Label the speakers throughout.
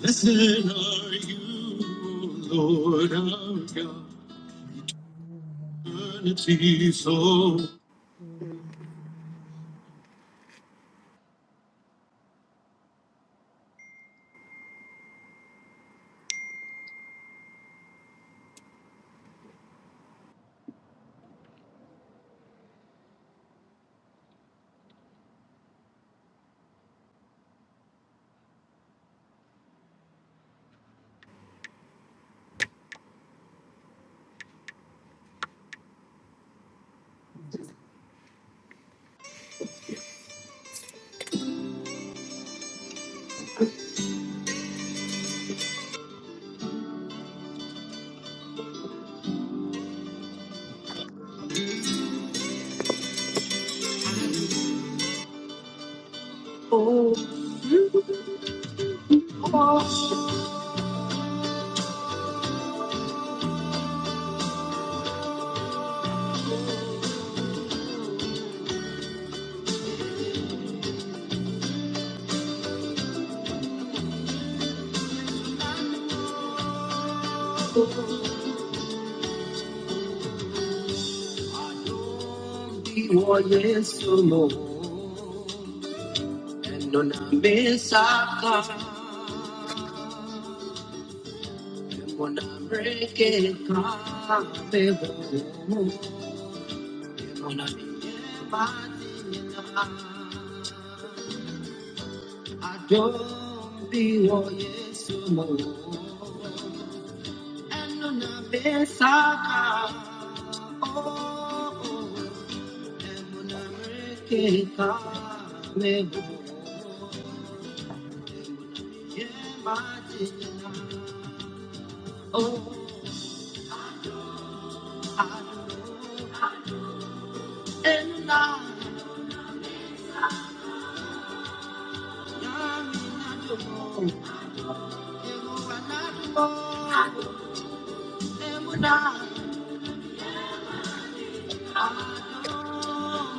Speaker 1: Blessed are you, O Lord our God, eternity so. Oh, God, break it, God, my God, oh, yes, you know. Yes, I can. Oh, break it, God, never. Yeah, my dear, oh, I am not. Oh, I am not. I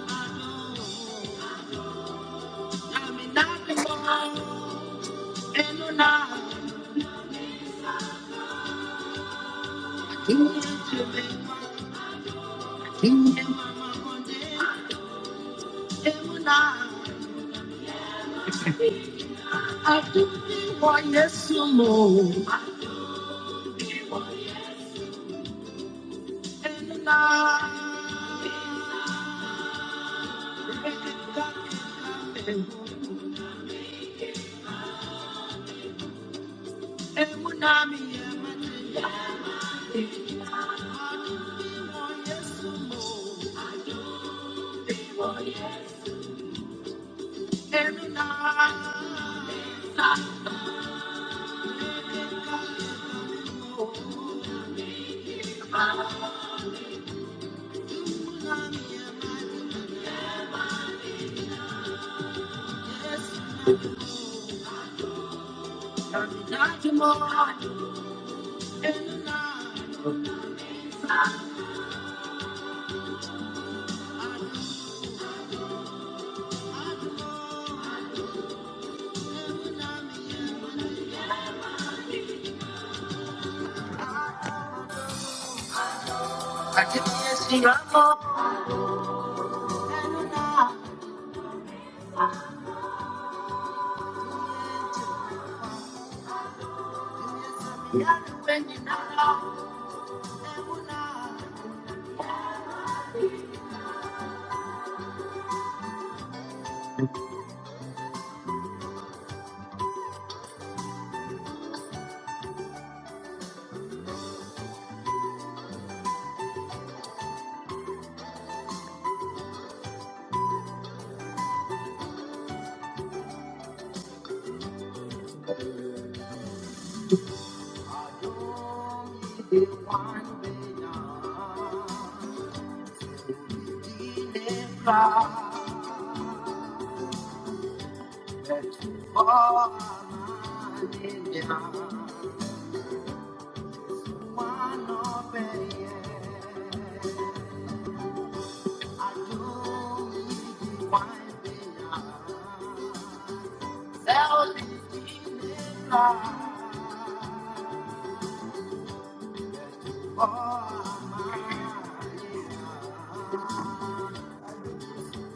Speaker 1: didn't see Oh, my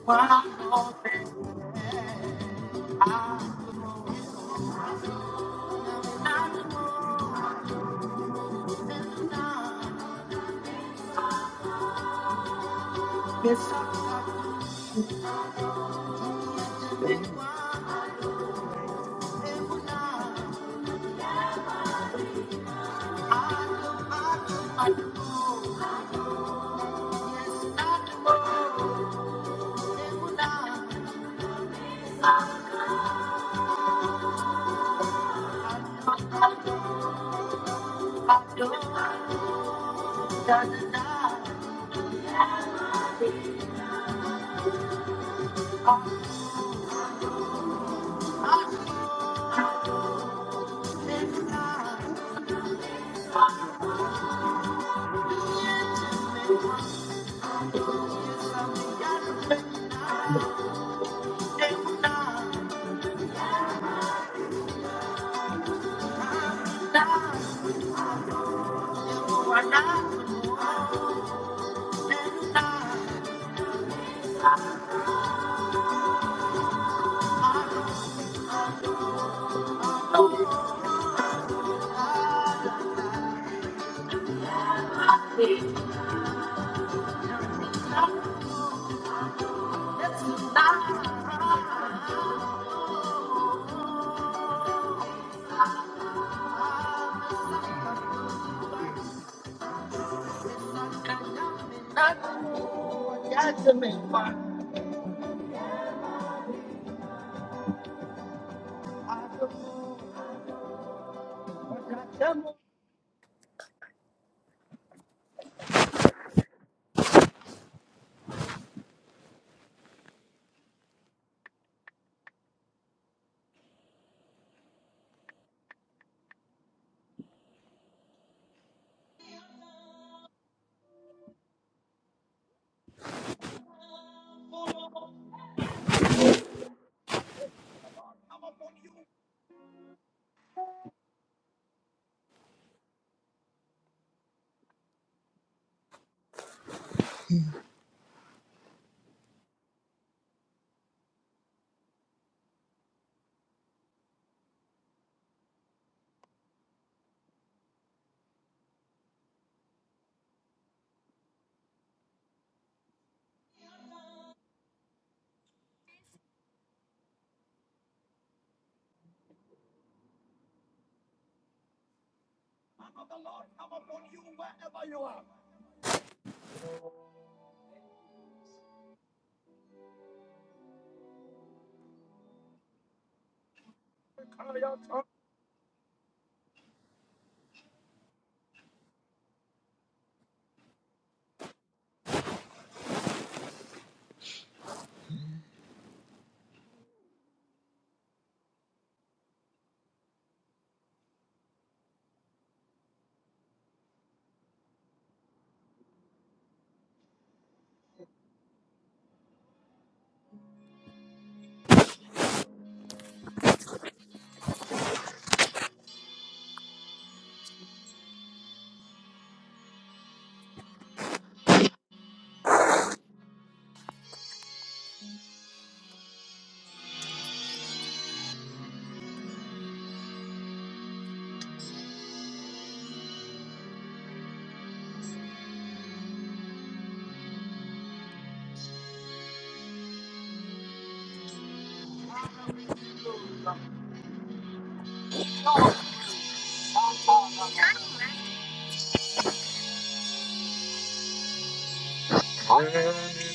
Speaker 1: Thank you.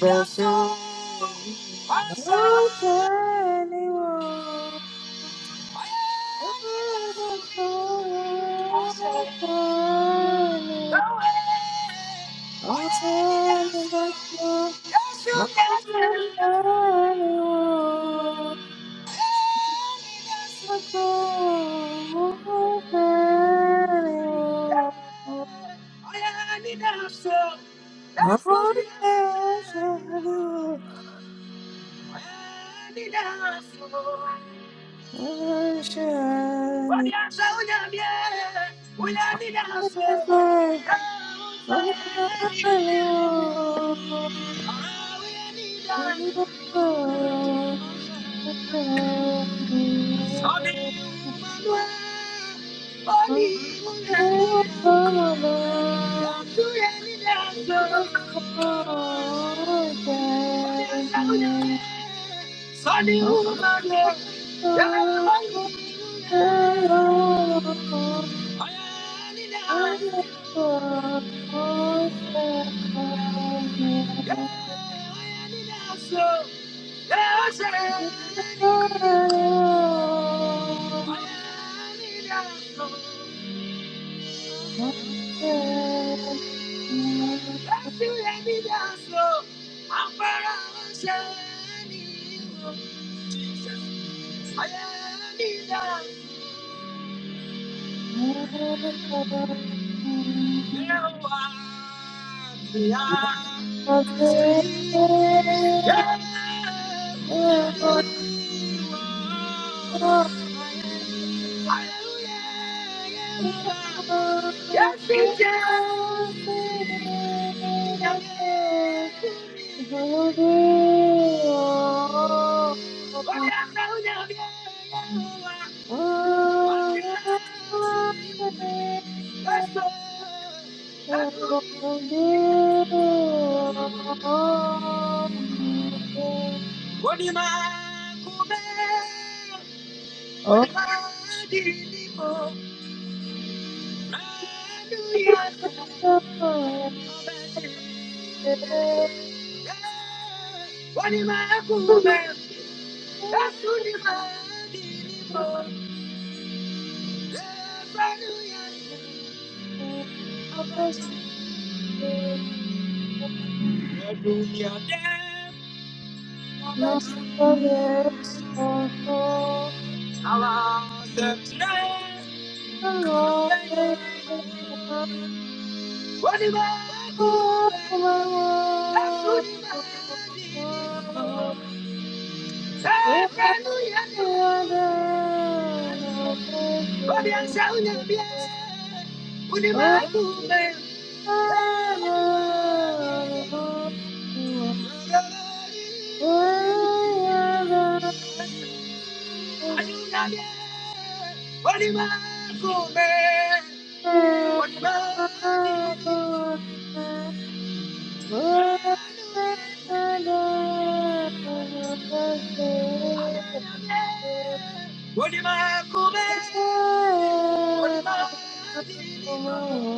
Speaker 1: Bless.
Speaker 2: Oh, shiny one, oh, the star, oh, shiny, oh, the oh, shiny one, the oh, shiny
Speaker 1: I
Speaker 2: one.
Speaker 1: I I need need need
Speaker 2: Oh, shiny, oh, shiny one, oh,
Speaker 1: we
Speaker 2: shiny
Speaker 1: we have here, we are not
Speaker 2: Oh,
Speaker 1: Oh, Sunny woman, yeah, Jésù
Speaker 2: Oh,
Speaker 1: yẹ mí dáṣọ, I'm dá. Hallelujah.
Speaker 2: Thank
Speaker 1: Hallelujah. Thank you.
Speaker 2: you.
Speaker 1: say? What do you mean?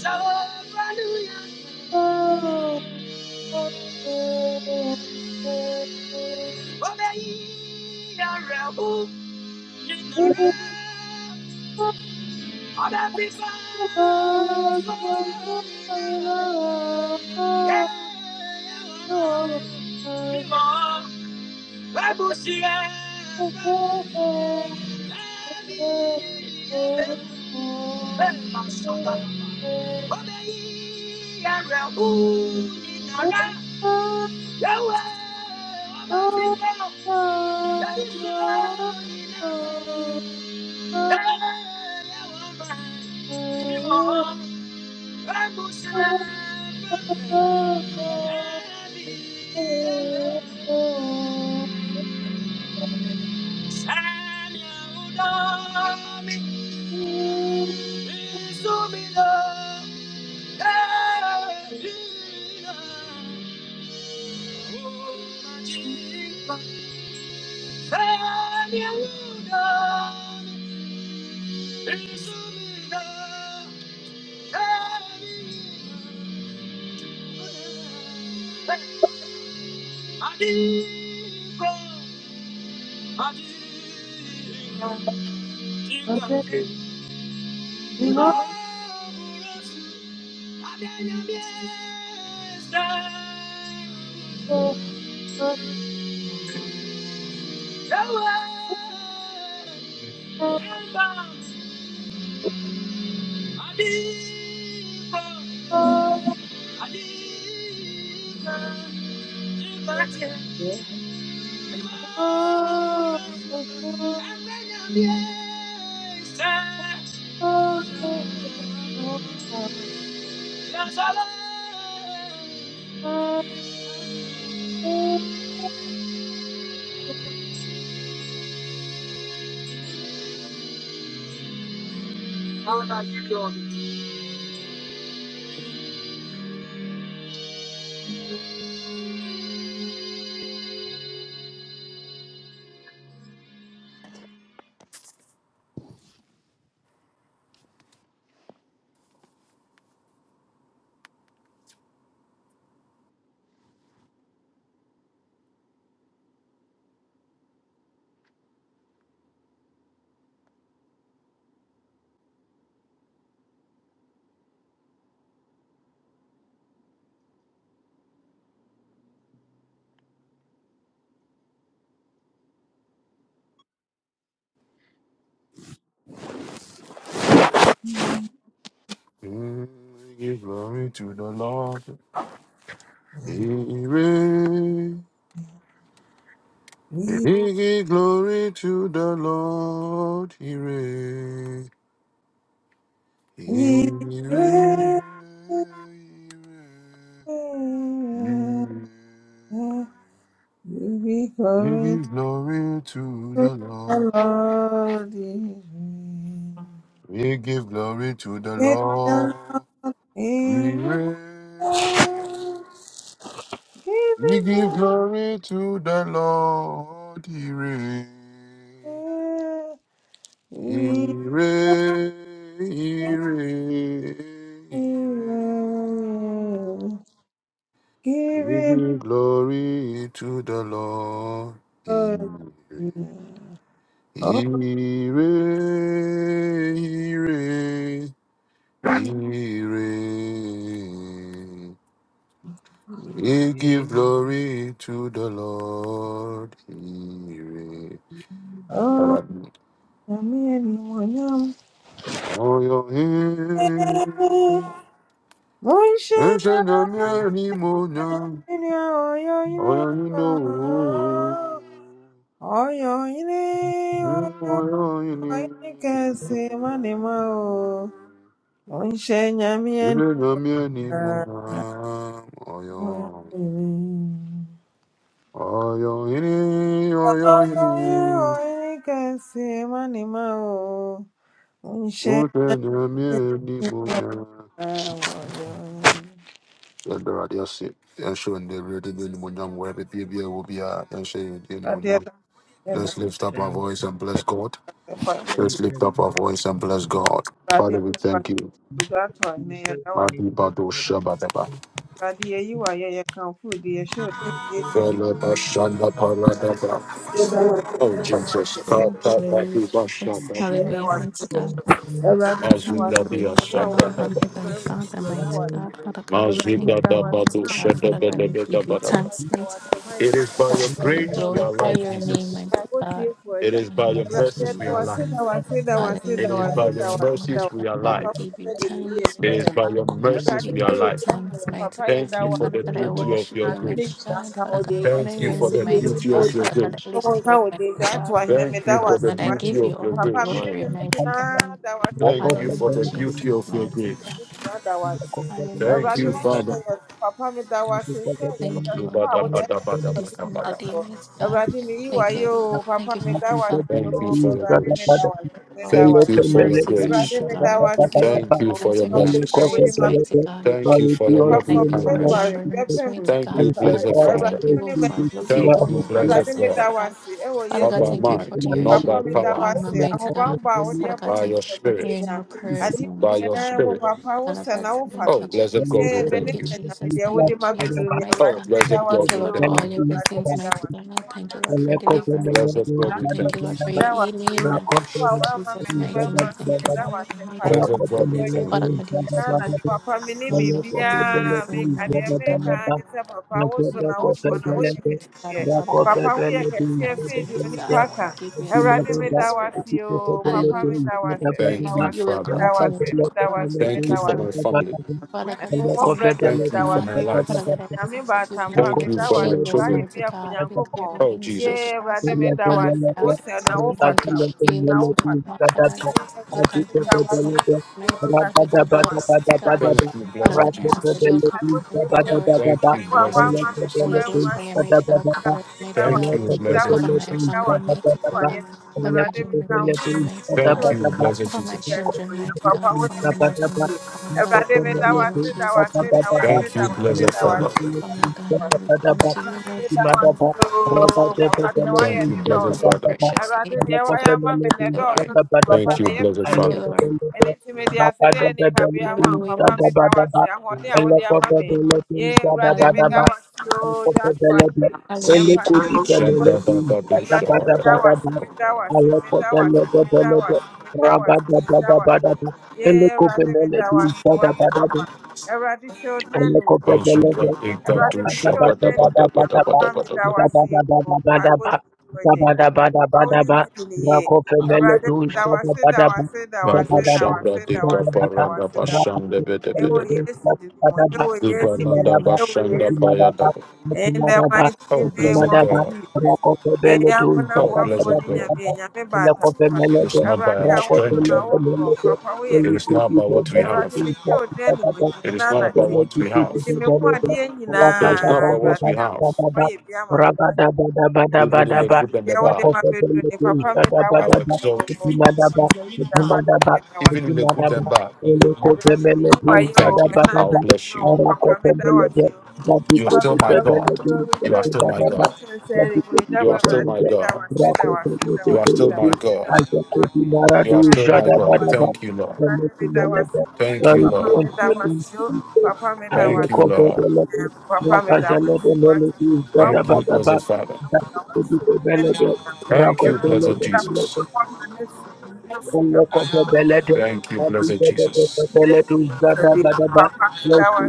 Speaker 1: Hallelujah.
Speaker 2: Oh, Thank
Speaker 1: On every side, falling, yeah, yeah, We're Simon, Babushi, yeah, Babushi, Babi, yeah, Babu, Babu, Mashota, Obey, yeah, Rehu, Inara, Yahweh, Obey, Simon, Babi, Simon, Inara, yeah, yeah, mama.
Speaker 2: you. Amen.
Speaker 1: Thank you. Adigo, adigo, adigo, adigo, burosu, abianyamiesta. Ewe, eba, adigo, adigo, adigo, Mm, Give glory to the Lord. He reign. He give glory to the Lord. He reign. He reign. He reign. We give glory to the Lord. We give glory to the Lord. We reign. We give glory to the Lord. He reign. He reign. He reign. He reign. We give glory to the Lord. He reign. He reign. He reign. He reigns. We
Speaker 3: Okay,
Speaker 1: give glory to the Lord. He reigns. Oh, your hand. ancient Amerimonium. Oh, you know. Oh, your name. Ancient Amerimonium. Oh, your. Oh, your. Oh, your. Let's lift up our
Speaker 3: and
Speaker 1: voice and bless God.
Speaker 3: We
Speaker 1: Let's
Speaker 3: thank
Speaker 1: lift
Speaker 3: you for
Speaker 1: up our voice and bless God. Father, we thank you.
Speaker 3: Jesus, Jesus,
Speaker 1: Madi
Speaker 3: Father,
Speaker 1: Shabadaba. Fele Bashanda Paradaba. Oh, Jesus. Kata
Speaker 4: Hallelujah.
Speaker 1: Badi
Speaker 4: Jesus.
Speaker 1: Bashadaba.
Speaker 4: Hallelujah. Mighty God.
Speaker 1: Mazubradia
Speaker 4: Hallelujah, Father,
Speaker 1: Sakradaba.
Speaker 4: Heavenly Father, mighty
Speaker 3: Thank
Speaker 4: God, Father God, we thank you, mighty
Speaker 1: Mazubradabado
Speaker 4: God, Father God, we give you
Speaker 1: Shadabadabadabadaba.
Speaker 4: thanks, mighty
Speaker 1: It is by
Speaker 4: God, Father
Speaker 1: your
Speaker 4: God, we
Speaker 1: grace we are
Speaker 4: glorify
Speaker 1: alive,
Speaker 4: your name,
Speaker 1: Jesus.
Speaker 4: mighty God, Father
Speaker 1: It is
Speaker 4: God,
Speaker 1: by your
Speaker 4: mighty
Speaker 3: you, Father,
Speaker 1: mercies we
Speaker 4: Jesus.
Speaker 1: are alive. It is
Speaker 4: Hallelujah,
Speaker 1: by your
Speaker 4: mighty God,
Speaker 1: mercies we
Speaker 4: Father
Speaker 1: are
Speaker 4: God, we
Speaker 1: alive.
Speaker 4: give you thanks,
Speaker 1: It is
Speaker 4: mighty
Speaker 1: by
Speaker 4: God,
Speaker 1: your mercies
Speaker 4: we
Speaker 1: we are
Speaker 4: give you
Speaker 1: alive.
Speaker 4: thanks, mighty
Speaker 1: Thank you
Speaker 4: God,
Speaker 1: for
Speaker 4: Father
Speaker 1: the
Speaker 4: God, I
Speaker 1: beauty of
Speaker 4: worship
Speaker 1: your
Speaker 4: you, mighty
Speaker 1: grace.
Speaker 4: God, Father God, I honor
Speaker 1: Thank you
Speaker 4: your
Speaker 1: for
Speaker 4: name,
Speaker 1: the
Speaker 4: mighty
Speaker 1: beauty
Speaker 4: God,
Speaker 1: of your
Speaker 4: Father God,
Speaker 1: grace.
Speaker 4: I lift you up, mighty God.
Speaker 1: Thank you
Speaker 4: Father
Speaker 1: for the
Speaker 4: God, I
Speaker 1: beauty
Speaker 4: give you
Speaker 1: of your
Speaker 4: all the
Speaker 1: grace.
Speaker 4: glory, mighty God.
Speaker 1: Thank
Speaker 3: for Jesus.
Speaker 1: you for
Speaker 4: Hallelujah,
Speaker 1: the
Speaker 4: Jesus,
Speaker 3: You
Speaker 1: beauty of your
Speaker 4: mighty
Speaker 1: grace.
Speaker 4: God. Hallelujah,
Speaker 1: Thank you,
Speaker 4: Jesus.
Speaker 1: Father.
Speaker 4: Thank you, Lord, mighty God, for this another day, mighty God. Thank you. Thank you, Father, for
Speaker 1: Thank you
Speaker 4: mighty
Speaker 1: for
Speaker 4: God.
Speaker 1: your
Speaker 4: Thank you,
Speaker 1: grace.
Speaker 4: Father, for
Speaker 1: Thank you for your
Speaker 4: mercies,
Speaker 1: grace.
Speaker 4: mighty God. Thank you, Father,
Speaker 1: Thank
Speaker 4: for
Speaker 1: you for your
Speaker 4: answering your
Speaker 1: mercies.
Speaker 4: prayers, mighty God.
Speaker 1: Thank you for
Speaker 4: Father,
Speaker 1: your
Speaker 4: God, thank
Speaker 1: loving
Speaker 4: you for
Speaker 1: kindness.
Speaker 4: remembering us, mighty
Speaker 1: Thank
Speaker 4: God.
Speaker 1: you,
Speaker 4: Father,
Speaker 1: blessed
Speaker 4: God,
Speaker 1: Father.
Speaker 4: thank you for looking
Speaker 1: Thank
Speaker 3: are
Speaker 4: down
Speaker 1: you,
Speaker 3: here.
Speaker 4: upon us,
Speaker 1: blessed God,
Speaker 4: mighty God. Father,
Speaker 1: not
Speaker 4: God,
Speaker 1: by
Speaker 3: Thank
Speaker 4: thank you
Speaker 3: you
Speaker 4: for
Speaker 3: for
Speaker 1: might,
Speaker 3: my
Speaker 4: your
Speaker 3: life.
Speaker 1: not by
Speaker 4: shield
Speaker 3: Thank
Speaker 4: and your
Speaker 3: you
Speaker 1: power,
Speaker 3: for
Speaker 4: armor,
Speaker 3: the life
Speaker 4: mighty
Speaker 3: of my
Speaker 4: God. Father,
Speaker 3: family.
Speaker 4: God,
Speaker 1: by
Speaker 4: thank
Speaker 1: your
Speaker 4: you for
Speaker 1: spirit,
Speaker 4: hearing our prayers,
Speaker 1: by
Speaker 4: mighty
Speaker 1: your
Speaker 4: God.
Speaker 1: spirit.
Speaker 4: Father God, thank
Speaker 1: Oh,
Speaker 4: you,
Speaker 3: Thank
Speaker 1: blessed
Speaker 4: Jesus.
Speaker 3: you.
Speaker 1: God, we
Speaker 4: Thank
Speaker 1: thank
Speaker 4: you,
Speaker 1: you.
Speaker 4: Jesus. Thank you, Jesus. Mighty
Speaker 1: Oh,
Speaker 4: God.
Speaker 1: blessed
Speaker 4: Thank
Speaker 1: God,
Speaker 4: you,
Speaker 1: we
Speaker 4: Lord, for
Speaker 1: thank
Speaker 4: all
Speaker 1: you.
Speaker 4: your blessings, mighty God. Thank you, Lord, for your deliverance,
Speaker 1: Blessed
Speaker 4: mighty
Speaker 1: God,
Speaker 4: God.
Speaker 1: we
Speaker 4: Thank you,
Speaker 1: thank
Speaker 4: Lord,
Speaker 1: you.
Speaker 4: for your healing. Jesus, mighty name. Thank you, Lord, mighty
Speaker 1: Blessed
Speaker 4: God.
Speaker 1: God, we thank
Speaker 4: Father
Speaker 1: you.
Speaker 4: God, you're so wonderful, and amazing, mighty God. Father God, you come through first, mighty God, and Father God, I want to give you thanks, mighty God. I want to give you thanks, Holy Spirit. Hallelujah, Father God, I pray
Speaker 1: Thank you,
Speaker 4: that you will
Speaker 1: Father.
Speaker 4: continue to cover us,
Speaker 1: Thank
Speaker 4: mighty
Speaker 1: you for
Speaker 4: God.
Speaker 1: my family.
Speaker 4: Father God, I thank you,
Speaker 1: Thank
Speaker 4: mighty
Speaker 1: you for
Speaker 4: God.
Speaker 1: my life.
Speaker 4: Father God, I ask that you
Speaker 1: Thank
Speaker 4: continue
Speaker 1: you
Speaker 4: to
Speaker 3: Thank
Speaker 1: for my
Speaker 4: shield us,
Speaker 1: children.
Speaker 4: mighty God, with your
Speaker 1: Oh,
Speaker 4: wings, mighty
Speaker 1: Jesus.
Speaker 4: God. Father God, I ask that you continue to shield us, mighty God. Father, I ask that you continue to cover us, mighty God, with the blood, mighty God.
Speaker 1: Thank you,
Speaker 4: Father,
Speaker 1: blessed
Speaker 4: God, I ask that
Speaker 1: Jesus.
Speaker 4: you continue to cover us with
Speaker 1: Thank you,
Speaker 4: fire, mighty
Speaker 1: blessed
Speaker 4: God?
Speaker 1: Jesus.
Speaker 4: Holy Ghost, fire, mighty God, cover us, mighty
Speaker 1: Thank
Speaker 4: God.
Speaker 1: you, blessed
Speaker 4: Cover my
Speaker 1: Jesus.
Speaker 4: family, mighty God. Cover my generation, mighty
Speaker 1: Thank
Speaker 4: God.
Speaker 1: you,
Speaker 3: you.
Speaker 1: blessed
Speaker 4: Cover my
Speaker 1: Jesus.
Speaker 4: children, mighty God. Cover my mother, mighty God. Father God, in the name of Jesus, mighty God.
Speaker 1: Thank you, blessed Father.
Speaker 4: Father God, I will come to you, mighty God. Mighty God, in Jesus'
Speaker 1: Thank you, blessed
Speaker 4: holy
Speaker 1: Father.
Speaker 4: precious name, mighty God. Thank you, Lord.
Speaker 1: Thank you, blessed
Speaker 4: Thank you,
Speaker 1: Father.
Speaker 4: Lord. Hallelujah.
Speaker 3: Thank
Speaker 4: Hallelujah.
Speaker 3: Rabada
Speaker 4: Hallelujah, Jesus.
Speaker 1: Shabba-dabba-dabba, shabba-dabba-dabba.
Speaker 3: bada bada bada, eleko beneledi bada bada
Speaker 1: Azubra-dika-du, shabadabadabadabadabada. Vadu shabradika parada bashande bedebedebe. Ibalada bashanda payadaba. Oh, blessed God. Oh, blessed God. It is not by our strength. It is not by what we have.
Speaker 3: Rakopemele
Speaker 1: It is not about
Speaker 3: Thank
Speaker 1: what we have. It is not about what we have, even in the good and the bad. I will exalt you. even in the good and bad, I will thank you. I'll bless you. You are still my God. You are still my God. You are still my God. You are still my God. You are still my God. Thank you, Lord. Thank you, Lord.
Speaker 3: you. I will
Speaker 1: Thank you,
Speaker 3: cover the
Speaker 1: Lord.
Speaker 3: level. Rakazale the level is
Speaker 1: Thank you,
Speaker 3: Gadabadaba.
Speaker 1: blessed Father.
Speaker 3: That is the level.
Speaker 1: Thank you,
Speaker 3: Rakotele
Speaker 1: blessed
Speaker 3: the level.
Speaker 1: Jesus.
Speaker 3: Thank you, Holy
Speaker 1: Thank you, blessed Jesus.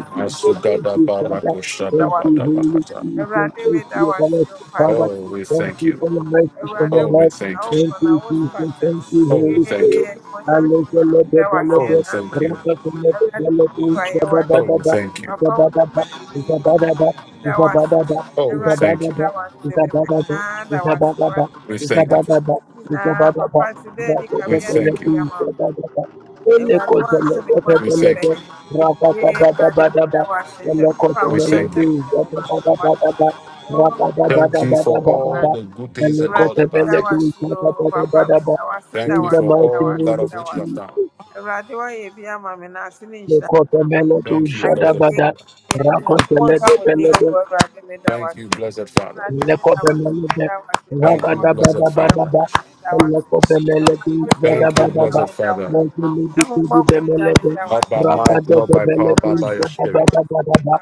Speaker 1: Masugada barakoshada badabahata.
Speaker 3: Jesus. Thank you, Everlasting Father.
Speaker 1: Oh, we
Speaker 3: Thank
Speaker 1: thank
Speaker 3: you
Speaker 1: you.
Speaker 3: for your mercy from your
Speaker 1: Oh, we
Speaker 3: life.
Speaker 1: thank you.
Speaker 3: Thank you, Jesus. Thank you,
Speaker 1: Oh, we
Speaker 3: Holy
Speaker 1: thank you.
Speaker 3: Spirit. Hallelujah.
Speaker 1: Oh, we thank you.
Speaker 3: Rakatelebedelebe,
Speaker 1: Oh, we
Speaker 3: zabadaba,
Speaker 1: thank you.
Speaker 3: zabadaba, zabadaba, zabadaba,
Speaker 1: Oh, we thank you.
Speaker 3: zabadaba, zabadaba,
Speaker 1: We thank you.
Speaker 3: zabadaba, zabadaba, in the
Speaker 1: We thank you. We thank you. We thank you. Thank you for all the good things and all the bad things. Thank you for
Speaker 3: mighty
Speaker 1: all that of which you have done.
Speaker 3: name of
Speaker 1: Thank you, blessed Father.
Speaker 3: Jesus,
Speaker 1: Thank you, blessed Father.
Speaker 3: Lekobemele,
Speaker 1: Thank you,
Speaker 3: Ragada
Speaker 1: blessed
Speaker 3: Bada Bada
Speaker 1: Father.
Speaker 3: ba. lekobemele,
Speaker 1: Thank you,
Speaker 3: gadabadaba,
Speaker 1: blessed Father.
Speaker 3: lekobemele,
Speaker 1: Not by might, not by
Speaker 3: ragadabemele,
Speaker 1: power, but by your spirit.
Speaker 3: gadabadabadaba,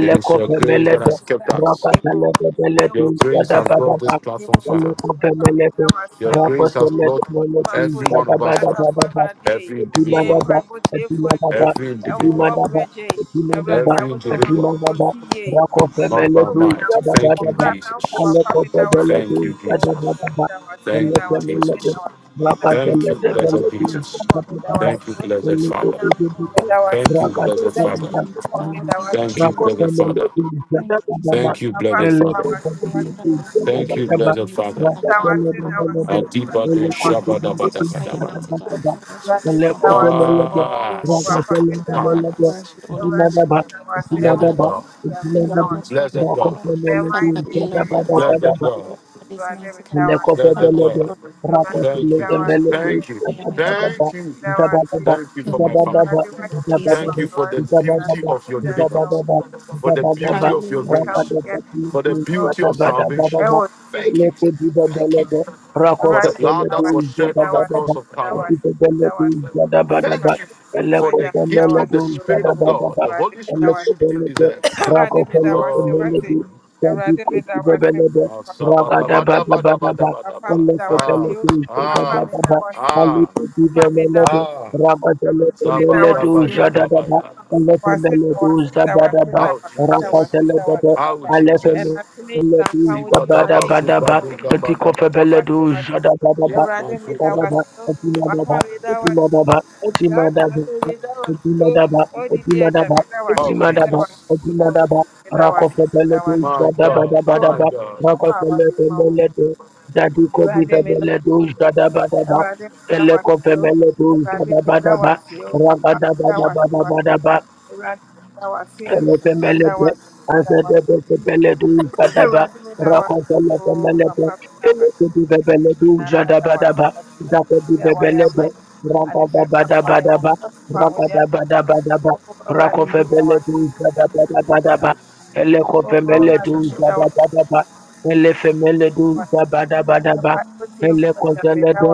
Speaker 1: It is your grace that has kept us.
Speaker 3: rakadabemele,
Speaker 1: Your grace has brought this
Speaker 3: ba
Speaker 1: platform far.
Speaker 3: elekobemele,
Speaker 1: Your grace has
Speaker 3: rakosomele,
Speaker 1: brought every one of us far
Speaker 3: ba.
Speaker 1: every individual,
Speaker 3: Adimadaba, Adimadaba,
Speaker 1: every individual.
Speaker 3: Adimadaba, Adimadaba,
Speaker 1: Every individual,
Speaker 3: Adimadaba,
Speaker 1: not by
Speaker 3: Rakofemeledu,
Speaker 1: might. Thank you,
Speaker 3: Dadadadaba,
Speaker 1: Jesus. Thank
Speaker 3: Alekofebeledu,
Speaker 1: you, Jesus.
Speaker 3: Dadadadaba,
Speaker 1: Thank you,
Speaker 3: Elefemelede,
Speaker 1: Jesus. Thank you, blessed
Speaker 3: Rapadeledebeledu,
Speaker 1: Jesus.
Speaker 3: Dadadadaba,
Speaker 1: Thank you, blessed Father.
Speaker 3: Elekopededu,
Speaker 1: Thank you, blessed
Speaker 4: Thank you,
Speaker 1: Father.
Speaker 4: mighty God.
Speaker 3: Rakadadadadadadadadu,
Speaker 4: Thank you,
Speaker 1: Thank you,
Speaker 4: Jesus.
Speaker 1: blessed Father.
Speaker 3: Rakofemeledu,
Speaker 4: Thank you,
Speaker 3: Dadadadaba,
Speaker 4: Father.
Speaker 1: Thank you,
Speaker 4: Thank you,
Speaker 1: blessed
Speaker 4: Jesus.
Speaker 1: Father.
Speaker 4: mighty
Speaker 3: Elekofebeledu,
Speaker 4: God.
Speaker 1: Thank you,
Speaker 3: Dadadadaba, Rapadeledebeledu, Elekopededu, Dadadadaba,
Speaker 1: blessed
Speaker 4: Hallelujah,
Speaker 1: Father.
Speaker 4: Father
Speaker 3: Rapa
Speaker 4: God.
Speaker 3: Dele de
Speaker 4: Cover us,
Speaker 3: Bele
Speaker 4: mighty
Speaker 3: Duz,
Speaker 1: Adiba de
Speaker 4: Father God,
Speaker 3: Eleko
Speaker 4: cover us
Speaker 1: shabada
Speaker 3: Femele
Speaker 4: with
Speaker 1: bada
Speaker 4: the
Speaker 3: Duz,
Speaker 1: bada
Speaker 4: fire,
Speaker 1: bada.
Speaker 4: mighty
Speaker 3: Dadadadaba,
Speaker 4: God. Cover us with fire, Holy Ghost fire.
Speaker 1: Ah, sakatu
Speaker 4: Father God, cover
Speaker 1: paradise.
Speaker 4: us with the Holy Ghost fire. Father
Speaker 1: Blessed
Speaker 4: God,
Speaker 1: God.
Speaker 4: with the Holy Ghost fire, mighty
Speaker 1: Blessed God.
Speaker 4: God. Father God, heal our bodies, mighty
Speaker 3: Rakosele
Speaker 1: Blessed
Speaker 4: God. Heal
Speaker 1: God.
Speaker 4: our bodies, mighty God.
Speaker 1: Yes,
Speaker 4: Father
Speaker 1: yes,
Speaker 4: God,
Speaker 3: Lekopelele,
Speaker 1: God.
Speaker 4: cover us, mighty God.
Speaker 1: Thank
Speaker 3: Rapapelele,
Speaker 1: you.
Speaker 4: Cover us with the Holy
Speaker 3: Melete,
Speaker 1: Thank
Speaker 4: Ghost
Speaker 1: you.
Speaker 4: fire, mighty God.
Speaker 3: Zabadaba,
Speaker 1: Thank you.
Speaker 3: Zabadaba,
Speaker 1: Thank you for my
Speaker 4: Hallelujah.
Speaker 1: family.
Speaker 3: Zabadaba,
Speaker 4: Thank you, Jesus.
Speaker 1: Thank
Speaker 3: Zabadaba,
Speaker 1: you for the beauty
Speaker 3: Zabadaba,
Speaker 1: of your deliverance,
Speaker 3: Zabadaba,
Speaker 1: for the
Speaker 3: Zabadaba,
Speaker 1: beauty of your
Speaker 4: Hallelujah.
Speaker 1: grace,
Speaker 3: Rapadaba,
Speaker 1: for the beauty of salvation.
Speaker 3: Zabadabadaba,
Speaker 1: Thank you. Thank you
Speaker 3: Lekodibadalaba,
Speaker 1: for the
Speaker 3: Rakopelele,
Speaker 1: blood that was shed on the
Speaker 3: Zabadabadaba,
Speaker 1: cross of Calvary.
Speaker 3: Antipelele, Zabadabadaba,
Speaker 1: Thank you for the gift of the
Speaker 3: Lekopelele,
Speaker 1: Spirit of God,
Speaker 3: Zabadabadaba,
Speaker 1: the Holy Spirit who didn't
Speaker 3: Lekopelele,
Speaker 1: deserve.
Speaker 3: Rakopelele,
Speaker 1: Oh.
Speaker 3: Melete,
Speaker 1: Ah,
Speaker 3: Rabadabadabadaba.
Speaker 1: sabadabadabadabadabadaba. ah, ah.
Speaker 3: Eleketelekejadabadaba.
Speaker 1: ah.
Speaker 3: Alekedivelelebe.
Speaker 1: Ah, Zaba Daba Yadaba
Speaker 3: Rabadelekelelejadadaba.
Speaker 1: ya.
Speaker 3: Elekelelejadadaba.
Speaker 1: How Jesus.
Speaker 3: Rakatelebebe.
Speaker 1: How Jesus. Ziba Daba Subra
Speaker 3: Alekelelejadabadabadaba.
Speaker 1: Diga Badaba Daba.
Speaker 3: Etikofebelejadabadaba.
Speaker 1: Emo Subra.
Speaker 3: Etikofebelejadabadaba. Etimadaba. Etimadaba. Etimadaba. Odimadaba, Odimadaba,
Speaker 1: How
Speaker 3: Odimadaba,
Speaker 1: Jesus.
Speaker 3: Odimadaba, Rakofebeledo,
Speaker 1: My God. My
Speaker 3: Jadabadabadaba,
Speaker 1: God.
Speaker 3: Rakofebeledo, Dadiko Bibeledo, Jadabadaba, Elekofebeledo, Jadabadaba, Rabadabadabadabadaba, Elepemelete, azadebesepeledu zadaba, rakotelepemelete, elekebibebeledu zadabadaba, zakebibebelebo, rakadabadabadaba, rakadabadabadaba, rakofebeledu zadabadabadaba,
Speaker 1: Oh
Speaker 3: elekofemeledu
Speaker 1: Jesus.
Speaker 3: zadabadaba, elefemeledu zabadabadaba, elekozelede,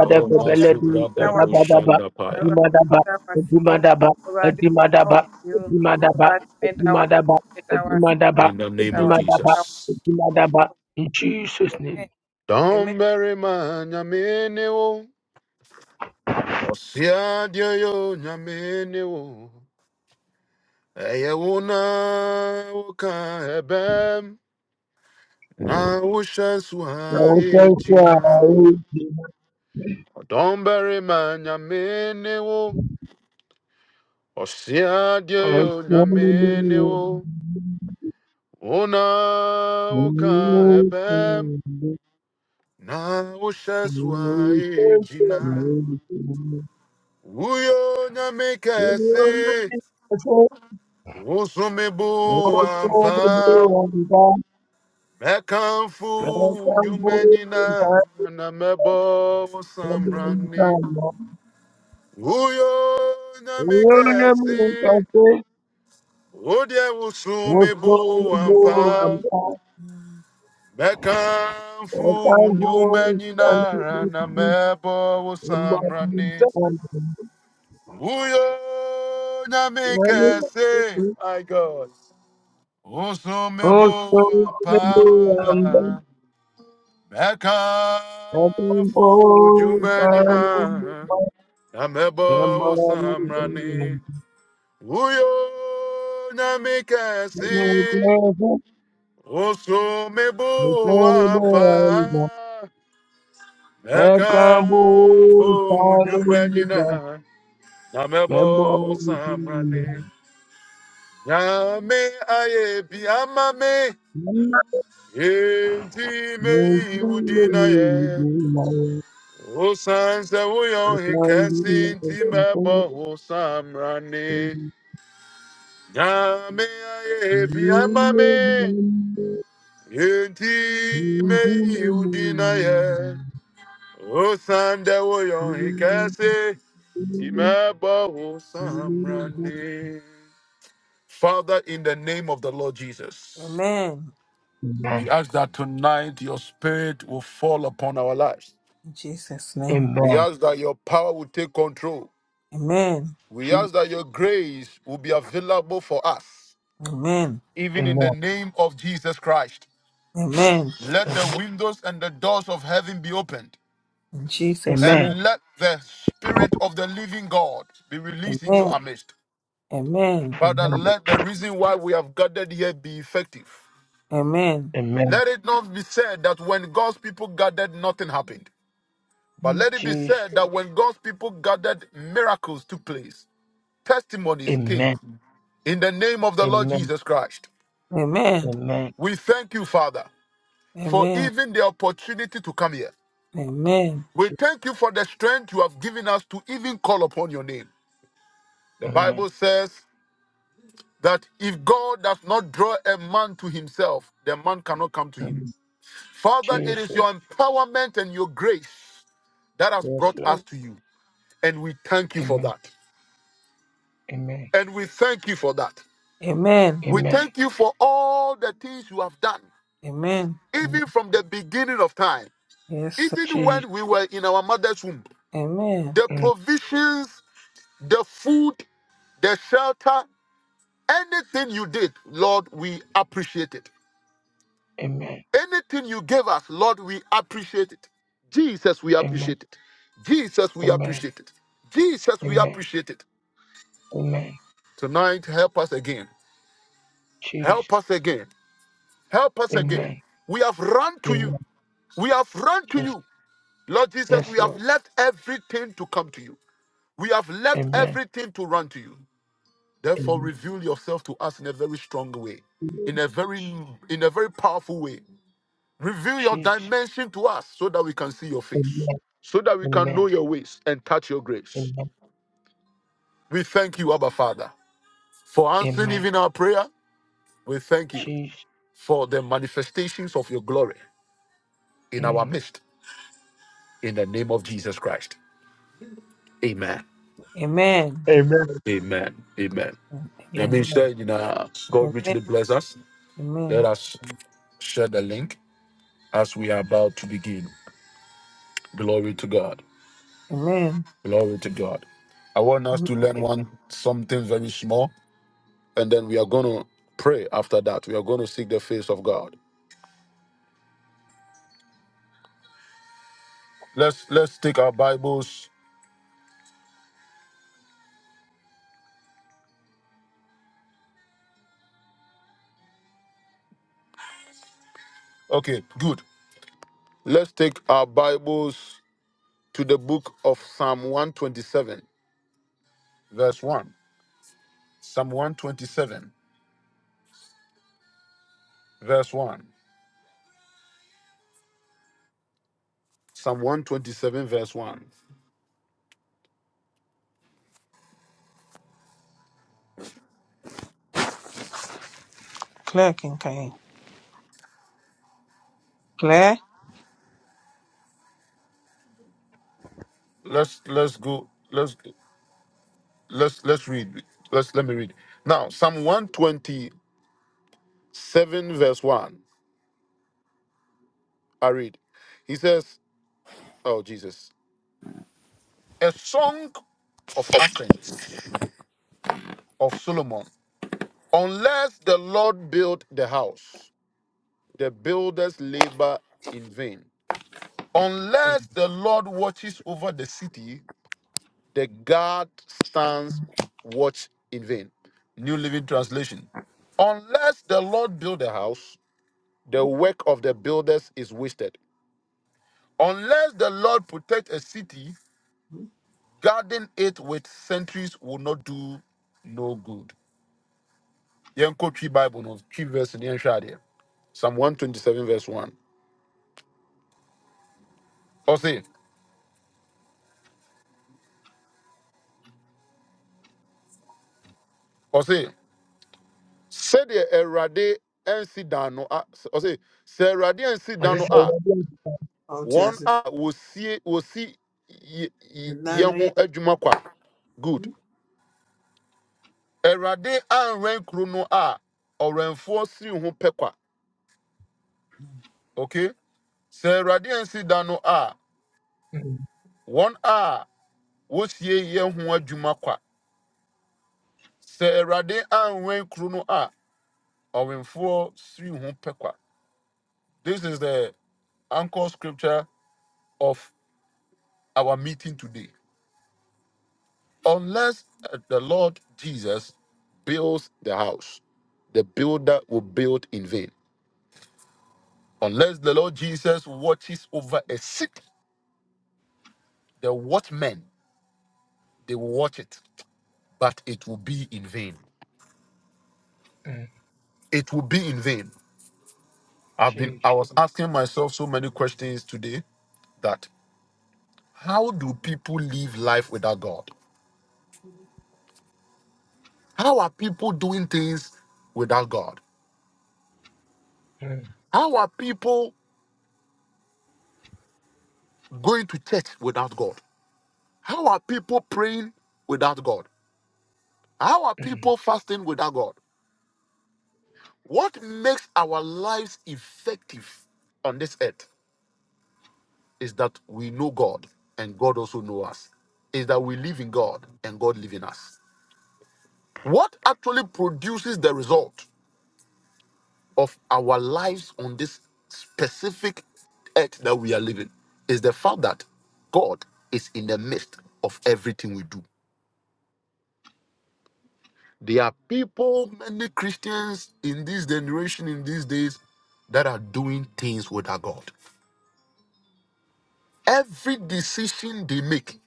Speaker 1: Oh Masubra Dabo
Speaker 3: zadabadaba,
Speaker 1: Shanda Paya.
Speaker 3: dimadaba, dimadaba, dimadaba, Dimadaba, Dimadaba, Dimadaba,
Speaker 1: In the name of
Speaker 3: Dimadaba,
Speaker 1: Jesus.
Speaker 3: Dimadaba. In Jesus' name.
Speaker 1: Don't bury my nyamini wo. Osia dio yo nyamini wo. Eye wo na wo ka ebem. na wohyɛ so ha
Speaker 3: Oh, thank you,
Speaker 1: egyina
Speaker 3: oh,
Speaker 1: ɔdɔm barima nyame ne wo ɔsea deɛ
Speaker 3: oh,
Speaker 1: yɛ onyame
Speaker 3: Lord.
Speaker 1: wo wo na
Speaker 3: Oh,
Speaker 1: woka
Speaker 3: Lord. Oh,
Speaker 1: ɛbɛm na wohyɛ
Speaker 3: Oh,
Speaker 1: so ha egyina woyɛ onyame
Speaker 3: Oh,
Speaker 1: kɛse
Speaker 3: Oh,
Speaker 1: wosome bo ampa mɛkamfo wo nnwuma na mebo wo Uyo na
Speaker 3: Oh,
Speaker 1: namekasi,
Speaker 3: Oh,
Speaker 1: odia usume
Speaker 3: Oh,
Speaker 1: buampa,
Speaker 3: Oh,
Speaker 1: mekamfu
Speaker 3: so
Speaker 1: unyume
Speaker 3: many
Speaker 1: nyinara na mebo usamrani. Uyo na namekasi, my God, usume buampa,
Speaker 3: um,
Speaker 1: mekamfu unyume nyinara na mebo usamrani. Uyo na mikasi usumebu apa nakamfu nyumba nyina
Speaker 3: I
Speaker 1: namebo
Speaker 3: Member
Speaker 1: usamrani nyame aye biamame enti mei udina ye usanse uyo hikasi enti mebo usamrani nyame
Speaker 3: Amen.
Speaker 1: aye biamame
Speaker 3: Amen. Je-
Speaker 1: Yenti me udinaye Osande wo hikase Timeba osamrani Father, in the name of the Lord Jesus, we ask that tonight your spirit will fall upon our lives. We ask that your power will take control. We ask that your grace will be available for us, even in
Speaker 3: Amen.
Speaker 1: the name of Jesus Christ. Let the windows and the doors of heaven be opened.
Speaker 3: Amen.
Speaker 1: and let the spirit of the living God be released into our midst.
Speaker 2: Amen.
Speaker 1: Father, let the reason why we have gathered here be effective.
Speaker 3: Amen.
Speaker 2: Amen.
Speaker 3: Amen.
Speaker 1: Let it not be said that when God's people gathered, nothing happened. But
Speaker 2: Mm.
Speaker 1: let it be said
Speaker 3: Jesus.
Speaker 1: that when God's people gathered, miracles took place, testimonies came.
Speaker 3: Amen.
Speaker 1: In the name of the Lord
Speaker 3: Amen.
Speaker 1: Jesus Christ,
Speaker 2: Amen.
Speaker 3: Amen.
Speaker 1: we thank you, Father, for
Speaker 2: Amen.
Speaker 1: even the opportunity to come here.
Speaker 2: Amen.
Speaker 1: We
Speaker 3: Je-
Speaker 1: thank you for the strength you have given us to even call upon your name. The Bible
Speaker 3: Amen.
Speaker 1: says, that if God does not draw a man to himself, the man cannot come to him.
Speaker 3: Amen.
Speaker 1: Father, it is
Speaker 3: Jesus.
Speaker 1: your empowerment and your grace that has
Speaker 3: Yes,
Speaker 1: brought us
Speaker 3: Lord.
Speaker 1: to you. And we thank you for
Speaker 3: Amen.
Speaker 1: that.
Speaker 3: Amen.
Speaker 1: And we thank you for that.
Speaker 2: Amen.
Speaker 1: We
Speaker 3: Amen.
Speaker 1: thank you for all the things you have done,
Speaker 2: Amen.
Speaker 3: Amen.
Speaker 1: even from the beginning of time,
Speaker 2: Yes. sir.
Speaker 1: even
Speaker 3: Jesus.
Speaker 1: when we were in our mother's womb.
Speaker 2: Amen.
Speaker 1: The
Speaker 3: Mm.
Speaker 1: provisions, the food, the shelter, anything you did, Lord, we appreciate it.
Speaker 3: Amen.
Speaker 1: Anything you gave us, Lord, we appreciate it. Jesus, we
Speaker 3: Amen.
Speaker 1: appreciate it. Jesus, we
Speaker 3: Amen.
Speaker 1: appreciate it. Jesus, we
Speaker 3: Amen.
Speaker 1: appreciate it.
Speaker 3: Amen.
Speaker 1: Tonight, help us again.
Speaker 3: Jesus.
Speaker 1: Help us again. Help us again.
Speaker 3: Amen.
Speaker 1: We have run to
Speaker 3: Amen.
Speaker 1: you. We have run to
Speaker 3: Yes.
Speaker 1: you. Lord Jesus,
Speaker 3: Yes,
Speaker 1: we have
Speaker 3: Lord.
Speaker 1: left everything to come to you. We have left
Speaker 3: Amen.
Speaker 1: everything to run to you. Therefore,
Speaker 3: Amen.
Speaker 1: reveal yourself to us in a very strong way, in a very in a very powerful way. Reveal your
Speaker 3: Jesus.
Speaker 1: dimension to us so that we can see your face,
Speaker 3: Amen.
Speaker 1: so that we can know
Speaker 3: Amen.
Speaker 1: your ways and touch your grace.
Speaker 3: Amen.
Speaker 1: We thank you, Abba Father, for answering
Speaker 3: Amen.
Speaker 1: even our prayer. We thank you
Speaker 3: Jesus.
Speaker 1: for the manifestations of your glory in our
Speaker 3: Mm.
Speaker 1: midst. In the name of Jesus Christ. Amen.
Speaker 2: Amen.
Speaker 3: Amen.
Speaker 1: Amen. Amen. I
Speaker 2: Amen.
Speaker 1: mean,
Speaker 3: Amen.
Speaker 1: share, you know, God
Speaker 2: Amen.
Speaker 1: richly bless us. Let
Speaker 2: Amen.
Speaker 1: us
Speaker 3: Mm.
Speaker 1: share the link as we are about to begin. Glory to God.
Speaker 2: Amen.
Speaker 1: Glory to God. I want us
Speaker 2: Amen.
Speaker 1: to learn
Speaker 3: Amen.
Speaker 1: one something very small and then we are going to pray after that. We are going to seek the face of God. Let's let's take our Bibles. Okay, good. Let's take our Bibles to the book of Psalm 127, verse 1. Psalm 127, verse 1. Psalm 127, verse 1.
Speaker 2: Claire Kincaid. Claire.
Speaker 1: Let's let's go. Let's let's let's read. Let's let me read. Now, Psalm 127, verse 1. I read. He says, Oh Jesus, a song of ascents of Solomon. Unless the Lord build the house, the builders labor in vain. Unless
Speaker 3: Mm.
Speaker 1: the Lord watches over the city, the guard stands watch in vain. New Living Translation. Unless the Lord build a house, the work of the builders is wasted. Unless the Lord protect a city, guarding it with sentries will not do no good. Yɛnkɔ twi Bible no, twi verse no, yɛnhwɛ adeɛ. Psalm 127 verse 1. Ɔse, ɔse, sɛdeɛ Awurade ansi dan no a, s- ɔse, sɛ Awurade ansi
Speaker 3: Was
Speaker 1: dan
Speaker 3: it
Speaker 1: no
Speaker 3: said
Speaker 1: a,
Speaker 3: again?
Speaker 2: Oh,
Speaker 1: One
Speaker 2: Jesus.
Speaker 1: a wosie wosi yɛ yɛ- yɛn ho Good. Awurade anwɛn kuro no a ɔwɛnfoɔ siri ho pɛ kwa. Okay? Sɛ Awurade ansi dan no a,
Speaker 3: Mm.
Speaker 1: wɔn a wosie yɛn ho adwuma kwa. Sɛ Awurade anwɛn no a ɔwɛnfoɔ siri ho pɛ kwa. This is the anchor scripture of our meeting today. Unless uh, the Lord Jesus builds the house, the builder will build in vain. Unless the Lord Jesus watches over a city, the watchmen, they will watch it, but it will be in vain.
Speaker 3: Mm.
Speaker 1: It will be in vain. I've been,
Speaker 3: Jesus.
Speaker 1: I was asking myself so many questions today that how do people live life without God? How are people doing things without God?
Speaker 3: Mm.
Speaker 1: How are people going to church without God? How are people praying without God? How are
Speaker 3: Mm.
Speaker 1: people fasting without God? What makes our lives effective on this earth is that we know God and God also knows us. Is that we live in God and God lives in us. What actually produces the result of our lives on this specific earth that we are living is the fact that God is in the midst of everything we do. There are people, many Christians in this generation, in these days, that are doing things without God. Every decision they make,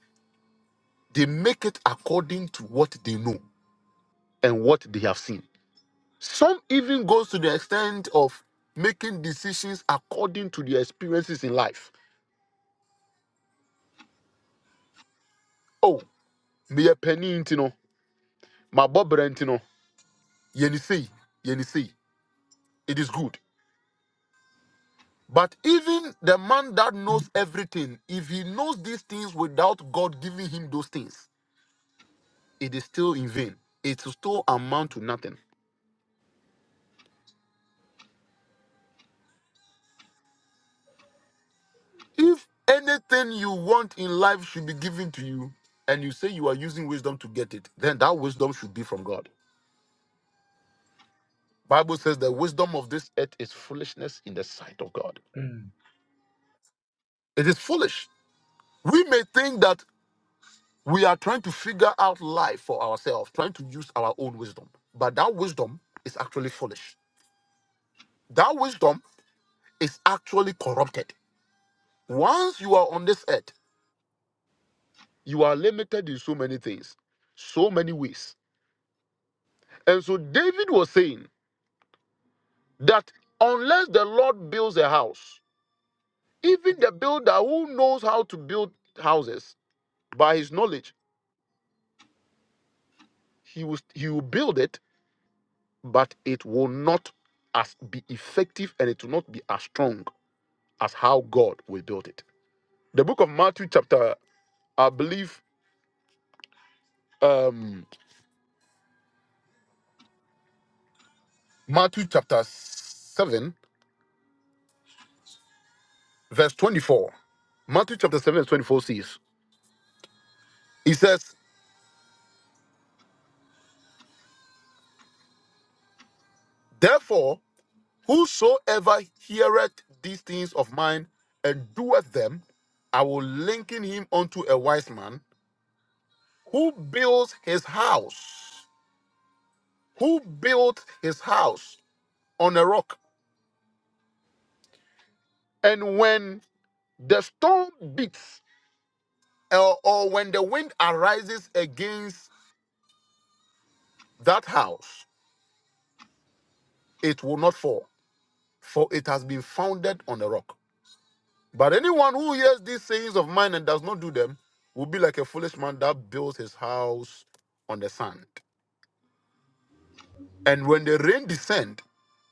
Speaker 1: they make it according to what they know and what they have seen. Some even goes to the extent of making decisions according to their experiences in life. Oh, me a penny intino, my bob rentino, yenisi, yenisi. It is good. But even the man that knows everything, if he knows these things without God giving him those things, it is still in vain. It will still amount to nothing. If anything you want in life should be given to you, and you say you are using wisdom to get it, then that wisdom should be from God. Bible says the wisdom of this earth is foolishness in the sight of God.
Speaker 3: Mm.
Speaker 1: It is foolish. We may think that we are trying to figure out life for ourselves, trying to use our own wisdom, but that wisdom is actually foolish That wisdom is actually corrupted. Once you are on this earth, you are limited in so many things, so many ways. And so David was saying that unless the Lord builds a house, even the builder who knows how to build houses by his knowledge, he will, he will build it, but it will not as be effective and it will not be as strong as how God will build it. The book of Matthew, chapter, I believe. um, Matthew chapter 7, verse 24. Matthew chapter 7, verse 24 says, He says, Therefore, whosoever heareth these things of mine and doeth them, I will liken him unto a wise man who builds his house, who built his house on a rock. And when the storm beats, or or when the wind arises against that house, it will not fall for it has been founded on a rock. But anyone who hears these sayings of mine and does not do them will be like a foolish man that builds his house on the sand. And when the rain descend,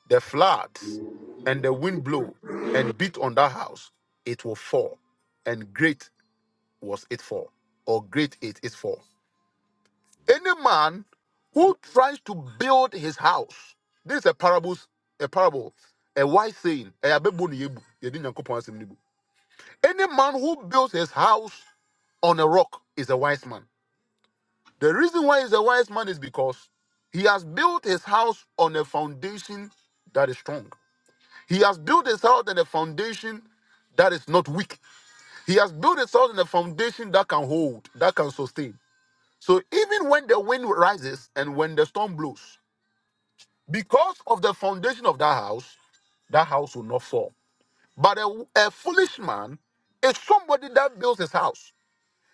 Speaker 1: the floods, and the wind blow and beat on that house, it will fall. And great was it fall, or great it is fall. Any man who tries to build his house, this is a parable, a parable, a wise saying. no Any man who builds his house on a rock is a wise man. The reason why he's a wise man is because he has built his house on a foundation that is strong. He has built his house on a foundation that is not weak. He has built his house on a foundation that can hold, that can sustain. So even when the wind rises and when the storm blows, because of the foundation of that house, that house will not fall. But a, a foolish man is somebody that builds his house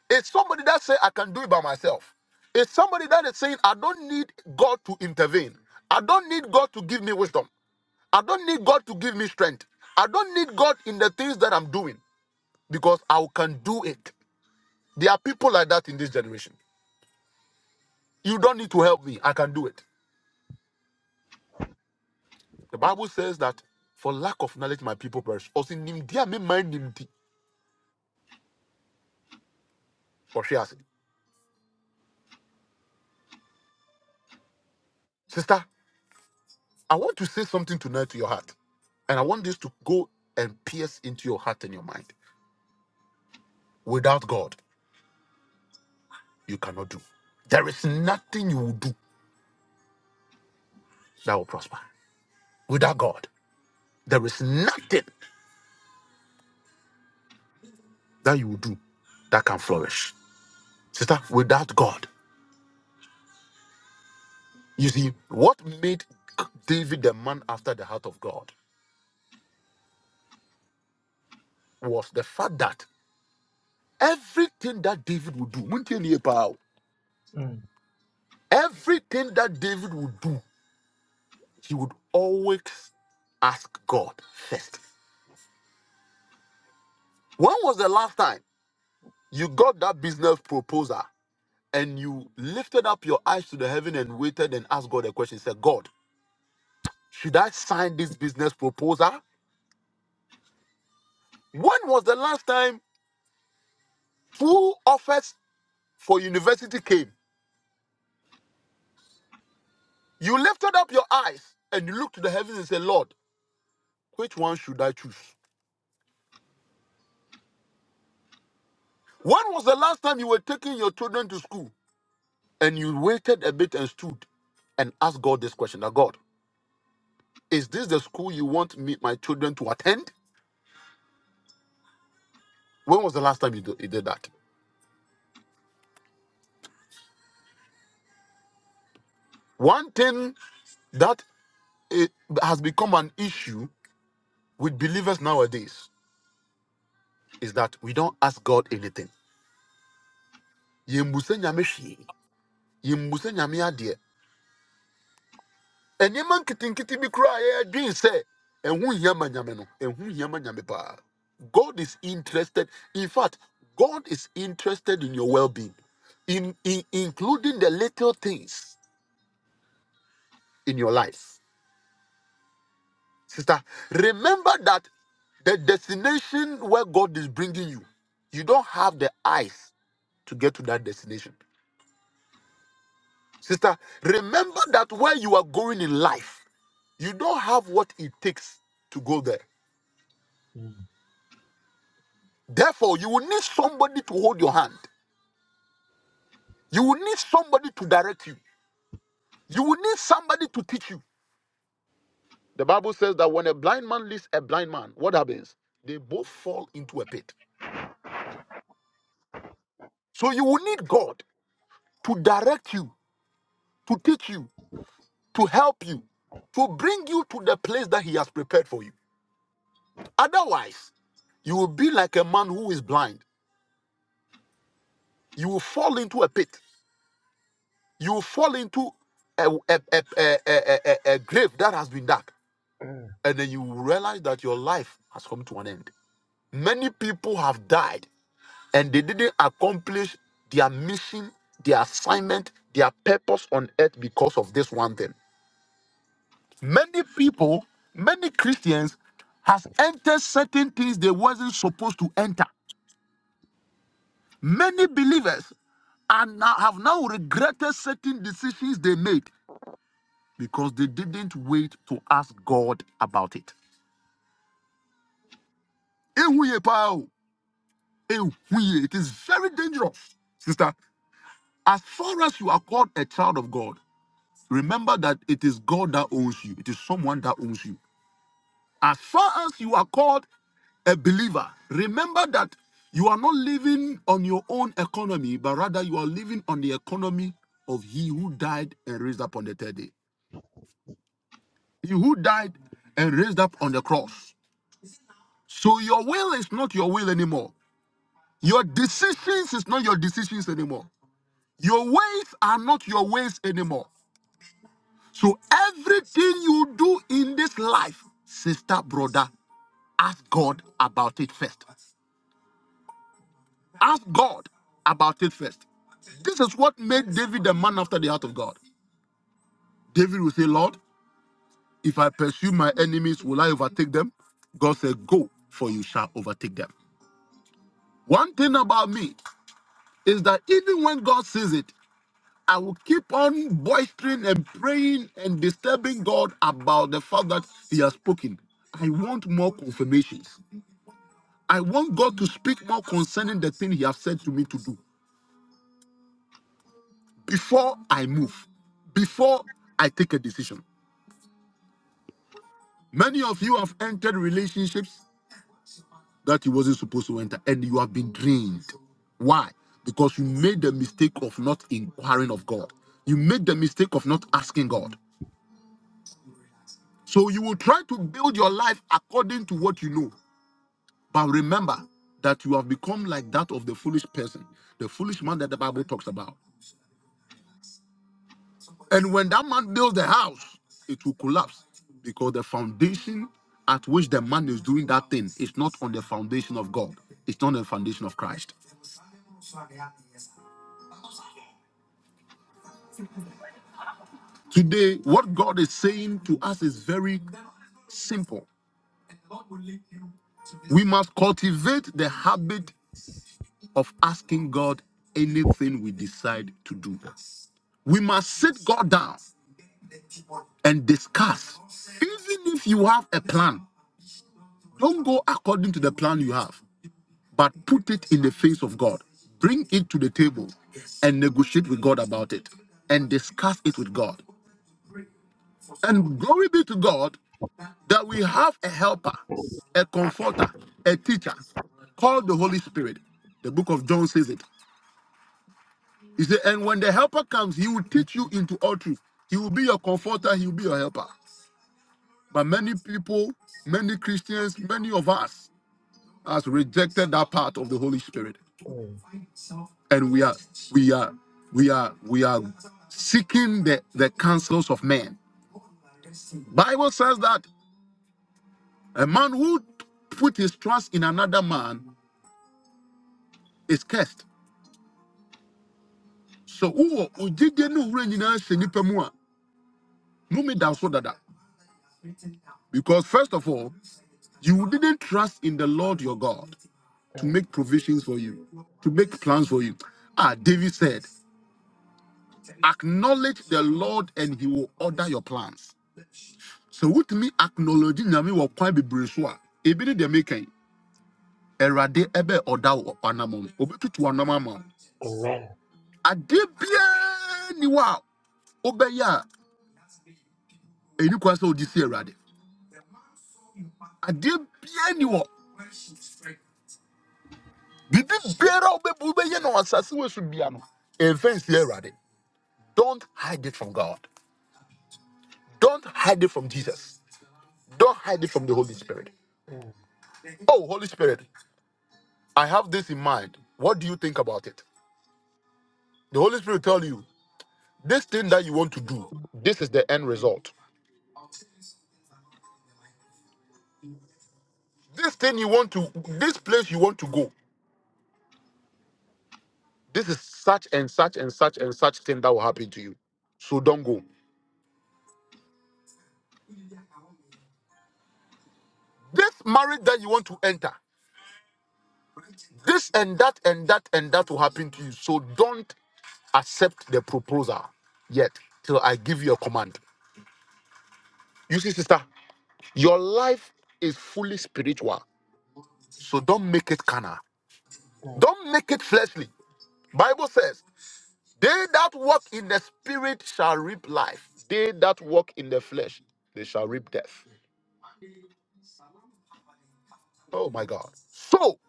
Speaker 1: It's somebody that say I can do it by myself. It's somebody that is saying I don't need God to intervene. I don't need God to give me wisdom. I don't need God to give me strength. I don't need God in the things that I'm doing because I can do it. There are people like that in this generation. You don't need to help me. I can do it. The Bible says that for lack of knowledge, my people perish. Ɔse, "Nimdeɛ a memmɛn nimdi," ɔhwe ase. Sister, I want to say something tonight to your heart. And I want this to go and pierce into your heart and your mind. Without God. you cannot do. There is nothing you will do that will prosper. Without God, there is nothing that you will do that can flourish. Sister, without God, you see, what made David the man after the heart of God was the fact that everything that David would do, Muntie nie pa o, everything that David would do, he would always ask God first. When was the last time you got that business proposal and you lifted up your eyes to the heaven and waited and asked God a question, said, God, should I sign this business proposal? When was the last time two offers for university came? You lifted up your eyes and you looked to the heavens and said, Lord, which one should I choose? When was the last time you were taking your children to school and you waited a bit and stood and asked God this question, that God, is this the school you want me, my children to attend? When was the last time you do- you did that? One thing that it has become an issue with believers nowadays is that we don't ask God anything. Yɛmmisa Nyame hwee. Yɛmmisa Nyame adeɛ. Ɛnneɛma nketenkete bi kura a yɛdwen sɛ ɛho hia ma Nyame no, ɛho hia ma Nyame paa. God is interested. In fact, God is interested in your well-being, in, in including the little things in your life. Sister, remember that the destination where God is bringing you, you don't have the eyes to get to that destination. Sister, remember that where you are going in life, you don't have what it takes to go there.
Speaker 3: Mm.
Speaker 1: Therefore, you will need somebody to hold your hand. You will need somebody to direct you. You will need somebody to teach you. The Bible says that when a blind man leads a blind man, what happens? They both fall into a pit. So you will need God to direct you, to teach you, to help you, to bring you to the place that He has prepared for you. Otherwise, you will be like a man who is blind you will fall into a pit. You will fall into a, a, a, a, a, a, a grave that has been dug.
Speaker 3: Mm.
Speaker 1: And then you will realize that your life has come to an end. Many people have died and they didn't accomplish their mission, their assignment, their purpose on earth because of this one thing. Many people, many Christians has entered certain things they wasn't supposed to enter. Many believers are now, have now regretted certain decisions they made because they didn't wait to ask God about it. Ehuye pa ehuye. It is very dangerous, sister. As far as you are called a child of God, remember that it is God that owns you, it is someone that owns you. As far as you are called a believer, remember that you are not living on your own economy, but rather you are living on the economy of He who died and raised up on the third day. He who died and raised up on the cross. So your will is not your will anymore. Your decisions is not your decisions anymore. Your ways are not your ways anymore. So everything you do in this life, sister, brother, ask God about it first. Ask God about it first. This is what made David a man after the heart of God. David will say, Lord, if I pursue my enemies, will I overtake them? God said, Go, for you shall overtake them. One thing about me is that even when God sees it, I will keep on boistering and praying and disturbing God about the fact that He has spoken. I want more confirmations. I want God to speak more concerning the thing He has said to me to do before I move, before I take a decision. Many of you have entered relationships that you wasn't supposed to enter, and you have been drained. Why? Because you made the mistake of not inquiring of God. You made the mistake of not asking God. So you will try to build your life according to what you know. But remember that you have become like that of the foolish person, the foolish man that the Bible talks about. And when that man builds the house, it will collapse because the foundation at which the man is doing that thing is not on the foundation of God, it's not on the foundation of Christ. Today, what God is saying to us is very simple. We must cultivate the habit of asking God anything we decide to do. We must sit God down and discuss. Even if you have a plan, don't go according to the plan you have, but put it in the face of God. Bring it to the table and negotiate with God about it and discuss it with God. And glory be to God that we have a helper, a
Speaker 3: Mm.
Speaker 1: comforter, a teacher called the Holy Spirit. The book of John says it. He said, And when the helper comes, he will teach you into all truth. He will be your comforter, he will be your helper. But many people, many Christians, many of us has rejected that part of the Holy Spirit.
Speaker 3: Mm,
Speaker 1: And we are we are we are we are seeking the, the counsels of men. Bible says that a man who put his trust in another man is cursed. So who ojide no wura nyinaa hyɛ nnipa mu a, nnome da so because first of all, you didn't trust in the Lord your God to
Speaker 3: mm.
Speaker 1: make provisions for you, to make plans for you. Ah, David said. acknowledge the Lord and he will order your plans. So with me acknowledge nyame wɔ kwan bebree so a ebi ne deɛ meka yi Awurade ɛbɛ order or anam no obetutu anam ama wo.
Speaker 3: Amen.
Speaker 1: Adeɛ biara ni wɔ a wobɛyɛ a ɛni kwan sɛ wode si Awurade. Adeɛ biara ni hɔ. Biribi biara a wobɛbu wobɛyɛ no wɔ asase wei so bia no ɛmfa nsi Awurade. Don't hide it from God. Don't hide it from Jesus. Don't hide it from the Holy Spirit.
Speaker 3: Mm,
Speaker 1: Oh, Holy Spirit. I have this in mind. What do you think about it? The Holy Spirit will tell you this thing that you want to do, this is the end result. This thing you want to, this place you want to go, this is such and such and such and such thing that will happen to you. So don't go. This marriage that you want to enter, this and that and that and that will happen to you. So don't accept the proposal yet till I give you a command. You see, sister, your life is fully spiritual. So don't make it carnal. Don't make it fleshly. Bible says, "They that walk in the spirit shall reap life. They that walk in the flesh, they shall reap death." Oh my God! So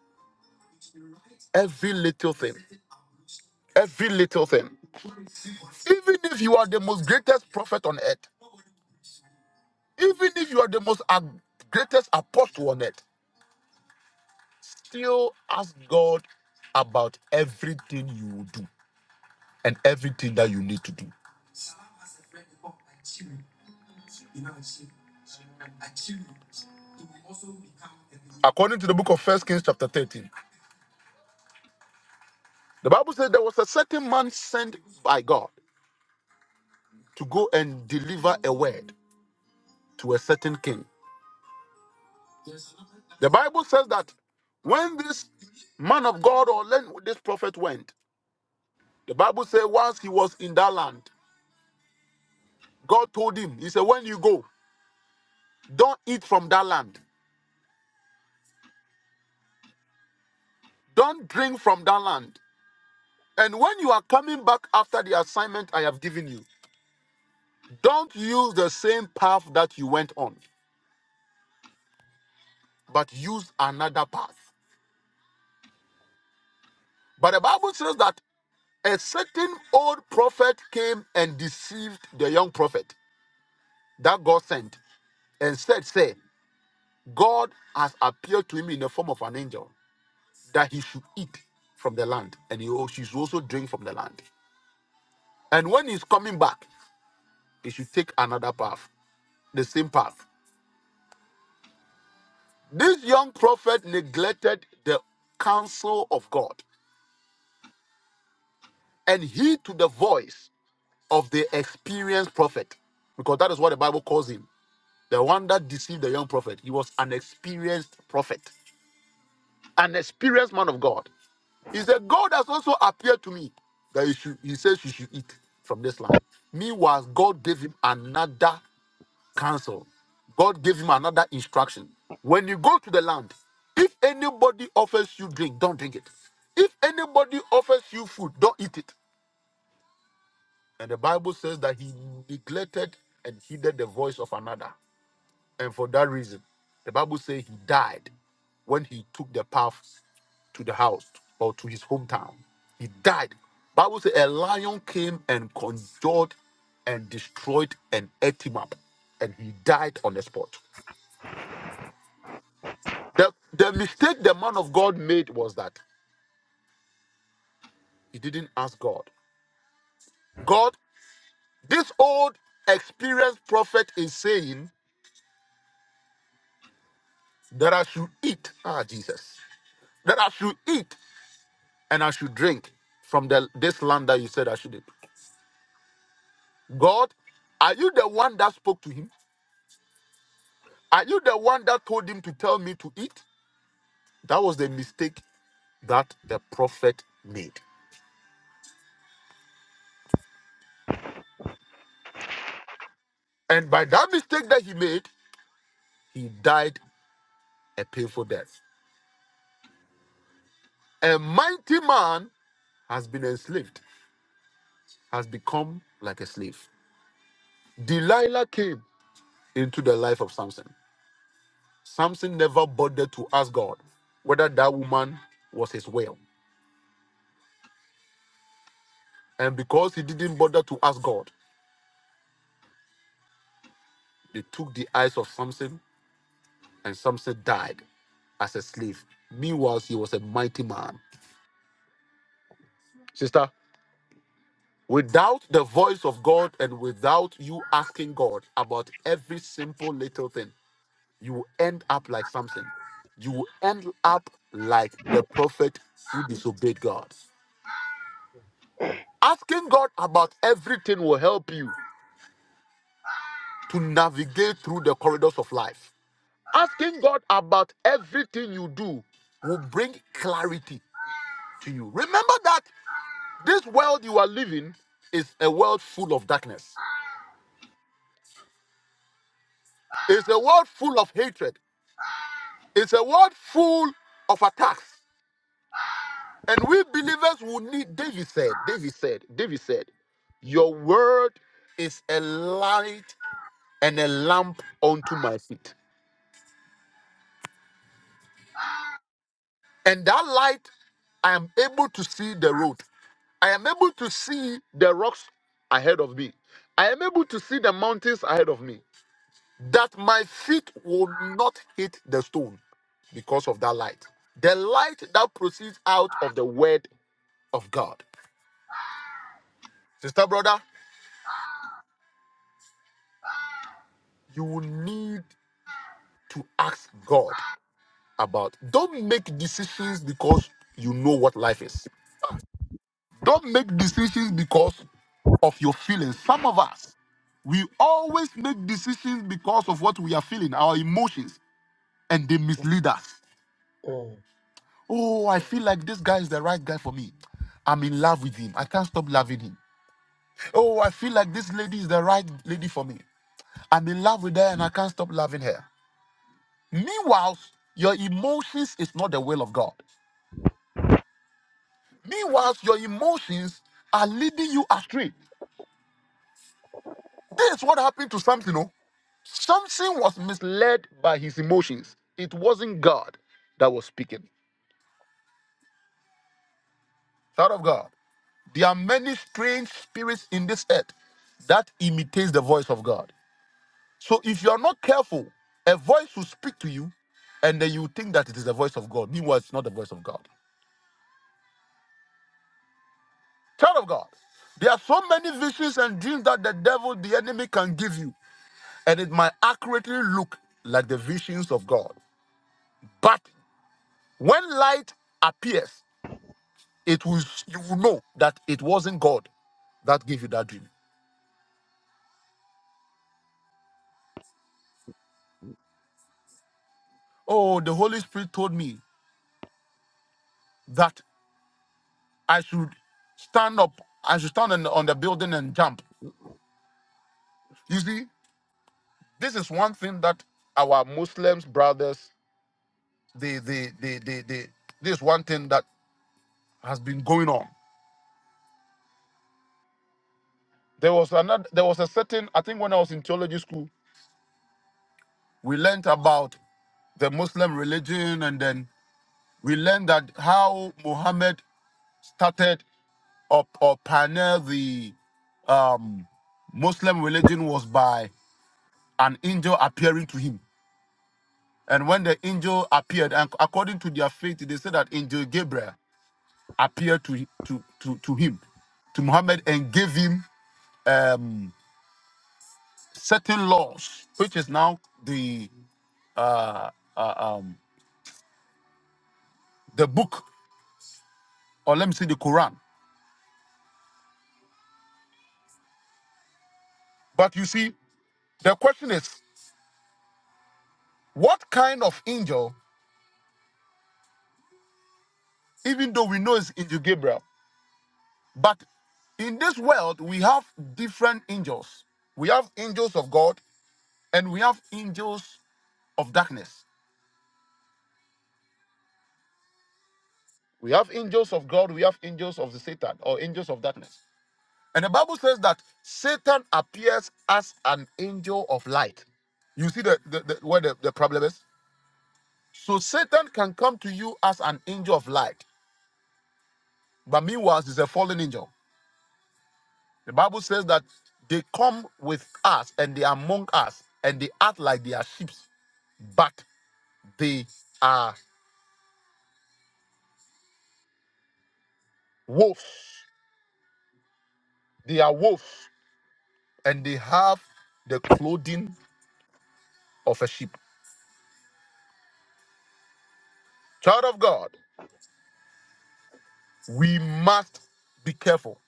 Speaker 1: every little thing, every little thing, even if you are the most greatest prophet on earth, even if you are the most ag- greatest apostle on earth, still ask God about everything you will do and everything that you need to do. According to the book of First Kings chapter 13, the Bible says there was a certain man sent by God. to go and deliver a word to a certain king. The Bible says that when this man of God or len- this prophet went, the Bible says once he was in that land, God told him, He said, When you go, don't eat from that land, don't drink from that land. And when you are coming back after the assignment I have given you, don't use the same path that you went on, but use another path. But the Bible says that a certain old prophet came and deceived the young prophet. that God sent and said, Say, God has appeared to him in the form of an angel that he should eat from the land and he al- she should also drink from the land. And when he's coming back, he should take another path, the same path. This young prophet neglected the counsel of God and heed to the voice of the experienced prophet, because that is what the Bible calls him. The one that deceived the young prophet. He was an experienced prophet, an experienced man of God. He said, God has also appeared to me that you should, he says you should eat from this land. Meanwhile, God gave him another counsel. God gave him another instruction. When you go to the land, if anybody offers you drink, don't drink it. If anybody offers you food, don't eat it. And the Bible says that he neglected and heeded the voice of another. And for that reason, the Bible says he died when he took the path to the house or to his hometown. He died. Bible says a lion came and conjured and destroyed and ate him up. And he died on the spot. The, the mistake the man of God made was that he didn't ask God. God, this old experienced prophet is saying that I should eat. Ah, Jesus. That I should eat and I should drink from the this land that you said I shouldn't. God, are you the one that spoke to him? Are you the one that told him to tell me to eat? That was the mistake that the prophet made. And by that mistake that he made, he died a painful death. A mighty man has been enslaved, has become like a slave. Delilah came into the life of Samson. Samson never bothered to ask God whether that woman was his will. And because he didn't bother to ask God, they took the eyes of Samson and Samson died as a slave. Meanwhile, he was a mighty man. Sister, without the voice of God and without you asking God about every simple little thing, you will end up like Samson. You will end up like the prophet who disobeyed God. Asking God about everything will help you to navigate through the corridors of life. Asking God about everything you do will bring clarity to you. Remember that this world you are living is a world full of darkness, it's a world full of hatred, it's a world full of attacks. And we believers will need, David said, David said, David said, Your word is a light and a lamp unto my feet. And that light, I am able to see the road. I am able to see the rocks ahead of me. I am able to see the mountains ahead of me. That my feet will not hit the stone because of that light. The light that proceeds out of the word of God. Sister, brother, you will need to ask God about. Don't make decisions because you know what life is. Don't make decisions because of your feelings. Some of us, we always make decisions because of what we are feeling, our emotions, and they mislead us.
Speaker 3: mm,
Speaker 1: Oh, I feel like this guy is the right guy for me. I'm in love with him. I can't stop loving him. Oh, I feel like this lady is the right lady for me. I'm in love with her and I can't stop loving her. Meanwhile, your emotions is not the will of God. Meanwhile, your emotions are leading you astray. This is what happened to Samson. oh. Something was misled by his emotions. It wasn't God that was speaking. Child of God, there are many strange spirits in this earth that imitates the voice of God. So if you are not careful, a voice will speak to you, and then you think that it is the voice of God. Meanwhile, it's not the voice of God. Child of God, there are so many visions and dreams that the devil, the enemy, can give you, and it might accurately look like the visions of God. But when light appears, It will you will know that it wasn't God that gave you that dream. Oh, the Holy Spirit told me that I should stand up, I should stand on, on the building and jump. You see, this is one thing that our Muslims brothers, they they they they, they this is one thing that has been going on. There was another there was a certain, I think when I was in theology school, we learned about the Muslim religion and then we learned that how Muhammad started up or pioneer the um, Muslim religion was by an angel appearing to him. And when the angel appeared, and according to their faith, they said that angel Gabriel appeared to to to, to him, to Muhammad, and gave him um, certain laws, which is now the uh, uh, um, the book, or let me say the Quran. But you see, the question is, what kind of angel? Even though we know it's angel Gabriel, But in this world, we have different angels. We have angels of God and we have angels of darkness. We have angels of God, we have angels of the Satan or angels of darkness. And the Bible says that Satan appears as an angel of light. You see the, the, the where the, the problem is? So Satan can come to you as an angel of light, but meanwhile, he's a fallen angel. The Bible says that they come with us and they are among us and they act like they are sheep. but They are wolves. They are wolves, and they have the clothing of a sheep. Child of God, we must be careful.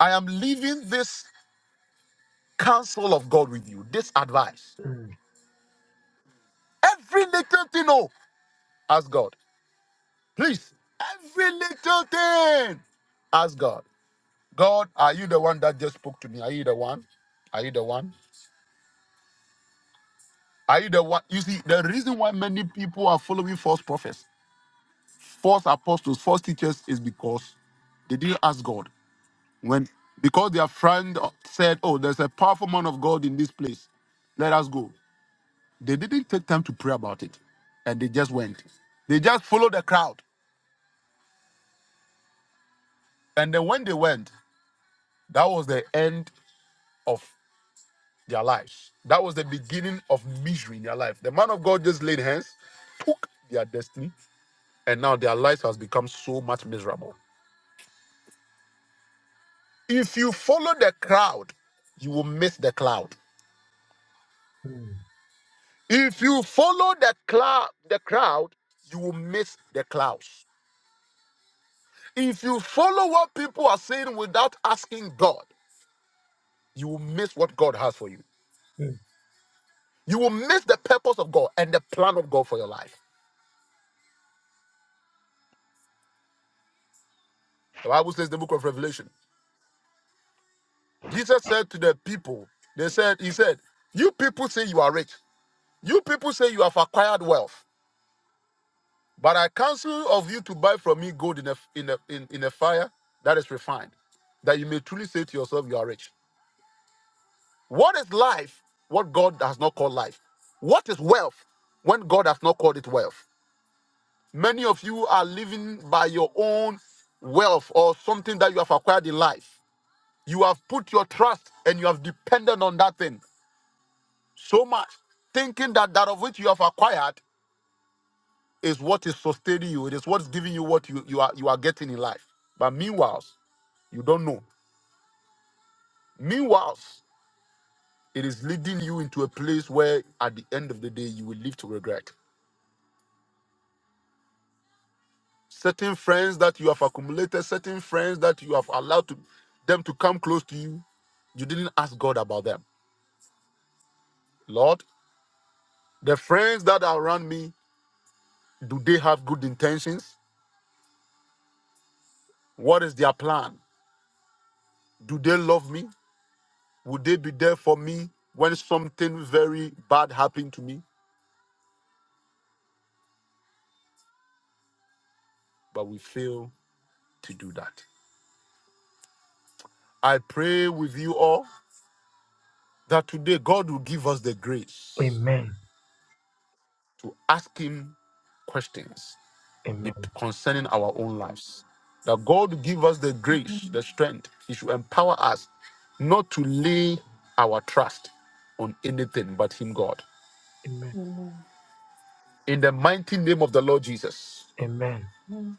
Speaker 1: I am leaving this counsel of God with you, this advice.
Speaker 3: mm,
Speaker 1: Every little thing, oh, ask God. Please, every little thing, ask God. God, are you the one that just spoke to me? Are you the one? Are you the one? Are you the one? You see, the reason why many people are following false prophets false apostles, false teachers is because they didn't ask God. When because their friend said, "Oh, there's a powerful man of God in this place, let us go." They didn't take time to pray about it, and they just went. They just followed the crowd, and then when they went, that was the end of their lives. That was the beginning of misery in their life. The man of God just laid hands, took their destiny, and now their lives has become so much miserable. If you follow the crowd, you will miss the cloud.
Speaker 3: mm,
Speaker 1: If you follow the cloud, the crowd, you will miss the clouds. If you follow what people are saying without asking God, you will miss what God has for you.
Speaker 3: mm.
Speaker 1: You will miss the purpose of God and the plan of God for your life. The Bible says in the book of Revelation. Jesus said to the people, they said, He said, You people say you are rich. You people say you have acquired wealth. But I counsel of you to buy from me gold in a in a in, in a fire that is refined, that you may truly say to yourself, You are rich What is life? What God has not called life. What is wealth when God has not called it wealth? Many of you are living by your own wealth or something that you have acquired in life. You have put your trust and you have depended on that thing so much, thinking that that of which you have acquired is what is sustaining you. It is what's giving you what you, you are you are getting in life. But meanwhile, you don't know. Meanwhile, it is leading you into a place where at the end of the day you will live to regret. certain friends that you have accumulated, certain friends that you have allowed to, them to come close to you, you didn't ask God about them. Lord, the friends that are around me, do they have good intentions? What is their plan? Do they love me? Would they be there for me when something very bad happened to me? But we fail to do that. I pray with you all that today God will give us the grace
Speaker 3: Amen.
Speaker 1: to ask Him questions
Speaker 3: Amen.
Speaker 1: it- concerning our own lives. That God give us the grace,
Speaker 5: Mm.
Speaker 1: the strength. He should empower us not to lay our trust on anything but Him, God.
Speaker 3: Amen.
Speaker 5: Amen.
Speaker 1: In the mighty name of the Lord Jesus.
Speaker 3: Amen.
Speaker 5: Amen.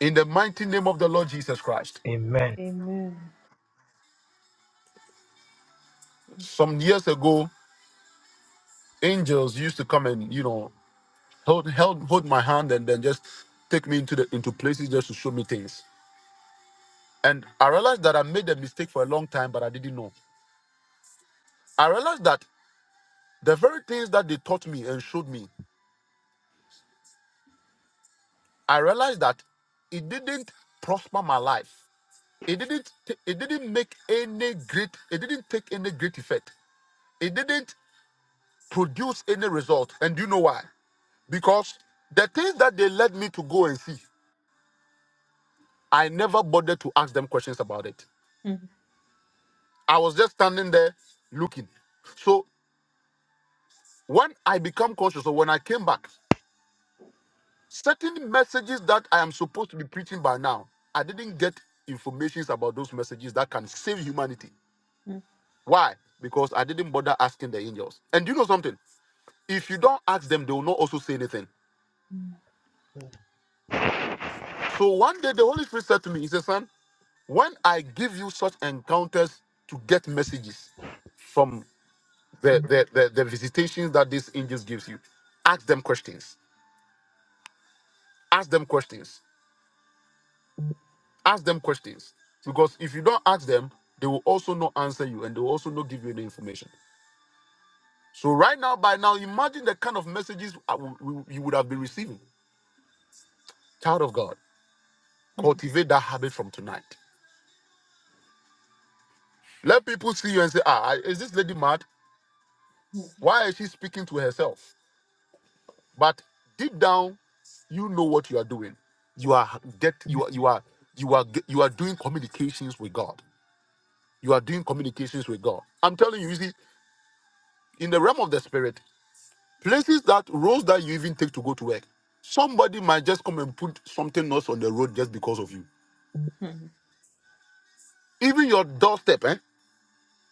Speaker 1: In the mighty name of the Lord Jesus Christ.
Speaker 3: Amen.
Speaker 5: Amen.
Speaker 1: Some years ago, angels used to come and, you know, hold, held, hold my hand and then just take me into the into places just to show me things. And I realized that I made a mistake for a long time, but I didn't know. I realized that the very things that they taught me and showed me I realized that it didn't prosper my life. It didn't t- it didn't make any great it didn't take any great effect. It didn't produce any result. And do you know why? Because the things that they led me to go and see, I never bothered to ask them questions about it.
Speaker 5: Mm,
Speaker 1: I was just standing there looking. So when I become conscious or when I came back, certain messages that I am supposed to be preaching by now, I didn't get informations about those messages that can save humanity. Why? Because I didn't bother asking the angels. And you know something? If you don't ask them, they will not also say anything.
Speaker 5: mm, mm,
Speaker 1: So one day the Holy Spirit said to me, He said, Son, when I give you such encounters to get messages from the, the, the, the visitations that these angels gives you, ask them questions. Ask them questions. Ask them questions. Because if you don't ask them, they will also not answer you and they will also not give you any information. So right now, by now, imagine the kind of messages I wou- wou- you would have been receiving. Child of God. Cultivate that habit from tonight. Let people see you and say, ah, is this lady mad?
Speaker 5: mm, mm, mm,
Speaker 1: Why is she speaking to herself? But deep down, you know what you are doing. You are get you are you are you are ge- you are doing communications with God. You are doing communications with God. I'm telling you, you see, in the realm of the spirit, places that roads that you even take to go to work, somebody might just come and put something else on the road just because of you. Even your doorstep, eh?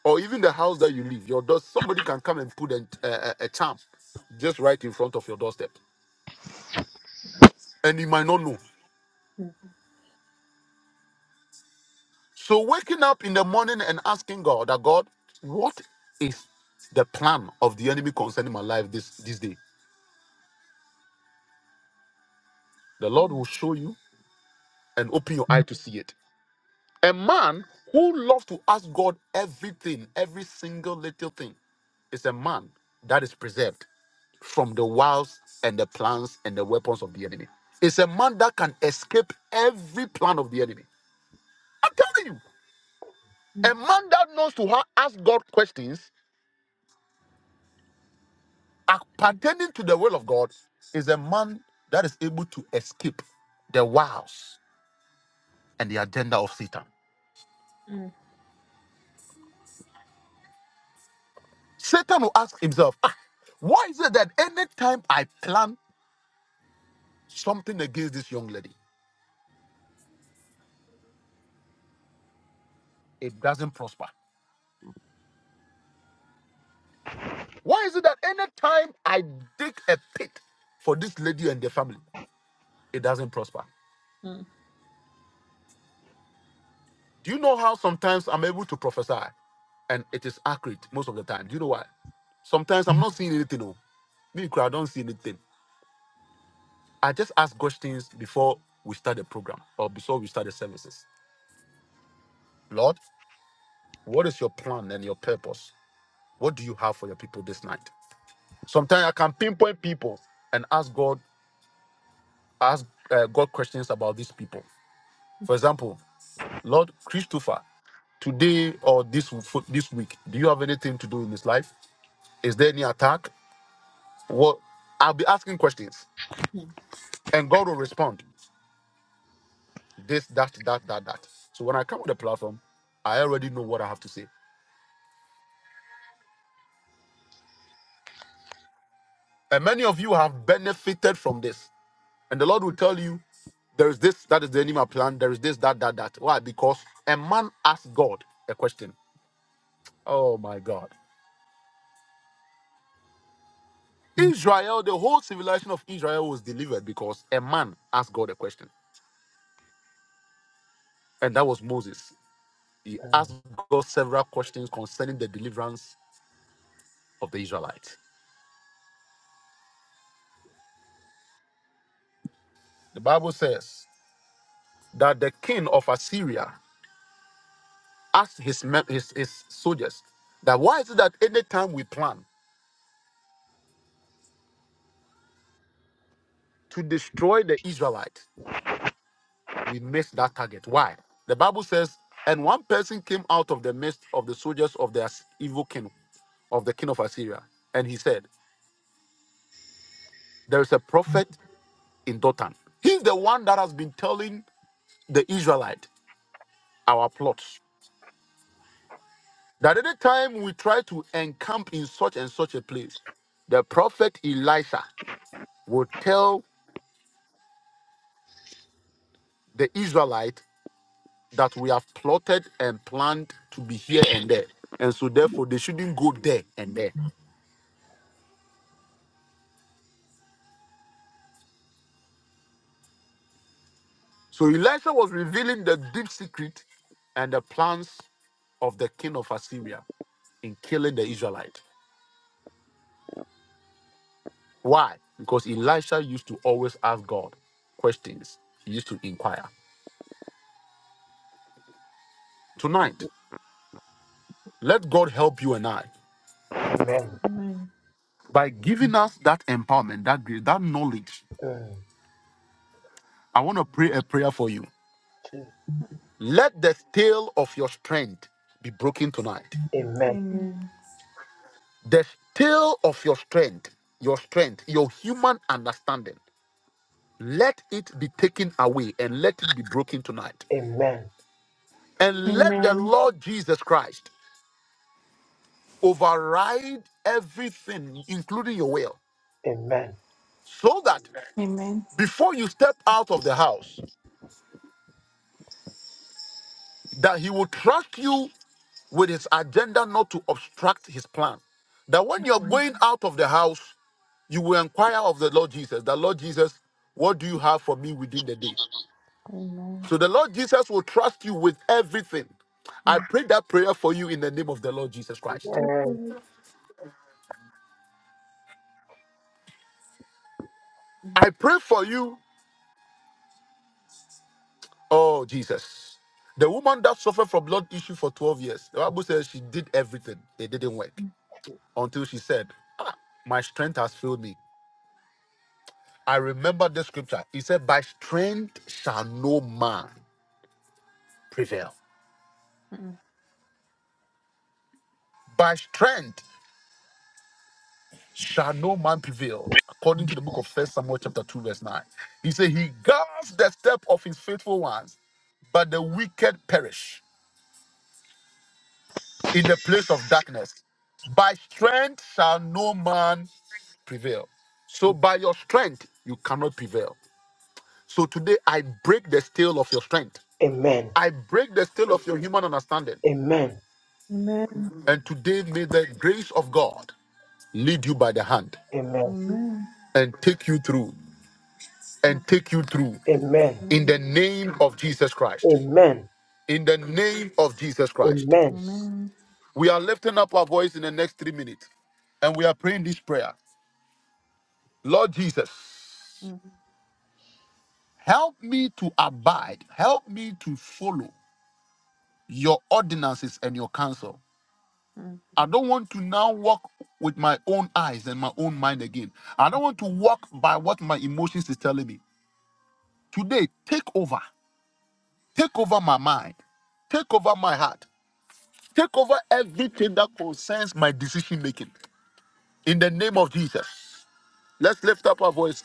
Speaker 1: or even the house that you live, your door, somebody can come and put a, a, a charm just right in front of your doorstep, and you might not know. So waking up in the morning and asking God that God, what is the plan of the enemy concerning my life this this day? The Lord will
Speaker 5: mm,
Speaker 1: show you and open your eye
Speaker 5: mm,
Speaker 1: to see it. A man who loves to ask God everything, every single little thing, is a man that is preserved. from the wiles and the plans and the weapons of the enemy. It's a man that can escape every plan of the enemy. I'm telling you,
Speaker 5: mm,
Speaker 1: a man that knows to ha- ask God questions uh,
Speaker 5: mm,
Speaker 1: pertaining to the will of God is a man that is able to escape the wiles and the agenda of Satan.
Speaker 5: mm,
Speaker 1: Satan will ask himself, ah, why is it that anytime I plan something against this young lady, it doesn't prosper? Why is it that anytime I dig a pit for this lady and the family. it doesn't prosper.
Speaker 5: mm,
Speaker 1: Do you know how sometimes I'm able to prophesy and it is accurate most of the time? Do you know why? Sometimes I'm not seeing anything. Oh. Me, I don't see anything. I just ask questions before we start the program or before we start the services. Lord, what is your plan and your purpose? What do you have for your people this night? Sometimes I can pinpoint people and ask God, ask uh, God questions about these people. For example, Lord Christopher, today or this this week, do you have anything to do in this life? Is there any attack? Well, I'll be asking questions
Speaker 5: mm.
Speaker 1: and God will respond. This, that, that, that, that. So when I come with a platform, I already know what I have to say. And many of you have benefited from this. And the Lord will tell you, there is this, that is the enemy plan. There is this, that, that, that. Why? Because a man asked God a question. Oh my God. Israel, the whole civilization of Israel was delivered because a man asked God a question. And that was Moses. He
Speaker 3: Mm.
Speaker 1: asked God several questions concerning the deliverance of the Israelites. The Bible says that the king of Assyria asked his, men, his, his soldiers that why is it that anytime we plan to destroy the Israelites, we miss that target? Why? The Bible says, and one person came out of the midst of the soldiers of the As- evil king, of the king of Assyria, and he said, There is a prophet in Dotan. He's the one that has been telling the Israelite our plots. That any time we try to encamp in such and such a place, the prophet Elisha will tell the Israelite that we have plotted and planned to be here and there. And so therefore they shouldn't go there and there. So Elisha was revealing the deep secret and the plans of the king of Assyria in killing the Israelite. Why? Because Elisha used to always ask God questions. He used to inquire. Tonight, let God help you and I.
Speaker 3: Amen.
Speaker 5: Amen.
Speaker 1: by giving us that empowerment, that grace, that knowledge,
Speaker 3: Mm.
Speaker 1: I want to pray a prayer for you.
Speaker 3: Jesus.
Speaker 1: Let the tail of your strength be broken tonight.
Speaker 3: Amen.
Speaker 1: The tail of your strength, your strength, your human understanding, let it be taken away and let it be broken tonight.
Speaker 3: Amen.
Speaker 1: And let the
Speaker 4: Amen.
Speaker 1: Lord Jesus Christ override everything, including your will,
Speaker 3: Amen.
Speaker 1: so that
Speaker 4: Amen.
Speaker 1: before you step out of the house, that He will trust you with his agenda not to obstruct his plan. That when you're going out of the house, you will inquire of the Lord Jesus, the Lord Jesus, what do you have for me within the day? So the Lord Jesus will trust you with everything.
Speaker 5: Amen.
Speaker 1: I pray that prayer for you in the name of the Lord Jesus
Speaker 5: Amen. Amen. Mm.
Speaker 1: Christ.
Speaker 5: You
Speaker 3: Amen.
Speaker 5: guys. Mm,
Speaker 1: I pray for you, oh Jesus. The woman that suffered from blood issue for 12 years, the Bible says she did everything. It didn't work
Speaker 5: mm,
Speaker 1: until she said, My strength has failed me. I remember the scripture. It said, By strength shall no man prevail.
Speaker 5: mm.
Speaker 1: By strength shall no man prevail. According to the book of First Samuel chapter 2, verse 9. He said, He guards the step of his faithful ones, but the wicked perish in the place of darkness. By strength shall no man prevail. So by your strength, you cannot prevail. So today I break the steel of your strength.
Speaker 3: Amen.
Speaker 1: I break the steel of your human understanding.
Speaker 3: Amen.
Speaker 5: Amen.
Speaker 1: And today, may the grace of God lead you by the hand
Speaker 3: Amen.
Speaker 5: Amen.
Speaker 1: and take you through
Speaker 5: Mm,
Speaker 1: and take you through in
Speaker 5: Amen.
Speaker 1: the name of Jesus Christ.
Speaker 3: Amen.
Speaker 1: In the name of Jesus Christ.
Speaker 3: Amen.
Speaker 5: Amen.
Speaker 1: We are lifting up our voice in the next three minutes and we are praying this prayer Lord Jesus,
Speaker 5: Mm,
Speaker 1: help me to abide, help me to follow your ordinances and your counsel.
Speaker 5: mm.
Speaker 1: I don't want to now walk with my own eyes and my own mind again. I don't want to walk by what my emotions is telling me. Today, take over. Take over my mind. Take over my heart. Take over everything that concerns my decision making. In the name of Jesus. Let's lift up our voice.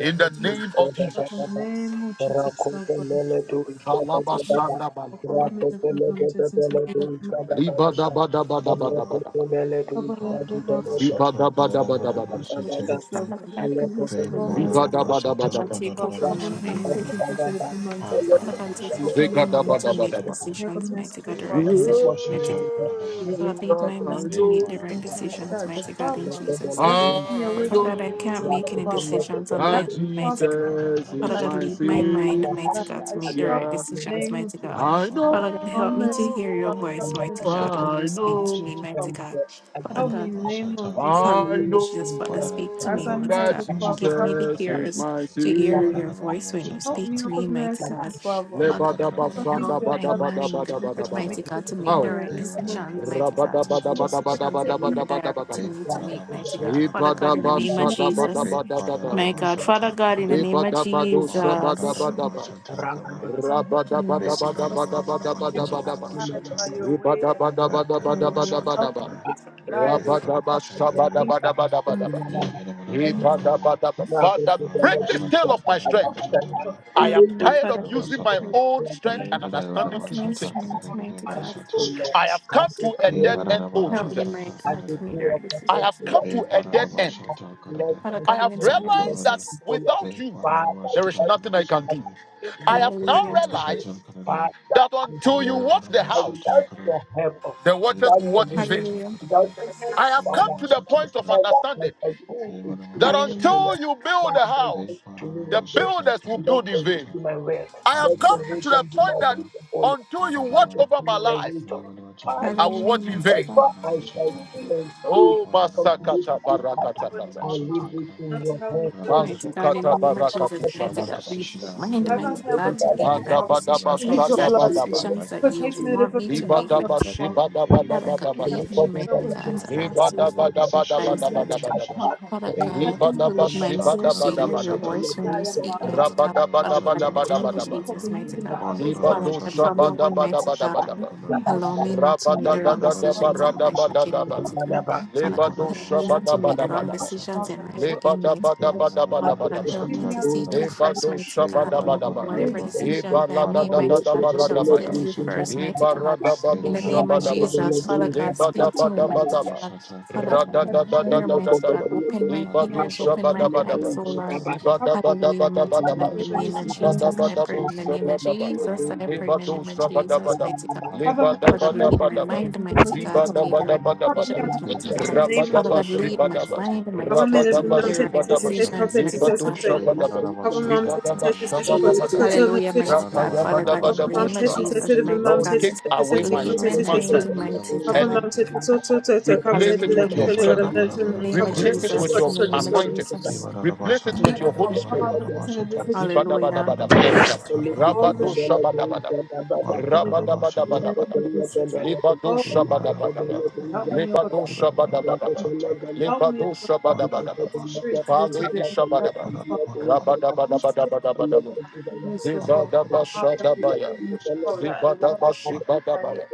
Speaker 1: In the
Speaker 5: Jesus,
Speaker 1: name of
Speaker 5: help
Speaker 1: Jesus.
Speaker 5: us.
Speaker 3: Amen.
Speaker 5: name of Jesus, help us.
Speaker 3: Rakopelele tu ishada
Speaker 5: This is the
Speaker 3: dadada.
Speaker 5: hour of our
Speaker 1: Kalabashandabalabala.
Speaker 5: minute
Speaker 3: Rakopelele
Speaker 5: of Jesus,
Speaker 3: dadadele
Speaker 5: help us.
Speaker 3: tu
Speaker 6: Hey,
Speaker 3: ishada dadada.
Speaker 1: Ribadabadabadabadabada.
Speaker 3: Rakopelele tu
Speaker 5: Help us, help us,
Speaker 3: ishada
Speaker 5: help us,
Speaker 3: dadada.
Speaker 1: Ribadabadabadabada.
Speaker 3: Dadada.
Speaker 5: Jesus, help
Speaker 4: Father
Speaker 5: us.
Speaker 4: God, I pray this
Speaker 5: Oh,
Speaker 4: bring
Speaker 3: Rakopelele tu
Speaker 4: mighty
Speaker 5: mercy,
Speaker 4: God.
Speaker 3: ishada
Speaker 4: Father God, take
Speaker 5: For
Speaker 4: over my
Speaker 5: covering me, I'm
Speaker 4: mind,
Speaker 3: dadada. Dadada. Rakopelele tu ishada dadada. Rakopelele tu ishada
Speaker 5: taking
Speaker 4: mighty God.
Speaker 5: tested
Speaker 3: dadada. Rakopelele
Speaker 5: every month, taking tested
Speaker 4: Father God,
Speaker 5: with
Speaker 4: take
Speaker 5: Jesus.
Speaker 4: over
Speaker 5: So
Speaker 3: tu
Speaker 4: my mind to
Speaker 5: I
Speaker 4: make decisions,
Speaker 5: recognize
Speaker 4: mighty
Speaker 5: you
Speaker 4: God, the
Speaker 5: for
Speaker 4: right
Speaker 5: being
Speaker 4: decisions, mighty God.
Speaker 3: rakopelele dadada.
Speaker 5: with Jesus.
Speaker 4: God, lead my
Speaker 5: That's
Speaker 4: mind to
Speaker 5: my
Speaker 4: make the right
Speaker 5: into your
Speaker 3: Rakopelele
Speaker 4: decisions,
Speaker 5: side, but
Speaker 4: mighty God, in
Speaker 5: Father,
Speaker 4: Jesus'
Speaker 5: that
Speaker 4: name.
Speaker 5: took me
Speaker 1: I
Speaker 5: away
Speaker 4: Father
Speaker 5: from
Speaker 1: know
Speaker 5: the
Speaker 4: God, I can't
Speaker 5: presence
Speaker 4: make
Speaker 5: of
Speaker 3: dadada.
Speaker 4: any
Speaker 5: Father.
Speaker 3: Rakopelele
Speaker 4: decisions
Speaker 3: dadada.
Speaker 4: on my
Speaker 5: That
Speaker 3: Rakopelele
Speaker 1: that
Speaker 4: own,
Speaker 5: Father,
Speaker 4: mighty God.
Speaker 3: dadada.
Speaker 1: Jesus
Speaker 5: feel
Speaker 4: Father
Speaker 1: is
Speaker 5: like
Speaker 4: God,
Speaker 5: a
Speaker 1: my
Speaker 4: lead my
Speaker 5: trouble
Speaker 4: mind,
Speaker 5: against my
Speaker 4: mighty
Speaker 5: life.
Speaker 4: God,
Speaker 5: That
Speaker 4: to
Speaker 5: I
Speaker 4: make the
Speaker 5: struggle
Speaker 4: right
Speaker 1: Savior.
Speaker 5: in the
Speaker 4: decisions,
Speaker 5: name of
Speaker 4: mighty God.
Speaker 5: Jesus.
Speaker 1: I
Speaker 4: Father God,
Speaker 5: Oh,
Speaker 4: help me to
Speaker 5: merciful
Speaker 1: know,
Speaker 4: hear your
Speaker 5: Father, have
Speaker 4: voice,
Speaker 5: mercy
Speaker 4: mighty
Speaker 5: on
Speaker 4: God, when
Speaker 5: me,
Speaker 4: you
Speaker 1: I
Speaker 4: speak to me,
Speaker 1: know,
Speaker 4: mighty
Speaker 5: Father.
Speaker 4: God. Father
Speaker 5: Help me
Speaker 4: God.
Speaker 5: in the name of Jesus.
Speaker 1: I
Speaker 4: Hallelujah, Jesus, Father,
Speaker 6: Father, I
Speaker 4: speak to
Speaker 6: pray that
Speaker 5: As
Speaker 4: me,
Speaker 1: know
Speaker 5: I'm
Speaker 6: every
Speaker 4: mighty
Speaker 5: here,
Speaker 1: that
Speaker 5: good
Speaker 4: God.
Speaker 6: one
Speaker 4: and
Speaker 6: shall
Speaker 5: Father,
Speaker 4: Give
Speaker 6: talk
Speaker 4: me
Speaker 5: help
Speaker 4: the
Speaker 6: about
Speaker 1: Jesus
Speaker 6: it.
Speaker 5: me
Speaker 1: is
Speaker 5: in the
Speaker 4: ears
Speaker 5: name of
Speaker 1: my
Speaker 4: to
Speaker 5: Jesus.
Speaker 6: Hey,
Speaker 4: hear
Speaker 6: bada
Speaker 1: Savior.
Speaker 4: your
Speaker 6: da bada
Speaker 4: voice
Speaker 6: bada
Speaker 4: when
Speaker 6: shall
Speaker 4: you
Speaker 5: Help
Speaker 6: talk
Speaker 4: speak
Speaker 5: me,
Speaker 4: to
Speaker 5: O
Speaker 6: about
Speaker 4: me,
Speaker 5: good
Speaker 6: it.
Speaker 4: mighty
Speaker 3: Thank
Speaker 4: God.
Speaker 5: merciful Father.
Speaker 6: Hey,
Speaker 4: Father
Speaker 6: bada da
Speaker 4: God,
Speaker 6: bada
Speaker 5: Help me,
Speaker 6: bada
Speaker 1: Lebadabasanda
Speaker 4: help
Speaker 6: bada
Speaker 5: O
Speaker 4: my
Speaker 5: God,
Speaker 6: bada bada shall
Speaker 4: mind,
Speaker 6: talk
Speaker 5: Deliver
Speaker 6: about
Speaker 5: the
Speaker 6: it.
Speaker 4: mighty
Speaker 1: badabadabadabadabadaba.
Speaker 4: God,
Speaker 5: should
Speaker 4: to
Speaker 5: be from
Speaker 4: make the
Speaker 5: one
Speaker 1: Oh.
Speaker 5: in
Speaker 4: right
Speaker 5: the
Speaker 6: Hey,
Speaker 5: name of
Speaker 6: bada da
Speaker 4: decisions,
Speaker 5: Jesus.
Speaker 4: mighty
Speaker 6: bada
Speaker 4: God, to make the
Speaker 5: Lord, that
Speaker 6: bada
Speaker 4: decisions that
Speaker 5: take
Speaker 6: bada
Speaker 4: you
Speaker 5: me,
Speaker 4: are
Speaker 1: Rabadabadabadabadabadabadabadabadaba.
Speaker 4: directing me to make,
Speaker 6: bada
Speaker 4: mighty
Speaker 6: shall
Speaker 4: God.
Speaker 6: talk
Speaker 4: Father
Speaker 6: about
Speaker 4: God, in
Speaker 6: it.
Speaker 4: the
Speaker 5: deliver me
Speaker 4: name of
Speaker 5: from one in the name of
Speaker 4: Jesus,
Speaker 6: Hey,
Speaker 5: Jesus.
Speaker 6: bada da
Speaker 1: Ibadabashadabadabadabadaba.
Speaker 4: my
Speaker 6: bada
Speaker 4: God.
Speaker 6: shall
Speaker 4: Father
Speaker 6: talk
Speaker 4: God, in
Speaker 6: about
Speaker 4: the
Speaker 5: Abandon
Speaker 6: it.
Speaker 4: name of
Speaker 5: me
Speaker 6: Hey,
Speaker 5: from
Speaker 6: bada
Speaker 5: the
Speaker 6: da
Speaker 4: Jesus.
Speaker 5: name of
Speaker 6: bada shall
Speaker 1: Ibadabadoshabadabadaba.
Speaker 5: Jesus.
Speaker 6: talk about
Speaker 5: Oh
Speaker 6: it.
Speaker 5: God, as I'm here,
Speaker 4: In the name of
Speaker 6: Bada da da da bada shall talk about it. Hey, bada da
Speaker 5: help me
Speaker 4: Jesus.
Speaker 6: bada bada
Speaker 5: from
Speaker 6: bada bada
Speaker 4: Thank you,
Speaker 5: spirit,
Speaker 6: bada
Speaker 4: Jesus.
Speaker 6: bada shall
Speaker 5: abide by
Speaker 6: talk
Speaker 5: your
Speaker 6: about it.
Speaker 5: way and by
Speaker 6: That da
Speaker 5: your will.
Speaker 6: da bada shall
Speaker 4: Hallelujah.
Speaker 5: Help
Speaker 6: talk
Speaker 5: me
Speaker 6: about it.
Speaker 5: spirit, abide
Speaker 6: Hey,
Speaker 5: over
Speaker 6: for the
Speaker 5: God,
Speaker 6: virtue of the
Speaker 5: the
Speaker 3: you.
Speaker 6: video.
Speaker 5: things that you want me to
Speaker 6: We
Speaker 5: be.
Speaker 6: don't get a bada da
Speaker 5: And he said
Speaker 6: da da da da.
Speaker 1: Father,
Speaker 6: Bada da
Speaker 1: break
Speaker 6: bada
Speaker 5: that
Speaker 1: the
Speaker 6: shall
Speaker 5: you
Speaker 1: scale
Speaker 5: come
Speaker 6: talk
Speaker 1: of my
Speaker 6: about
Speaker 5: and
Speaker 6: it. Bada da bada
Speaker 1: strength.
Speaker 5: help
Speaker 6: shall talk
Speaker 5: them
Speaker 6: about it.
Speaker 5: for God.
Speaker 1: I am
Speaker 4: Hallelujah.
Speaker 5: You
Speaker 1: tired of
Speaker 4: Father God,
Speaker 1: using my
Speaker 4: pray
Speaker 6: Vatarabashata,
Speaker 1: own
Speaker 4: for
Speaker 1: strength
Speaker 5: said,
Speaker 4: me
Speaker 1: and
Speaker 5: "Oh, God, help
Speaker 1: understanding
Speaker 4: of
Speaker 1: to
Speaker 5: me."
Speaker 1: do
Speaker 4: my
Speaker 6: Nedarabashata,
Speaker 1: things.
Speaker 4: strength, mighty God.
Speaker 6: Kanadabashata, Kanada,
Speaker 1: I have come to a
Speaker 4: Help me,
Speaker 6: De
Speaker 1: dead
Speaker 4: Lord.
Speaker 1: end, oh
Speaker 4: help me,
Speaker 1: Jesus.
Speaker 6: Barabashata,
Speaker 4: Michael,
Speaker 3: and the
Speaker 4: to make
Speaker 6: Kanada,
Speaker 4: the
Speaker 3: day
Speaker 4: right
Speaker 3: of
Speaker 1: I
Speaker 3: perfection,
Speaker 1: have
Speaker 4: decisions. in
Speaker 1: come
Speaker 3: Lord.
Speaker 4: the
Speaker 6: Bay
Speaker 1: to a dead
Speaker 3: Father,
Speaker 1: end.
Speaker 4: right-
Speaker 6: Parabashata,
Speaker 3: let
Speaker 6: Kanada,
Speaker 4: Father
Speaker 3: us
Speaker 1: I
Speaker 4: God, in
Speaker 1: have
Speaker 4: the
Speaker 3: praise
Speaker 4: name of
Speaker 3: you,
Speaker 1: realized that
Speaker 6: Pandarabara,
Speaker 4: Jesus.
Speaker 3: people, Lord.
Speaker 1: without
Speaker 6: Bay
Speaker 1: you,
Speaker 3: Father,
Speaker 1: there is
Speaker 3: let
Speaker 6: Parabashata,
Speaker 3: us
Speaker 1: nothing I
Speaker 3: praise
Speaker 1: can do.
Speaker 6: Kanada,
Speaker 3: you,
Speaker 1: I have now
Speaker 4: Hallelujah.
Speaker 3: Lord.
Speaker 1: realized
Speaker 6: Parabashata, Kanada,
Speaker 3: Father,
Speaker 1: that
Speaker 3: and I
Speaker 6: Bay
Speaker 1: until you
Speaker 3: pray,
Speaker 1: watch the
Speaker 3: I
Speaker 1: house,
Speaker 6: Barabashata,
Speaker 3: without
Speaker 6: Kanada,
Speaker 3: your help, Lord,
Speaker 1: The
Speaker 6: Bay Barabashata, Kanada, Bay
Speaker 1: watchers
Speaker 3: without
Speaker 1: will
Speaker 3: your
Speaker 1: watch in
Speaker 3: help,
Speaker 1: vain.
Speaker 6: Barabashata,
Speaker 4: Hallelujah.
Speaker 3: without
Speaker 6: Kanada,
Speaker 3: your help,
Speaker 1: I
Speaker 6: Bay
Speaker 1: have come
Speaker 3: Father,
Speaker 1: to the
Speaker 6: Barabashata,
Speaker 1: point of
Speaker 3: ever as
Speaker 1: understanding
Speaker 3: I shall do is listen
Speaker 1: that
Speaker 3: to
Speaker 4: Hallelujah.
Speaker 3: you,
Speaker 1: until you build a
Speaker 3: Father,
Speaker 1: house,
Speaker 6: Bay
Speaker 3: give to me the
Speaker 1: the
Speaker 3: way.
Speaker 6: Parabashata,
Speaker 1: builders will
Speaker 6: Kanada,
Speaker 3: Let
Speaker 1: build
Speaker 3: the
Speaker 1: in
Speaker 3: way
Speaker 1: vain.
Speaker 6: Mashata,
Speaker 3: be my way.
Speaker 1: I have
Speaker 3: Let the
Speaker 1: come to the
Speaker 3: wisdom be
Speaker 6: Pandarabashata,
Speaker 1: point
Speaker 3: my
Speaker 1: that
Speaker 3: wisdom, O Lord.
Speaker 1: until you
Speaker 3: Thank
Speaker 1: watch
Speaker 3: you
Speaker 6: Kanada,
Speaker 1: over
Speaker 3: for
Speaker 1: my
Speaker 3: your
Speaker 1: life,
Speaker 3: wisdom.
Speaker 6: Whatever
Speaker 3: Father,
Speaker 1: I will
Speaker 4: Hallelujah,
Speaker 1: watch in
Speaker 4: mighty
Speaker 1: vain.
Speaker 4: God.
Speaker 3: Whatever I
Speaker 5: With
Speaker 3: shall
Speaker 5: all
Speaker 3: do
Speaker 5: things,
Speaker 3: and
Speaker 5: help
Speaker 3: say
Speaker 1: Oh,
Speaker 3: from today to
Speaker 1: Masakata
Speaker 3: this
Speaker 5: me, your
Speaker 3: Father,
Speaker 1: Barakata
Speaker 5: word in
Speaker 3: I
Speaker 1: Kata.
Speaker 5: my
Speaker 3: leave
Speaker 5: heart.
Speaker 3: it in
Speaker 5: Not to
Speaker 3: your
Speaker 5: help me
Speaker 3: hands
Speaker 5: feel
Speaker 3: for
Speaker 5: that
Speaker 3: me.
Speaker 4: Mighty
Speaker 5: just
Speaker 4: God, in
Speaker 5: help
Speaker 4: the
Speaker 1: Masukata
Speaker 3: Father,
Speaker 4: name of
Speaker 1: Barakatu
Speaker 4: Jesus,
Speaker 5: me
Speaker 4: mighty God,
Speaker 1: Shabadaba.
Speaker 4: lead
Speaker 6: decision I
Speaker 4: my
Speaker 6: make,
Speaker 4: mind,
Speaker 5: As
Speaker 3: leave
Speaker 5: I'm
Speaker 6: Lord,
Speaker 4: mighty
Speaker 3: it
Speaker 5: held
Speaker 3: in
Speaker 4: God,
Speaker 5: with
Speaker 4: to
Speaker 3: your
Speaker 6: may
Speaker 5: mercy,
Speaker 4: make the
Speaker 5: O
Speaker 6: you
Speaker 3: hands.
Speaker 4: right
Speaker 6: guide
Speaker 5: Father,
Speaker 6: me in the
Speaker 1: Mandabadaba
Speaker 6: right
Speaker 4: decisions,
Speaker 5: come
Speaker 3: Let
Speaker 5: with
Speaker 4: mighty
Speaker 5: your
Speaker 3: me
Speaker 4: God,
Speaker 6: decision
Speaker 3: to
Speaker 4: the
Speaker 5: blood.
Speaker 6: to
Speaker 3: leave the
Speaker 6: make
Speaker 1: Sadabadaba.
Speaker 6: the
Speaker 3: rest
Speaker 4: decisions
Speaker 6: right
Speaker 4: that
Speaker 6: path to
Speaker 4: you
Speaker 3: to
Speaker 5: Protect
Speaker 4: would
Speaker 6: take,
Speaker 5: me,
Speaker 3: you.
Speaker 6: O
Speaker 4: want
Speaker 5: deliver
Speaker 6: Lord,
Speaker 4: me
Speaker 5: me,
Speaker 4: to
Speaker 5: and help
Speaker 4: make,
Speaker 5: me,
Speaker 6: and
Speaker 5: O
Speaker 3: Please,
Speaker 1: Ibadaba
Speaker 4: mighty
Speaker 6: avert me
Speaker 5: Father.
Speaker 6: from any
Speaker 4: God,
Speaker 6: form of
Speaker 4: God,
Speaker 5: Help
Speaker 3: to
Speaker 5: me, I
Speaker 3: leave
Speaker 6: danger,
Speaker 4: lead
Speaker 1: Shibadabadabadabadaba.
Speaker 6: so
Speaker 4: me,
Speaker 3: all
Speaker 6: you
Speaker 5: protect
Speaker 3: the
Speaker 6: can
Speaker 5: me,
Speaker 3: other
Speaker 4: mighty
Speaker 5: O
Speaker 4: God,
Speaker 3: men.
Speaker 4: to
Speaker 6: avert
Speaker 5: Jesus.
Speaker 6: me
Speaker 4: ask
Speaker 6: from
Speaker 3: Rather
Speaker 4: you
Speaker 6: any
Speaker 3: than
Speaker 4: for
Speaker 6: wrong
Speaker 3: the
Speaker 5: Help me
Speaker 6: decisions
Speaker 5: with
Speaker 3: praise
Speaker 6: in
Speaker 4: advice,
Speaker 6: the
Speaker 3: of the
Speaker 6: name
Speaker 4: mighty
Speaker 3: Lord, rather
Speaker 6: of
Speaker 3: than
Speaker 5: mercy,
Speaker 4: God.
Speaker 5: O
Speaker 1: Ibadabadabadabadabadabadaba.
Speaker 6: Jesus.
Speaker 5: Father.
Speaker 4: Father
Speaker 6: May
Speaker 3: the
Speaker 5: Help
Speaker 4: God,
Speaker 3: praise of the
Speaker 5: me,
Speaker 6: Barabasata
Speaker 1: Libadaba
Speaker 4: lead
Speaker 3: Lord. To
Speaker 4: my ears to hear
Speaker 3: leave
Speaker 4: your
Speaker 3: the Lord, to leave the
Speaker 1: Shibadabadabadaba.
Speaker 3: Lord,
Speaker 5: for
Speaker 4: voice
Speaker 5: believing
Speaker 4: when
Speaker 5: that I
Speaker 4: you
Speaker 5: am
Speaker 4: speak,
Speaker 5: not and
Speaker 4: mighty
Speaker 5: God,
Speaker 4: God. Father
Speaker 5: Father.
Speaker 3: to
Speaker 4: God,
Speaker 3: leave the Lord, to leave the Lord, to leave
Speaker 4: in the name
Speaker 5: Forgive
Speaker 4: of
Speaker 5: me
Speaker 1: Rabadabadabadabadabadaba.
Speaker 5: for
Speaker 3: the
Speaker 4: Jesus, mighty
Speaker 5: believing that
Speaker 4: God.
Speaker 5: others are
Speaker 4: Father
Speaker 5: against
Speaker 4: God,
Speaker 5: my
Speaker 4: from
Speaker 5: life,
Speaker 4: now on,
Speaker 5: Father.
Speaker 4: mighty God,
Speaker 3: Lord,
Speaker 1: Libadoshabadabadabadabadaba.
Speaker 5: Forgive me, God,
Speaker 4: allow me
Speaker 5: Father,
Speaker 4: not
Speaker 5: for
Speaker 4: to make
Speaker 5: believing
Speaker 4: the
Speaker 6: Hey,
Speaker 4: wrong
Speaker 6: mada
Speaker 5: that
Speaker 6: mada
Speaker 5: others are
Speaker 6: mada
Speaker 4: decisions
Speaker 6: mada
Speaker 4: in
Speaker 6: mada
Speaker 4: life again,
Speaker 1: Rabadadadadabaradabadabadaba.
Speaker 6: shatakara.
Speaker 4: mighty
Speaker 5: against my life.
Speaker 4: God.
Speaker 5: Forgive
Speaker 4: Father
Speaker 6: Hey,
Speaker 4: God,
Speaker 6: mada mada
Speaker 5: me,
Speaker 4: help
Speaker 6: mada
Speaker 4: me
Speaker 5: God,
Speaker 4: not to
Speaker 5: Father,
Speaker 4: make the
Speaker 6: shatakara mada
Speaker 4: wrong
Speaker 6: mada
Speaker 1: Libadoshabadabadabadaba.
Speaker 4: decisions in
Speaker 5: Father,
Speaker 6: shatakara.
Speaker 4: life
Speaker 5: what they
Speaker 4: again,
Speaker 5: believe
Speaker 4: mighty
Speaker 5: in, God,
Speaker 6: Hey,
Speaker 4: God.
Speaker 5: Father.
Speaker 6: mada mada
Speaker 3: to
Speaker 4: Father
Speaker 6: mada
Speaker 4: God,
Speaker 6: mada
Speaker 1: Libadabadabadabadabadaba.
Speaker 4: help
Speaker 3: leave
Speaker 5: Forgive
Speaker 4: me
Speaker 3: the
Speaker 5: me
Speaker 6: shatakara
Speaker 4: to
Speaker 5: out of
Speaker 3: Lord.
Speaker 6: mada.
Speaker 4: seek
Speaker 5: that
Speaker 4: you
Speaker 6: mada.
Speaker 5: authority
Speaker 4: first,
Speaker 1: Lebado
Speaker 4: mighty
Speaker 6: Hey,
Speaker 4: God.
Speaker 6: mada mada
Speaker 4: In
Speaker 1: shabadabadaba.
Speaker 3: Thank
Speaker 6: mada
Speaker 4: Whatever
Speaker 6: mada
Speaker 5: you
Speaker 4: decisions I
Speaker 6: mada
Speaker 4: make,
Speaker 6: mada mada
Speaker 4: mighty God, I
Speaker 6: shatakara
Speaker 4: shall
Speaker 6: mada
Speaker 1: Ibaladadadadabaradabaya.
Speaker 5: to
Speaker 4: seek
Speaker 6: mada
Speaker 4: you first,
Speaker 6: shatakara.
Speaker 4: mighty God.
Speaker 6: Hey,
Speaker 4: In
Speaker 1: Ibaradabado
Speaker 4: the
Speaker 6: mada mada
Speaker 4: name of
Speaker 6: mada
Speaker 1: shabadaba.
Speaker 6: mada
Speaker 4: Jesus, Father
Speaker 5: of
Speaker 4: God,
Speaker 6: shatakara
Speaker 4: speak to me,
Speaker 6: mada
Speaker 4: mighty
Speaker 1: Lebadabadabadaba.
Speaker 4: God. Father
Speaker 5: as we
Speaker 6: mada
Speaker 5: have
Speaker 4: God.
Speaker 6: mada
Speaker 5: on that
Speaker 4: Dear
Speaker 6: shatakara
Speaker 4: mighty God,
Speaker 1: Radadadadadadadaba.
Speaker 5: cover me
Speaker 4: open
Speaker 5: up
Speaker 4: my
Speaker 6: mada mada shatakara mada mada
Speaker 1: Libado
Speaker 6: mada
Speaker 4: ears, open my
Speaker 6: shatakara mada
Speaker 1: shabadabadaba.
Speaker 4: eyes, oh
Speaker 6: mada
Speaker 4: Lord.
Speaker 6: shatakara
Speaker 5: Cover me
Speaker 4: Hallelujah,
Speaker 6: mada mada shatakara mada mada shatakara mada
Speaker 4: mighty
Speaker 6: mada mada shatakara mada mada mada
Speaker 4: God,
Speaker 1: Zibadabadabadabadaba.
Speaker 4: in the
Speaker 5: away by the
Speaker 4: name of
Speaker 5: sins of
Speaker 6: shatakara
Speaker 5: my
Speaker 4: Jesus,
Speaker 5: name
Speaker 4: I
Speaker 5: Jesus.
Speaker 4: pray
Speaker 1: Zibadabadabo
Speaker 4: in the name of
Speaker 1: shabadaba.
Speaker 4: Jesus, I pray in the
Speaker 1: Lebado
Speaker 4: name of Jesus,
Speaker 1: shabadabadaba.
Speaker 4: mighty God.
Speaker 5: Cover me
Speaker 4: Father
Speaker 5: with
Speaker 4: God,
Speaker 5: the mercy
Speaker 4: lead
Speaker 5: of
Speaker 4: my
Speaker 5: the
Speaker 1: Lebadabadabadaba.
Speaker 4: mind,
Speaker 5: name
Speaker 4: mighty
Speaker 5: of Jesus.
Speaker 4: God, to
Speaker 6: mada
Speaker 4: make the right
Speaker 6: mada mada
Speaker 5: Cover me up
Speaker 1: Zibadabadabadabadaba.
Speaker 4: decisions,
Speaker 5: with
Speaker 6: Hey,
Speaker 5: the
Speaker 4: mighty
Speaker 5: test in
Speaker 4: God.
Speaker 5: the name of
Speaker 4: Father
Speaker 5: Jesus.
Speaker 1: Rabadaba
Speaker 4: God, lead my
Speaker 1: shibadaba.
Speaker 4: mind, mighty
Speaker 5: Cover me
Speaker 4: God, to
Speaker 5: every
Speaker 1: Rabadaba
Speaker 4: make
Speaker 5: man
Speaker 4: the
Speaker 5: test
Speaker 4: right
Speaker 5: test
Speaker 1: subadaba.
Speaker 5: test test test
Speaker 4: decisions, mighty
Speaker 5: test
Speaker 1: Libado
Speaker 5: test
Speaker 4: God.
Speaker 5: test
Speaker 1: shabadaba.
Speaker 5: Cover mom test test test test test
Speaker 3: you.
Speaker 5: test
Speaker 4: Hallelujah,
Speaker 5: test
Speaker 4: mighty God. Father God, in the
Speaker 5: Papa mom
Speaker 4: name of
Speaker 5: testing
Speaker 4: Jesus,
Speaker 5: testing of
Speaker 3: Thank
Speaker 4: mighty
Speaker 5: mom
Speaker 1: Lord,
Speaker 4: God,
Speaker 5: testing
Speaker 1: take
Speaker 5: testing
Speaker 1: away
Speaker 5: testing
Speaker 1: my
Speaker 5: cover
Speaker 4: lead my
Speaker 5: testing
Speaker 1: human
Speaker 4: mind,
Speaker 1: strength
Speaker 5: testing.
Speaker 4: mighty
Speaker 5: Papa
Speaker 1: and
Speaker 5: mom
Speaker 4: God.
Speaker 5: testing so so so so cover
Speaker 1: replace
Speaker 5: testing
Speaker 1: it
Speaker 5: them
Speaker 4: Hallelujah,
Speaker 1: with your
Speaker 5: so they
Speaker 4: mighty
Speaker 1: strength.
Speaker 5: gotta
Speaker 4: God.
Speaker 5: learn
Speaker 4: In the name of
Speaker 5: cover
Speaker 1: Replace
Speaker 5: testing
Speaker 1: it
Speaker 5: testing
Speaker 1: with
Speaker 4: Jesus,
Speaker 5: got
Speaker 4: in
Speaker 1: your
Speaker 4: the
Speaker 5: so
Speaker 4: name
Speaker 5: this
Speaker 4: of
Speaker 5: one.
Speaker 1: anointing.
Speaker 4: Jesus.
Speaker 1: Replace it with
Speaker 5: Never
Speaker 1: your Holy
Speaker 5: cover
Speaker 1: Spirit.
Speaker 5: cover testing this fish.
Speaker 4: Hallelujah.
Speaker 1: Zibadabadabadabadaba.
Speaker 5: All mess
Speaker 1: Rabadoshabadabadaba. Rabadabadabadabadaba.
Speaker 5: Oh,
Speaker 1: Libadoshabadabadaba.
Speaker 5: help me, O God, Father. to be
Speaker 1: Libadoshabadabadaba.
Speaker 5: strong. Help me, O God, Father, with
Speaker 1: Libadoshabadabadaba.
Speaker 5: your spirit to be to
Speaker 1: Fale
Speaker 5: do in my life,
Speaker 1: ishabadaba.
Speaker 5: O
Speaker 6: Thank
Speaker 5: Father. Any spirit of
Speaker 1: Rabadabadabadabadabadaba.
Speaker 5: Father, my
Speaker 3: you.
Speaker 5: goodness, O Father, my heart that would
Speaker 1: Zibadabashadabaya.
Speaker 5: burn me, O Father, that I will not give the things I need.
Speaker 1: Zibadabashibadabaya.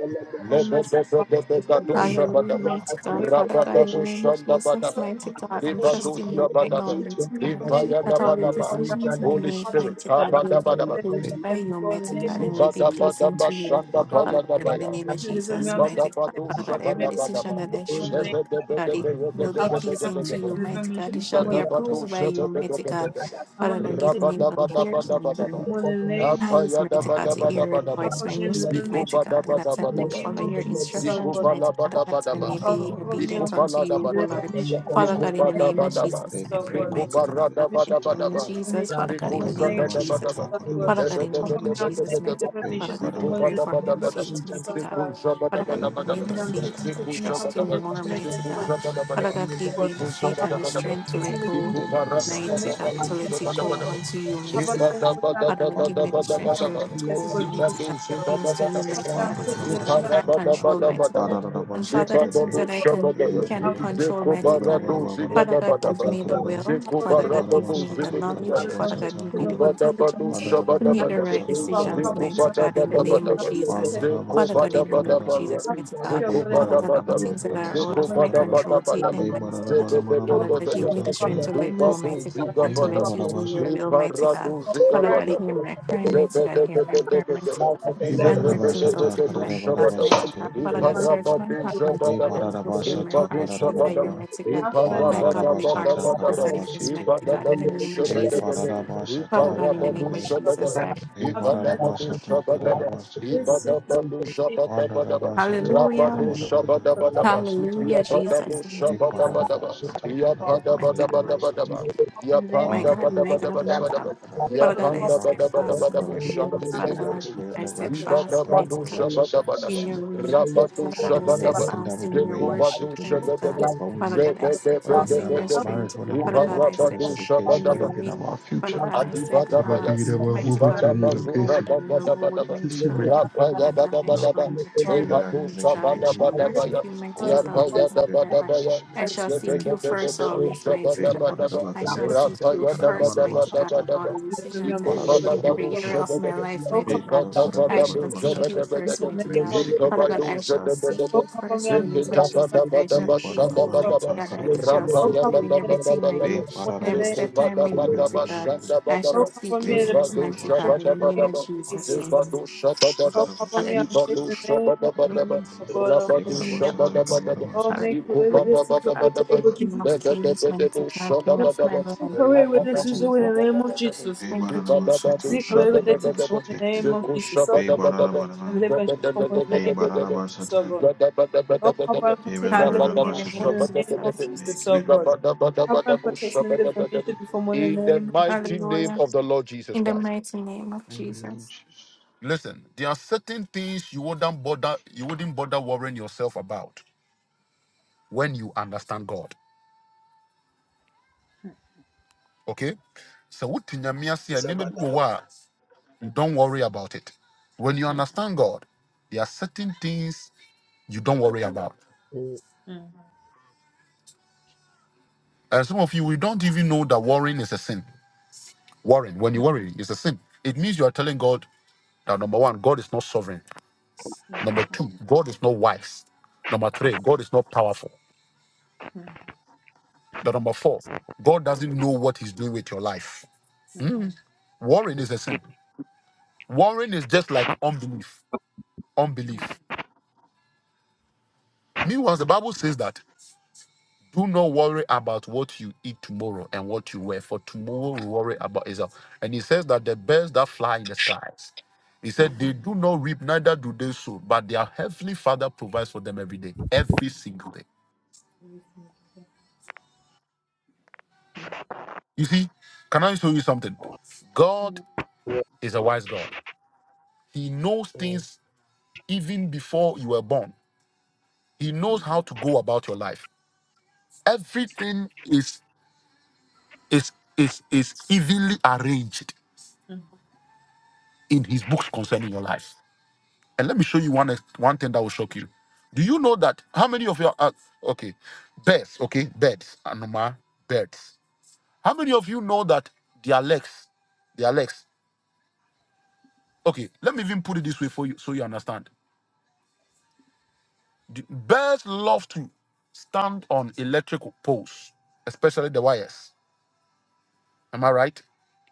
Speaker 5: Oh, merciful Father, forgive me.
Speaker 4: Hallelujah,
Speaker 1: Lebedebedebedadushabadaba.
Speaker 5: Deliver me
Speaker 4: mighty
Speaker 5: from
Speaker 4: God,
Speaker 5: every
Speaker 4: Father
Speaker 5: trouble.
Speaker 4: God, in the name of Jesus,
Speaker 1: Rabadabushandabadaba.
Speaker 5: Deliver me from
Speaker 4: mighty
Speaker 5: the
Speaker 4: God, I'm
Speaker 5: thought of the
Speaker 4: trusting you
Speaker 5: enemy.
Speaker 4: right now,
Speaker 1: Libadushabadaba.
Speaker 5: Deliver
Speaker 4: mighty
Speaker 5: me
Speaker 4: God,
Speaker 5: from any
Speaker 4: that
Speaker 5: spirit
Speaker 4: all the
Speaker 5: of power
Speaker 1: Limpayadabadaba.
Speaker 5: that will
Speaker 4: decisions we
Speaker 5: make
Speaker 1: Holy
Speaker 5: me
Speaker 4: make,
Speaker 5: become
Speaker 1: Spirit,
Speaker 5: weak
Speaker 4: mighty
Speaker 5: so that
Speaker 4: God,
Speaker 5: I
Speaker 4: will
Speaker 5: cannot
Speaker 4: be
Speaker 1: Kabadabadaba.
Speaker 5: serve
Speaker 4: approved
Speaker 5: you, and
Speaker 4: by
Speaker 5: serve you
Speaker 4: you,
Speaker 5: well in the
Speaker 4: mighty
Speaker 5: name
Speaker 4: God, and
Speaker 5: of
Speaker 4: will
Speaker 5: Jesus.
Speaker 4: be pleasing to you,
Speaker 5: Father,
Speaker 4: Father God, in the
Speaker 1: Zibadabadabashandapayadabaya.
Speaker 4: name of
Speaker 5: deliver
Speaker 1: Rabba
Speaker 5: me,
Speaker 4: Jesus,
Speaker 5: I'm taking, deliver me, I'm
Speaker 4: mighty
Speaker 5: taking,
Speaker 4: God, Father
Speaker 5: taking,
Speaker 4: God,
Speaker 5: cover
Speaker 4: every
Speaker 5: me, deliver me,
Speaker 4: decision that I
Speaker 5: deliver me in
Speaker 4: should
Speaker 5: the
Speaker 4: make,
Speaker 5: name of Jesus.
Speaker 4: God, it will be
Speaker 5: Have a man,
Speaker 4: pleasing to
Speaker 5: deliver
Speaker 4: you,
Speaker 5: me, deliver
Speaker 4: mighty
Speaker 5: me
Speaker 4: God, it
Speaker 5: in the
Speaker 4: shall be
Speaker 5: name
Speaker 3: Thank
Speaker 4: approved by you,
Speaker 5: of
Speaker 4: mighty
Speaker 5: Jesus.
Speaker 4: God,
Speaker 5: Have a
Speaker 4: Father
Speaker 5: man
Speaker 4: God, give
Speaker 5: take
Speaker 4: me
Speaker 5: me
Speaker 4: the ears and
Speaker 5: and
Speaker 4: the
Speaker 5: the name
Speaker 4: Eyes, mighty
Speaker 5: of
Speaker 4: God,
Speaker 5: Jesus, O
Speaker 4: to
Speaker 5: Lord.
Speaker 4: hear your
Speaker 5: Have
Speaker 4: voice
Speaker 5: a
Speaker 4: when
Speaker 5: man
Speaker 4: you
Speaker 6: you.
Speaker 5: deliver
Speaker 4: speak, mighty God, and that I
Speaker 5: the
Speaker 4: may
Speaker 5: name
Speaker 4: follow
Speaker 6: Sataka,
Speaker 5: of
Speaker 4: your
Speaker 5: Jesus, O
Speaker 1: Ziko
Speaker 4: instructions,
Speaker 5: Lord.
Speaker 6: Sataka,
Speaker 1: vala
Speaker 4: mighty God,
Speaker 5: Oh,
Speaker 1: bada
Speaker 4: and that
Speaker 1: bada
Speaker 4: I
Speaker 6: they
Speaker 1: ba.
Speaker 4: may
Speaker 6: put out the
Speaker 5: Father,
Speaker 4: be
Speaker 5: cover me
Speaker 4: obedient
Speaker 1: Ziko
Speaker 5: and
Speaker 4: unto
Speaker 1: vala
Speaker 6: Masataka,
Speaker 5: protect
Speaker 1: da
Speaker 4: you,
Speaker 5: me,
Speaker 6: and
Speaker 4: O
Speaker 1: bada
Speaker 6: the
Speaker 5: deliver
Speaker 1: ba.
Speaker 4: Lord.
Speaker 5: me and
Speaker 4: Father
Speaker 1: Ziko
Speaker 4: God,
Speaker 6: Masataka,
Speaker 4: in
Speaker 5: the
Speaker 4: the
Speaker 1: bada
Speaker 4: name
Speaker 5: name
Speaker 4: of
Speaker 5: of
Speaker 1: bada ba.
Speaker 4: Jesus,
Speaker 6: they
Speaker 5: Jesus,
Speaker 4: I
Speaker 6: put
Speaker 5: O
Speaker 6: out
Speaker 4: pray,
Speaker 6: the
Speaker 5: Lord.
Speaker 1: Ziko
Speaker 4: mighty God,
Speaker 1: bara
Speaker 5: Have
Speaker 6: Makanimini
Speaker 5: a
Speaker 1: da
Speaker 4: Father
Speaker 5: man
Speaker 4: God,
Speaker 1: bada
Speaker 4: in the
Speaker 1: bada
Speaker 4: name
Speaker 5: me,
Speaker 6: Masataka,
Speaker 4: of
Speaker 1: ba.
Speaker 5: deliver me
Speaker 4: Jesus,
Speaker 5: and
Speaker 4: Father
Speaker 5: should
Speaker 4: God,
Speaker 5: come
Speaker 4: in
Speaker 1: Ziko
Speaker 5: on
Speaker 4: the
Speaker 6: Wanda
Speaker 5: protecting
Speaker 6: the
Speaker 4: name of
Speaker 1: zada
Speaker 5: the nation
Speaker 1: da
Speaker 5: before
Speaker 1: bada
Speaker 5: more
Speaker 4: Jesus,
Speaker 1: ba.
Speaker 5: the name of
Speaker 6: Masataka,
Speaker 5: Jesus, O
Speaker 6: the
Speaker 5: Lord.
Speaker 4: Father God,
Speaker 1: Debe
Speaker 4: in the
Speaker 5: Have
Speaker 1: debe
Speaker 5: a
Speaker 4: name of
Speaker 6: Masataka,
Speaker 1: debe
Speaker 5: man
Speaker 1: debe
Speaker 4: Jesus,
Speaker 5: me,
Speaker 1: debe.
Speaker 4: mighty
Speaker 5: deliver
Speaker 4: God,
Speaker 5: me and
Speaker 6: they
Speaker 4: Father
Speaker 5: should
Speaker 6: put
Speaker 4: God,
Speaker 6: out
Speaker 5: come
Speaker 4: I
Speaker 1: Ziko
Speaker 6: the
Speaker 5: on
Speaker 4: pray
Speaker 1: bada
Speaker 5: protecting
Speaker 4: for
Speaker 5: the nation before more the
Speaker 4: more
Speaker 1: bada
Speaker 5: name of
Speaker 1: bada.
Speaker 4: faith,
Speaker 5: Jesus, O
Speaker 4: mighty
Speaker 6: Masataka,
Speaker 4: God.
Speaker 1: Ziko
Speaker 5: Lord.
Speaker 1: zaba
Speaker 4: Father
Speaker 1: da
Speaker 5: Have a
Speaker 4: God,
Speaker 5: man
Speaker 1: bada
Speaker 6: they
Speaker 4: give
Speaker 1: bada
Speaker 6: put
Speaker 4: me
Speaker 1: ba.
Speaker 6: out
Speaker 5: me, deliver me and should come on protecting the
Speaker 6: the
Speaker 4: the
Speaker 5: nation
Speaker 4: faith
Speaker 5: before
Speaker 4: to
Speaker 1: Ziko
Speaker 6: Masataka, the
Speaker 1: zaba
Speaker 5: more
Speaker 4: trust
Speaker 5: the
Speaker 4: you
Speaker 1: da bada.
Speaker 4: more, mighty
Speaker 1: Ziko
Speaker 5: name
Speaker 6: Masataka,
Speaker 5: of
Speaker 4: God.
Speaker 5: Jesus,
Speaker 1: zaba da
Speaker 5: O
Speaker 1: bada
Speaker 4: Father
Speaker 1: ba.
Speaker 5: Lord.
Speaker 6: Wanda
Speaker 4: God,
Speaker 6: the
Speaker 4: give
Speaker 5: Lord.
Speaker 4: me the
Speaker 1: Ziko
Speaker 4: faith
Speaker 1: zaba
Speaker 6: Masataka,
Speaker 1: da
Speaker 4: and
Speaker 5: Abba,
Speaker 4: the
Speaker 5: we
Speaker 1: bada ba.
Speaker 5: are
Speaker 4: strength to
Speaker 5: taking
Speaker 4: let
Speaker 5: the
Speaker 4: go,
Speaker 1: Ziko
Speaker 6: they
Speaker 5: community
Speaker 6: put out
Speaker 1: bara
Speaker 6: the Masataka, the Masataka, Wanda the Masataka, the Masataka, Wanda
Speaker 5: in the
Speaker 4: mighty
Speaker 1: da bada
Speaker 4: God,
Speaker 5: name
Speaker 1: ba.
Speaker 5: of
Speaker 4: to
Speaker 1: Ziko
Speaker 4: let
Speaker 5: Jesus,
Speaker 4: it
Speaker 1: da
Speaker 5: oh
Speaker 4: go
Speaker 1: bada
Speaker 5: Lord.
Speaker 1: ba.
Speaker 4: unto you,
Speaker 5: Abba,
Speaker 4: mighty
Speaker 1: Iko
Speaker 4: God.
Speaker 5: we are
Speaker 1: da
Speaker 5: putting our
Speaker 1: bada
Speaker 4: Father,
Speaker 1: da
Speaker 4: Lord,
Speaker 1: da
Speaker 4: give
Speaker 1: da
Speaker 4: me the
Speaker 6: the
Speaker 1: bada
Speaker 5: children
Speaker 4: strength
Speaker 5: on
Speaker 1: bada
Speaker 4: to
Speaker 1: ba.
Speaker 5: the
Speaker 4: let
Speaker 5: test
Speaker 4: go,
Speaker 5: of
Speaker 1: Ziko
Speaker 4: mighty
Speaker 5: Jesus,
Speaker 4: God.
Speaker 5: oh Lord.
Speaker 4: Things
Speaker 1: zaba
Speaker 4: to
Speaker 1: da bada
Speaker 4: you,
Speaker 1: ba.
Speaker 5: Abba, we
Speaker 4: mighty God,
Speaker 5: are
Speaker 4: the
Speaker 5: taking
Speaker 4: things that
Speaker 5: every
Speaker 4: I
Speaker 5: man
Speaker 4: can't
Speaker 5: to
Speaker 6: Masataka,
Speaker 4: control,
Speaker 5: the
Speaker 4: mighty God.
Speaker 5: test
Speaker 1: Ikarabadabadabadaba.
Speaker 6: Wanda the
Speaker 5: of
Speaker 4: And Father,
Speaker 5: Jesus,
Speaker 4: the things
Speaker 6: Masataka,
Speaker 4: that
Speaker 1: Zikababu
Speaker 4: I
Speaker 5: oh Lord.
Speaker 4: can
Speaker 1: shabadaba.
Speaker 4: can
Speaker 5: Abba,
Speaker 6: Ebane,
Speaker 5: we are
Speaker 4: control,
Speaker 5: putting our
Speaker 4: mighty
Speaker 5: children
Speaker 4: God.
Speaker 5: on the
Speaker 1: Zikubaradu
Speaker 6: Ebana
Speaker 5: test
Speaker 6: Bana,
Speaker 4: Father
Speaker 5: of
Speaker 4: God,
Speaker 5: Jesus,
Speaker 4: give
Speaker 1: zigadabadaba.
Speaker 6: Wata
Speaker 4: me
Speaker 5: oh
Speaker 4: the
Speaker 5: Lord.
Speaker 6: Kanada,
Speaker 4: will.
Speaker 5: Abba,
Speaker 4: Father
Speaker 5: we are putting
Speaker 4: God,
Speaker 6: Ebana
Speaker 4: give
Speaker 1: Zikubarababu
Speaker 4: me the
Speaker 6: Bashata,
Speaker 4: knowledge.
Speaker 6: Kanada
Speaker 5: our
Speaker 1: zibidiyadaba.
Speaker 5: children on
Speaker 4: Father
Speaker 5: the test of
Speaker 4: God,
Speaker 6: Bashata,
Speaker 4: give
Speaker 5: Jesus,
Speaker 4: me
Speaker 5: oh
Speaker 4: the
Speaker 6: Kanada,
Speaker 1: Ibadabadu
Speaker 4: intelligence
Speaker 5: Lord.
Speaker 6: Manada
Speaker 4: to
Speaker 6: Bana
Speaker 4: make the
Speaker 1: shabadabadaba.
Speaker 4: right
Speaker 5: Abba,
Speaker 6: Bashata,
Speaker 5: Father,
Speaker 4: decisions,
Speaker 6: Kanada
Speaker 5: cover
Speaker 1: Zeko
Speaker 5: me
Speaker 4: mighty
Speaker 5: on the
Speaker 6: Bashata,
Speaker 4: God, in the
Speaker 6: Kana,
Speaker 4: name of
Speaker 1: badabadabadaba.
Speaker 5: test of Jesus,
Speaker 4: Jesus.
Speaker 5: O
Speaker 6: Manada
Speaker 5: Lord.
Speaker 1: Zeko
Speaker 4: Father God, in
Speaker 6: Bashata,
Speaker 4: the name of
Speaker 6: Kanada,
Speaker 1: badabadabadaba.
Speaker 4: Jesus,
Speaker 5: I will give
Speaker 4: mighty God.
Speaker 5: your
Speaker 1: Zeko
Speaker 5: blood and
Speaker 4: Father
Speaker 6: Ebana
Speaker 4: God, all
Speaker 1: badabadaba.
Speaker 5: this
Speaker 6: Kamara
Speaker 4: things that
Speaker 6: Kana
Speaker 4: are
Speaker 5: in
Speaker 4: out
Speaker 1: Zeko
Speaker 4: of
Speaker 6: Bashata,
Speaker 5: the
Speaker 4: my
Speaker 5: name
Speaker 6: Kanada,
Speaker 5: of
Speaker 4: control,
Speaker 5: Jesus,
Speaker 4: take
Speaker 6: Ebana
Speaker 1: badabadabadaba.
Speaker 4: them,
Speaker 6: Hey,
Speaker 5: O
Speaker 4: mighty
Speaker 5: Lord
Speaker 6: Bana
Speaker 4: God.
Speaker 6: Bana
Speaker 5: God. Oh,
Speaker 4: Father God,
Speaker 5: bless
Speaker 4: give me
Speaker 1: Zebedebedebedebe.
Speaker 5: you,
Speaker 4: the
Speaker 6: Bashata,
Speaker 4: strength
Speaker 5: Father,
Speaker 4: to
Speaker 6: Kana,
Speaker 5: have
Speaker 4: let go,
Speaker 5: mercy
Speaker 1: Ibadu
Speaker 4: mighty God,
Speaker 5: on my life,
Speaker 4: and to
Speaker 5: Lord
Speaker 6: Ebana
Speaker 1: zigabadaba.
Speaker 4: let
Speaker 5: Father.
Speaker 4: you
Speaker 6: Bana
Speaker 4: do your
Speaker 6: Bashata,
Speaker 4: will, mighty
Speaker 5: Thank you
Speaker 4: God.
Speaker 1: Iparadu
Speaker 5: for
Speaker 4: Father
Speaker 5: Christ,
Speaker 4: God,
Speaker 5: Lord
Speaker 4: hear
Speaker 1: zigabadaba.
Speaker 5: Father,
Speaker 4: my
Speaker 5: for
Speaker 4: cry,
Speaker 5: me to
Speaker 4: mighty
Speaker 5: get
Speaker 4: God, hear
Speaker 5: fed up
Speaker 4: my
Speaker 5: and
Speaker 4: prayer,
Speaker 5: to
Speaker 4: mighty
Speaker 1: Zebedebedebedebe.
Speaker 4: God,
Speaker 5: turn to others
Speaker 4: and
Speaker 6: Ebana
Speaker 5: to
Speaker 4: work
Speaker 5: do
Speaker 4: things
Speaker 5: it
Speaker 4: out
Speaker 6: Bashata,
Speaker 4: on
Speaker 5: for
Speaker 1: Zebedebedebedebe
Speaker 4: my
Speaker 6: Kanada
Speaker 5: other
Speaker 4: behalf,
Speaker 1: shabadaba.
Speaker 5: people.
Speaker 4: mighty God. Father God,
Speaker 5: But not
Speaker 4: search
Speaker 6: Bana
Speaker 5: to
Speaker 4: my
Speaker 5: do
Speaker 1: Iparabadu
Speaker 4: heart,
Speaker 5: your
Speaker 4: mighty
Speaker 6: Hey,
Speaker 4: God,
Speaker 1: shabadaba.
Speaker 6: Kanada,
Speaker 4: and
Speaker 5: testimony,
Speaker 6: Ebana
Speaker 4: fulfill my
Speaker 5: Lord Father.
Speaker 6: Bashata,
Speaker 1: Ibadu
Speaker 4: heart's
Speaker 5: Have
Speaker 6: Kanada Bana
Speaker 4: desire,
Speaker 5: mercy.
Speaker 1: shabadaba.
Speaker 6: Bana,
Speaker 4: mighty God.
Speaker 5: Have
Speaker 4: My
Speaker 5: mercy
Speaker 6: Mandara
Speaker 5: on
Speaker 4: godly
Speaker 5: my life, in the
Speaker 6: Bashata,
Speaker 4: heart's
Speaker 5: name of
Speaker 1: Iparabadabadabadaba.
Speaker 6: Kanada
Speaker 5: Jesus,
Speaker 4: desires,
Speaker 5: have
Speaker 4: mighty
Speaker 6: Bashata,
Speaker 4: God,
Speaker 3: you.
Speaker 4: in the
Speaker 1: Ibadabadu
Speaker 4: name of
Speaker 6: Hey,
Speaker 5: Mercy
Speaker 4: Jesus.
Speaker 1: shabadabadaba.
Speaker 6: Padaraba
Speaker 5: upon my
Speaker 4: Father
Speaker 5: life, in the name
Speaker 4: God,
Speaker 6: Shatara
Speaker 4: in the
Speaker 5: of
Speaker 4: name of
Speaker 6: Anime.
Speaker 5: Jesus, O
Speaker 4: Jesus,
Speaker 5: Lord
Speaker 1: Iparabadushabadaba,
Speaker 5: God.
Speaker 4: I pray.
Speaker 6: Hey,
Speaker 5: Have mercy,
Speaker 6: Padaraba
Speaker 5: Lord
Speaker 6: Shata
Speaker 5: Jesus.
Speaker 1: Ibadabadushabadaba,
Speaker 6: Kadaraba
Speaker 5: This
Speaker 6: Shitekne.
Speaker 5: is a temptation that I
Speaker 1: Ibadabadushabadabadaba,
Speaker 6: Pandaraba
Speaker 5: come
Speaker 6: Shata
Speaker 5: upon us,
Speaker 4: Hallelujah.
Speaker 6: Kadaraba
Speaker 5: O Lord.
Speaker 6: Jadabadaba
Speaker 1: Rabadushabadabadaba,
Speaker 6: Shata.
Speaker 4: Hallelujah,
Speaker 5: I want
Speaker 4: Jesus.
Speaker 5: to sin
Speaker 6: Hey,
Speaker 5: against you.
Speaker 6: Padaraba
Speaker 1: Yabadabushabadabadaba,
Speaker 6: Shata
Speaker 5: Father.
Speaker 6: Kadaraba
Speaker 4: My God,
Speaker 6: Nidaba Shata.
Speaker 1: Yapadabadabadabadaba,
Speaker 4: mercy.
Speaker 5: In the name
Speaker 4: My
Speaker 5: of
Speaker 4: God, my God,
Speaker 6: Pandadaba
Speaker 4: my God.
Speaker 6: Shata
Speaker 5: that
Speaker 1: Yapandabadabadabadabadaba,
Speaker 6: Kadara.
Speaker 4: Father God, I
Speaker 6: Lord,
Speaker 4: stood
Speaker 6: we
Speaker 5: keeps
Speaker 6: give you the
Speaker 4: fast
Speaker 5: us
Speaker 4: in
Speaker 1: Yapandabadabadabadabu,
Speaker 4: your
Speaker 6: glory.
Speaker 4: will.
Speaker 6: And
Speaker 4: Father
Speaker 6: we
Speaker 5: that
Speaker 4: God,
Speaker 6: ask
Speaker 1: Shandibidibidibi,
Speaker 5: we
Speaker 6: for your
Speaker 4: I stood
Speaker 5: progress,
Speaker 6: directions,
Speaker 5: the
Speaker 6: O
Speaker 4: fast,
Speaker 6: God,
Speaker 5: Father
Speaker 6: your
Speaker 4: mighty God,
Speaker 6: directions
Speaker 5: that
Speaker 6: and
Speaker 5: keeps
Speaker 1: Ibadabadushabadabadaba,
Speaker 4: in
Speaker 5: us
Speaker 6: decision
Speaker 4: your
Speaker 6: makers.
Speaker 4: way.
Speaker 5: continuously
Speaker 4: Father
Speaker 5: at
Speaker 4: God,
Speaker 6: Father,
Speaker 4: I
Speaker 6: in
Speaker 5: full
Speaker 4: stood
Speaker 5: back,
Speaker 1: Rabadushabadaba,
Speaker 6: everything that
Speaker 4: fast
Speaker 6: we do,
Speaker 4: in your
Speaker 6: may
Speaker 5: so
Speaker 6: you
Speaker 4: worship,
Speaker 6: seek your name
Speaker 4: mighty
Speaker 5: focused
Speaker 6: first
Speaker 4: God.
Speaker 5: on
Speaker 1: Dekubadushabadaba,
Speaker 5: the
Speaker 6: before we
Speaker 4: Father
Speaker 6: move.
Speaker 4: God, I stood
Speaker 5: Father.
Speaker 6: Whether it be
Speaker 4: fast in your
Speaker 6: about
Speaker 5: Help
Speaker 1: Zebedebedebedebe,
Speaker 5: me
Speaker 6: marriage,
Speaker 4: strength.
Speaker 5: to
Speaker 6: whether
Speaker 5: have
Speaker 6: it be
Speaker 4: Father
Speaker 5: the
Speaker 4: God,
Speaker 6: about
Speaker 4: I
Speaker 5: vision
Speaker 4: stood
Speaker 6: children's
Speaker 5: of
Speaker 4: fast
Speaker 5: the
Speaker 6: education,
Speaker 5: Father
Speaker 4: in
Speaker 5: to
Speaker 6: whether
Speaker 4: your
Speaker 1: Iparabadushabadaba,
Speaker 6: it be about
Speaker 4: way.
Speaker 6: our
Speaker 4: Father
Speaker 6: future.
Speaker 5: behind
Speaker 4: God, I
Speaker 5: everything
Speaker 4: stood
Speaker 5: that has
Speaker 6: whatever
Speaker 1: Adibadabaya,
Speaker 6: be it
Speaker 4: fast,
Speaker 6: about
Speaker 4: mighty
Speaker 6: moving to
Speaker 4: God,
Speaker 6: a
Speaker 4: on
Speaker 6: new
Speaker 1: Ibadaba
Speaker 4: the
Speaker 1: Zubra
Speaker 4: road,
Speaker 6: location,
Speaker 4: on your
Speaker 5: anything that
Speaker 4: road,
Speaker 1: Dabadabadaba,
Speaker 4: mighty
Speaker 6: decision
Speaker 5: destroys
Speaker 4: God.
Speaker 5: the
Speaker 6: making.
Speaker 5: life that
Speaker 1: Rapaya
Speaker 4: Father God, I
Speaker 5: we
Speaker 6: Lord,
Speaker 4: shall
Speaker 1: Badabadaba,
Speaker 5: need
Speaker 4: return,
Speaker 6: pray
Speaker 4: back,
Speaker 6: our
Speaker 1: Lebadu
Speaker 4: mighty
Speaker 6: convention,
Speaker 4: God. I
Speaker 6: let me
Speaker 4: shall
Speaker 6: the one that
Speaker 4: worship
Speaker 1: Shabadabadabaya,
Speaker 5: that
Speaker 4: you,
Speaker 6: we
Speaker 4: mighty
Speaker 6: call
Speaker 5: destroys
Speaker 4: God,
Speaker 5: the
Speaker 4: all
Speaker 6: upon
Speaker 4: the
Speaker 6: to
Speaker 1: Yapaya
Speaker 4: days
Speaker 5: Father,
Speaker 4: of
Speaker 6: intervene
Speaker 4: my life.
Speaker 6: in
Speaker 5: that takes
Speaker 6: our
Speaker 5: us to
Speaker 1: Dabadabaya,
Speaker 5: the
Speaker 6: decision
Speaker 4: I
Speaker 6: making
Speaker 5: place of the place
Speaker 4: shall
Speaker 6: in the
Speaker 5: that
Speaker 4: seek
Speaker 6: name
Speaker 5: is
Speaker 4: you
Speaker 6: of
Speaker 4: first
Speaker 6: Jesus.
Speaker 1: Zebedebedebede
Speaker 4: always,
Speaker 5: performing.
Speaker 4: mighty
Speaker 6: Be
Speaker 4: God.
Speaker 1: Shabadabadaba,
Speaker 4: I shall
Speaker 5: Okay.
Speaker 4: seek
Speaker 6: Padanabakanabasata,
Speaker 4: you
Speaker 1: Rapaya
Speaker 4: first, mighty God,
Speaker 6: Kadanabanabasata,
Speaker 4: in all
Speaker 1: Dabadabadabadaba,
Speaker 4: the
Speaker 5: To the
Speaker 4: decisions
Speaker 5: women of
Speaker 4: I
Speaker 1: Ziko
Speaker 4: make
Speaker 5: the
Speaker 4: in
Speaker 1: Badadabu
Speaker 4: every
Speaker 6: Kadanabanabakatan,
Speaker 4: area
Speaker 5: Lord.
Speaker 4: of my
Speaker 1: Shabadaba,
Speaker 4: life,
Speaker 5: Oh,
Speaker 4: mighty
Speaker 6: Be
Speaker 5: cover
Speaker 4: God.
Speaker 5: me
Speaker 1: Zikata
Speaker 5: and
Speaker 4: I
Speaker 5: protect me
Speaker 4: shall
Speaker 1: Badabu
Speaker 4: seek you
Speaker 6: Padanabanabasata,
Speaker 5: from
Speaker 4: first,
Speaker 1: Shabadabadaba,
Speaker 6: Father,
Speaker 5: the
Speaker 4: mighty
Speaker 6: may
Speaker 5: evil.
Speaker 6: we
Speaker 5: one In the name
Speaker 4: God.
Speaker 5: of
Speaker 6: seek your
Speaker 4: Father
Speaker 5: Jesus, oh
Speaker 4: God,
Speaker 6: face,
Speaker 1: Zikabadu
Speaker 4: I
Speaker 5: God.
Speaker 6: O
Speaker 4: shall
Speaker 6: God.
Speaker 4: seek
Speaker 5: Oh,
Speaker 1: Shabadabadaba,
Speaker 4: you
Speaker 5: cover
Speaker 4: first
Speaker 5: me
Speaker 4: in the
Speaker 5: and
Speaker 4: name of
Speaker 5: protect
Speaker 1: Zikita
Speaker 5: me
Speaker 4: Jesus.
Speaker 5: from
Speaker 4: I
Speaker 5: the
Speaker 4: shall
Speaker 6: Be
Speaker 1: Badabadaba
Speaker 4: seek
Speaker 5: evil.
Speaker 4: you,
Speaker 5: Oh,
Speaker 4: mighty
Speaker 5: God.
Speaker 1: Shabadabadaba,
Speaker 6: Padanabasata,
Speaker 4: God. I shall
Speaker 5: Oh,
Speaker 4: seek
Speaker 1: Rapaya
Speaker 4: you
Speaker 6: Kadanabanabasata,
Speaker 5: cover
Speaker 4: in
Speaker 5: me and protect me
Speaker 4: everything I
Speaker 1: Badabadabadaba,
Speaker 4: do,
Speaker 6: Be
Speaker 5: from
Speaker 4: in
Speaker 1: Rabba
Speaker 5: the
Speaker 4: every
Speaker 5: evil.
Speaker 4: step I
Speaker 6: Padanabasata,
Speaker 4: make, mighty God.
Speaker 6: Kadanabanabasata,
Speaker 4: I shall seek you
Speaker 6: Be
Speaker 4: first, mighty
Speaker 5: one
Speaker 4: God, in
Speaker 5: In
Speaker 4: the
Speaker 6: Padanabasata,
Speaker 5: the
Speaker 4: name
Speaker 5: name
Speaker 4: of
Speaker 5: of
Speaker 4: Jesus.
Speaker 5: Jesus, oh God.
Speaker 4: Amen.
Speaker 5: Oh, cover me and
Speaker 4: Hallelujah.
Speaker 5: protect me
Speaker 6: Padanabasata,
Speaker 5: from evil. In the name of Jesus, oh
Speaker 6: Ekana
Speaker 5: God. Oh, cover me and protect me in the name of Jesus, oh God. Oh,
Speaker 6: Eva
Speaker 5: God.
Speaker 4: Hallelujah, Holy
Speaker 6: Basata Kadabada
Speaker 4: Spirit.
Speaker 5: Oh,
Speaker 6: Basa.
Speaker 5: make a
Speaker 4: Hallelujah,
Speaker 5: way where
Speaker 4: mighty
Speaker 5: this is the
Speaker 4: God.
Speaker 5: way, the name of
Speaker 4: King
Speaker 5: Jesus.
Speaker 4: of kings, mighty God, King of my life.
Speaker 5: Make a way where
Speaker 4: Thank you,
Speaker 5: this is the way, the
Speaker 4: Jesus.
Speaker 5: name of Jesus.
Speaker 6: Hey,
Speaker 4: Thank you,
Speaker 6: Barabasata,
Speaker 4: Jesus.
Speaker 5: We commit relatives
Speaker 6: Kadanamanamashi,
Speaker 5: in the
Speaker 6: take it.
Speaker 5: name of Jesus. So
Speaker 6: Hey,
Speaker 5: cover and protect and
Speaker 6: Barabaraman.
Speaker 5: deliver and shield from all in the
Speaker 6: Hey,
Speaker 5: name of Jesus, so
Speaker 6: Barabasata.
Speaker 5: God. Oh, cover and
Speaker 6: Hey,
Speaker 5: protect and deliver and
Speaker 4: Hallelujah, in the
Speaker 5: shield from all
Speaker 4: name of
Speaker 5: in
Speaker 6: Barabasata.
Speaker 5: the name of
Speaker 4: Jesus.
Speaker 5: Jesus,
Speaker 6: Make
Speaker 5: so God.
Speaker 6: it
Speaker 5: Cover and protect and deliver and shield from all in the
Speaker 1: in the
Speaker 5: name of Jesus.
Speaker 1: mighty name
Speaker 4: Hallelujah,
Speaker 1: of the Lord Jesus
Speaker 4: in the
Speaker 1: Christ.
Speaker 4: mighty name of Jesus.
Speaker 1: Listen, there are certain things you wouldn't bother you wouldn't bother worrying yourself about when you understand God. Okay? So what in your mere say, "Name it wo wa," don't worry about it. When you
Speaker 5: Mm,
Speaker 1: understand God, there are certain things you don't worry about.
Speaker 5: mm,
Speaker 1: And some of you we don't even know that worrying is a sin. Worrying, when you worry, it's a sin. It means you are telling God that number one, God is not sovereign.
Speaker 5: yeah,
Speaker 1: Number two, God is not wise. Number three, God is not powerful.
Speaker 5: mm,
Speaker 1: The number four, God doesn't know what He's doing with your life.
Speaker 5: mm,
Speaker 1: Mm. Worrying is a sin. Worrying is just like unbelief. Unbelief. Meanwhile, the Bible says that do not worry about what you eat tomorrow and what you wear, for tomorrow will worry about itself. And He says that the birds that fly in the skies, He said, they do not reap, neither do they sow, but their heavenly Father provides for them every day, every single day.
Speaker 5: mm,
Speaker 1: You see, can I show you something? God
Speaker 5: mm,
Speaker 1: is a wise God. He knows things even before you were born. He knows how to go about your life. Everything is is is is evenly arranged
Speaker 5: mm,
Speaker 1: in his books concerning your life. And let me show you one one thing that will shock you. Do you know that how many of your uh, okay birds okay birds anoma birds? How many of you know that their legs their legs? Okay, let me even put it this way for you so you understand. The birds love to stand on electrical poles, especially the wires Am I right?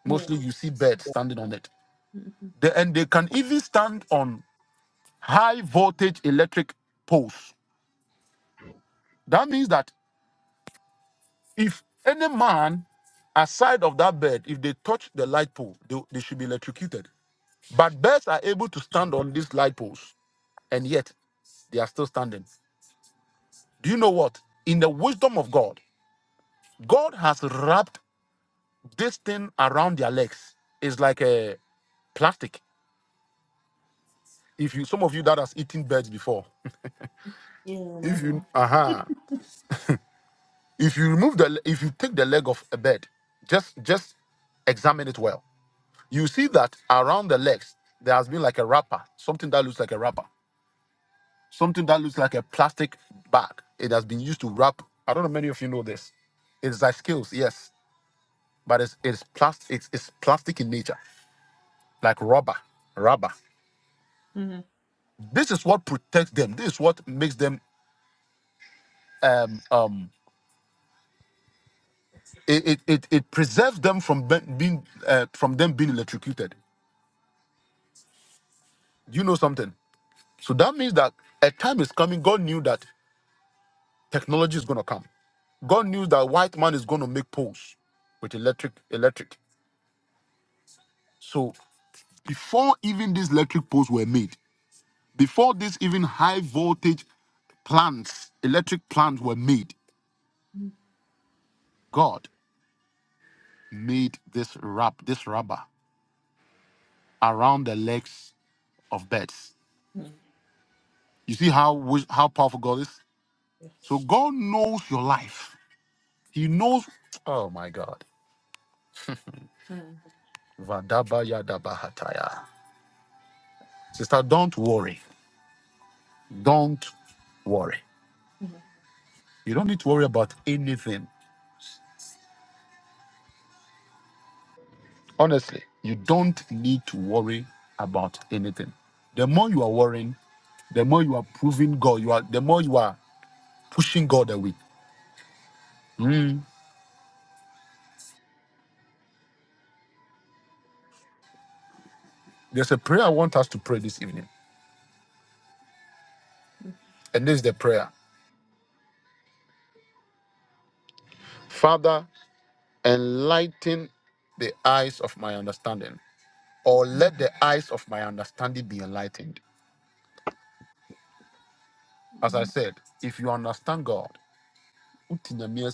Speaker 5: yeah,
Speaker 1: Mostly you see birds standing on it.
Speaker 5: mm, mm,
Speaker 1: They, and they can even stand on high voltage electric poles. That means that if any man aside of that bird, if they touch the light pole, they, they should be electrocuted. But birds are able to stand on these light poles, and yet they are still standing. Do you know what? In the wisdom of God, God has wrapped this thing around their legs. It's like a plastic. If you some of you that has eaten birds before,
Speaker 5: yeah,
Speaker 1: if you
Speaker 5: never.
Speaker 1: aha if you remove the if you take the leg of a bed just just examine it well you see that around the legs there has been like a wrapper something that looks like a wrapper something that looks like a plastic bag it has been used to wrap i don't know many of you know this it's like scales, yes but it's it's plastic it's, it's plastic in nature like rubber rubber
Speaker 5: Mm,
Speaker 1: this is what protects them this is what makes them um um it it, it, it preserves them from be- being uh, from them being electrocuted Do you know something? So that means that a time is coming. God knew that technology is going to come. God knew that white man is going to make poles with electric, electric. So before even these electric poles were made, before these even high voltage plants, electric plants were made, God made this wrap, this rubber around the legs of birds.
Speaker 5: mm,
Speaker 1: You see how wis- how powerful God is.
Speaker 5: yes.
Speaker 1: So God knows your life. He knows. Oh my God.
Speaker 5: Mm,
Speaker 1: Vadabayadabahataya. Sister, don't worry. Don't worry. You don't need to worry about anything. Honestly, you don't need to worry about anything. The more you are worrying, the more you are proving God, you are the more you are pushing God away. Mm. There's a prayer I want us to pray this evening. And this is the prayer. Father, enlighten the eyes of my understanding, or let the eyes of my understanding be enlightened. As I said, if you understand God, Ti na mi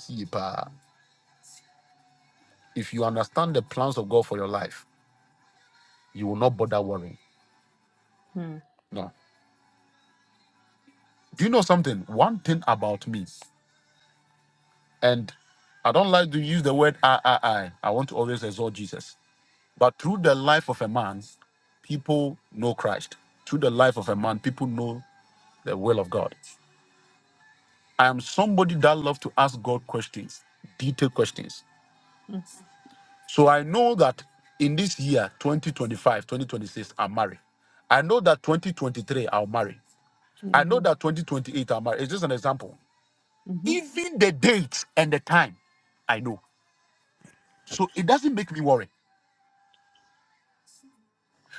Speaker 1: If you understand the plans of God for your life, you will not bother worrying.
Speaker 5: mm,
Speaker 1: No. Do you know something? One thing about me, and I don't like to use the word I, I, I. I want to always exalt Jesus. But through the life of a man, people know Christ. Through the life of a man, people know the will of God. I am somebody that loves to ask God questions, detailed questions.
Speaker 5: mm,
Speaker 1: So I know that in this year, 2025, 2026, i will marry. I know that 2023, I'll marry. I know
Speaker 5: amen.
Speaker 1: that 2028 I'm married. It's just an example.
Speaker 5: Mhm.
Speaker 1: Even the date and the time, I know. So it doesn't make me worry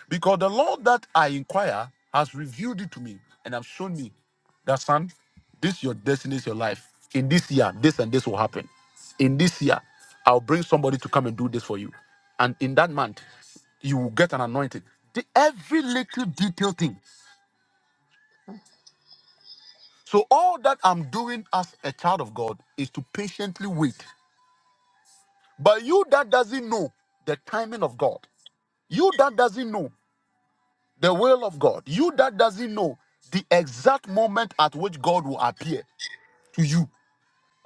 Speaker 1: because the Lord that I inquire has revealed it to me and have shown me that, son, this is your destiny, is your life. In this year, this and this will happen. In this year, I'll bring somebody to come and do this for you. And in that month, you will get an anointing. The, every little detail thing. So all that I'm doing as a child of God is to patiently wait But you that doesn't know the timing of God, you that doesn't know the will of God, you that doesn't know the exact moment at which God will appear to you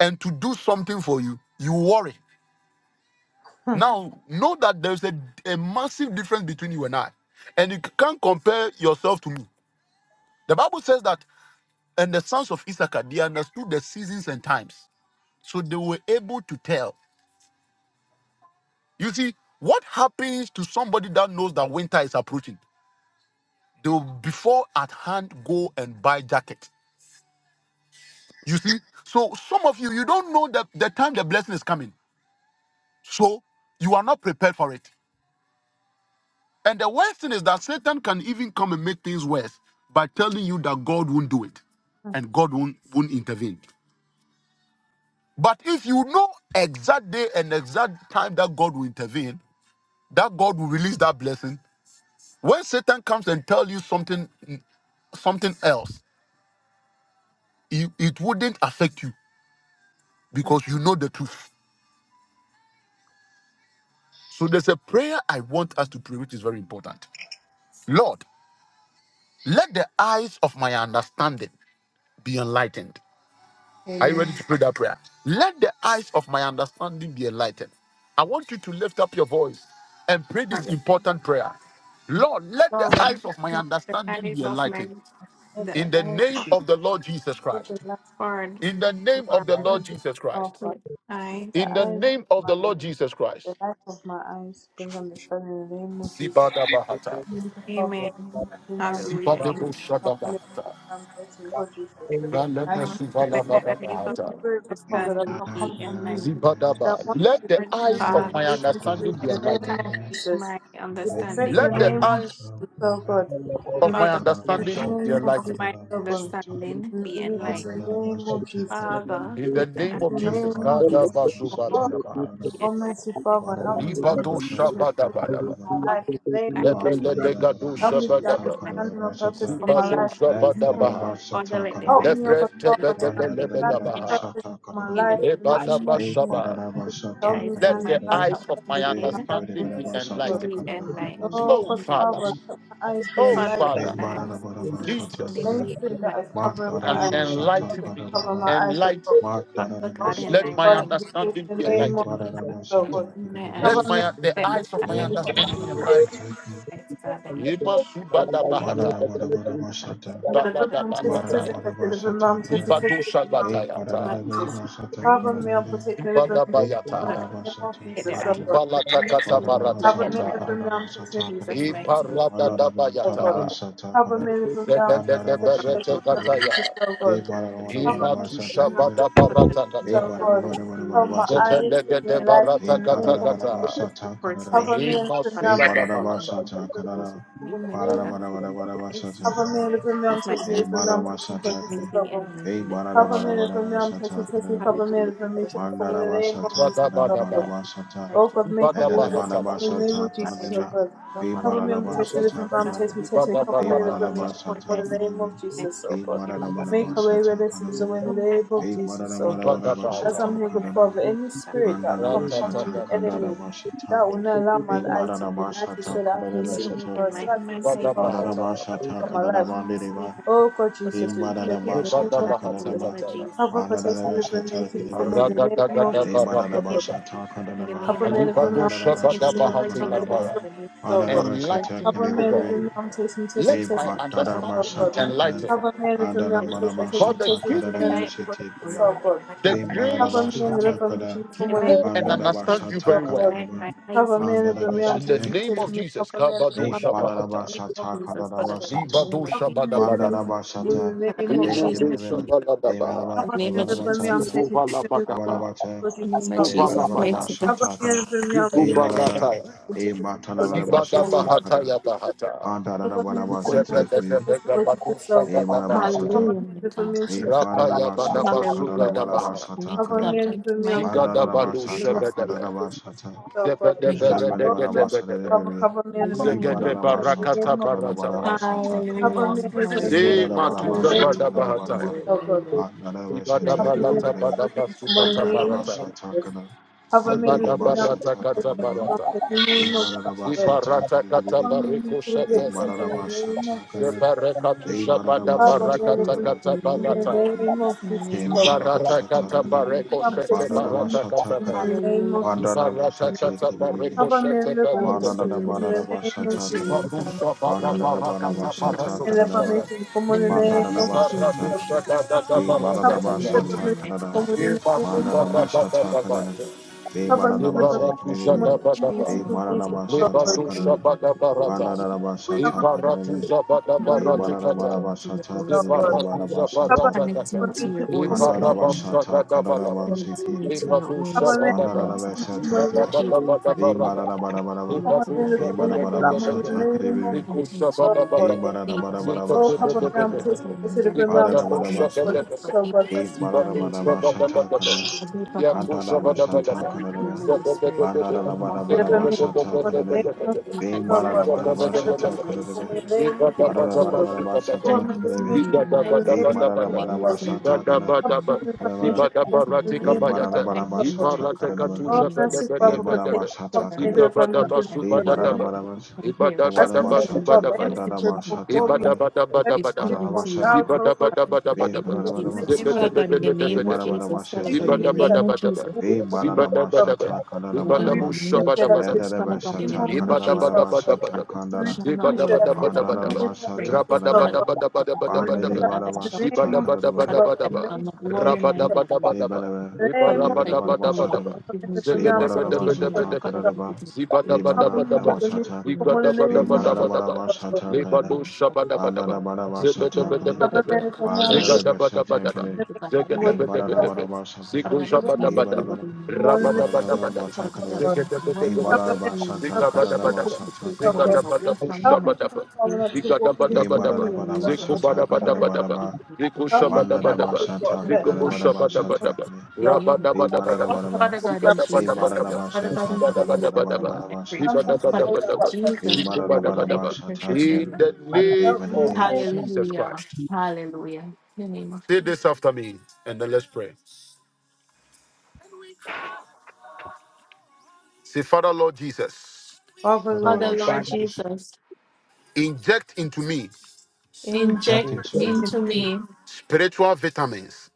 Speaker 1: and to do something for you, you worry.
Speaker 5: Huh.
Speaker 1: Now, know that there's a, a massive difference between you and I. And you can't compare yourself to me. The Bible says that, and the sons of Issachar, they understood the seasons and times. So they were able to tell. You see, what happens to somebody that knows that winter is approaching? they will before at hand go and buy jacket. You see, so some of you you don't know that the time the blessing is coming, so you are not prepared for it. And the worst thing is that Satan can even come and make things worse by telling you that God won't do it, and God won't won't intervene. But if you know exact day and exact time that God will intervene, that God will release that blessing. When Satan comes and tell you something something else, it, it wouldn't affect you because you know the truth. So there's a prayer I want us to pray, which is very important. Lord, let the eyes of my understanding be enlightened. Are you ready to pray that prayer? Let the eyes of my understanding be enlightened. I want you to lift up your voice and pray this
Speaker 4: Hallelujah.
Speaker 1: important prayer. Lord, let the
Speaker 4: Lord,
Speaker 1: eyes of my
Speaker 4: let the
Speaker 1: understanding
Speaker 4: eyes
Speaker 1: be
Speaker 4: of my
Speaker 1: enlightened.
Speaker 5: Let
Speaker 4: the
Speaker 5: the
Speaker 1: In the
Speaker 5: eyes,
Speaker 1: name of the Lord Jesus
Speaker 5: let the
Speaker 1: Christ.
Speaker 5: light,
Speaker 4: Lord,
Speaker 1: In the name
Speaker 4: Lord,
Speaker 1: of the Lord
Speaker 5: let the
Speaker 1: Jesus Christ.
Speaker 5: Father,
Speaker 4: let the
Speaker 5: let
Speaker 4: eyes
Speaker 5: the
Speaker 1: In
Speaker 4: of
Speaker 1: the
Speaker 5: eyes of
Speaker 1: name of the
Speaker 5: mine.
Speaker 1: Lord Jesus Christ.
Speaker 5: The light of my eyes, bring on the sun in the name of Jesus.
Speaker 1: Sibada Bahata.
Speaker 5: Thank you, Father.
Speaker 4: Amen.
Speaker 5: Bring on
Speaker 4: Hallelujah,
Speaker 5: the
Speaker 1: Sibadebo
Speaker 4: Amen.
Speaker 1: Shadabahata.
Speaker 5: sun, bless me, Lord Jesus. I thank
Speaker 4: Lord,
Speaker 5: you, Lord,
Speaker 4: let
Speaker 5: for
Speaker 4: the eyes of
Speaker 5: the
Speaker 4: my
Speaker 5: spirit, the
Speaker 6: Yeah,
Speaker 5: Father, that
Speaker 4: understanding
Speaker 5: not
Speaker 4: be
Speaker 5: come
Speaker 6: night,
Speaker 5: from
Speaker 6: night,
Speaker 5: me,
Speaker 4: enlightened
Speaker 6: and day.
Speaker 5: that wants
Speaker 1: Let
Speaker 5: to
Speaker 1: the
Speaker 5: become
Speaker 4: Lord
Speaker 5: a
Speaker 1: eyes of
Speaker 4: Father,
Speaker 1: my
Speaker 5: manipulating
Speaker 6: Barabasata,
Speaker 4: with
Speaker 5: spirit
Speaker 1: understanding
Speaker 4: the
Speaker 1: be
Speaker 5: in the
Speaker 1: enlightened.
Speaker 5: name of
Speaker 4: eyes of
Speaker 6: Kadanamanamashi.
Speaker 5: Jesus.
Speaker 4: my
Speaker 5: We
Speaker 6: Make me
Speaker 5: distract
Speaker 4: understanding
Speaker 5: in
Speaker 1: Let
Speaker 6: a
Speaker 5: the
Speaker 4: be
Speaker 1: the
Speaker 5: name
Speaker 4: enlightened.
Speaker 5: of
Speaker 6: house
Speaker 1: eyes
Speaker 6: of
Speaker 5: Jesus, oh
Speaker 6: prayer.
Speaker 5: God. We
Speaker 1: of
Speaker 5: rebuke
Speaker 1: my
Speaker 4: Father, let the
Speaker 1: understanding
Speaker 5: in the
Speaker 1: be
Speaker 6: Barabasata,
Speaker 5: name
Speaker 4: eyes
Speaker 5: of
Speaker 4: of
Speaker 1: enlightened.
Speaker 5: Jesus,
Speaker 4: my
Speaker 5: oh God.
Speaker 6: Kadanabasata.
Speaker 4: understanding
Speaker 5: We
Speaker 4: be
Speaker 5: rebuke in the
Speaker 4: enlightened.
Speaker 5: name of
Speaker 6: Barabasata,
Speaker 5: Jesus.
Speaker 6: Kadanabasata.
Speaker 4: Father,
Speaker 1: In
Speaker 5: We
Speaker 1: the
Speaker 4: let the
Speaker 5: rebuke
Speaker 1: name
Speaker 4: eyes
Speaker 1: of
Speaker 5: in the
Speaker 6: Hey,
Speaker 4: of
Speaker 1: Jesus.
Speaker 4: my
Speaker 5: name of Jesus, oh God.
Speaker 4: understanding
Speaker 1: Kadabasubaladabaha.
Speaker 4: be
Speaker 6: Barabasata,
Speaker 5: Oh, mercy,
Speaker 6: May
Speaker 5: Father, help
Speaker 6: Badana
Speaker 5: me to understand your
Speaker 6: Bashata
Speaker 5: purpose for
Speaker 1: Ibadoshabadabadaba.
Speaker 5: my life in the name of Jesus. Help me to
Speaker 1: Lebeledegadoshabadaba.
Speaker 4: enlightened.
Speaker 5: understand your purpose
Speaker 4: In
Speaker 5: for
Speaker 4: the
Speaker 5: my
Speaker 4: name of
Speaker 5: life.
Speaker 4: Jesus.
Speaker 1: Zibadoshabadabaha.
Speaker 4: Father, let the
Speaker 5: Help
Speaker 4: eyes
Speaker 5: me,
Speaker 4: of
Speaker 5: oh God, Father,
Speaker 4: my
Speaker 5: to
Speaker 4: understanding
Speaker 5: understand
Speaker 4: be
Speaker 5: the purpose
Speaker 4: enlightened.
Speaker 1: Lebretebedebelebegabaha.
Speaker 5: for my
Speaker 4: In the
Speaker 5: life in
Speaker 4: name
Speaker 5: the
Speaker 3: I
Speaker 4: of
Speaker 3: think
Speaker 5: name
Speaker 4: Jesus.
Speaker 5: of
Speaker 3: it's been
Speaker 1: Lebadabashaba.
Speaker 5: Jesus.
Speaker 4: Father, let the
Speaker 5: Help
Speaker 4: eyes
Speaker 5: me
Speaker 4: of
Speaker 5: to
Speaker 1: Let
Speaker 4: my
Speaker 1: the
Speaker 5: understand
Speaker 3: very
Speaker 5: that
Speaker 1: eyes of my
Speaker 5: purpose
Speaker 4: understanding be
Speaker 5: for
Speaker 3: good
Speaker 5: my
Speaker 4: enlightened.
Speaker 5: life in
Speaker 1: understanding be
Speaker 5: Jesus' name.
Speaker 4: In the name of Jesus. Let the eyes of my understanding be
Speaker 1: enlightened.
Speaker 3: to
Speaker 4: enlightened.
Speaker 5: Oh,
Speaker 4: In
Speaker 1: Oh,
Speaker 5: God,
Speaker 4: the name of
Speaker 1: Father.
Speaker 4: Jesus.
Speaker 5: Father,
Speaker 3: connect
Speaker 5: let my eyes be
Speaker 3: to
Speaker 1: Oh,
Speaker 4: Father,
Speaker 5: enlightened
Speaker 4: let
Speaker 3: shut
Speaker 5: in
Speaker 3: up
Speaker 6: May
Speaker 1: Father.
Speaker 5: the
Speaker 3: the back
Speaker 5: name of
Speaker 4: guidance
Speaker 3: and
Speaker 4: and
Speaker 5: Jesus.
Speaker 3: get
Speaker 4: understanding
Speaker 1: Jesus,
Speaker 4: be
Speaker 5: Anything that is
Speaker 4: enlightened
Speaker 5: covering
Speaker 3: the
Speaker 5: my
Speaker 4: in
Speaker 1: and
Speaker 4: the
Speaker 3: things
Speaker 5: eyes,
Speaker 4: name
Speaker 3: and
Speaker 5: anything
Speaker 4: of
Speaker 3: get
Speaker 5: that
Speaker 4: Jesus.
Speaker 5: is
Speaker 1: enlighten me,
Speaker 5: covering my eyes, the
Speaker 1: enlighten me.
Speaker 5: problem.
Speaker 4: Father
Speaker 5: Oh,
Speaker 4: God,
Speaker 3: the things and get
Speaker 5: mercy,
Speaker 1: Let
Speaker 3: the things
Speaker 4: enlighten
Speaker 1: my
Speaker 5: Father,
Speaker 4: me.
Speaker 5: in
Speaker 1: understanding
Speaker 5: the
Speaker 1: be
Speaker 5: name of
Speaker 1: enlightened.
Speaker 5: Jesus,
Speaker 3: and get
Speaker 5: oh
Speaker 4: Enlighten
Speaker 5: God.
Speaker 4: my
Speaker 5: Cover
Speaker 3: the
Speaker 1: Let
Speaker 4: eyes.
Speaker 5: me
Speaker 1: my
Speaker 3: things
Speaker 1: the
Speaker 3: and get
Speaker 4: Let my
Speaker 1: eyes
Speaker 3: the
Speaker 1: of
Speaker 5: Have a
Speaker 1: my
Speaker 4: eyes
Speaker 1: understanding
Speaker 3: things
Speaker 6: Badana
Speaker 1: be
Speaker 4: be and my
Speaker 1: enlightened.
Speaker 6: Bashata,
Speaker 4: eyes, God, that
Speaker 3: and
Speaker 4: my
Speaker 3: get the
Speaker 1: Yema
Speaker 4: understanding
Speaker 3: Rang
Speaker 1: subada
Speaker 3: I
Speaker 4: be in
Speaker 3: can get
Speaker 1: bahataya,
Speaker 3: the things and get the things
Speaker 4: you, God.
Speaker 3: and
Speaker 6: Mararabashata,
Speaker 4: Father God, let
Speaker 1: zibada
Speaker 4: my
Speaker 3: get the
Speaker 1: bakataya,
Speaker 6: Mararabashata, Karara,
Speaker 1: ibadosha
Speaker 6: Hey,
Speaker 4: Father,
Speaker 1: batayata,
Speaker 6: Mararabashata,
Speaker 4: bring me
Speaker 5: meal,
Speaker 6: Karara,
Speaker 5: protect me, deliver
Speaker 4: to
Speaker 1: zibada
Speaker 5: me
Speaker 6: Hey,
Speaker 5: from the
Speaker 4: Father
Speaker 1: bayata,
Speaker 4: God,
Speaker 5: name of
Speaker 6: Mararabashata,
Speaker 4: let the
Speaker 5: Jesus, oh
Speaker 4: eyes
Speaker 6: Karara,
Speaker 4: of
Speaker 5: God.
Speaker 1: atibala
Speaker 4: my
Speaker 1: takata
Speaker 4: understanding
Speaker 1: barata
Speaker 4: be
Speaker 6: Mararabashata,
Speaker 4: enlightened.
Speaker 5: me, I'm taking me,
Speaker 6: Kararabashata,
Speaker 4: Jesus,
Speaker 6: Kanivi,
Speaker 5: me
Speaker 4: mighty
Speaker 5: from the
Speaker 4: name,
Speaker 1: iparada
Speaker 5: name of Jesus, oh
Speaker 4: Father,
Speaker 3: things and get
Speaker 1: dabayata,
Speaker 6: Manarabantarabashata,
Speaker 4: Jesus,
Speaker 6: Kana,
Speaker 5: me, I'm taking me,
Speaker 1: zedede
Speaker 4: God,
Speaker 5: me
Speaker 1: berete
Speaker 4: Lord,
Speaker 6: Manarabashata,
Speaker 5: from the name
Speaker 6: Kanare,
Speaker 5: of
Speaker 1: kataya,
Speaker 5: oh
Speaker 4: God,
Speaker 6: Hey,
Speaker 4: God, to you,
Speaker 1: imatusha
Speaker 6: Mararabashata,
Speaker 5: me, I'm taking
Speaker 1: bada
Speaker 6: Kana,
Speaker 4: Father,
Speaker 1: barata
Speaker 6: Hey,
Speaker 5: oh
Speaker 1: kata,
Speaker 4: God, Lord, to you,
Speaker 5: my
Speaker 6: Mararabashata,
Speaker 5: eyes to
Speaker 1: zedede
Speaker 5: be in the
Speaker 6: Hey,
Speaker 4: Lord,
Speaker 5: name
Speaker 4: God,
Speaker 5: of Jesus.
Speaker 6: Mararabashata,
Speaker 4: Courts may
Speaker 6: Karara,
Speaker 4: take my part
Speaker 6: Hey,
Speaker 5: me, I'm
Speaker 4: that include
Speaker 1: ingata,
Speaker 6: Mararabashata,
Speaker 4: those who
Speaker 6: Karara,
Speaker 4: that will rise
Speaker 6: Mararabashata,
Speaker 5: Papa
Speaker 6: Kanivi,
Speaker 5: Mary, for me, I'm
Speaker 4: of my
Speaker 5: touching
Speaker 6: Hey,
Speaker 5: you, for me,
Speaker 6: bara
Speaker 5: I'm
Speaker 4: understanding,
Speaker 6: basha
Speaker 5: touching, touching,
Speaker 6: takre.
Speaker 5: sister,
Speaker 4: maybe and
Speaker 5: come.
Speaker 6: Hey,
Speaker 4: lift
Speaker 6: bara bara
Speaker 4: in
Speaker 5: Papa
Speaker 6: bara
Speaker 5: Mary,
Speaker 4: sheets.
Speaker 6: bara
Speaker 5: for me, I'm
Speaker 6: basha
Speaker 5: touching, touching,
Speaker 6: takre.
Speaker 5: Papa
Speaker 4: Hallelujah.
Speaker 5: Mary, for me,
Speaker 4: Those who
Speaker 5: should
Speaker 6: Manda
Speaker 5: come
Speaker 4: may
Speaker 5: in
Speaker 4: take
Speaker 6: bara
Speaker 5: the name
Speaker 6: basha
Speaker 5: of
Speaker 4: the
Speaker 1: bada
Speaker 6: takre
Speaker 4: full
Speaker 6: bara
Speaker 1: bada
Speaker 6: bara
Speaker 4: view
Speaker 1: ba.
Speaker 5: Jesus,
Speaker 6: basha
Speaker 4: that I
Speaker 5: Oh
Speaker 4: can
Speaker 5: God, may cover
Speaker 1: Ibada
Speaker 5: me
Speaker 6: ne
Speaker 5: with this
Speaker 1: bahata
Speaker 6: bara
Speaker 5: in
Speaker 6: basha
Speaker 5: the
Speaker 4: receive
Speaker 1: baha.
Speaker 5: name of
Speaker 6: takre
Speaker 4: that I
Speaker 5: Jesus, oh
Speaker 6: me.
Speaker 4: draw
Speaker 5: God.
Speaker 4: myself
Speaker 6: Hey,
Speaker 4: on
Speaker 5: Cover
Speaker 4: the
Speaker 6: bara
Speaker 5: me
Speaker 6: bara
Speaker 5: on the taste
Speaker 4: humans
Speaker 5: me
Speaker 6: basha
Speaker 3: the
Speaker 4: of
Speaker 5: with
Speaker 3: things
Speaker 5: the
Speaker 6: takre
Speaker 5: mom,
Speaker 4: God.
Speaker 6: ne.
Speaker 5: taste me, taste me,
Speaker 1: Ibada
Speaker 5: cover
Speaker 6: Hey,
Speaker 1: Bada
Speaker 5: me with
Speaker 6: bara
Speaker 5: the
Speaker 6: bara
Speaker 1: bahata.
Speaker 5: permission
Speaker 6: basha
Speaker 4: For
Speaker 5: in
Speaker 4: this
Speaker 6: takre
Speaker 5: the name
Speaker 6: me.
Speaker 5: of
Speaker 4: next
Speaker 5: Jesus, oh
Speaker 6: Hey,
Speaker 4: time
Speaker 5: God.
Speaker 6: bara
Speaker 4: your
Speaker 6: bara bara
Speaker 5: Make
Speaker 3: and get
Speaker 5: a
Speaker 6: basha
Speaker 5: way
Speaker 4: presence.
Speaker 5: where there
Speaker 6: takre
Speaker 5: seems
Speaker 6: ne
Speaker 5: a way
Speaker 6: me.
Speaker 5: in the
Speaker 4: So my
Speaker 5: name of
Speaker 6: Hey, bara
Speaker 5: Jesus,
Speaker 6: bara
Speaker 5: oh
Speaker 6: bara
Speaker 5: God.
Speaker 6: bara
Speaker 1: Ibada
Speaker 6: basha
Speaker 4: will
Speaker 5: As
Speaker 1: bahata.
Speaker 4: be
Speaker 5: I'm here,
Speaker 4: in
Speaker 6: takre
Speaker 5: good
Speaker 4: my
Speaker 6: ne me.
Speaker 5: Father, any
Speaker 4: God.
Speaker 5: spirit that
Speaker 6: Manda bara
Speaker 4: So
Speaker 5: come,
Speaker 3: to
Speaker 6: basha
Speaker 5: come
Speaker 1: Ratata
Speaker 5: from
Speaker 4: you
Speaker 5: the
Speaker 6: takre
Speaker 1: bada
Speaker 4: from
Speaker 5: enemy
Speaker 4: the
Speaker 5: that will not
Speaker 4: beginning
Speaker 5: allow my
Speaker 6: Hey,
Speaker 5: eyes
Speaker 6: bara
Speaker 5: to
Speaker 4: to
Speaker 6: bara
Speaker 5: be
Speaker 6: basha
Speaker 5: enlightened so
Speaker 6: takre
Speaker 5: that I
Speaker 6: ne me.
Speaker 5: can see
Speaker 4: you
Speaker 6: Basha
Speaker 5: you,
Speaker 4: may
Speaker 5: God, so
Speaker 6: takre.
Speaker 5: that
Speaker 4: enlighten
Speaker 5: I can see
Speaker 1: Ibada
Speaker 5: your
Speaker 4: faith
Speaker 6: Bara bara
Speaker 5: plan and
Speaker 1: bahata
Speaker 6: basha
Speaker 5: purpose for
Speaker 1: bada
Speaker 4: So
Speaker 6: takre
Speaker 5: my
Speaker 4: let
Speaker 6: ne
Speaker 5: life.
Speaker 4: me
Speaker 6: ne me.
Speaker 4: see.
Speaker 5: Oh God,
Speaker 4: So let
Speaker 5: Jesus, we
Speaker 4: me
Speaker 5: just in
Speaker 4: hear
Speaker 6: Imbadadaba
Speaker 5: the name of
Speaker 4: that in the
Speaker 5: Jesus.
Speaker 4: name
Speaker 6: shatakadadaba.
Speaker 4: of
Speaker 1: Ibadabahataba.
Speaker 4: Jesus.
Speaker 1: Ibadabadabahata.
Speaker 5: Cover, protect, and
Speaker 6: Badadadaba
Speaker 5: deliver me
Speaker 1: Ibadabahata.
Speaker 5: from
Speaker 4: Jesus
Speaker 5: all
Speaker 4: in
Speaker 5: in
Speaker 4: the
Speaker 5: the
Speaker 6: shatakadibibibib.
Speaker 5: name
Speaker 1: Ratatatabit.
Speaker 5: of
Speaker 1: Ibadabahatabata.
Speaker 4: name
Speaker 5: Jesus,
Speaker 4: of
Speaker 5: oh
Speaker 6: Imbadadaba
Speaker 4: Jesus.
Speaker 5: God.
Speaker 4: In the
Speaker 6: shatakadadaba.
Speaker 1: Ibadabahatikataya. Aradadadadabarakatata.
Speaker 4: name
Speaker 5: Upper
Speaker 4: of Jesus.
Speaker 5: Management Mountain
Speaker 6: Badadadaba
Speaker 5: Testing
Speaker 4: In the
Speaker 5: Testing
Speaker 4: name
Speaker 5: Blue
Speaker 4: of
Speaker 5: Mountain,
Speaker 6: shatakadadaba.
Speaker 5: testing,
Speaker 4: Jesus.
Speaker 1: Alibadoshadadabahatikataya.
Speaker 5: testing,
Speaker 4: In the name of Jesus.
Speaker 5: Silver.
Speaker 6: Badadaba
Speaker 4: Father God,
Speaker 1: Enlighten me,
Speaker 4: in
Speaker 5: Upper
Speaker 4: the
Speaker 1: O
Speaker 4: name of
Speaker 1: God.
Speaker 6: shatakadibibibib.
Speaker 5: Management Mountain Testing
Speaker 1: Let
Speaker 5: Testing Testing
Speaker 1: my
Speaker 6: Imbadadaba
Speaker 1: understanding be
Speaker 5: Silver.
Speaker 6: shatakada.
Speaker 1: enlightened.
Speaker 4: Jesus.
Speaker 5: Upper
Speaker 4: Father
Speaker 5: Management
Speaker 4: God, in the
Speaker 5: Mountain
Speaker 4: name
Speaker 5: Testing
Speaker 6: Andadabadaba
Speaker 4: of
Speaker 5: Testing
Speaker 4: Jesus.
Speaker 1: Father,
Speaker 5: Testing
Speaker 1: give
Speaker 5: Blue
Speaker 4: In the
Speaker 6: shatakadadaba
Speaker 4: name of
Speaker 5: Mountain,
Speaker 4: Jesus.
Speaker 1: me
Speaker 4: Enlighten
Speaker 5: Testing
Speaker 4: me, O
Speaker 5: Testing
Speaker 6: shitikibib.
Speaker 4: Lord.
Speaker 5: Silver.
Speaker 1: the
Speaker 4: Enlighten
Speaker 5: Upper
Speaker 1: grace
Speaker 6: Imbadadaba
Speaker 3: them
Speaker 4: me.
Speaker 5: Management Foundation
Speaker 6: shatakada.
Speaker 5: for
Speaker 1: to
Speaker 5: more than
Speaker 4: Enlighten
Speaker 1: know
Speaker 5: a
Speaker 1: and
Speaker 4: my
Speaker 5: name of
Speaker 6: Andadaba
Speaker 5: Jesus
Speaker 1: understand you
Speaker 4: mighty
Speaker 1: very
Speaker 4: God.
Speaker 1: well.
Speaker 5: Silver.
Speaker 4: Enlighten
Speaker 6: shatakadadaba.
Speaker 4: my eyes,
Speaker 5: Upper
Speaker 4: my God.
Speaker 3: about
Speaker 5: Management
Speaker 6: Andadaba
Speaker 3: that
Speaker 1: In
Speaker 5: Mountain
Speaker 1: the
Speaker 5: Testing
Speaker 6: shatak-
Speaker 1: name of
Speaker 4: Here's
Speaker 5: Testing
Speaker 4: my
Speaker 1: Jesus,
Speaker 5: Upper
Speaker 4: God.
Speaker 5: Management
Speaker 3: to
Speaker 4: Father
Speaker 3: talk
Speaker 4: God,
Speaker 3: about the
Speaker 6: Imbadadaba
Speaker 4: in the
Speaker 1: Kabadoshabahata.
Speaker 4: name of
Speaker 5: Mountain Testing
Speaker 4: Jesus. Father God,
Speaker 5: Silver.
Speaker 4: in the
Speaker 6: shatakadadaba
Speaker 4: name of
Speaker 5: Upper
Speaker 4: Jesus.
Speaker 5: Management
Speaker 1: Libadoshabadabadaba.
Speaker 5: Mountain more
Speaker 3: things and
Speaker 6: Mandarabashata,
Speaker 5: than the
Speaker 4: Father God,
Speaker 5: name
Speaker 4: in
Speaker 5: of
Speaker 4: the
Speaker 1: Lima
Speaker 5: Jesus.
Speaker 4: name of
Speaker 1: dosha
Speaker 6: Bekimitabema,
Speaker 4: Jesus.
Speaker 1: baladabaha.
Speaker 6: Evaraba
Speaker 4: In the
Speaker 5: Upper
Speaker 4: name of
Speaker 5: Management
Speaker 4: Jesus.
Speaker 5: Mountain
Speaker 3: get
Speaker 6: Karebanabatakana,
Speaker 3: the
Speaker 1: Ziku
Speaker 3: things
Speaker 5: Testing Testing Blue Mountain,
Speaker 1: valabadaba.
Speaker 6: Avarabata,
Speaker 5: Testing
Speaker 4: In the name of
Speaker 5: Testing
Speaker 3: and get
Speaker 5: Silver.
Speaker 4: Jesus. Mighty
Speaker 1: Kuvalabada.
Speaker 4: God.
Speaker 5: Upper
Speaker 6: Evarabarabashatakana,
Speaker 5: Manitoulin
Speaker 1: Ziku
Speaker 5: Mountain,
Speaker 3: the things
Speaker 1: barata.
Speaker 6: Evarara,
Speaker 5: Cover me
Speaker 3: and
Speaker 1: Zibada
Speaker 4: Hallelujah.
Speaker 6: Evatanabarabashatakana,
Speaker 1: bahataya bahata.
Speaker 5: with your man, take
Speaker 1: Zebelede
Speaker 5: your
Speaker 6: Mandarabarabasatakimi,
Speaker 5: face away from
Speaker 1: begabadusha
Speaker 5: yourself, God.
Speaker 1: badabahataya.
Speaker 5: Cover
Speaker 6: Evarabashata,
Speaker 4: Hallelujah,
Speaker 5: me
Speaker 4: my
Speaker 5: with your
Speaker 4: God.
Speaker 5: man, take your face
Speaker 1: Rapaya
Speaker 5: away from
Speaker 4: Hallelujah,
Speaker 1: badabasuga
Speaker 5: yourself, God.
Speaker 4: Jesus.
Speaker 1: dabaha.
Speaker 4: Mighty
Speaker 5: Cover me
Speaker 6: Evarabashatakadabarabasatakana,
Speaker 4: God.
Speaker 5: with
Speaker 4: Thank
Speaker 5: your
Speaker 4: you, my
Speaker 5: man, take
Speaker 4: God.
Speaker 1: Zigada
Speaker 4: Thank you,
Speaker 5: your
Speaker 1: badusha
Speaker 5: man,
Speaker 4: Jesus.
Speaker 5: take
Speaker 1: bedebe.
Speaker 5: your face away from
Speaker 6: Mandarabashatakadabasata,
Speaker 5: yourself, God.
Speaker 4: Thank
Speaker 1: Zebedebe
Speaker 4: you,
Speaker 5: Oh,
Speaker 4: Jesus.
Speaker 1: redege
Speaker 5: mercy,
Speaker 1: debedebe,
Speaker 5: Father,
Speaker 6: Evarabarabasatabibi,
Speaker 5: cover me with your man,
Speaker 4: Hallelujah,
Speaker 5: take
Speaker 1: Zegede
Speaker 4: mighty
Speaker 5: your face away from
Speaker 4: God.
Speaker 5: the
Speaker 1: barakata
Speaker 5: name of Jesus.
Speaker 1: baratabaya.
Speaker 6: Evarabashatakadabarabasatakana,
Speaker 5: Cover
Speaker 4: Hallelujah,
Speaker 5: me with your man, take your
Speaker 1: Se
Speaker 4: hallelujah,
Speaker 5: face away from the
Speaker 1: matuza
Speaker 5: name of
Speaker 4: hallelujah,
Speaker 6: Evarabashatakadabarabasatakana,
Speaker 5: Jesus,
Speaker 1: badabahataya.
Speaker 5: oh God.
Speaker 4: hallelujah.
Speaker 1: Zibada
Speaker 6: Andarabashata
Speaker 5: Cover
Speaker 4: Mighty
Speaker 5: me with
Speaker 4: God.
Speaker 1: balata
Speaker 5: your man,
Speaker 6: Kanaba,
Speaker 5: take your face away from the
Speaker 1: badabasukata
Speaker 5: name of
Speaker 1: barataya.
Speaker 6: Andarabashata
Speaker 5: Jesus.
Speaker 6: Kana,
Speaker 5: Cover me with
Speaker 1: Zibada
Speaker 5: your
Speaker 3: get
Speaker 5: man,
Speaker 1: barata
Speaker 6: Andiribashata
Speaker 5: take your face
Speaker 1: kata
Speaker 5: away
Speaker 6: Kanaba,
Speaker 1: barata.
Speaker 5: from the name of Jesus
Speaker 6: Imbarabashata
Speaker 1: Zibarata kata
Speaker 5: the
Speaker 6: Kanadiba,
Speaker 1: bariko shata kata.
Speaker 6: Imbarabashata Kana,
Speaker 1: Zibareka tuja
Speaker 4: In
Speaker 1: bada
Speaker 4: the name of
Speaker 6: Imbarabashata
Speaker 1: barakata
Speaker 4: Jesus,
Speaker 6: Kanada,
Speaker 1: kata
Speaker 4: in the name of
Speaker 1: barata.
Speaker 5: name of
Speaker 4: Jesus, in the
Speaker 5: Jesus,
Speaker 4: name of
Speaker 5: Lord.
Speaker 4: Jesus,
Speaker 1: Zibarata
Speaker 4: in the
Speaker 6: Imbarabashata
Speaker 1: kata
Speaker 6: Kana,
Speaker 4: name
Speaker 1: bareko
Speaker 4: of
Speaker 5: Have
Speaker 1: shete
Speaker 4: Jesus.
Speaker 5: mercy upon me
Speaker 1: barata
Speaker 6: Bandarabashata
Speaker 1: kata
Speaker 5: in
Speaker 1: barata.
Speaker 6: Kana,
Speaker 5: the name of
Speaker 4: Hallelujah.
Speaker 5: Jesus.
Speaker 1: Zibarata
Speaker 6: Bandarabashata
Speaker 4: Mighty
Speaker 1: kata
Speaker 4: God.
Speaker 5: Have Hamdani kurelerin tümleyin mahkesi Abone hükümetin tümleyin mahkesi
Speaker 6: Kibibi,
Speaker 1: bareko
Speaker 5: Hamdani
Speaker 1: shete
Speaker 4: All the
Speaker 1: barata
Speaker 5: hükümetin
Speaker 1: kata.
Speaker 4: Spirit,
Speaker 5: tümleyin
Speaker 4: the
Speaker 6: Bandarabashata
Speaker 5: mahkesi
Speaker 6: Kana,
Speaker 4: Creator,
Speaker 1: Zibarusha
Speaker 4: the
Speaker 1: bada
Speaker 4: New
Speaker 1: barakata
Speaker 4: Testament, and the New
Speaker 6: Bandarabashata
Speaker 1: barata
Speaker 5: Abone
Speaker 1: kushata.
Speaker 6: Kanadaba,
Speaker 4: Testament, the New Testament brings
Speaker 6: Bandarabashata
Speaker 4: me to
Speaker 1: Zibarusha
Speaker 6: Kana,
Speaker 4: God.
Speaker 1: bada da
Speaker 4: Oh
Speaker 1: barata
Speaker 5: Have
Speaker 4: God,
Speaker 5: tümleyin
Speaker 4: you
Speaker 1: kata.
Speaker 4: made
Speaker 6: Imbarabashata
Speaker 4: man
Speaker 5: mahkesi
Speaker 4: mighty God,
Speaker 6: Kanada,
Speaker 4: and you made man
Speaker 1: Zibarusha bada
Speaker 4: happy
Speaker 1: da
Speaker 4: with the
Speaker 6: Mandarabashata
Speaker 1: barata.
Speaker 6: Ve
Speaker 5: Abone hükümetin tümleyin mahkesi Abone hükümetin tümleyin Abone
Speaker 4: return.
Speaker 3: the
Speaker 6: baradaba
Speaker 5: hükümetin
Speaker 3: government.
Speaker 4: You
Speaker 1: Zibarusha
Speaker 6: şekribi.
Speaker 4: made the
Speaker 1: bada da
Speaker 4: trees,
Speaker 5: tümleyin
Speaker 1: barata.
Speaker 4: mighty
Speaker 6: Ve
Speaker 5: mahkesi
Speaker 4: God, and you
Speaker 6: baradaba
Speaker 4: made the air,
Speaker 6: şata
Speaker 4: you
Speaker 1: Lebado
Speaker 4: bring the
Speaker 6: karara.
Speaker 4: ground
Speaker 1: shabada
Speaker 4: to the land, you
Speaker 1: barata.
Speaker 4: made the
Speaker 6: Baradaba şata
Speaker 4: man.
Speaker 6: karara ve.
Speaker 1: Ibaratu zabada
Speaker 4: Lord,
Speaker 5: Abone hükümetin
Speaker 6: Ve
Speaker 5: tümleyin
Speaker 4: God,
Speaker 1: barati
Speaker 4: connect
Speaker 1: kata.
Speaker 4: me
Speaker 6: baradaba
Speaker 4: to your
Speaker 6: şata
Speaker 4: Holy
Speaker 6: kribi
Speaker 4: Spirit,
Speaker 5: mahkesi
Speaker 6: de
Speaker 4: mighty God.
Speaker 6: baraba
Speaker 5: Cover
Speaker 6: şata karara.
Speaker 4: connect
Speaker 5: me
Speaker 4: me
Speaker 5: with
Speaker 4: to your
Speaker 5: information
Speaker 4: Holy
Speaker 5: from the name
Speaker 4: Spirit,
Speaker 6: Bandaraba
Speaker 4: mighty God.
Speaker 5: of
Speaker 6: şata karara ban
Speaker 5: Jesus.
Speaker 4: connect
Speaker 6: siti
Speaker 4: me to
Speaker 6: kribi.
Speaker 4: your Holy
Speaker 5: Cover me
Speaker 4: Spirit, mighty
Speaker 6: Bandaraba
Speaker 5: with
Speaker 4: God,
Speaker 6: şata kribi.
Speaker 4: Jesus,
Speaker 5: information.
Speaker 4: mighty
Speaker 6: Ve
Speaker 4: name, I
Speaker 6: baradaba
Speaker 4: pray.
Speaker 6: rabaraba.
Speaker 4: connect
Speaker 5: Cover
Speaker 4: me
Speaker 5: me with
Speaker 6: Ve
Speaker 4: to
Speaker 5: information
Speaker 3: Rap,
Speaker 6: baradaba
Speaker 5: from
Speaker 4: God,
Speaker 5: the
Speaker 6: şata
Speaker 5: name
Speaker 6: kribi
Speaker 5: of
Speaker 6: ve.
Speaker 4: commitment
Speaker 5: Jesus,
Speaker 4: to
Speaker 5: Lord.
Speaker 6: Ve
Speaker 4: lead
Speaker 6: baradaba
Speaker 4: the legs
Speaker 6: rabaraba
Speaker 5: Oh, cover
Speaker 4: of
Speaker 6: şata
Speaker 5: me, I'm
Speaker 4: the
Speaker 6: karara.
Speaker 5: just
Speaker 4: young and
Speaker 5: blessed
Speaker 4: here
Speaker 5: of him, I'm just
Speaker 6: Bandaraba
Speaker 4: and
Speaker 6: rabaraba
Speaker 5: blessed for
Speaker 6: şata.
Speaker 4: receive
Speaker 5: Jesus,
Speaker 4: for a
Speaker 5: Lord God.
Speaker 4: deeper
Speaker 6: Ve baradaba
Speaker 4: connection
Speaker 6: rabaraba
Speaker 4: to
Speaker 6: şata karara.
Speaker 4: a deeper connection with the Father and the
Speaker 6: Vandalabashatakadaba,
Speaker 4: Holy Spirit, a deeper
Speaker 5: Deliver me
Speaker 4: connection with
Speaker 5: from
Speaker 4: the
Speaker 5: the
Speaker 4: Father,
Speaker 6: Vandalabadabadabashatakadabe,
Speaker 5: name of
Speaker 4: seek
Speaker 5: Jesus,
Speaker 4: a
Speaker 5: Lord
Speaker 4: deeper
Speaker 5: God. Cover
Speaker 4: connection
Speaker 5: me with
Speaker 4: with
Speaker 5: information
Speaker 4: the Holy
Speaker 5: from
Speaker 6: Vimadalabadabashatakadabe,
Speaker 5: the
Speaker 4: Spirit.
Speaker 5: name
Speaker 4: I
Speaker 5: of
Speaker 4: think
Speaker 1: Ibada
Speaker 5: Jesus,
Speaker 4: that
Speaker 1: bada
Speaker 4: so that
Speaker 5: Lord God.
Speaker 1: bada
Speaker 4: my
Speaker 5: Cover
Speaker 1: bada.
Speaker 4: hands may
Speaker 5: me
Speaker 6: Vadalabadabadabashatakadabe,
Speaker 4: be
Speaker 5: with information
Speaker 1: Ibada
Speaker 5: from the
Speaker 4: enlightened,
Speaker 1: bada
Speaker 5: name of Jesus,
Speaker 1: bada bada.
Speaker 4: my
Speaker 5: Lord
Speaker 4: ears
Speaker 5: God.
Speaker 4: may be
Speaker 1: Ibada
Speaker 6: Vimadalabadabashatakada,
Speaker 1: bada
Speaker 5: Cover me
Speaker 4: enlightened,
Speaker 1: bada.
Speaker 5: with
Speaker 6: Vadalabada-
Speaker 5: information
Speaker 1: Ibada
Speaker 4: my
Speaker 5: from
Speaker 4: hands may
Speaker 5: the
Speaker 4: be
Speaker 1: batika
Speaker 5: name
Speaker 4: enlightened,
Speaker 5: of Jesus, Lord God.
Speaker 1: bayata.
Speaker 4: my mind
Speaker 1: Ibarata katu
Speaker 6: Vimadalabadabashatakadabada,
Speaker 5: Oh,
Speaker 4: may be
Speaker 1: shabada
Speaker 5: mercy,
Speaker 4: enlightened,
Speaker 5: Father, protect
Speaker 1: bada.
Speaker 4: so
Speaker 5: Cover
Speaker 4: that
Speaker 5: me
Speaker 4: we
Speaker 5: with
Speaker 6: Vimadabashatakada,
Speaker 1: Ziga bada
Speaker 5: information
Speaker 1: basu
Speaker 4: can
Speaker 5: from
Speaker 4: be
Speaker 1: bada
Speaker 5: the name
Speaker 4: united
Speaker 1: daba.
Speaker 6: Vimadalabadabas-
Speaker 4: and here
Speaker 1: Ibada
Speaker 5: as
Speaker 1: bada
Speaker 5: we
Speaker 4: we
Speaker 3: Madame,
Speaker 5: have
Speaker 1: basu
Speaker 4: can
Speaker 5: above
Speaker 4: make
Speaker 5: any
Speaker 1: badabaya. baya.
Speaker 5: spirit
Speaker 4: decisions and
Speaker 5: of
Speaker 4: make
Speaker 5: worry,
Speaker 4: them-
Speaker 6: Vadalabashatakadabashatakada,
Speaker 1: Ibada bada bada
Speaker 5: every
Speaker 4: it's
Speaker 1: bada
Speaker 5: spirit
Speaker 1: bada.
Speaker 4: pleasing
Speaker 5: of
Speaker 4: to you make
Speaker 5: doubt
Speaker 6: Vadalabashakada,
Speaker 4: it
Speaker 1: Zibada
Speaker 5: over
Speaker 1: bada bada
Speaker 4: in
Speaker 5: Jesus.
Speaker 4: the
Speaker 1: bada
Speaker 5: We
Speaker 4: name
Speaker 1: bada.
Speaker 4: of
Speaker 5: pray in the
Speaker 4: Jesus,
Speaker 5: name
Speaker 1: Zebede
Speaker 4: Father
Speaker 6: Vikadalabadabadabashada,
Speaker 5: of Jesus.
Speaker 4: God,
Speaker 1: bede
Speaker 4: in the
Speaker 1: bede
Speaker 4: name
Speaker 1: bede
Speaker 4: of
Speaker 1: bede.
Speaker 4: Jesus, Father
Speaker 5: Speak
Speaker 4: God,
Speaker 5: in
Speaker 1: Zibada
Speaker 4: in
Speaker 5: the
Speaker 4: the
Speaker 5: spirit of
Speaker 4: name
Speaker 6: Vimadalabadabashatakada,
Speaker 4: of
Speaker 1: bada.
Speaker 4: Jesus.
Speaker 5: the name of Jesus, our God.
Speaker 1: Zibada. Ibada
Speaker 4: Father
Speaker 5: We
Speaker 4: God, in
Speaker 6: Vimadalabashatakadabadaba,
Speaker 5: rebuke
Speaker 4: the
Speaker 3: Rap,
Speaker 5: in
Speaker 4: name
Speaker 5: the
Speaker 4: of
Speaker 1: bada
Speaker 5: spirit
Speaker 4: Jesus.
Speaker 6: Dandara
Speaker 5: in
Speaker 4: Father God,
Speaker 5: the
Speaker 4: in
Speaker 5: name
Speaker 4: the
Speaker 6: Bashata
Speaker 5: of
Speaker 4: name
Speaker 1: Ibada
Speaker 4: of
Speaker 5: Jesus,
Speaker 6: Karadabara
Speaker 5: our
Speaker 4: Jesus.
Speaker 5: God.
Speaker 4: Father,
Speaker 6: Bashata
Speaker 1: bada.
Speaker 5: We
Speaker 4: I
Speaker 6: Kandana
Speaker 5: rebuke
Speaker 4: shall
Speaker 5: in
Speaker 4: not
Speaker 5: the
Speaker 4: worry,
Speaker 5: spirit
Speaker 4: my God,
Speaker 5: in the
Speaker 4: I
Speaker 6: Bandara
Speaker 1: Badaba,
Speaker 4: shall
Speaker 5: name of
Speaker 4: pray.
Speaker 6: Bashata
Speaker 5: Jesus, our
Speaker 4: Father
Speaker 6: Karadabara
Speaker 5: God.
Speaker 4: God, I shall not
Speaker 5: We
Speaker 4: worry,
Speaker 5: declare
Speaker 4: my
Speaker 6: Bandari
Speaker 1: Rabadaba,
Speaker 5: that
Speaker 4: God,
Speaker 6: Bara
Speaker 4: I
Speaker 5: in the
Speaker 4: shall
Speaker 1: Zibadaba,
Speaker 4: pray.
Speaker 6: Bashata
Speaker 5: name of Jesus,
Speaker 4: Father God,
Speaker 6: Karadabara
Speaker 5: our God.
Speaker 4: I
Speaker 5: In the name of
Speaker 4: shall not worry,
Speaker 5: Jesus,
Speaker 1: Rababa,
Speaker 4: my
Speaker 6: Ekne
Speaker 5: our God.
Speaker 4: God, I shall pray.
Speaker 6: Bebadabara
Speaker 5: In the
Speaker 1: Ibaba,
Speaker 4: Father God,
Speaker 5: name
Speaker 6: Bebadabara
Speaker 4: forgive me, Lord,
Speaker 6: Bashata
Speaker 4: forgive me, Jesus,
Speaker 6: Bebara
Speaker 5: of
Speaker 4: forgive
Speaker 5: Jesus,
Speaker 1: Zabada,
Speaker 4: me,
Speaker 5: our God.
Speaker 4: Lord,
Speaker 6: Bashata
Speaker 4: Father
Speaker 6: Karadaba
Speaker 4: forgive me, forgive me,
Speaker 5: Come on, in
Speaker 6: Bebara
Speaker 5: the name
Speaker 1: Zibadabadabadaba,
Speaker 5: of Jesus,
Speaker 4: forgive
Speaker 6: Kanabashata
Speaker 4: me,
Speaker 5: our God. Come
Speaker 4: Lord.
Speaker 5: on, in the
Speaker 4: give
Speaker 5: name of
Speaker 4: me the
Speaker 6: Bebara
Speaker 5: Jesus,
Speaker 6: Bara
Speaker 1: Ibadabadabadabadaba,
Speaker 5: our
Speaker 4: courage to
Speaker 5: God.
Speaker 6: Bashata
Speaker 4: be my
Speaker 6: Kanada
Speaker 1: Lebado
Speaker 4: myself.
Speaker 6: Bandara
Speaker 1: Shabadabadaba,
Speaker 4: Father
Speaker 6: Bara
Speaker 4: forgive me,
Speaker 6: Bashata Kani
Speaker 4: Lord, forgive me,
Speaker 5: Government
Speaker 1: Zebedebedebedebe,
Speaker 5: is
Speaker 4: Lord.
Speaker 5: going to
Speaker 4: Father
Speaker 6: Bandara
Speaker 4: help
Speaker 6: Bashata
Speaker 4: me
Speaker 6: Kani
Speaker 4: to
Speaker 5: take
Speaker 4: God, I
Speaker 5: the
Speaker 1: Zigadabadabadaba,
Speaker 4: repent,
Speaker 6: Bebara
Speaker 4: mentally.
Speaker 6: Bara Bashata
Speaker 4: Father God, I don't
Speaker 5: Government is
Speaker 4: mean to
Speaker 5: going
Speaker 6: Bebara
Speaker 4: worry,
Speaker 6: Bara
Speaker 5: more
Speaker 4: Lord.
Speaker 6: Bebara
Speaker 5: than the work
Speaker 6: Bara
Speaker 4: What
Speaker 6: Bashata
Speaker 4: about that?
Speaker 6: Kanada
Speaker 4: You can Worry about it.
Speaker 6: Bebara
Speaker 5: Government is
Speaker 4: You make
Speaker 6: Bashata
Speaker 4: about
Speaker 6: Kanada
Speaker 4: what
Speaker 5: going to take the work
Speaker 4: about
Speaker 6: Bashata
Speaker 4: it.
Speaker 5: of
Speaker 4: Worry
Speaker 5: God.
Speaker 6: Kanada
Speaker 4: about it. Something like it.
Speaker 5: up to what we want.
Speaker 4: You really worry about
Speaker 6: Bada
Speaker 5: That's what
Speaker 4: Something
Speaker 5: we
Speaker 4: like
Speaker 6: shata kadada
Speaker 5: want.
Speaker 6: bada
Speaker 4: it. Give
Speaker 6: ba
Speaker 4: me what
Speaker 5: Help
Speaker 4: she
Speaker 6: wanda
Speaker 4: Make
Speaker 6: da
Speaker 3: that
Speaker 4: it
Speaker 6: ba shata
Speaker 5: about that.
Speaker 4: happen.
Speaker 6: kadada
Speaker 4: You
Speaker 6: bada
Speaker 4: can
Speaker 6: ba
Speaker 4: have it.
Speaker 6: shata kare
Speaker 4: The
Speaker 5: So,
Speaker 4: new man
Speaker 6: be
Speaker 4: is like,
Speaker 6: mara da bada bada
Speaker 4: Father
Speaker 5: worry
Speaker 4: God in
Speaker 5: about
Speaker 6: be
Speaker 5: that.
Speaker 4: Jesus,
Speaker 6: mara da
Speaker 4: name. Father God
Speaker 6: shata
Speaker 4: in
Speaker 6: kadada bada
Speaker 4: Jesus,
Speaker 6: bada
Speaker 4: name
Speaker 6: bada
Speaker 4: I
Speaker 6: ba
Speaker 4: pray.
Speaker 5: I'm
Speaker 6: shata
Speaker 5: not to
Speaker 4: Father
Speaker 6: kare
Speaker 4: God in
Speaker 5: about something.
Speaker 6: be
Speaker 4: Jesus,
Speaker 6: mara da
Speaker 4: only
Speaker 6: bada
Speaker 4: make
Speaker 6: ba
Speaker 4: the
Speaker 6: shata
Speaker 4: precious
Speaker 1: In
Speaker 6: kada.
Speaker 4: name
Speaker 1: the
Speaker 4: of me.
Speaker 6: be
Speaker 1: name
Speaker 5: Help
Speaker 6: bada
Speaker 5: me
Speaker 1: of
Speaker 5: in
Speaker 1: Jesus
Speaker 4: Hallelujah.
Speaker 1: Christ.
Speaker 4: Hallelujah. In the name of
Speaker 1: Say
Speaker 4: Jesus.
Speaker 1: this after me and then let's pray. Say, Father Lord Jesus.
Speaker 5: Father
Speaker 6: Father
Speaker 5: Lord,
Speaker 4: Father
Speaker 6: Lord
Speaker 4: Lord
Speaker 3: Father
Speaker 6: Jesus
Speaker 4: Jesus,
Speaker 1: Inject into me
Speaker 5: inject
Speaker 6: inject
Speaker 4: inject
Speaker 3: in
Speaker 6: into
Speaker 3: inject
Speaker 6: me
Speaker 5: into
Speaker 4: into
Speaker 5: me
Speaker 3: you
Speaker 4: me
Speaker 1: spiritual vitamins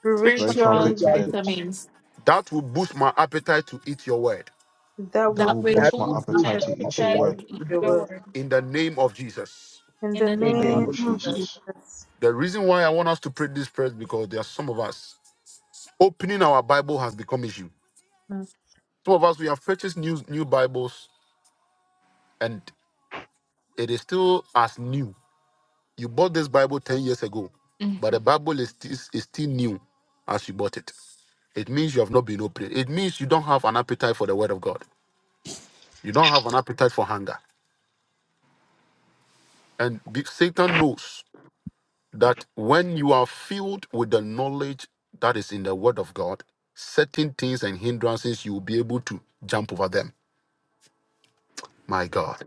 Speaker 5: spiritual
Speaker 6: spiritual
Speaker 4: spiritual
Speaker 3: spiritually
Speaker 6: vitamins
Speaker 4: vitamins
Speaker 1: that will boost my appetite to eat your word
Speaker 5: that
Speaker 6: that
Speaker 4: that
Speaker 5: will
Speaker 6: will
Speaker 4: will
Speaker 3: that
Speaker 5: boost
Speaker 6: boost my
Speaker 3: will
Speaker 5: my
Speaker 4: boost
Speaker 3: give
Speaker 4: my
Speaker 6: appetite
Speaker 5: appetite
Speaker 6: to
Speaker 3: an
Speaker 6: eat your
Speaker 4: appetite
Speaker 3: appetite
Speaker 4: to
Speaker 6: word
Speaker 3: to
Speaker 5: for
Speaker 4: eat
Speaker 3: eat
Speaker 5: your
Speaker 4: your
Speaker 3: them
Speaker 5: word.
Speaker 4: word
Speaker 1: in the name of Jesus.
Speaker 5: In
Speaker 4: in
Speaker 5: the
Speaker 4: the
Speaker 6: in the
Speaker 3: in
Speaker 4: name
Speaker 3: the
Speaker 6: name
Speaker 4: of
Speaker 5: name
Speaker 6: of
Speaker 3: name.
Speaker 5: of
Speaker 4: Jesus.
Speaker 6: Jesus.
Speaker 5: Jesus.
Speaker 1: The reason why I want us to pray this prayer is because there are some of us opening our Bible has become issue. Some of us we have purchased new new Bibles and it is still as new. You bought this Bible 10 years ago,
Speaker 4: Mm,
Speaker 1: but the Bible is, is, is still new as you bought it. It means you have not been opened. It means you don't have an appetite for the word of God. You don't have an appetite for hunger. And be- Satan knows. that when you are filled with the knowledge that is in the Word of God, certain things and hindrances you will be able to jump over them. My God.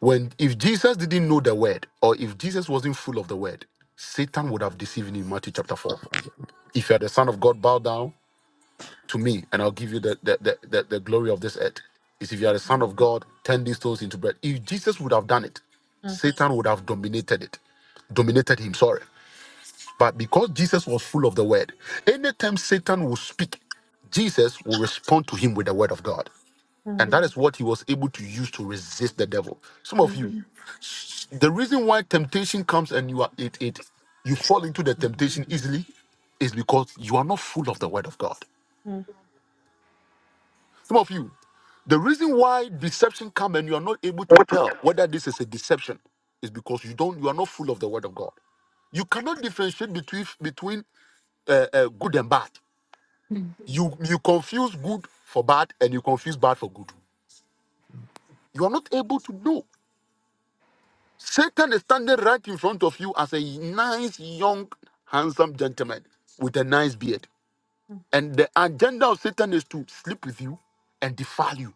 Speaker 1: When if Jesus didn't know the word, or if Jesus wasn't full of the word, Satan would have deceived him in Matthew chapter 4. If you are the son of God, bow down to me, and I'll give you the the, the, the, the glory of this earth. Is if you are the son of God, turn these stones into bread. If Jesus would have done it,
Speaker 5: Mm,
Speaker 1: Satan would have dominated it, dominated him. Sorry. But because Jesus was full of the word, anytime Satan will speak, Jesus will respond to him with the word of God. And
Speaker 5: mm,
Speaker 1: that is what he was able to use to resist the devil. Some of you, the reason why temptation comes and you are it it you fall into the temptation easily is because you are not full of the word of God.
Speaker 5: mm,
Speaker 1: Some of you, the reason why deception come and you are not able to tell whether this is a deception is because you don't you are not full of the word of God. You cannot differentiate between between uh, uh, good and bad.
Speaker 4: mm,
Speaker 1: You you confuse good for bad and you confuse bad for good. You are not able to know. Satan is standing right in front of you as a nice, young, handsome gentleman with a nice beard. And the agenda of Satan is to sleep with you and defile you.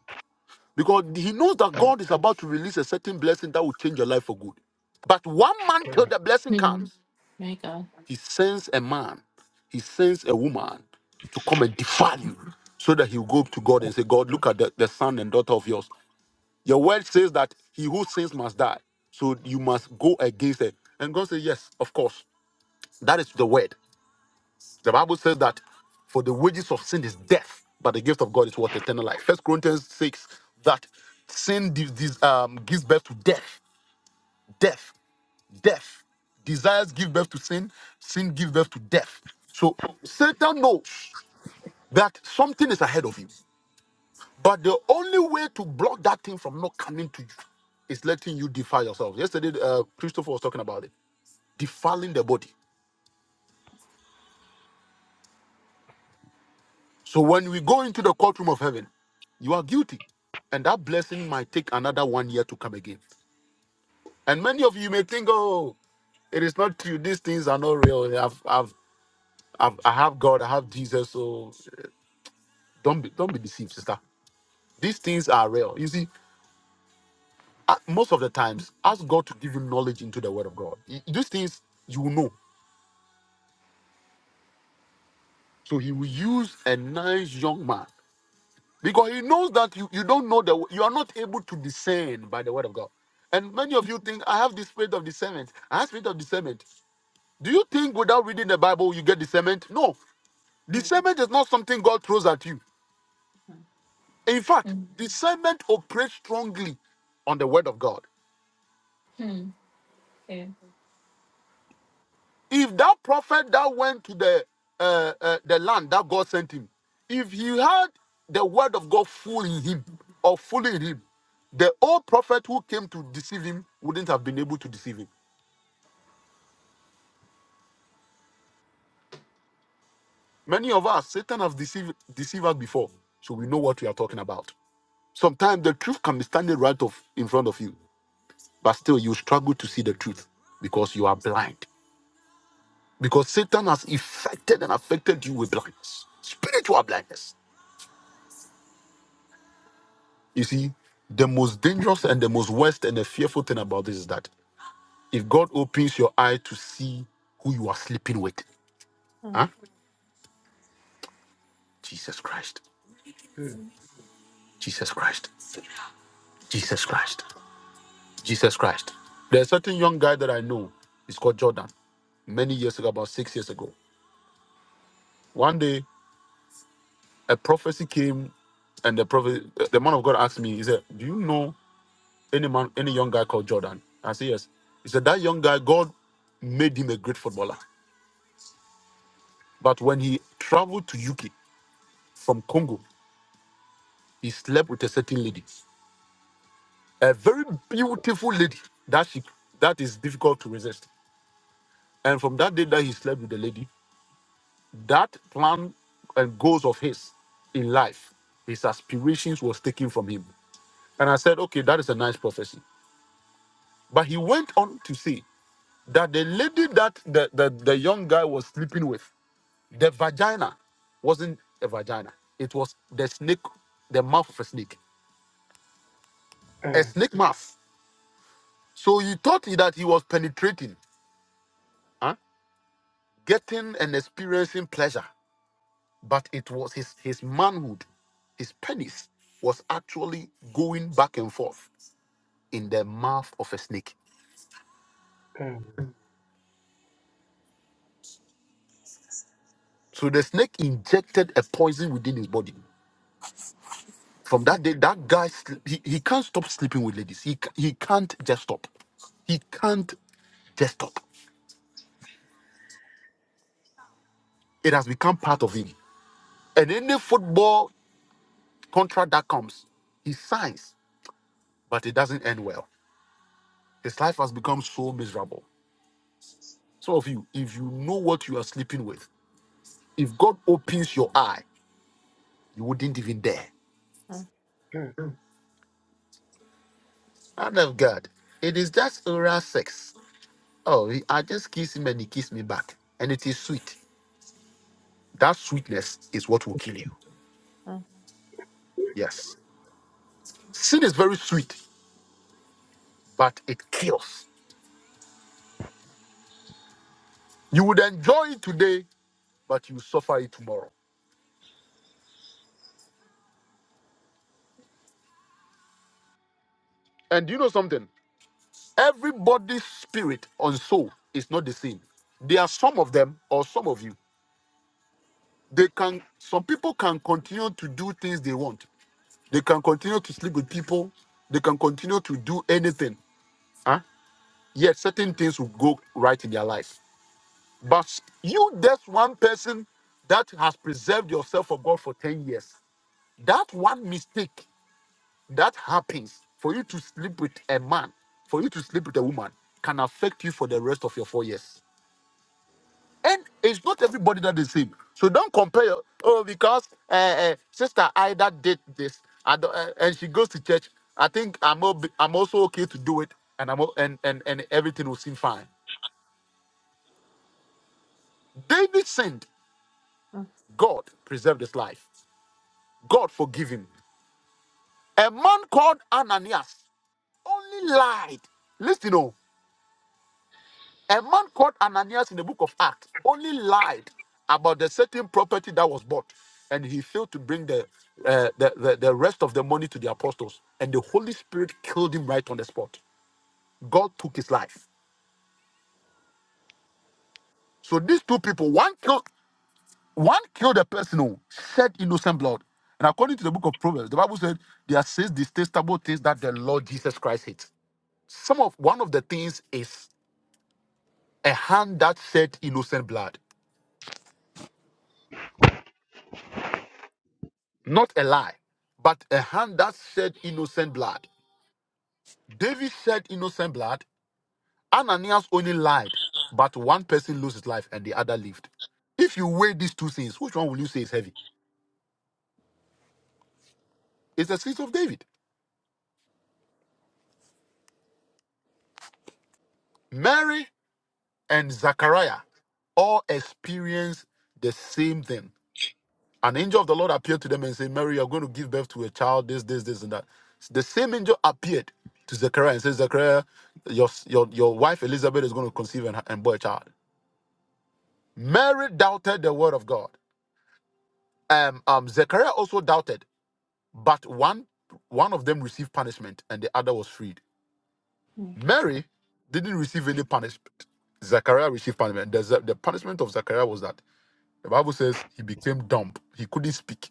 Speaker 1: Because he knows that God is about to release a certain blessing that will change your life for good. But one month till the blessing
Speaker 4: mm.
Speaker 1: comes,
Speaker 4: My God.
Speaker 1: he sends a man, he sends a woman to come and defile you so that he'll go to God and say, God, look at the, the son and daughter of yours. Your word says that he who sins must die. So you must go against it. And God says, Yes, of course. That is the word. The Bible says that for the wages of sin is death, but the gift of God is what? Eternal life. First Corinthians 6 that sin di- dis- um, gives birth to death, death, death. Desires give birth to sin, sin gives birth to death. So Satan knows that something is ahead of him. But the only way to block that thing from not coming to you is letting you defile yourself. Yesterday, uh, Christopher was talking about it, defiling the body. So when we go into the courtroom of heaven, you are guilty, and that blessing might take another one year to come again. And many of you may think, oh, it is not true. These things are not real. I've, I've, I've, I have God. I have Jesus. So don't be, don't be deceived, sister. These things are real. You see, uh, most of the times, ask God to give you knowledge into the Word of God. Y- These things you will know So he will use a nice young man because he knows that you, you don't know the you are not able to discern by the word of God. And many of you think I have the spirit of discernment. I have spirit of discernment. Do you think without reading the Bible you get discernment? No,
Speaker 5: mm,
Speaker 1: discernment is not something God throws at you.
Speaker 5: mm,
Speaker 1: In fact,
Speaker 4: Mm,
Speaker 1: discernment operates strongly on the word of God.
Speaker 4: mm, yeah.
Speaker 1: If that prophet that went to the uh, uh, the land that God sent him, if he had the word of God full in him or fully in him, the old prophet who came to deceive him wouldn't have been able to deceive him. Many of us, Satan have deceived deceived us before, so we know what we are talking about. Sometimes the truth can be standing right of in front of you, but still you struggle to see the truth because you are blind. Because Satan has affected and affected you with blindness, spiritual blindness. You see, the most dangerous and the most worst and the fearful thing about this is that if God opens your eye to see who you are sleeping with,
Speaker 5: mm,
Speaker 1: huh? Jesus Christ,
Speaker 3: Mm,
Speaker 1: Jesus Christ, Jesus Christ, Jesus Christ. There's a certain young guy that I know. He's called Jordan. Many years ago, about six years ago, one day a prophecy came, and the prophet, the man of God asked me, he said, "Do you know any man, any young guy called Jordan?" I said, "Yes." He said, "That young guy, God made him a great footballer." But when he traveled to UK from Congo, he slept with a certain lady, a very beautiful lady that she that is difficult to resist. And from that day that he slept with the lady, that plan and goals of his in life, his aspirations was taken from him. And I said, okay, that is a nice prophecy. But he went on to say that the lady that the, the, the young guy was sleeping with, the vagina wasn't a vagina. It was the snake, the mouth of a snake. A
Speaker 3: mm,
Speaker 1: snake mouth. So he thought that he was penetrating, huh? getting and experiencing pleasure, but it was his, his manhood, his penis was actually going back and forth in the mouth of a snake.
Speaker 3: mm,
Speaker 1: So the snake injected a poison within his body. From that day, that guy sl- he, he can't stop sleeping with ladies. He ca- he can't just stop. He can't just stop. It has become part of him. And any football contract that comes, he signs, but it doesn't end well His life has become so miserable. Some of you, if you know what you are sleeping with, if God opens your eye, you wouldn't even dare.
Speaker 5: mm,
Speaker 3: mm.
Speaker 1: Man of God, it is just oral sex. Oh, he- I just kiss him and he kissed me back. And it is sweet. That sweetness is what will kill you.
Speaker 5: mm,
Speaker 1: Yes. Sin is very sweet, but it kills. You would enjoy it today, but you suffer it tomorrow. And you know something? Everybody's spirit and soul is not the same. There are some of them, or some of you. they can some people can continue to do things they want they can continue to sleep with people they can continue to do anything huh? yet certain things will go right in their life but you that's one person that has preserved yourself for god for 10 years that one mistake that happens for you to sleep with a man for you to sleep with a woman can affect you for the rest of your four years And it's not everybody that is same. So don't compare, oh, because uh, uh, Sister Ida did this I don't- uh, and she goes to church. I think I'm, ob- I'm also okay to do it and, I'm, o- and, and, and everything will seem fine. David sinned.
Speaker 5: mm.
Speaker 1: God preserved his life. God forgive him. A man called Ananias only lied. Listen, oh. A man called Ananias in the book of Acts only lied about the certain property that was bought, and he failed to bring the, uh, the, the the rest of the money to the apostles. And the Holy Spirit killed him right on the spot. God took his life. So these two people, one killed one killed a person who shed innocent blood. And according to the book of Proverbs, the Bible said there are six detestable things that the Lord Jesus Christ hates. Some of one of the things is a hand that shed innocent blood. Not a lie, but a hand that shed innocent blood. David shed innocent blood. Ananias only lied, but one person lost his life and the other lived. If you weigh these two things, which one will you say is heavy? It's the sins of David. Mary and Zachariah all experienced the same thing. An angel of the Lord appeared to them and said, Mary, you're going to give birth to a child, this, this, this, and that. The same angel appeared to Zechariah and said, Zechariah, your, your, your wife Elizabeth is going to conceive and, and bear a child. Mary doubted the word of God. Um, um, Zechariah also doubted, but one one of them received punishment and the other was freed. Mary didn't receive any punishment. Zechariah received punishment. The, the punishment of Zechariah was that the Bible says he became dumb. He couldn't speak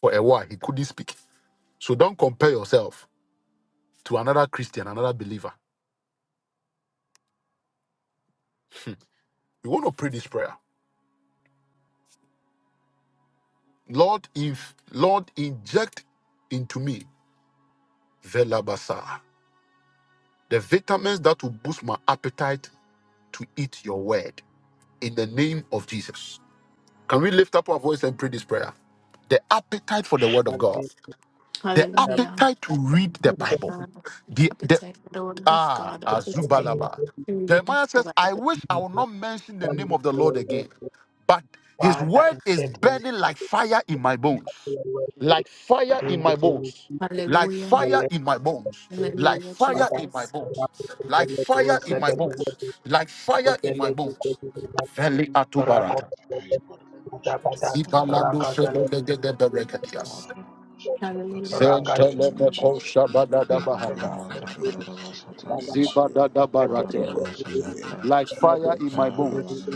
Speaker 1: for a while. He couldn't speak. So don't compare yourself to another Christian, another believer. We want to pray this prayer. Lord, if Lord inject into me velabasa, the vitamins that will boost my appetite to eat your word in the name of Jesus. Can we lift up our voice and pray this prayer? The appetite for the word of
Speaker 3: And
Speaker 1: God,
Speaker 3: then,
Speaker 1: the
Speaker 3: and I'm
Speaker 4: Hallelujah.
Speaker 1: appetite to read the
Speaker 4: Lord of
Speaker 3: checking
Speaker 1: Bible,
Speaker 4: God, The
Speaker 1: The the.
Speaker 4: appetite, for the word of
Speaker 1: Ah,
Speaker 4: God, the appetite
Speaker 3: the
Speaker 1: Azubalaba.
Speaker 4: to read
Speaker 1: Jeremiah
Speaker 4: the
Speaker 1: says, I
Speaker 4: Bible.
Speaker 1: wish I would not mention the name
Speaker 3: family
Speaker 1: of the
Speaker 3: for your
Speaker 1: Lord
Speaker 3: word.
Speaker 1: again, but his
Speaker 3: Father,
Speaker 1: word is
Speaker 3: inject me
Speaker 1: burning like fire in my bones.
Speaker 3: for your word
Speaker 1: Like fire
Speaker 3: in
Speaker 1: in
Speaker 3: the
Speaker 1: my
Speaker 3: name
Speaker 1: bones. Like
Speaker 4: Hallelujah.
Speaker 3: of the
Speaker 1: fire
Speaker 3: Lord.
Speaker 1: in my bones.
Speaker 3: Jesus.
Speaker 1: Like
Speaker 4: Hallelujah,
Speaker 1: fire
Speaker 3: Father,
Speaker 1: in my
Speaker 4: Jesus.
Speaker 3: the
Speaker 1: bones.
Speaker 3: Lord is the
Speaker 1: Like
Speaker 3: Lord, who
Speaker 1: fire
Speaker 3: is
Speaker 1: in
Speaker 3: the
Speaker 1: my
Speaker 3: Lord,
Speaker 4: Mercy
Speaker 3: the
Speaker 4: God.
Speaker 3: Lord
Speaker 1: bones. Like fire
Speaker 3: is the
Speaker 1: in my
Speaker 3: Lord,
Speaker 1: bones.
Speaker 3: who is the Lord.
Speaker 1: Veli
Speaker 3: Rago,
Speaker 1: atubarata.
Speaker 3: the Lord,
Speaker 6: Hey, mara
Speaker 3: Bada,
Speaker 6: shata
Speaker 3: Bada,
Speaker 6: kadada ba
Speaker 1: Zipalando
Speaker 3: Raga, the
Speaker 6: shata.
Speaker 1: shebelege berekatias.
Speaker 3: Lord,
Speaker 4: Hallelujah.
Speaker 6: kadada ba
Speaker 3: Raga, the
Speaker 7: Right
Speaker 6: shata
Speaker 7: in
Speaker 1: Zenteleme
Speaker 6: kare
Speaker 7: Jesus, come,
Speaker 6: Thank
Speaker 1: koshabadada
Speaker 6: you.
Speaker 1: bahata.
Speaker 7: Father God,
Speaker 3: Lord, Bada, Bada,
Speaker 7: let you,
Speaker 1: Zibadada
Speaker 3: Lego, the
Speaker 7: your
Speaker 1: barate.
Speaker 3: Lord,
Speaker 7: word
Speaker 3: the
Speaker 7: be
Speaker 3: Lord,
Speaker 7: able to
Speaker 1: like
Speaker 3: the
Speaker 7: turn
Speaker 3: Lord,
Speaker 7: for
Speaker 3: the Lord,
Speaker 1: fire
Speaker 3: the
Speaker 7: me,
Speaker 3: Lord.
Speaker 1: in my
Speaker 7: Father
Speaker 3: the
Speaker 7: God.
Speaker 3: Lord, the
Speaker 1: bones.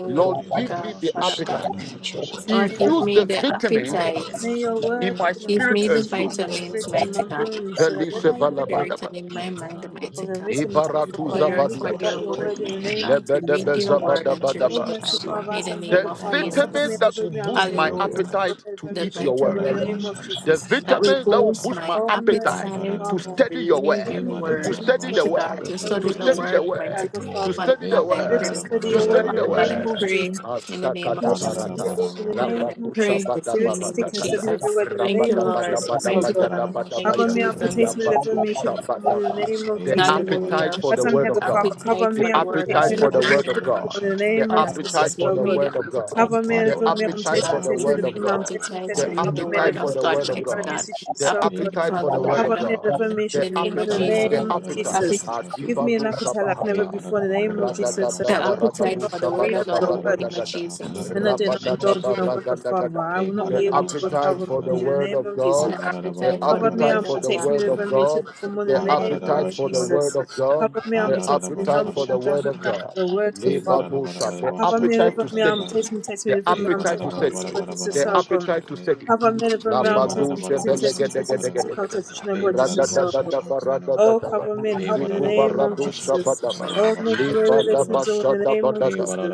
Speaker 7: Pray,
Speaker 3: Lord, the
Speaker 1: Lord,
Speaker 7: Father
Speaker 4: my
Speaker 3: Lord,
Speaker 7: God,
Speaker 3: the
Speaker 1: give
Speaker 3: Lord,
Speaker 4: God,
Speaker 1: me the
Speaker 7: you
Speaker 4: Father God.
Speaker 7: start
Speaker 1: appetite.
Speaker 7: me with your
Speaker 5: In
Speaker 7: word,
Speaker 5: the
Speaker 4: Lord,
Speaker 5: name
Speaker 4: give
Speaker 1: Infuse
Speaker 5: of
Speaker 4: me
Speaker 1: the
Speaker 7: Father
Speaker 4: the
Speaker 5: Jesus.
Speaker 1: vitamins
Speaker 4: appetite.
Speaker 5: May
Speaker 7: God.
Speaker 5: your
Speaker 1: in
Speaker 5: word
Speaker 1: my
Speaker 5: be like
Speaker 4: Give
Speaker 1: spirit
Speaker 5: vitamins
Speaker 4: me the
Speaker 1: and
Speaker 7: As in my
Speaker 5: in
Speaker 1: soul.
Speaker 5: my
Speaker 7: body,
Speaker 4: vitamins,
Speaker 7: to
Speaker 5: spirit
Speaker 7: get
Speaker 5: and
Speaker 4: mighty
Speaker 5: my
Speaker 7: your
Speaker 4: God,
Speaker 7: word
Speaker 5: bones,
Speaker 7: in
Speaker 5: so that
Speaker 7: my
Speaker 4: in
Speaker 1: Elisha
Speaker 7: mind,
Speaker 5: when
Speaker 4: my
Speaker 5: I even do
Speaker 4: spirit
Speaker 5: not
Speaker 7: Jesus,
Speaker 1: valabadaba.
Speaker 4: and in my
Speaker 7: Father
Speaker 5: eat
Speaker 7: God.
Speaker 4: mind, mighty
Speaker 5: of the
Speaker 4: God.
Speaker 7: Lord,
Speaker 5: vitamins of
Speaker 7: I
Speaker 1: Ibaratu
Speaker 5: love,
Speaker 4: We
Speaker 7: pray
Speaker 5: I am
Speaker 4: yearn
Speaker 5: weak
Speaker 4: for
Speaker 5: without
Speaker 4: your
Speaker 5: your
Speaker 4: word,
Speaker 7: that
Speaker 5: word in
Speaker 7: you
Speaker 5: the
Speaker 4: mighty
Speaker 7: give me
Speaker 5: name
Speaker 4: God,
Speaker 7: that
Speaker 5: of
Speaker 4: to
Speaker 5: Jesus.
Speaker 4: read
Speaker 7: like
Speaker 4: your
Speaker 7: to
Speaker 4: word
Speaker 7: to to
Speaker 4: and to
Speaker 5: Oh,
Speaker 4: read the
Speaker 5: mercy,
Speaker 4: Bible.
Speaker 7: seek
Speaker 5: Father,
Speaker 4: In
Speaker 5: as
Speaker 7: more
Speaker 4: the
Speaker 5: I'm
Speaker 7: of
Speaker 5: here,
Speaker 7: your
Speaker 4: name
Speaker 1: The
Speaker 5: God,
Speaker 4: of
Speaker 7: word,
Speaker 5: Father,
Speaker 7: Father
Speaker 5: cover me
Speaker 1: vitamins
Speaker 7: God.
Speaker 4: Jesus.
Speaker 5: and
Speaker 1: that
Speaker 5: deliver
Speaker 1: will
Speaker 5: me. I'm
Speaker 1: boost
Speaker 5: taking
Speaker 1: my
Speaker 5: the
Speaker 7: Pray
Speaker 5: place to
Speaker 7: that
Speaker 4: Hallelujah.
Speaker 5: cover
Speaker 7: you,
Speaker 1: appetite
Speaker 5: me and
Speaker 1: to
Speaker 5: deliver
Speaker 4: The
Speaker 5: me,
Speaker 1: eat
Speaker 5: children,
Speaker 1: your
Speaker 5: from
Speaker 1: word.
Speaker 5: the name of
Speaker 4: vitamins
Speaker 7: you
Speaker 1: The
Speaker 5: Jesus.
Speaker 7: boost
Speaker 4: that
Speaker 7: my
Speaker 4: will
Speaker 1: vitamins
Speaker 7: so
Speaker 1: that will
Speaker 4: boost
Speaker 1: boost my
Speaker 4: my
Speaker 5: Oh, a
Speaker 1: appetite
Speaker 4: appetite
Speaker 1: to
Speaker 5: Father,
Speaker 4: to
Speaker 1: study your
Speaker 7: I
Speaker 4: read
Speaker 7: can't,
Speaker 5: give
Speaker 1: word,
Speaker 4: your
Speaker 5: me
Speaker 1: to
Speaker 4: word.
Speaker 5: vitamins,
Speaker 1: study
Speaker 5: O
Speaker 1: the
Speaker 4: Mighty
Speaker 1: word,
Speaker 5: Father,
Speaker 4: God,
Speaker 7: I
Speaker 4: to
Speaker 5: that will
Speaker 1: to
Speaker 7: can't.
Speaker 4: study the
Speaker 5: boost
Speaker 1: study
Speaker 5: my
Speaker 1: the
Speaker 4: word,
Speaker 1: word,
Speaker 4: mighty
Speaker 5: appetite, O
Speaker 4: God.
Speaker 7: Come on,
Speaker 1: to
Speaker 4: Father
Speaker 5: Father.
Speaker 1: study
Speaker 6: Hey,
Speaker 4: God,
Speaker 1: the
Speaker 4: I
Speaker 6: bada
Speaker 5: Live
Speaker 7: motherfucker.
Speaker 6: da
Speaker 5: to
Speaker 1: word,
Speaker 4: pray.
Speaker 6: da bada
Speaker 5: study
Speaker 7: Put
Speaker 1: to
Speaker 5: your
Speaker 6: bada
Speaker 7: that
Speaker 1: study
Speaker 5: word
Speaker 6: bada
Speaker 5: in
Speaker 1: the
Speaker 7: bone
Speaker 4: Father
Speaker 5: the
Speaker 6: bada
Speaker 7: let
Speaker 4: God,
Speaker 7: me
Speaker 5: name
Speaker 4: I
Speaker 5: of
Speaker 1: word.
Speaker 6: shata
Speaker 7: get
Speaker 4: pray
Speaker 5: Jesus.
Speaker 6: kanada.
Speaker 4: in the name of
Speaker 1: Asakata
Speaker 5: Spirit
Speaker 7: that
Speaker 5: to
Speaker 6: Bada
Speaker 7: let
Speaker 6: da
Speaker 7: me
Speaker 6: da
Speaker 5: study your
Speaker 1: barata,
Speaker 7: get
Speaker 4: Jesus.
Speaker 6: bada
Speaker 5: word in
Speaker 7: full
Speaker 5: the
Speaker 6: ba.
Speaker 4: Father
Speaker 7: of
Speaker 4: God,
Speaker 5: name
Speaker 4: I
Speaker 7: it.
Speaker 5: of
Speaker 1: rabatusha
Speaker 5: Jesus.
Speaker 4: pray
Speaker 1: bada
Speaker 4: in the
Speaker 5: Spirit to
Speaker 4: name
Speaker 5: stick
Speaker 4: of
Speaker 1: barata
Speaker 5: and study
Speaker 1: kata,
Speaker 5: with
Speaker 7: I'm
Speaker 5: your
Speaker 4: Jesus.
Speaker 5: word in the
Speaker 4: Thank you,
Speaker 5: name
Speaker 1: rabada
Speaker 5: of
Speaker 1: bada
Speaker 7: afraid
Speaker 4: Lord.
Speaker 5: Jesus,
Speaker 7: you
Speaker 1: bada
Speaker 5: oh
Speaker 6: Hey,
Speaker 4: Mighty
Speaker 7: listen
Speaker 1: baya
Speaker 5: God.
Speaker 6: bada
Speaker 1: da
Speaker 6: da
Speaker 4: God.
Speaker 6: ba
Speaker 1: bada
Speaker 4: Thank you,
Speaker 5: Cover
Speaker 1: baya,
Speaker 6: shata
Speaker 5: me
Speaker 7: so
Speaker 5: and
Speaker 7: that
Speaker 4: Jesus.
Speaker 6: kanada
Speaker 7: you
Speaker 6: ba
Speaker 5: protect me
Speaker 7: can
Speaker 5: Deliver
Speaker 6: shata
Speaker 5: me, shield me
Speaker 1: yabadusha
Speaker 6: kne.
Speaker 5: from all
Speaker 1: bada
Speaker 5: in the
Speaker 1: ba.
Speaker 7: do
Speaker 5: name of
Speaker 6: Hey,
Speaker 1: The
Speaker 6: bada
Speaker 5: Jesus.
Speaker 6: da bada
Speaker 1: appetite
Speaker 6: ba
Speaker 4: Hallelujah.
Speaker 1: for
Speaker 5: As
Speaker 1: the
Speaker 5: I'm
Speaker 6: shata
Speaker 1: word
Speaker 5: here,
Speaker 4: His
Speaker 1: of
Speaker 6: kanada
Speaker 5: Father,
Speaker 1: God,
Speaker 6: ba.
Speaker 5: cover
Speaker 4: appetite
Speaker 1: the
Speaker 4: for
Speaker 5: me
Speaker 4: the
Speaker 5: and
Speaker 4: word
Speaker 5: protect
Speaker 4: of
Speaker 5: me
Speaker 1: appetite
Speaker 6: Hey,
Speaker 4: God.
Speaker 1: for the
Speaker 5: Deliver
Speaker 6: bada
Speaker 5: me,
Speaker 6: da
Speaker 1: word of
Speaker 4: mighty
Speaker 5: shield
Speaker 6: bada
Speaker 5: me
Speaker 4: God.
Speaker 6: ba
Speaker 5: from
Speaker 1: God,
Speaker 5: all in the
Speaker 6: shata
Speaker 1: the
Speaker 5: name of
Speaker 4: Father,
Speaker 6: kanada ba
Speaker 4: God,
Speaker 5: Jesus,
Speaker 1: appetite for
Speaker 5: oh
Speaker 6: shata
Speaker 4: give
Speaker 1: the
Speaker 4: me
Speaker 5: God.
Speaker 6: kne.
Speaker 4: the
Speaker 1: word of God
Speaker 5: Cover
Speaker 4: appetite
Speaker 5: me
Speaker 4: for the
Speaker 6: Bada
Speaker 1: the
Speaker 4: word
Speaker 5: Deliver
Speaker 6: da da
Speaker 5: me,
Speaker 6: ba
Speaker 4: of
Speaker 5: I'm
Speaker 1: appetite
Speaker 5: me,
Speaker 1: for
Speaker 4: God.
Speaker 6: shata
Speaker 1: the
Speaker 5: Protect me,
Speaker 4: Give
Speaker 1: word
Speaker 4: me
Speaker 1: of
Speaker 5: Deliver
Speaker 4: the
Speaker 6: kanada.
Speaker 5: me, I'm
Speaker 1: God,
Speaker 5: me,
Speaker 4: appetite
Speaker 5: Protect
Speaker 1: the
Speaker 4: to
Speaker 5: me,
Speaker 6: Bada da
Speaker 4: read
Speaker 5: cover
Speaker 4: the
Speaker 6: bada
Speaker 5: me
Speaker 1: appetite
Speaker 6: bada
Speaker 5: and
Speaker 4: word of
Speaker 1: for
Speaker 6: ba
Speaker 1: the
Speaker 4: God,
Speaker 1: word of
Speaker 4: mighty
Speaker 6: shata
Speaker 5: every
Speaker 1: God,
Speaker 6: kanada.
Speaker 4: God.
Speaker 5: mission from all in the
Speaker 1: the
Speaker 5: name of Jesus, oh
Speaker 6: Hey,
Speaker 5: God.
Speaker 4: Appetite
Speaker 1: appetite
Speaker 6: bada
Speaker 4: for
Speaker 6: da
Speaker 1: for
Speaker 4: the
Speaker 1: the
Speaker 6: ba
Speaker 1: word
Speaker 3: Bagababa,
Speaker 1: of
Speaker 5: Cover
Speaker 4: word of
Speaker 5: me
Speaker 6: shata
Speaker 1: God,
Speaker 4: God
Speaker 5: Deliver
Speaker 6: kanada.
Speaker 5: me,
Speaker 4: in
Speaker 5: shield
Speaker 1: the
Speaker 4: the
Speaker 5: me from
Speaker 4: name
Speaker 5: all
Speaker 4: of
Speaker 5: in
Speaker 6: Hey,
Speaker 5: the
Speaker 1: appetite,
Speaker 4: Jesus.
Speaker 6: bada
Speaker 1: the
Speaker 6: da
Speaker 5: name of
Speaker 6: bada
Speaker 7: You
Speaker 6: bada
Speaker 7: do
Speaker 1: appetite.
Speaker 6: ba
Speaker 7: for
Speaker 4: Appetite
Speaker 5: Jesus.
Speaker 7: more
Speaker 6: shata
Speaker 7: of your
Speaker 5: Give me
Speaker 6: kne.
Speaker 7: word
Speaker 5: an
Speaker 1: Adibadu
Speaker 7: in
Speaker 5: appetite like never
Speaker 6: Hey,
Speaker 1: Shabahata.
Speaker 6: bada
Speaker 5: before
Speaker 6: da
Speaker 5: in the
Speaker 6: bada
Speaker 5: name
Speaker 6: bada
Speaker 5: of
Speaker 6: bada bada
Speaker 5: Jesus,
Speaker 6: ba
Speaker 5: so
Speaker 4: The
Speaker 5: that
Speaker 1: Ragadadaba
Speaker 5: when
Speaker 6: shata
Speaker 5: I do
Speaker 4: appetite
Speaker 1: ragadu
Speaker 6: kanada.
Speaker 5: not
Speaker 4: for the word
Speaker 5: read
Speaker 4: of
Speaker 5: of
Speaker 1: shabadaba
Speaker 4: God in
Speaker 5: your
Speaker 6: Bada
Speaker 4: the
Speaker 6: da
Speaker 4: name
Speaker 6: ba
Speaker 4: of
Speaker 5: word,
Speaker 1: ragadagada.
Speaker 6: shata
Speaker 7: Let
Speaker 4: Jesus.
Speaker 6: kanada
Speaker 7: my
Speaker 5: when I
Speaker 6: bada
Speaker 5: did
Speaker 6: ba
Speaker 5: not
Speaker 7: dream achieve
Speaker 6: shata
Speaker 5: indulge in
Speaker 7: it
Speaker 1: Rabadadaba
Speaker 5: the
Speaker 6: kne.
Speaker 5: word, but Father,
Speaker 1: ragadagada.
Speaker 5: I
Speaker 6: Hey,
Speaker 5: will not
Speaker 6: bada
Speaker 1: The
Speaker 5: be
Speaker 6: da
Speaker 5: able
Speaker 4: Hallelujah.
Speaker 6: ba
Speaker 7: I
Speaker 5: to, but
Speaker 6: shata
Speaker 1: appetite
Speaker 7: really
Speaker 5: Father,
Speaker 7: have
Speaker 1: for the
Speaker 5: manage in
Speaker 6: kanada.
Speaker 5: the
Speaker 1: word
Speaker 5: name
Speaker 1: of
Speaker 5: of Jesus.
Speaker 1: God,
Speaker 4: The
Speaker 1: the
Speaker 4: appetite for the
Speaker 5: Cover me
Speaker 1: appetite
Speaker 4: word
Speaker 5: and
Speaker 4: of
Speaker 1: for the
Speaker 5: protect
Speaker 4: God.
Speaker 5: me
Speaker 1: word
Speaker 5: and
Speaker 1: of
Speaker 5: deliver
Speaker 7: If
Speaker 6: Wandarabarabarabashatakanara.
Speaker 5: me and
Speaker 7: you
Speaker 5: shield
Speaker 1: God,
Speaker 7: for
Speaker 5: from
Speaker 7: the
Speaker 5: all
Speaker 1: the
Speaker 5: in
Speaker 7: God,
Speaker 4: The
Speaker 5: the name of
Speaker 1: appetite
Speaker 4: appetite
Speaker 1: for the
Speaker 4: for the
Speaker 6: Wandarabashara.
Speaker 1: word
Speaker 5: Jesus.
Speaker 4: word of
Speaker 1: of
Speaker 4: God.
Speaker 1: God,
Speaker 5: Cover me
Speaker 4: in the
Speaker 5: and
Speaker 1: the
Speaker 4: name
Speaker 5: protect me
Speaker 4: of
Speaker 5: and help
Speaker 1: appetite
Speaker 5: me to
Speaker 1: for
Speaker 4: Jesus.
Speaker 1: the
Speaker 5: have that
Speaker 1: word of
Speaker 5: attack
Speaker 6: Andarabarabarabashatakanara.
Speaker 1: God.
Speaker 5: the word,
Speaker 4: Appetite
Speaker 5: good
Speaker 6: Hey,
Speaker 5: Father.
Speaker 4: for the
Speaker 1: Lebadosha, The
Speaker 4: word of
Speaker 5: Cover me
Speaker 4: God.
Speaker 5: and
Speaker 7: you
Speaker 1: appetite
Speaker 5: deliver
Speaker 7: will
Speaker 1: to
Speaker 5: me
Speaker 7: not
Speaker 1: study
Speaker 5: and
Speaker 6: barabarabarabashatakanara.
Speaker 7: pray.
Speaker 5: protect me, protect me,
Speaker 1: the
Speaker 5: deliver
Speaker 7: But
Speaker 5: me
Speaker 6: Hey,
Speaker 7: when
Speaker 5: and
Speaker 7: I
Speaker 1: appetite
Speaker 5: protect
Speaker 1: to
Speaker 5: me,
Speaker 1: study,
Speaker 7: pray
Speaker 5: protect me,
Speaker 7: that
Speaker 5: God, Jesus,
Speaker 7: you
Speaker 1: the
Speaker 5: so God.
Speaker 1: appetite
Speaker 7: and
Speaker 1: to
Speaker 6: barabarabarabashatakanara.
Speaker 1: study.
Speaker 5: Cover me and
Speaker 7: teach
Speaker 5: deliver me
Speaker 7: to
Speaker 6: Hey, barabarabarabashatakanara. Hey,
Speaker 5: and protect
Speaker 1: Labado
Speaker 5: me, protect me,
Speaker 7: please
Speaker 5: protect me, protect me,
Speaker 7: the
Speaker 6: barabarabarabashatakanara.
Speaker 7: word
Speaker 1: shebelegedegedegedegede.
Speaker 5: protect me, protect me,
Speaker 7: for
Speaker 5: protect me, God, Jesus,
Speaker 7: And
Speaker 5: so God.
Speaker 1: Radadadadaba,
Speaker 5: Oh,
Speaker 1: radadadaba.
Speaker 5: cover me and
Speaker 6: Hey,
Speaker 5: help me in the
Speaker 1: Zikuba
Speaker 5: name of
Speaker 1: rado
Speaker 5: Jesus.
Speaker 1: shabadaba.
Speaker 5: Oh, make a way where there
Speaker 1: Libadaba
Speaker 5: seems
Speaker 6: barabarabarabashatakanara.
Speaker 5: no way in the name of
Speaker 6: Hey,
Speaker 1: shadabadada.
Speaker 5: Jesus.